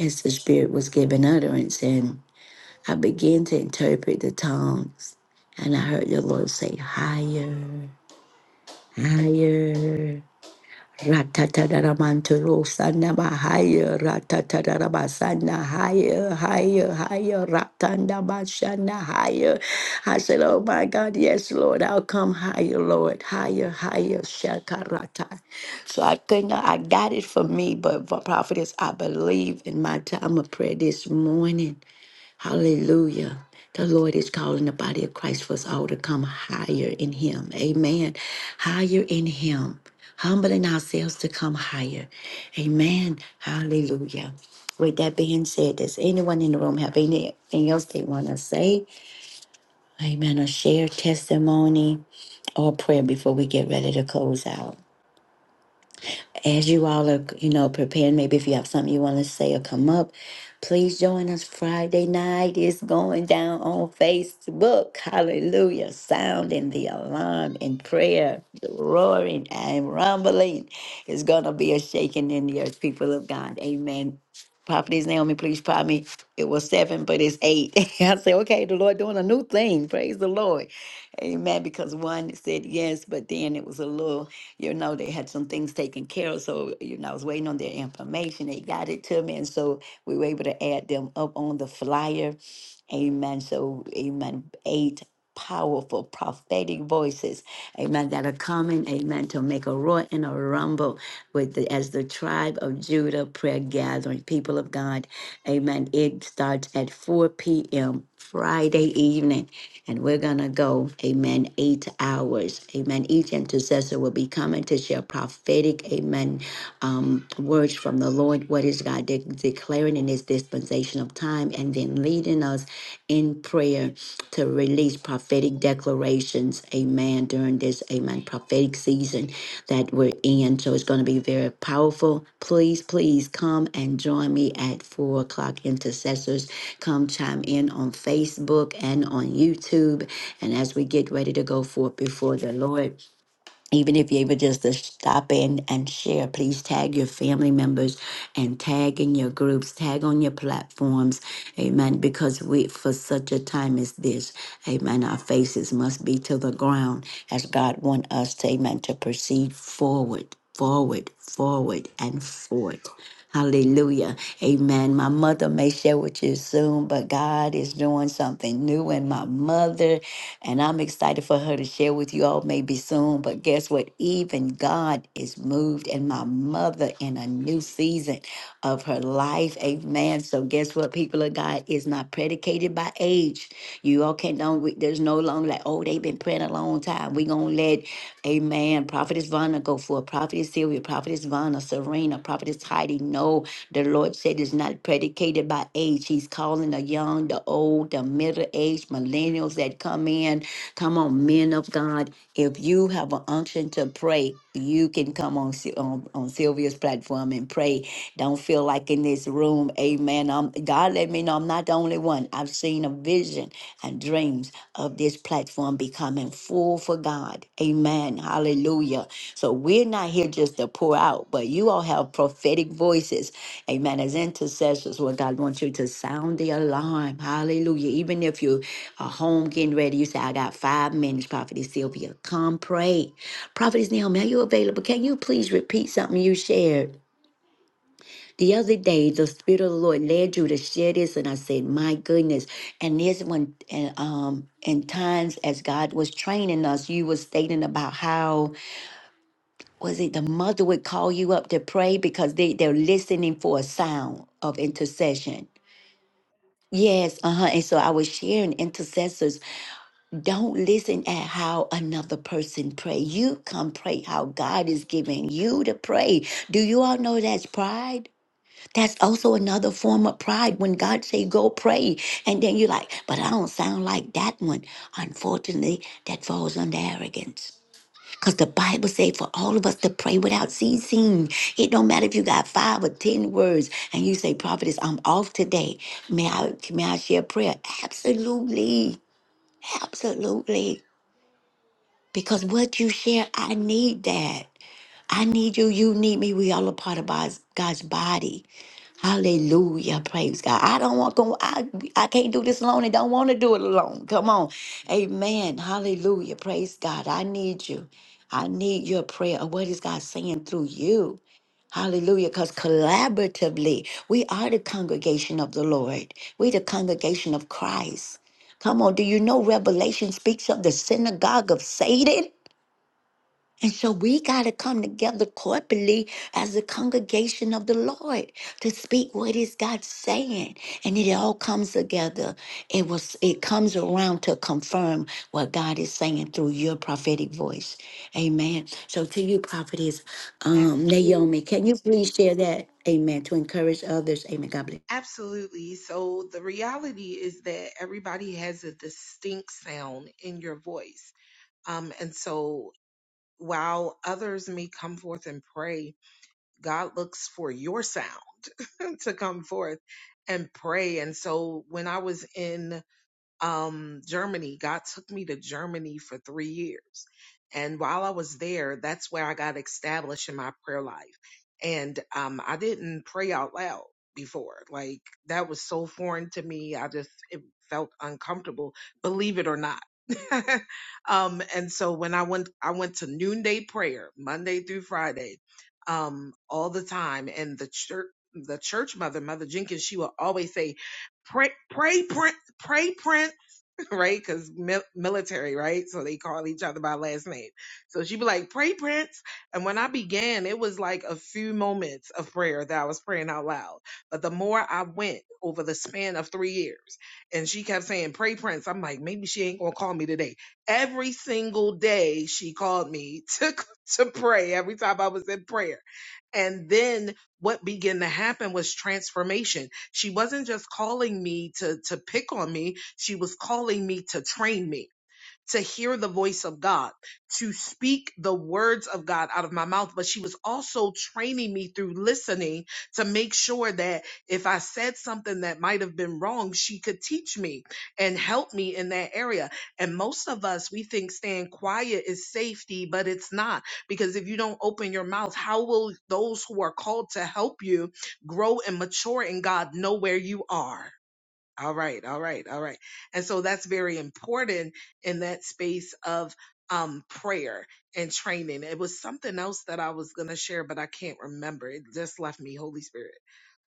[SPEAKER 2] as the Spirit was giving utterance, and I began to interpret the tongues. And I heard the Lord say, higher, higher. Ratatadara mantoro sana bahaya, ratatadara basana higher, higher, higher, ratanda basana higher. I said, Oh my God, yes, Lord, I'll come higher, Lord, higher, higher, shakarata. So I think I got it for me, but for prophetess, I believe in my time of prayer this morning. Hallelujah. The Lord is calling the body of Christ for us all to come higher in Him. Amen. Higher in Him. Humbling ourselves to come higher. Amen. Hallelujah. With that being said, does anyone in the room have anything else they want to say? Amen. Or share testimony or prayer before we get ready to close out? as you all are, you know, preparing, maybe if you have something you want to say or come up, please join us Friday night. It's going down on Facebook. Hallelujah. Sounding the alarm in prayer, roaring and rumbling. It's going to be a shaking in the earth, people of God. Amen. Prophetess Naomi, please pardon me. It was seven, but it's eight. I say, okay, the Lord doing a new thing. Praise the Lord. Amen. Because one said yes, but then it was a little you know, they had some things taken care of. So, you know, I was waiting on their information. They got it to me. And so we were able to add them up on the flyer. Amen. So, amen. Eight powerful prophetic voices. Amen. That are coming. Amen. To make a roar and a rumble with the, as the tribe of Judah prayer gathering, people of God. Amen. It starts at 4 p.m. Friday evening. And we're going to go, amen, eight hours. Amen. Each intercessor will be coming to share prophetic, amen, um, words from the Lord. What is God de- declaring in his dispensation of time? And then leading us in prayer to release prophetic declarations, amen, during this, amen, prophetic season that we're in. So it's going to be very powerful. Please, please come and join me at four o'clock intercessors. Come chime in on Facebook and on YouTube. And as we get ready to go forth before the Lord, even if you're able just to stop in and share, please tag your family members and tag in your groups, tag on your platforms. Amen. Because we, for such a time as this, amen, our faces must be to the ground as God want us to, amen, to proceed forward, forward, forward, and forward. Hallelujah. Amen. My mother may share with you soon, but God is doing something new in my mother. And I'm excited for her to share with you all maybe soon. But guess what? Even God is moved and my mother in a new season of her life. Amen. So guess what? People of God is not predicated by age. You all can't don't we- there's no longer like, oh, they've been praying a long time. We're gonna let Amen. Prophetess Vanna go for it. Prophetess Sylvia, Prophetess Vanna, Serena, Prophetess Heidi. No, the Lord said it's not predicated by age. He's calling the young, the old, the middle aged, millennials that come in. Come on, men of God. If you have an unction to pray, you can come on, Sy- on, on Sylvia's platform and pray. Don't feel like in this room, amen. Um, God let me know I'm not the only one. I've seen a vision and dreams of this platform becoming full for God. Amen. Hallelujah. So we're not here just to pour out, but you all have prophetic voices. Amen. As intercessors, what God wants you to sound the alarm. Hallelujah. Even if you are home getting ready, you say, I got five minutes, Prophetess Sylvia. Come pray. Prophetess Naomi, are you available? Can you please repeat something you shared? The other day, the Spirit of the Lord led you to share this, and I said, "My goodness!" And this one, and um, in times as God was training us, you were stating about how was it the mother would call you up to pray because they they're listening for a sound of intercession. Yes, uh huh. And so I was sharing intercessors don't listen at how another person pray. You come pray how God is giving you to pray. Do you all know that's pride? That's also another form of pride when God say go pray and then you're like, but I don't sound like that one. Unfortunately, that falls under arrogance. Cause the Bible say for all of us to pray without ceasing. It don't matter if you got five or ten words and you say, Prophetess, I'm off today. May I may I share prayer? Absolutely. Absolutely. Because what you share, I need that. I need you, you need me. We all a part of God's God's body. Hallelujah. Praise God. I don't want to, I, I can't do this alone and don't want to do it alone. Come on. Amen. Hallelujah. Praise God. I need you. I need your prayer. Or What is God saying through you? Hallelujah. Because collaboratively, we are the congregation of the Lord. We the congregation of Christ. Come on. Do you know Revelation speaks of the synagogue of Satan? And so we got to come together corporately as a congregation of the Lord to speak what is God saying. And it all comes together. It was it comes around to confirm what God is saying through your prophetic voice. Amen. So to you, prophetess
[SPEAKER 5] Yes,
[SPEAKER 2] um,
[SPEAKER 5] Mm.
[SPEAKER 2] Naomi, can you please share that? Amen. To encourage others. Amen. God bless.
[SPEAKER 5] absolutely. So the reality is that everybody has a distinct sound in your voice. Um, and so while others may come forth and pray, God looks for your sound to come forth and pray. And so when I was in um, Germany. God took me to Germany for three years. And while I was there, that's where I got established in my prayer life. And um, I didn't pray out loud before. Like that was so foreign to me. I just it felt uncomfortable, believe it or not. um, and so when I went, I went to noonday prayer Monday through Friday, um, all the time. And the church, the church mother, Mother Jenkins, she would always say, pray, pray, pray, pray, Prince. right? Because mil- military, right? So they call each other by last name. So she'd be like, pray, Prince. And when I began, it was like a few moments of prayer that I was praying out loud. But the more I went over the span of three years, and she kept saying, pray, Prince, I'm like, maybe she ain't going to call me today. Every single day, she called me to, to pray every time I was in prayer. And then what began to happen was transformation she wasn't just calling me to, to pick on me. She was calling me to train me to hear the voice of God, to speak the words of God out of my mouth. But she was also training me through listening to make sure that if I said something that might have been wrong, she could teach me and help me in that area. And most of us, we think staying quiet is safety, but it's not. Because if you don't open your mouth, how will those who are called to help you grow and mature in God know where you are? All right, all right, all right. And so that's very important in that space of um prayer and training. It was something else that I was going to share but I can't remember. It just left me Holy Spirit.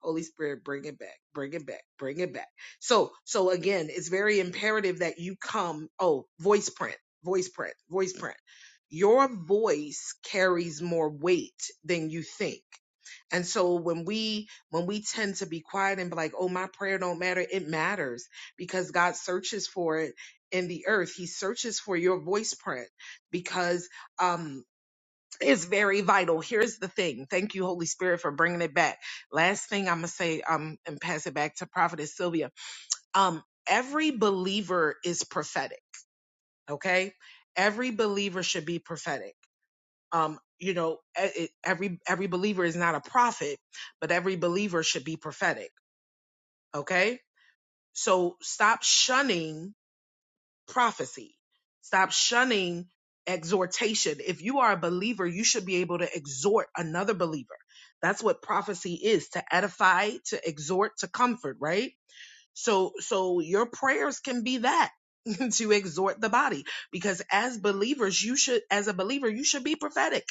[SPEAKER 5] Holy Spirit, bring it back. Bring it back. Bring it back. So, so again, it's very imperative that you come oh, voice print. Voice print. Voice print. Your voice carries more weight than you think. And so when we when we tend to be quiet and be like, oh, my prayer don't matter, it matters because God searches for it in the earth. He searches for your voice print because um, it's very vital. Here's the thing. Thank you, Holy Spirit, for bringing it back. Last thing I'm going to say um, and pass it back to Prophetess Sylvia. Um, every believer is prophetic, okay? Every believer should be prophetic. Um, you know, e- e- every every believer is not a prophet, but every believer should be prophetic. Okay. So stop shunning prophecy. Stop shunning exhortation. If you are a believer, you should be able to exhort another believer. That's what prophecy is to edify, to exhort, to comfort, right? So, so your prayers can be that to exhort the body because as believers, you should, as a believer, you should be prophetic.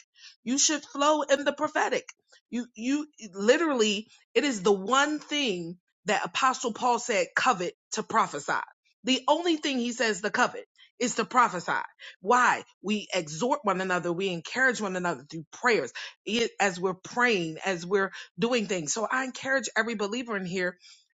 [SPEAKER 5] You should flow in the prophetic. You, you literally, it is the one thing that apostle Paul said covet to prophesy. The only thing he says to covet is to prophesy. Why? We exhort one another. We encourage one another through prayers it- as we're praying, as we're doing things. So I encourage every believer in here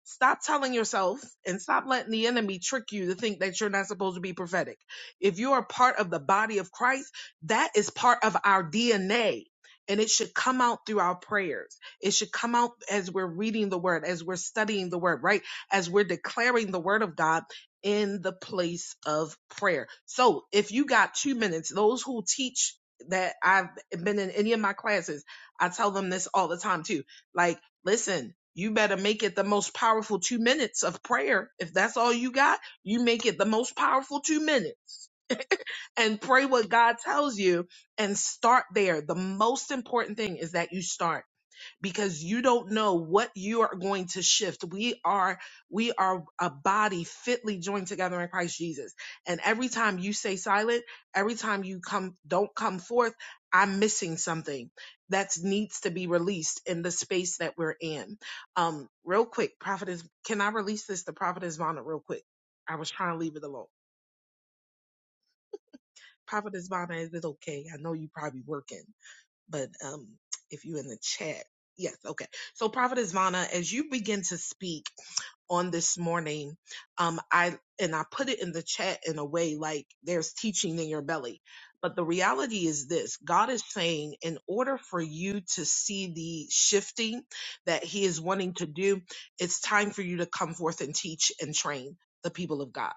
[SPEAKER 5] Stop telling yourself and stop letting the enemy trick you to think that you're not supposed to be prophetic. If you are part of the body of Christ, that is part of our DNA. And it should come out through our prayers. It should come out as we're reading the word, as we're studying the word, right? As we're declaring the word of God in the place of prayer. So if you got two minutes, those who teach that I've been in any of my classes, I tell them this all the time too. Like, Listen, you better make it the most powerful two minutes of prayer. If that's all you got, you make it the most powerful two minutes and pray what God tells you and start there. The most important thing is that you start because you don't know what you are going to shift. We are we are a body fitly joined together in Christ Jesus. And every time you stay silent, every time you come don't come forth, I'm missing something that needs to be released in the space that we're in. Um, real quick, prophetess, can I release this to prophetess Vonna real quick? I was trying to leave it alone. Prophetess Vonna, is it okay? I know you probably working but um, if you in the chat, yes, okay. So, Prophetess Vana, as you begin to speak on this morning, um, I and I put it in the chat in a way like there's teaching in your belly, but the reality is this: God is saying, in order for you to see the shifting that He is wanting to do, it's time for you to come forth and teach and train the people of God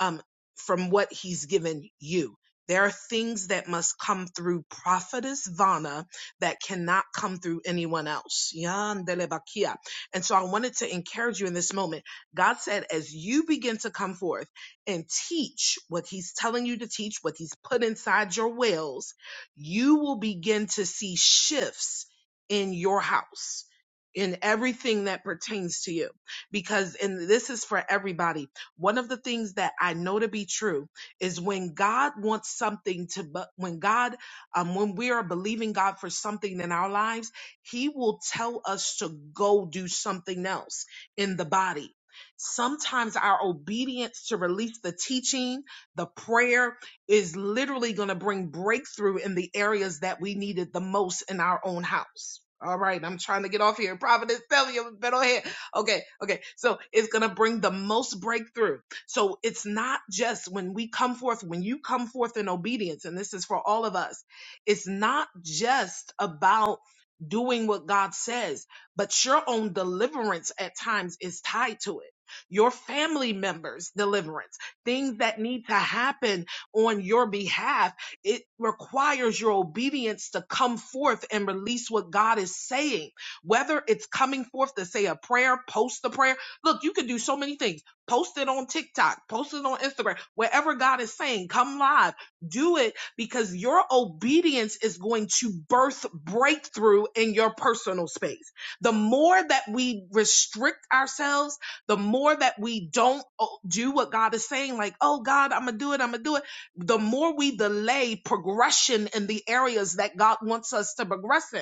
[SPEAKER 5] um, from what he's given you. There are things that must come through prophetess Vana that cannot come through anyone else. Yandelebakia. And so I wanted to encourage you in this moment. God said, as you begin to come forth and teach what he's telling you to teach, what he's put inside your wells, you will begin to see shifts in your house, in everything that pertains to you because and this is for everybody one of the things that I know to be true is when God wants something to, bu- when God, um, when we are believing God for something in our lives, He will tell us to go do something else in the body. Sometimes our obedience to release the teaching, the prayer is literally going to bring breakthrough in the areas that we needed the most in our own house. All right, I'm trying to get off here. Providence, tell me, I'm a bit on here. Okay, okay. So it's going to bring the most breakthrough. So it's not just when we come forth, when you come forth in obedience, and this is for all of us, it's not just about doing what God says, but your own deliverance at times is tied to it. Your family members' deliverance, things that need to happen on your behalf, it requires your obedience to come forth and release what God is saying whether it's coming forth to say a prayer, post a prayer. Look, you can do so many things. Post it on TikTok, post it on Instagram, wherever God is saying, come live, do it because your obedience is going to birth breakthrough in your personal space. The more that we restrict ourselves, the more that we don't uh, do what God is saying, like, oh God, I'm gonna do it, I'm gonna do it. The more we delay progression in the areas that God wants us to progress in.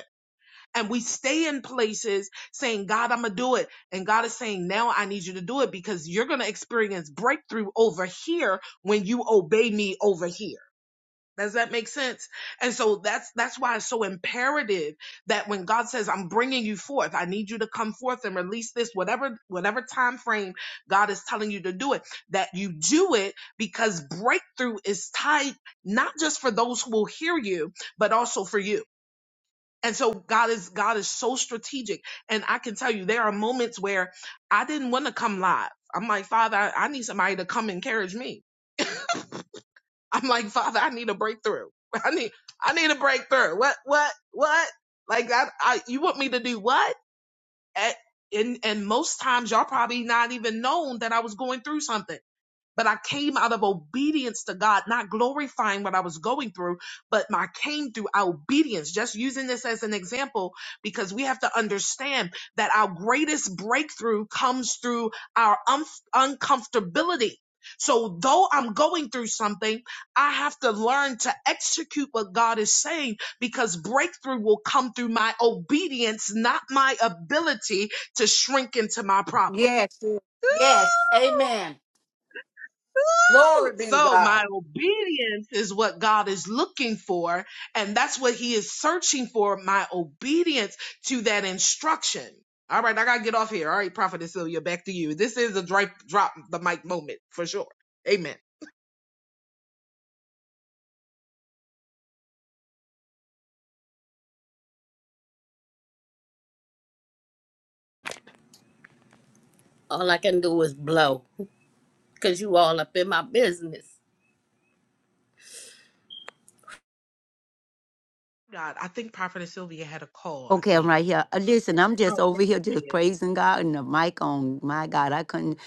[SPEAKER 5] And we stay in places saying, God, I'm going to do it. And God is saying, now I need you to do it because you're going to experience breakthrough over here when you obey me over here. Does that make sense? And so that's, that's why it's so imperative that when God says, I'm bringing you forth, I need you to come forth and release this, whatever, whatever time frame God is telling you to do it, that you do it because breakthrough is tied not just for those who will hear you, but also for you and so God is God is so strategic. And I can tell you there are moments where I didn't want to come live. I'm like, Father, I, I need somebody to come encourage me. I'm like, Father, I need a breakthrough. I need I need a breakthrough. What what what? Like I, I you want me to do what? At, and and most times y'all probably not even known that I was going through something. But I came out of obedience to God, not glorifying what I was going through, but I came through our obedience. Just using this as an example, because we have to understand that our greatest breakthrough comes through our unf uncomfortability. So though I'm going through something, I have to learn to execute what God is saying because breakthrough will come through my obedience, not my ability to shrink into my problem.
[SPEAKER 4] Yes. sis. Yes. Amen. Glory be to
[SPEAKER 5] So
[SPEAKER 4] God.
[SPEAKER 5] my obedience is what God is looking for, and that's what He is searching for. My obedience to that instruction. All right, I gotta get off here. All right, Prophetess Sylvia, back to you. This is a drop drop the mic moment for sure. Amen.
[SPEAKER 3] All I can do is blow because you all up in my business.
[SPEAKER 5] God, I think Prophetess Sylvia had a call. I
[SPEAKER 2] Okay, I'm
[SPEAKER 5] think.
[SPEAKER 2] right here. Uh, Listen, I'm
[SPEAKER 5] Oh,
[SPEAKER 2] just over
[SPEAKER 5] yes,
[SPEAKER 2] here
[SPEAKER 5] yes, she
[SPEAKER 2] just
[SPEAKER 5] is.
[SPEAKER 2] praising God and the mic on. My God, I couldn't.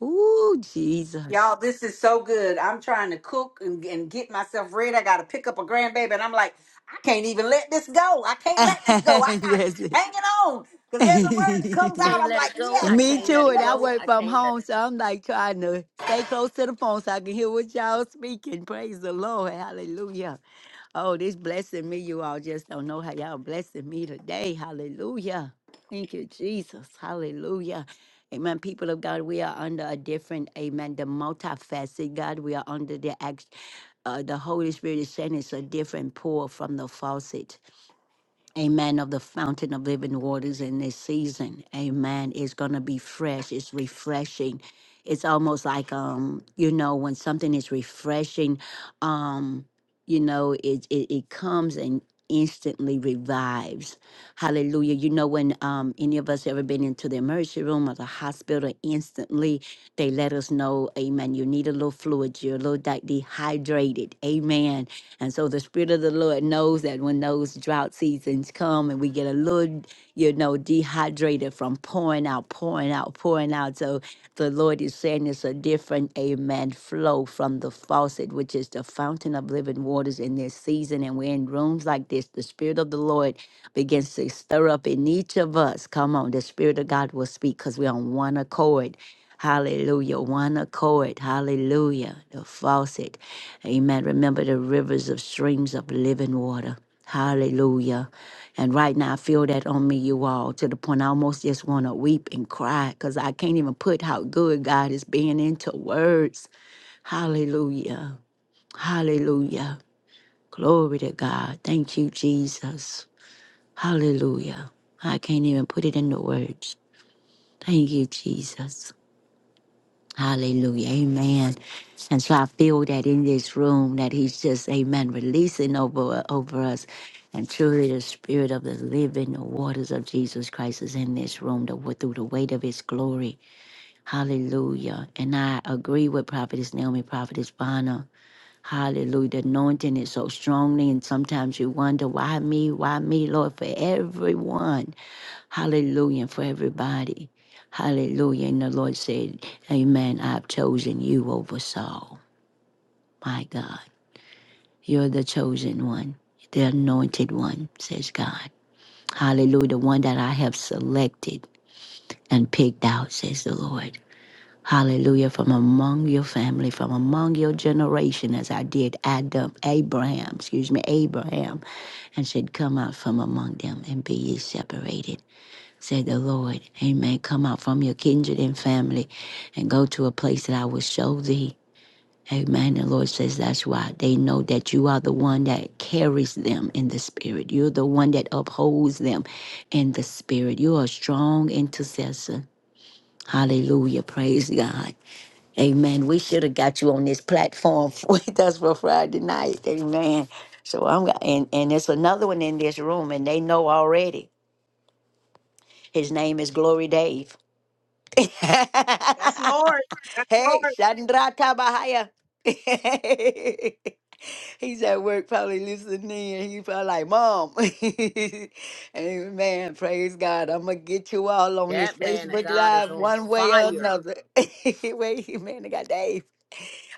[SPEAKER 2] Ooh, Jesus.
[SPEAKER 4] Y'all, this is so good. I'm trying to cook and, and get myself ready. I gotta pick up a grandbaby, and I'm like, I can't even let this go. I can't let this go. I gotta
[SPEAKER 2] yes.
[SPEAKER 4] keep hanging on. Because every word that comes out,
[SPEAKER 3] Can't
[SPEAKER 4] I'm
[SPEAKER 3] let
[SPEAKER 4] like,
[SPEAKER 3] it go.
[SPEAKER 4] yes,
[SPEAKER 3] I
[SPEAKER 2] Me
[SPEAKER 3] can't
[SPEAKER 4] yes,
[SPEAKER 3] let
[SPEAKER 2] too.
[SPEAKER 3] it
[SPEAKER 2] And I
[SPEAKER 4] yes.
[SPEAKER 3] go.
[SPEAKER 2] work
[SPEAKER 3] I
[SPEAKER 2] from
[SPEAKER 3] can't let
[SPEAKER 2] home,
[SPEAKER 3] it.
[SPEAKER 2] so I'm like trying to stay close to the phone so I can hear what y'all speaking. Praise the Lord. Hallelujah. Oh, this blessing me. You all just don't know how y'all blessing me today. Hallelujah. Thank you, Jesus. Hallelujah. Amen. People of God, we are under a different, amen, the multifaceted God. We are under the act. Uh, the Holy Spirit is saying it's a different pour from the faucet. Amen. Of the fountain of living waters in this season. Amen. It's gonna be fresh. It's refreshing. It's almost like um, you know, when something is refreshing, um, you know, it it, it comes and instantly revives. Hallelujah. You know, when um any of us ever been into the emergency room or the hospital, instantly they let us know, Amen. You need a little fluid, you're a little de- dehydrated. Amen and so the Spirit of the Lord knows that when those drought seasons come and we get a little, you know, dehydrated from pouring out, pouring out, pouring out. So the Lord is saying it's a different, amen, flow from the faucet, which is the fountain of living waters in this season. And we're in rooms like this. The Spirit of the Lord begins to stir up in each of us. Come on, the Spirit of God will speak because we're on one accord Hallelujah. One accord. Hallelujah. The faucet. Amen. Remember the rivers of streams of living water. Hallelujah. And right now, I feel that on me, you all, to the point I almost just want to weep and cry because I can't even put how good God is being into words. Hallelujah. Hallelujah. Glory to God. Thank you, Jesus. Hallelujah. I can't even put it into words. Thank you, Jesus. Hallelujah. Amen. And so I feel that in this room that he's just, amen, releasing over, over us. And truly the spirit of the living the waters of Jesus Christ is in this room the, wa- through the weight of his glory. Hallelujah. And I agree with Prophetess Naomi, Prophetess Bonner. Hallelujah. The anointing is so strongly, and sometimes you wonder, why me? Why me, Lord, for everyone? Hallelujah for everybody. Hallelujah. And the Lord said, Amen. I've chosen you over Saul. My God. You're the chosen one, the anointed one, says God. Hallelujah. The one that I have selected and picked out, says the Lord. Hallelujah. From among your family, from among your generation, as I did Adam, Abraham, excuse me, Abraham, and said, Come out from among them and be ye separated said the Lord. Amen. Come out from your kindred and family and go to a place that I will show thee. Amen. The Lord says that's why they know that you are the one that carries them in the spirit. You're the one that upholds them in the spirit. You are a strong intercessor. Hallelujah. Praise God. Amen. We should have got you on this platform with us for Friday night. Amen. So I'm and, and there's another one in this room, and they know already. His name is Glory Dave.
[SPEAKER 5] Yes, Lord. Yes,
[SPEAKER 2] hey,
[SPEAKER 5] Lord.
[SPEAKER 2] Chandra Tabahaya. He's at work probably listening in. He probably like, Mom. Amen. Praise God. I'm going to get you all on this
[SPEAKER 3] That man of
[SPEAKER 2] Facebook
[SPEAKER 3] God is
[SPEAKER 2] Live
[SPEAKER 3] on
[SPEAKER 2] one way or
[SPEAKER 3] fire.
[SPEAKER 2] another. Wait, man, I got Dave.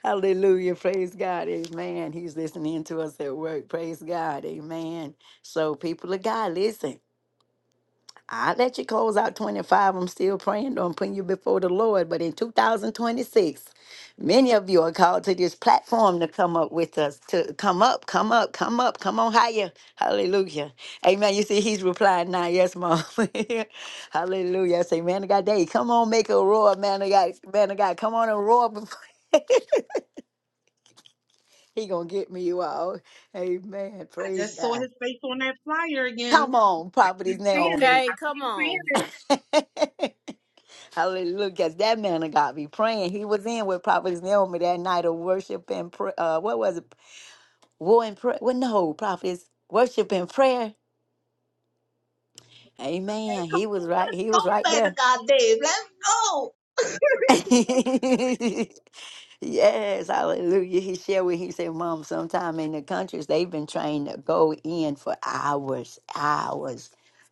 [SPEAKER 2] Hallelujah. Praise God. Amen. He's listening to us at work. Praise God. Amen. So, people of God, listen. I let you close out 25. I'm still praying on putting you before the Lord. But in 2026, many of you are called to this platform to come up with us, to come up, come up, come up, come on higher. Hallelujah. Amen. You see, he's replying now. Yes, mom. Hallelujah. I say, man of God, day, come on, make a roar, man of God, man of God, come on and roar before he gonna get me you all. Amen.
[SPEAKER 5] I
[SPEAKER 2] Praise
[SPEAKER 5] just saw
[SPEAKER 2] God.
[SPEAKER 5] His face on that flyer again.
[SPEAKER 2] Come on, properties
[SPEAKER 5] He's seeing it.
[SPEAKER 2] now.
[SPEAKER 3] Okay, come
[SPEAKER 5] I'm
[SPEAKER 3] on.
[SPEAKER 5] seeing
[SPEAKER 2] Hallelujah. 'Cause That man of God be praying. He was in with Prophetess Naomi that night of worship and prayer. Uh, what was it? War and prayer. Well, no, Prophetess, worship and prayer. Amen. He was right. He was right there.
[SPEAKER 5] it. Let's go.
[SPEAKER 2] Yes, hallelujah. He shared with he said, Mom, sometime in the countries they've been trained to go in for hours, hours.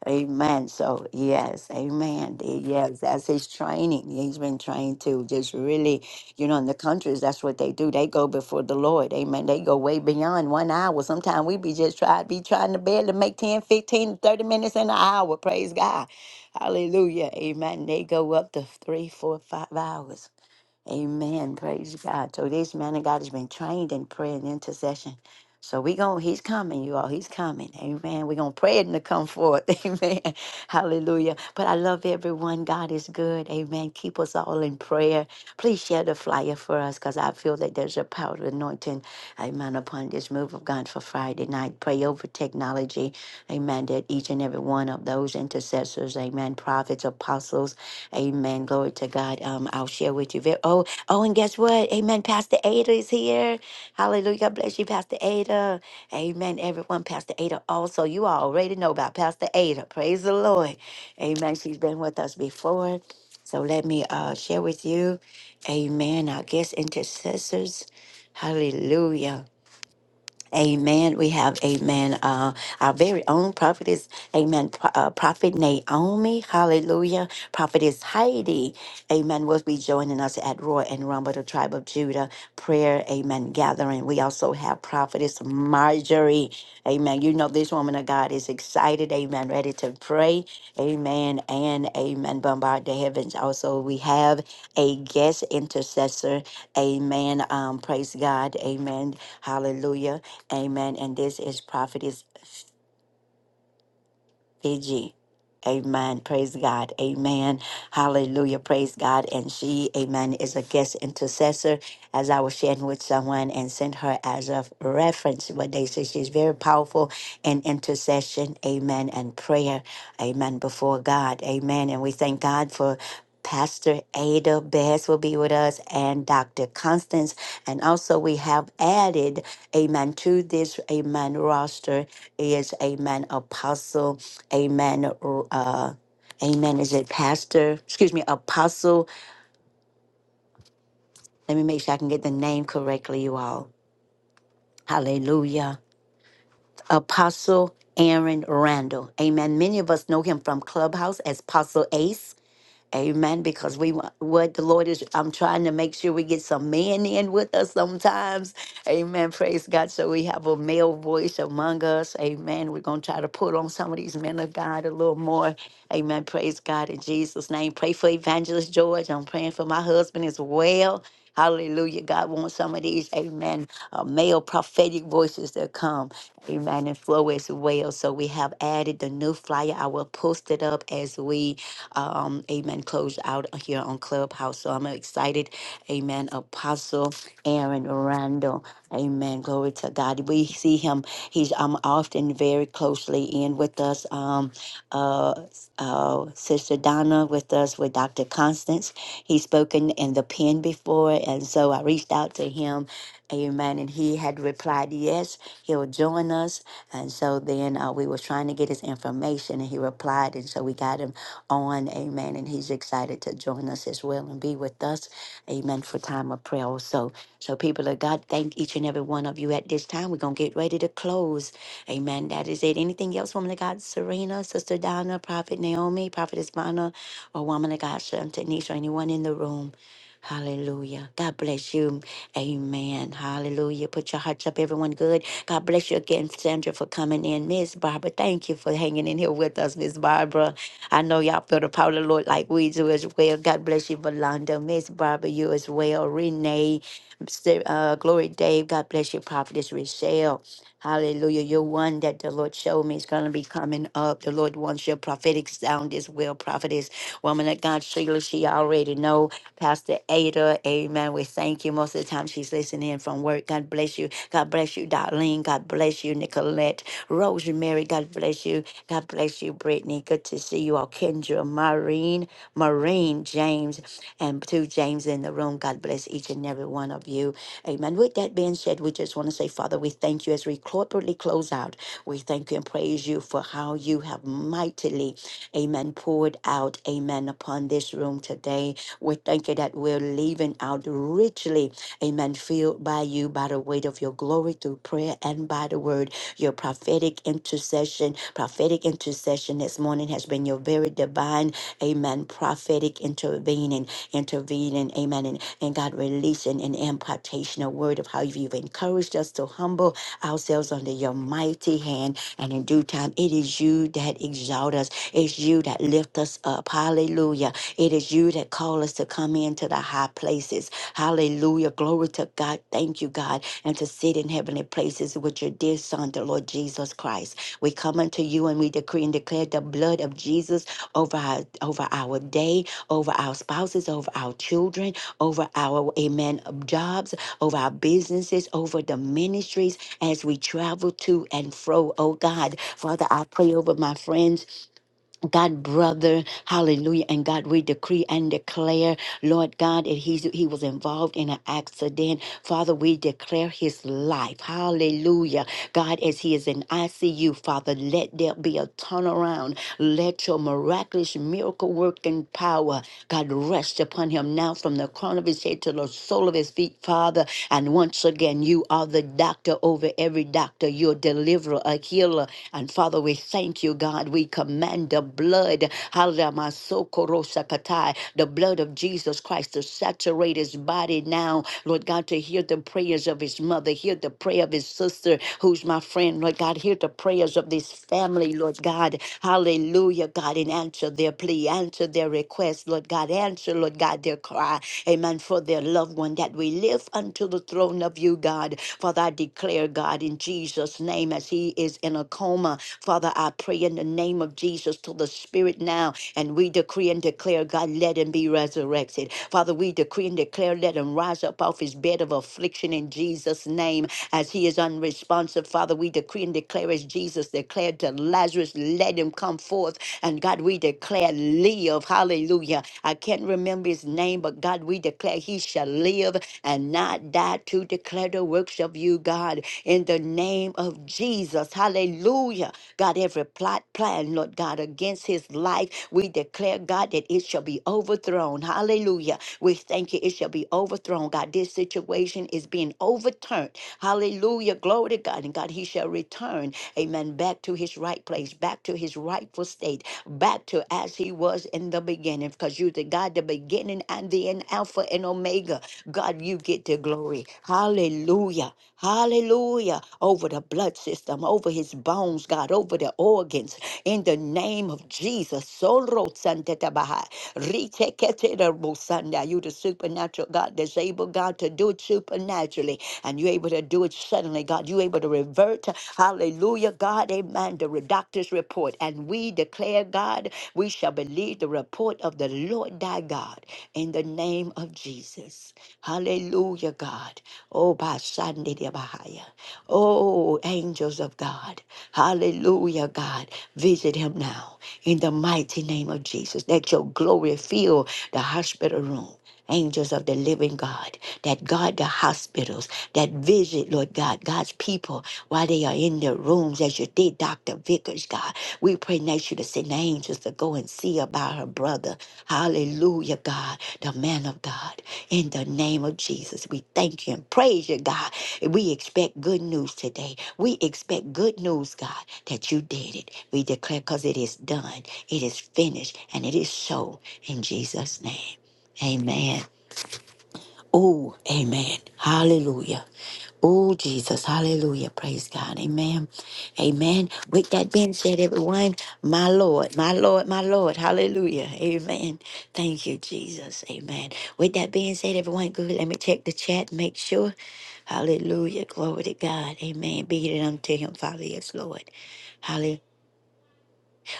[SPEAKER 2] Amen. So yes, amen. The- Yes, that's his training. He's been trained to just really, you know, in the countries, that's what they do. They go before the Lord. Amen. They go way beyond one hour. Sometimes we be just try be trying to barely make 10, 15, 30 minutes in an hour. Praise God. Hallelujah. Amen. They go up to three, four, five hours. Amen. Praise God. So this man of God has been trained in prayer and intercession. So we going he's coming, you all. He's coming. Amen. We're gonna pray it to come forth. Amen. Hallelujah. But I love everyone. God is good. Amen. Keep us all in prayer. Please share the flyer for us because I feel that there's a power of anointing. Amen. Upon this move of God for Friday night. Pray over technology. Amen. That each and every one of those intercessors, amen, prophets, apostles, Amen. Glory to God. Um, I'll share with you. ve- Oh, oh, and guess what? Amen. Pastor Ada is here. Hallelujah. God bless you, Pastor Ada. Amen. Everyone, Pastor Ada. Also, you all already know about Pastor Ada. Praise the Lord. Amen. She's been with us before. So let me uh, share with you. Amen. I guess intercessors. Hallelujah. Amen. We have, amen, uh, our very own prophetess, amen, pro- uh, prophet Naomi, hallelujah, prophetess Heidi, amen, will be joining us at Roy and Rumble, the tribe of Judah, prayer, amen, gathering. We also have prophetess Marjorie, amen. You know, this woman of God is excited, amen, ready to pray, amen, and amen, bombard the heavens. Also, we have a guest intercessor, amen, um, praise God, amen, hallelujah. Amen. And this is Prophetess Fiji. Amen. Praise God. Amen. Hallelujah. Praise God. And she, amen, is a guest intercessor as I was sharing with someone and sent her as a reference. But they say she's very powerful in intercession. Amen. And prayer. Amen. Before God. Amen. And we thank God for Pastor Ada Bass will be with us and Dr. Constance. And also we have added, amen, to this, amen, roster is, amen, Apostle. Amen. Uh, amen. Is it pastor? Excuse me, apostle. Let me make sure I can get the name correctly, you all. Hallelujah. Apostle Aaron Randall. Amen. Many of us know him from Clubhouse as Apostle Ace. Amen. Because we want what the Lord is, I'm trying to make sure we get some men in with us sometimes. Amen. Praise God. So we have a male voice among us. Amen. We're going to try to put on some of these men of God a little more. Amen. Praise God in Jesus' name. Pray for Evangelist George. I'm praying for my husband as well. Hallelujah. God wants some of these, amen, uh, male prophetic voices that come, amen, and flow as well. So we have added the new flyer. I will post it up as we um, amen, closed out here on Clubhouse. So I'm excited, amen, Apostle Aaron Randall, amen, glory to God. We see him, he's um, often very closely in with us, um, uh, uh, Sister Donna with us, with Dr. Constance. He's spoken in the pen before, and so I reached out to him, amen, and he had replied, yes, he'll join us. And so then uh, we were trying to get his information, and he replied, and so we got him on. Amen. And he's excited to join us as well and be with us. Amen. For time of prayer also. So people of God, thank each and every one of you at this time. We're gonna get ready to close. Amen. That is it. Anything else, woman of God, Serena, Sister Donna, Prophet Naomi, Prophetess Bonner, or woman of God, Shantanish, or anyone in the room. Hallelujah. God bless you. Amen. Hallelujah. Put your hearts up, everyone. Good. God bless you again, Sandra, for coming in. Miss Barbara, thank you for hanging in here with us, Miss Barbara. I know y'all feel the power of the Lord like we do as well. God bless you, Valanda, Miss Barbara, you as well, Renee, Mr. uh, Glory Dave. God bless you, Prophetess Rochelle. Hallelujah. You're one that the Lord showed me is going to be coming up. The Lord wants your prophetic sound as well, prophetess. Woman of God, Sheila, she already know. Pastor Ada, amen. We thank you. Most of the time she's listening in from work. God bless you. God bless you, Darlene. God bless you, Nicolette. Rosemary, God bless you. God bless you, Brittany. Good to see you all. Kendra, Maureen, Maureen, James, and two James in the room. God bless each and every one of you. Amen. With that being said, we just want to say, Father, we thank you as we corporately close out. We thank you and praise you for how you have mightily, amen, poured out, amen, upon this room today. We thank you that we're leaving out richly, amen, filled by you, by the weight of your glory through prayer and by the word. Your prophetic intercession, prophetic intercession this morning has been your very divine, amen, prophetic intervening, intervening, amen, and, and God releasing an impartation, a word of how you've encouraged us to humble ourselves under your mighty hand. And in due time, it is you that exalt us. It's you that lift us up. Hallelujah. It is you that call us to come into the high places. Hallelujah. Glory to God. Thank you, God and to sit in heavenly places with your dear Son, the Lord Jesus Christ. We come unto you and we decree and declare the blood of Jesus over our over our day, over our spouses, over our children, over our amen jobs, over our businesses, over the ministries as we travel to and fro. Oh God, Father, I pray over my friends God, brother, hallelujah. And God, we decree and declare, Lord God, that he's, he was involved in an accident. Father, we declare his life. Hallelujah. God, as he is in ICU, Father, let there be a turnaround. Let your miraculous miracle working power, God, rest upon him now from the crown of his head to the sole of his feet, Father. And once again, you are the doctor over every doctor. You're a deliverer, a healer. And Father, we thank you, God. We command the blood, Hallelujah. My soul, Korosakatai, the blood of Jesus Christ to saturate his body now. Lord God, to hear the prayers of his mother, hear the prayer of his sister, who's my friend. Lord God, hear the prayers of this family, Lord God. Hallelujah, God, and answer their plea, answer their request, Lord God. Answer, Lord God, their cry. Amen. For their loved one that we live lift unto the throne of you, God. Father, I declare, God, in Jesus' name, as he is in a coma, Father, I pray in the name of Jesus to the Spirit now, and we decree and declare, God, let him be resurrected. Father, we decree and declare, let him rise up off his bed of affliction in Jesus' name. As he is unresponsive, Father, we decree and declare, as Jesus declared to Lazarus, let him come forth. And God, we declare, live. Hallelujah. I can't remember his name, but God, we declare he shall live and not die to declare the works of you, God, in the name of Jesus. Hallelujah. God, every plot, plan, Lord God, against his life, we declare, God, that it shall be overthrown. Hallelujah. We thank you, it shall be overthrown. God, this situation is being overturned. Hallelujah. Glory to God. And God, he shall return, amen, back to his right place, back to his rightful state, back to as he was in the beginning, because you're the God, the beginning and the end, Alpha and Omega. God, you get the glory. Hallelujah. Hallelujah. Over the blood system, over his bones, God, over the organs. In the name of Jesus. Solo Santetabaha. Riteketerabosanda. You the supernatural God that's able, God, to do it supernaturally and you're able to do it suddenly, God. You're able to revert, hallelujah, God, amen, the doctor's report. And we declare, God, we shall believe the report of the Lord thy God in the name of Jesus. Hallelujah, God. Oh, by Sunday, dear Bahia. Oh, angels of God. Hallelujah, God. Visit him now in the mighty name of Jesus. Let your glory fill the hospital room angels of the living God that guard the hospitals, that visit, Lord God, God's people while they are in their rooms, as you did, Dr. Vickers, God. We pray that you to send the angels to go and see about her brother. Hallelujah, God, the man of God. In the name of Jesus, we thank you and praise you, God. We expect good news today. We expect good news, God, that you did it. We declare because it is done, it is finished, and it is so in Jesus' name. Amen. Oh, amen. Hallelujah. Oh, Jesus. Hallelujah. Praise God. Amen. Amen. With that being said, everyone, my Lord, my Lord, my Lord. Hallelujah. Amen. Thank you, Jesus. Amen. With that being said, everyone, good. Let me check the chat, make sure. Hallelujah. Glory to God. Amen. Be it unto him, Father, yes, Lord. Hallelujah.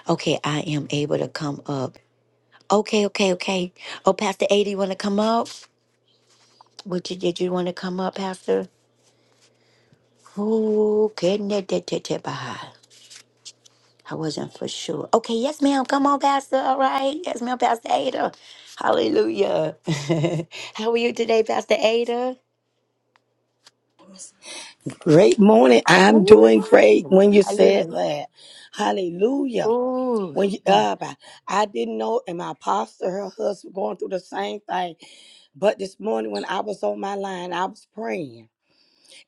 [SPEAKER 2] Okay, I am able to come up. Okay, okay, okay. Oh, Pastor A, do you want to come up? Would you did you want to come up, Pastor? Who couldn't it did- did- did by? I wasn't for sure. Okay, yes, ma'am. Come on, Pastor. All right. Yes, ma'am, Pastor Ada. Hallelujah. How are you today, Pastor Ada?
[SPEAKER 9] Great morning. I'm doing great
[SPEAKER 2] Ooh,
[SPEAKER 9] when you said
[SPEAKER 2] hallelujah.
[SPEAKER 9] that. Hallelujah.
[SPEAKER 2] Ooh.
[SPEAKER 9] When you
[SPEAKER 2] Mm.
[SPEAKER 9] up, I, I didn't know, and my pastor, her husband, going through the same thing. But this morning, when I was on my line, I was praying.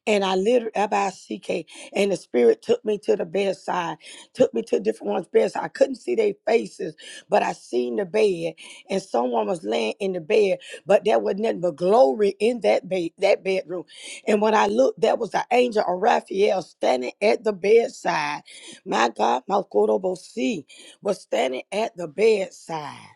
[SPEAKER 9] And I literally, F-I-C-K, and the spirit took me to the bedside, took me to different one's bedside. I couldn't see their faces, but I seen the bed, and someone was laying in the bed, but there was nothing but glory in that bed, that bedroom. And when I looked, there was the angel of Raphael standing at the bedside. My God, Makorobosi was standing at the bedside.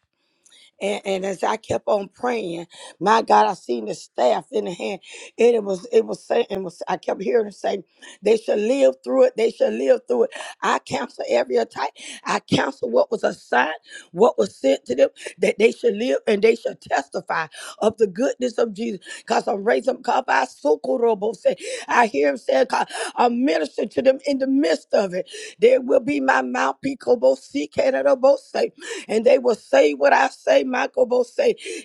[SPEAKER 9] And, and as I kept on praying, my God, I seen the staff in the hand, and it was it was saying, and was I kept hearing it say, "They shall live through it. They shall live through it." I cancel every attack. I cancel what was assigned, what was sent to them, that they should live and they shall testify of the goodness of Jesus. Cause I'm raising up. I hear him say, "God, I'll minister to them in the midst of it. There will be my mouth, Picobose, and they will say what I say, Michaelbose,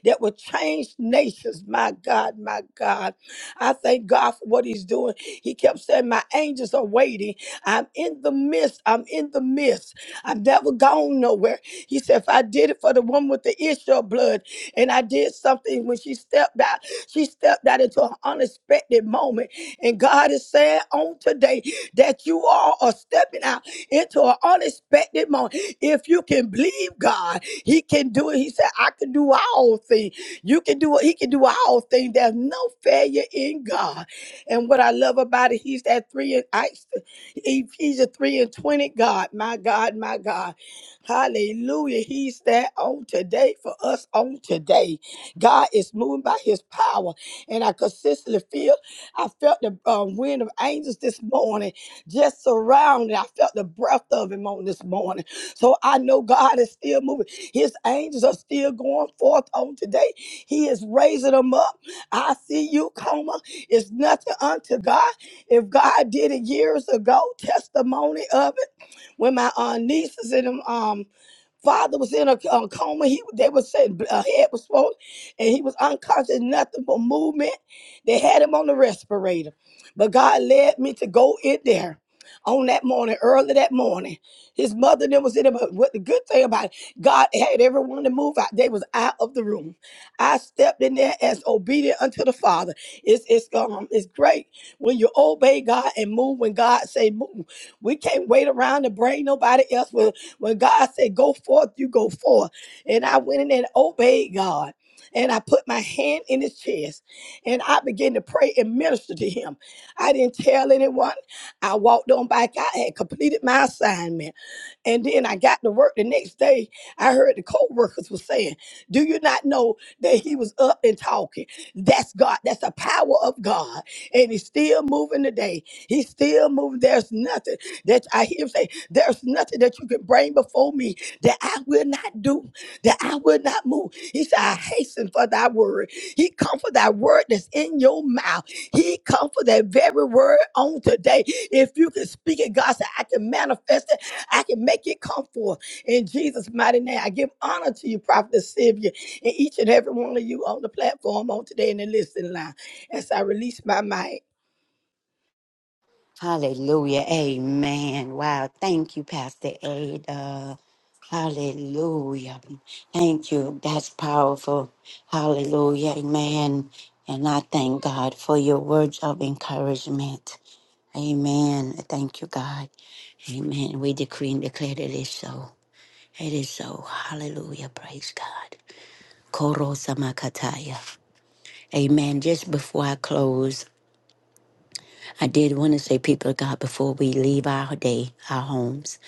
[SPEAKER 9] that will change nations. My God, my God. I thank God for what he's doing. He kept saying, My angels are waiting. I'm in the midst. I'm in the midst. I've never gone nowhere. He said, if I did it for the woman with the issue of blood, and I did something when she stepped out, she stepped out into an unexpected moment. And God is saying on today that you all are stepping out into an unexpected moment. If you can believe God, He can do it. He said, I can do all things. You can do it. He can do all things. There's no failure in God. And what I love about it, He's that three and I, Ephesians 3 and 20. God, my God, my God. Hallelujah. He's there on today for us on today. God is moving by his power. And I consistently feel, I felt the um, wind of angels this morning just surrounding. I felt the breath of him on this morning. So I know God is still moving. His angels are still going forth on today. He is raising them up. I see you, coma. It's nothing unto God. If God did it years ago, testimony of it. When my uh, nieces and them, um, father was in a, a coma, he they was saying a head was swollen, and he was unconscious, nothing but movement. They had him on the respirator, but God led me to go in there. On that morning, early that morning, his mother then was in there. But what the good thing about it, God had everyone to move out. They was out of the room. I stepped in there as obedient unto the Father. It's it's um it's great when you obey God and move when God say move. We can't wait around to bring nobody else. When, when God said, go forth, you go forth. And I went in and obeyed God. And I put my hand in his chest and I began to pray and minister to him. I didn't tell anyone. I walked on back. I had completed my assignment. And then I got to work the next day. I heard the co-workers were saying, Do you not know that he was up and talking? That's God. That's the power of God. And he's still moving today. He's still moving. There's nothing that I hear him say, There's nothing that you can bring before me that I will not do, that I will not move. He said, I hasten for thy word. He come for thy word that's in your mouth. He come for that very word on today. If you can speak it, God said, I can manifest it. I can make it come forth in Jesus' mighty name. I give honor to you, Prophet Sylvia, and each and every one of you on the platform on today in the listening line. As I release my mic,
[SPEAKER 2] Hallelujah. Amen. Wow. Thank you, Pastor Ada. Hallelujah. Thank you. That's powerful. Hallelujah. Amen. And I thank God for your words of encouragement. Amen. Thank you, God. Amen. We decree and declare that it is so. It is so. Hallelujah. Praise God. Koro Samakataya. Amen. Just before I close, I did want to say, people of God, before we leave our day, our homes,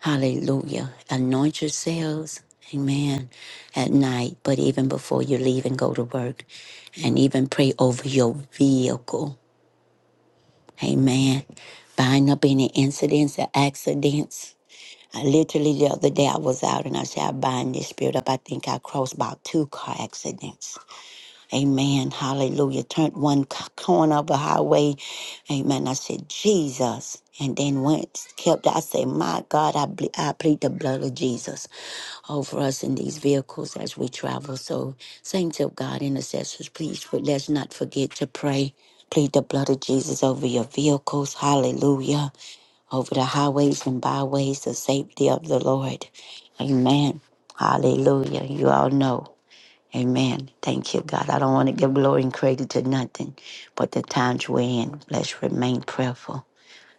[SPEAKER 2] hallelujah, anoint yourselves, amen, at night, but even before you leave and go to work, and even pray over your vehicle, amen. Bind up any incidents or accidents. I literally, the other day, I was out and I said, I bind this spirit up. I think I crossed about two car accidents. Amen. Hallelujah. Turned one c- corner of a highway. Amen. I said, Jesus. And then once kept, I said, my God, I, ble- I plead the blood of Jesus over us in these vehicles as we travel. So, saints of God, intercessors, please for- let's not forget to pray. Plead the blood of Jesus over your vehicles. Hallelujah. Over the highways and byways, the safety of the Lord. Amen. Hallelujah. You all know. Amen. Thank you, God. I don't want to give glory and credit to nothing but the times we're in. Let's remain prayerful.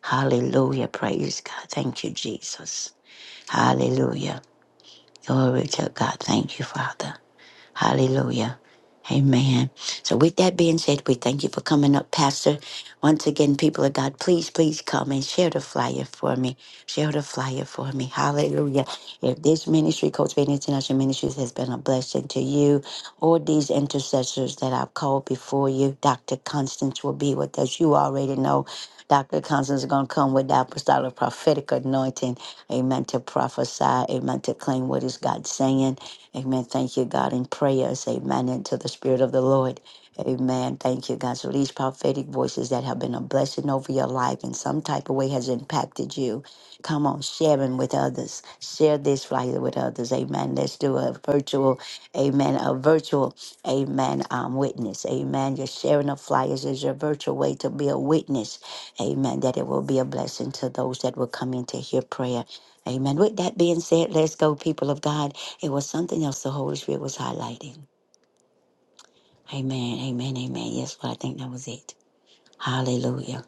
[SPEAKER 2] Hallelujah. Praise God. Thank you, Jesus. Hallelujah. Glory to God. Thank you, Father. Hallelujah. Amen. So, with that being said, we thank you for coming up, Pastor. Once again, people of God, please, please come and share the flyer for me. Share the flyer for me. Hallelujah. If this ministry, Coach Bain International Ministries, has been a blessing to you, all these intercessors that I've called before you, Dr. Constance will be with us. You already know Dr. Constance is going to come with the apostolic prophetic anointing. Amen. To prophesy. Amen. To claim what is God saying. Amen. Thank you, God, in prayers. Amen. And to the Spirit of the Lord. Amen. Thank you, God. So these prophetic voices that have been a blessing over your life in some type of way has impacted you. Come on, sharing with others. Share this flyer with others. Amen. Let's do a virtual, amen, a virtual, amen, um, witness. Amen. Your sharing of flyers is your virtual way to be a witness. Amen. That it will be a blessing to those that will come in to hear prayer. Amen. With that being said, let's go, people of God. It was something else the Holy Spirit was highlighting. Amen, amen, amen. Yes, well, I think that was it. Hallelujah.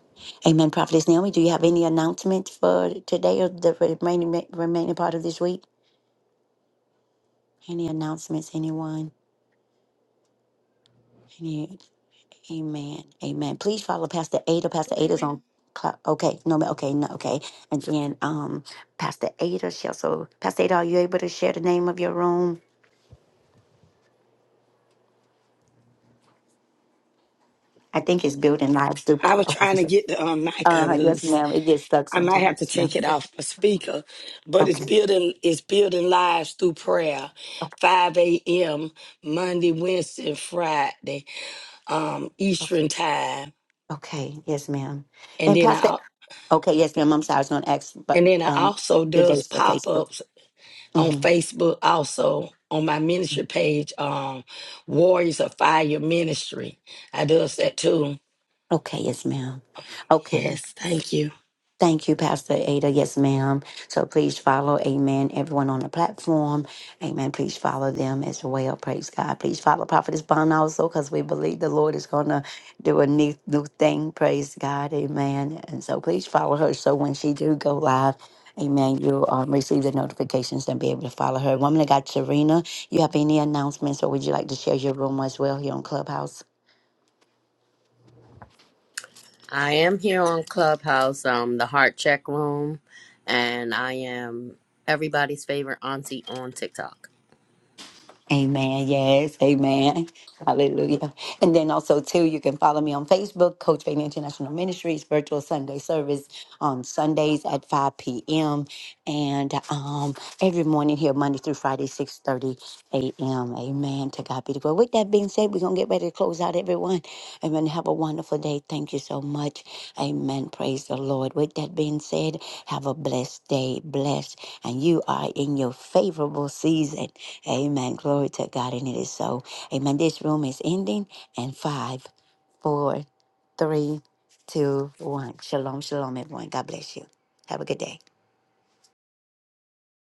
[SPEAKER 2] Amen. Prophetess Naomi, do you have any announcements for today or the remaining remaining part of this week? Any announcements, anyone? Any, amen, amen. Please follow Pastor Ada. Pastor Ada's on. cla- Okay, no, ma- okay, no, okay. And then um, Pastor Ada, she also, Pastor Ada, are you able to share the name of your room? I think it's Building Lives Through
[SPEAKER 9] I was
[SPEAKER 2] Prayer.
[SPEAKER 9] trying to get the um, mic
[SPEAKER 2] Uh, yes,
[SPEAKER 9] unloose.
[SPEAKER 2] ma'am. It gets stuck
[SPEAKER 9] I might
[SPEAKER 2] sometimes,
[SPEAKER 9] have to
[SPEAKER 2] ma'am.
[SPEAKER 9] take it
[SPEAKER 2] Okay.
[SPEAKER 9] off the speaker, but it's
[SPEAKER 2] Okay.
[SPEAKER 9] building it's building lives through prayer. 5 a.m. Monday, Wednesday, and Friday, um,
[SPEAKER 2] Okay.
[SPEAKER 9] Eastern time,
[SPEAKER 2] Okay. Yes, ma'am.
[SPEAKER 9] and
[SPEAKER 2] And
[SPEAKER 9] then
[SPEAKER 2] Pastor,
[SPEAKER 9] I
[SPEAKER 2] okay. Yes, ma'am. I'm sorry. I was going to ask, but
[SPEAKER 9] and then I
[SPEAKER 2] um,
[SPEAKER 9] also
[SPEAKER 2] your
[SPEAKER 9] does
[SPEAKER 2] dates for
[SPEAKER 9] pop
[SPEAKER 2] Facebook.
[SPEAKER 9] ups on
[SPEAKER 2] hmm
[SPEAKER 9] Facebook also on my ministry page, um, Warriors of Fire Ministry. I does that too.
[SPEAKER 2] Okay. Yes, ma'am. Okay.
[SPEAKER 9] Yes, thank you.
[SPEAKER 2] Thank you, Pastor Ada. Yes, ma'am. So please follow, amen, everyone on the platform. Amen. Please follow them as well. Praise God. Please follow Prophetess Bond also because we believe the Lord is going to do a new, new thing. Praise God. Amen. And so please follow her. So when she do go live, amen, you'll um, receive the notifications and be able to follow her. Woman of God, Serena, you have any announcements or would you like to share your room as well here on Clubhouse?
[SPEAKER 3] I am here on Clubhouse, um, the Heart Check Room, and I am everybody's favorite auntie on TikTok.
[SPEAKER 2] Amen. Yes. Amen. Hallelujah. And then also too, you can follow me on Facebook, Coach Faith International Ministries virtual Sunday service on Sundays at 5 p.m. and um, every morning here Monday through Friday 6:30 a.m. Amen. To God be the glory. With that being said, we're gonna get ready to close out, everyone. Amen. Have a wonderful day. Thank you so much. Amen. Praise the Lord. With that being said, have a blessed day. Blessed, and you are in your favorable season. Amen. Glory to God, and it is so. Amen. This room is ending in five, four, three, two, one. Shalom, shalom, everyone. God bless you. Have a good day.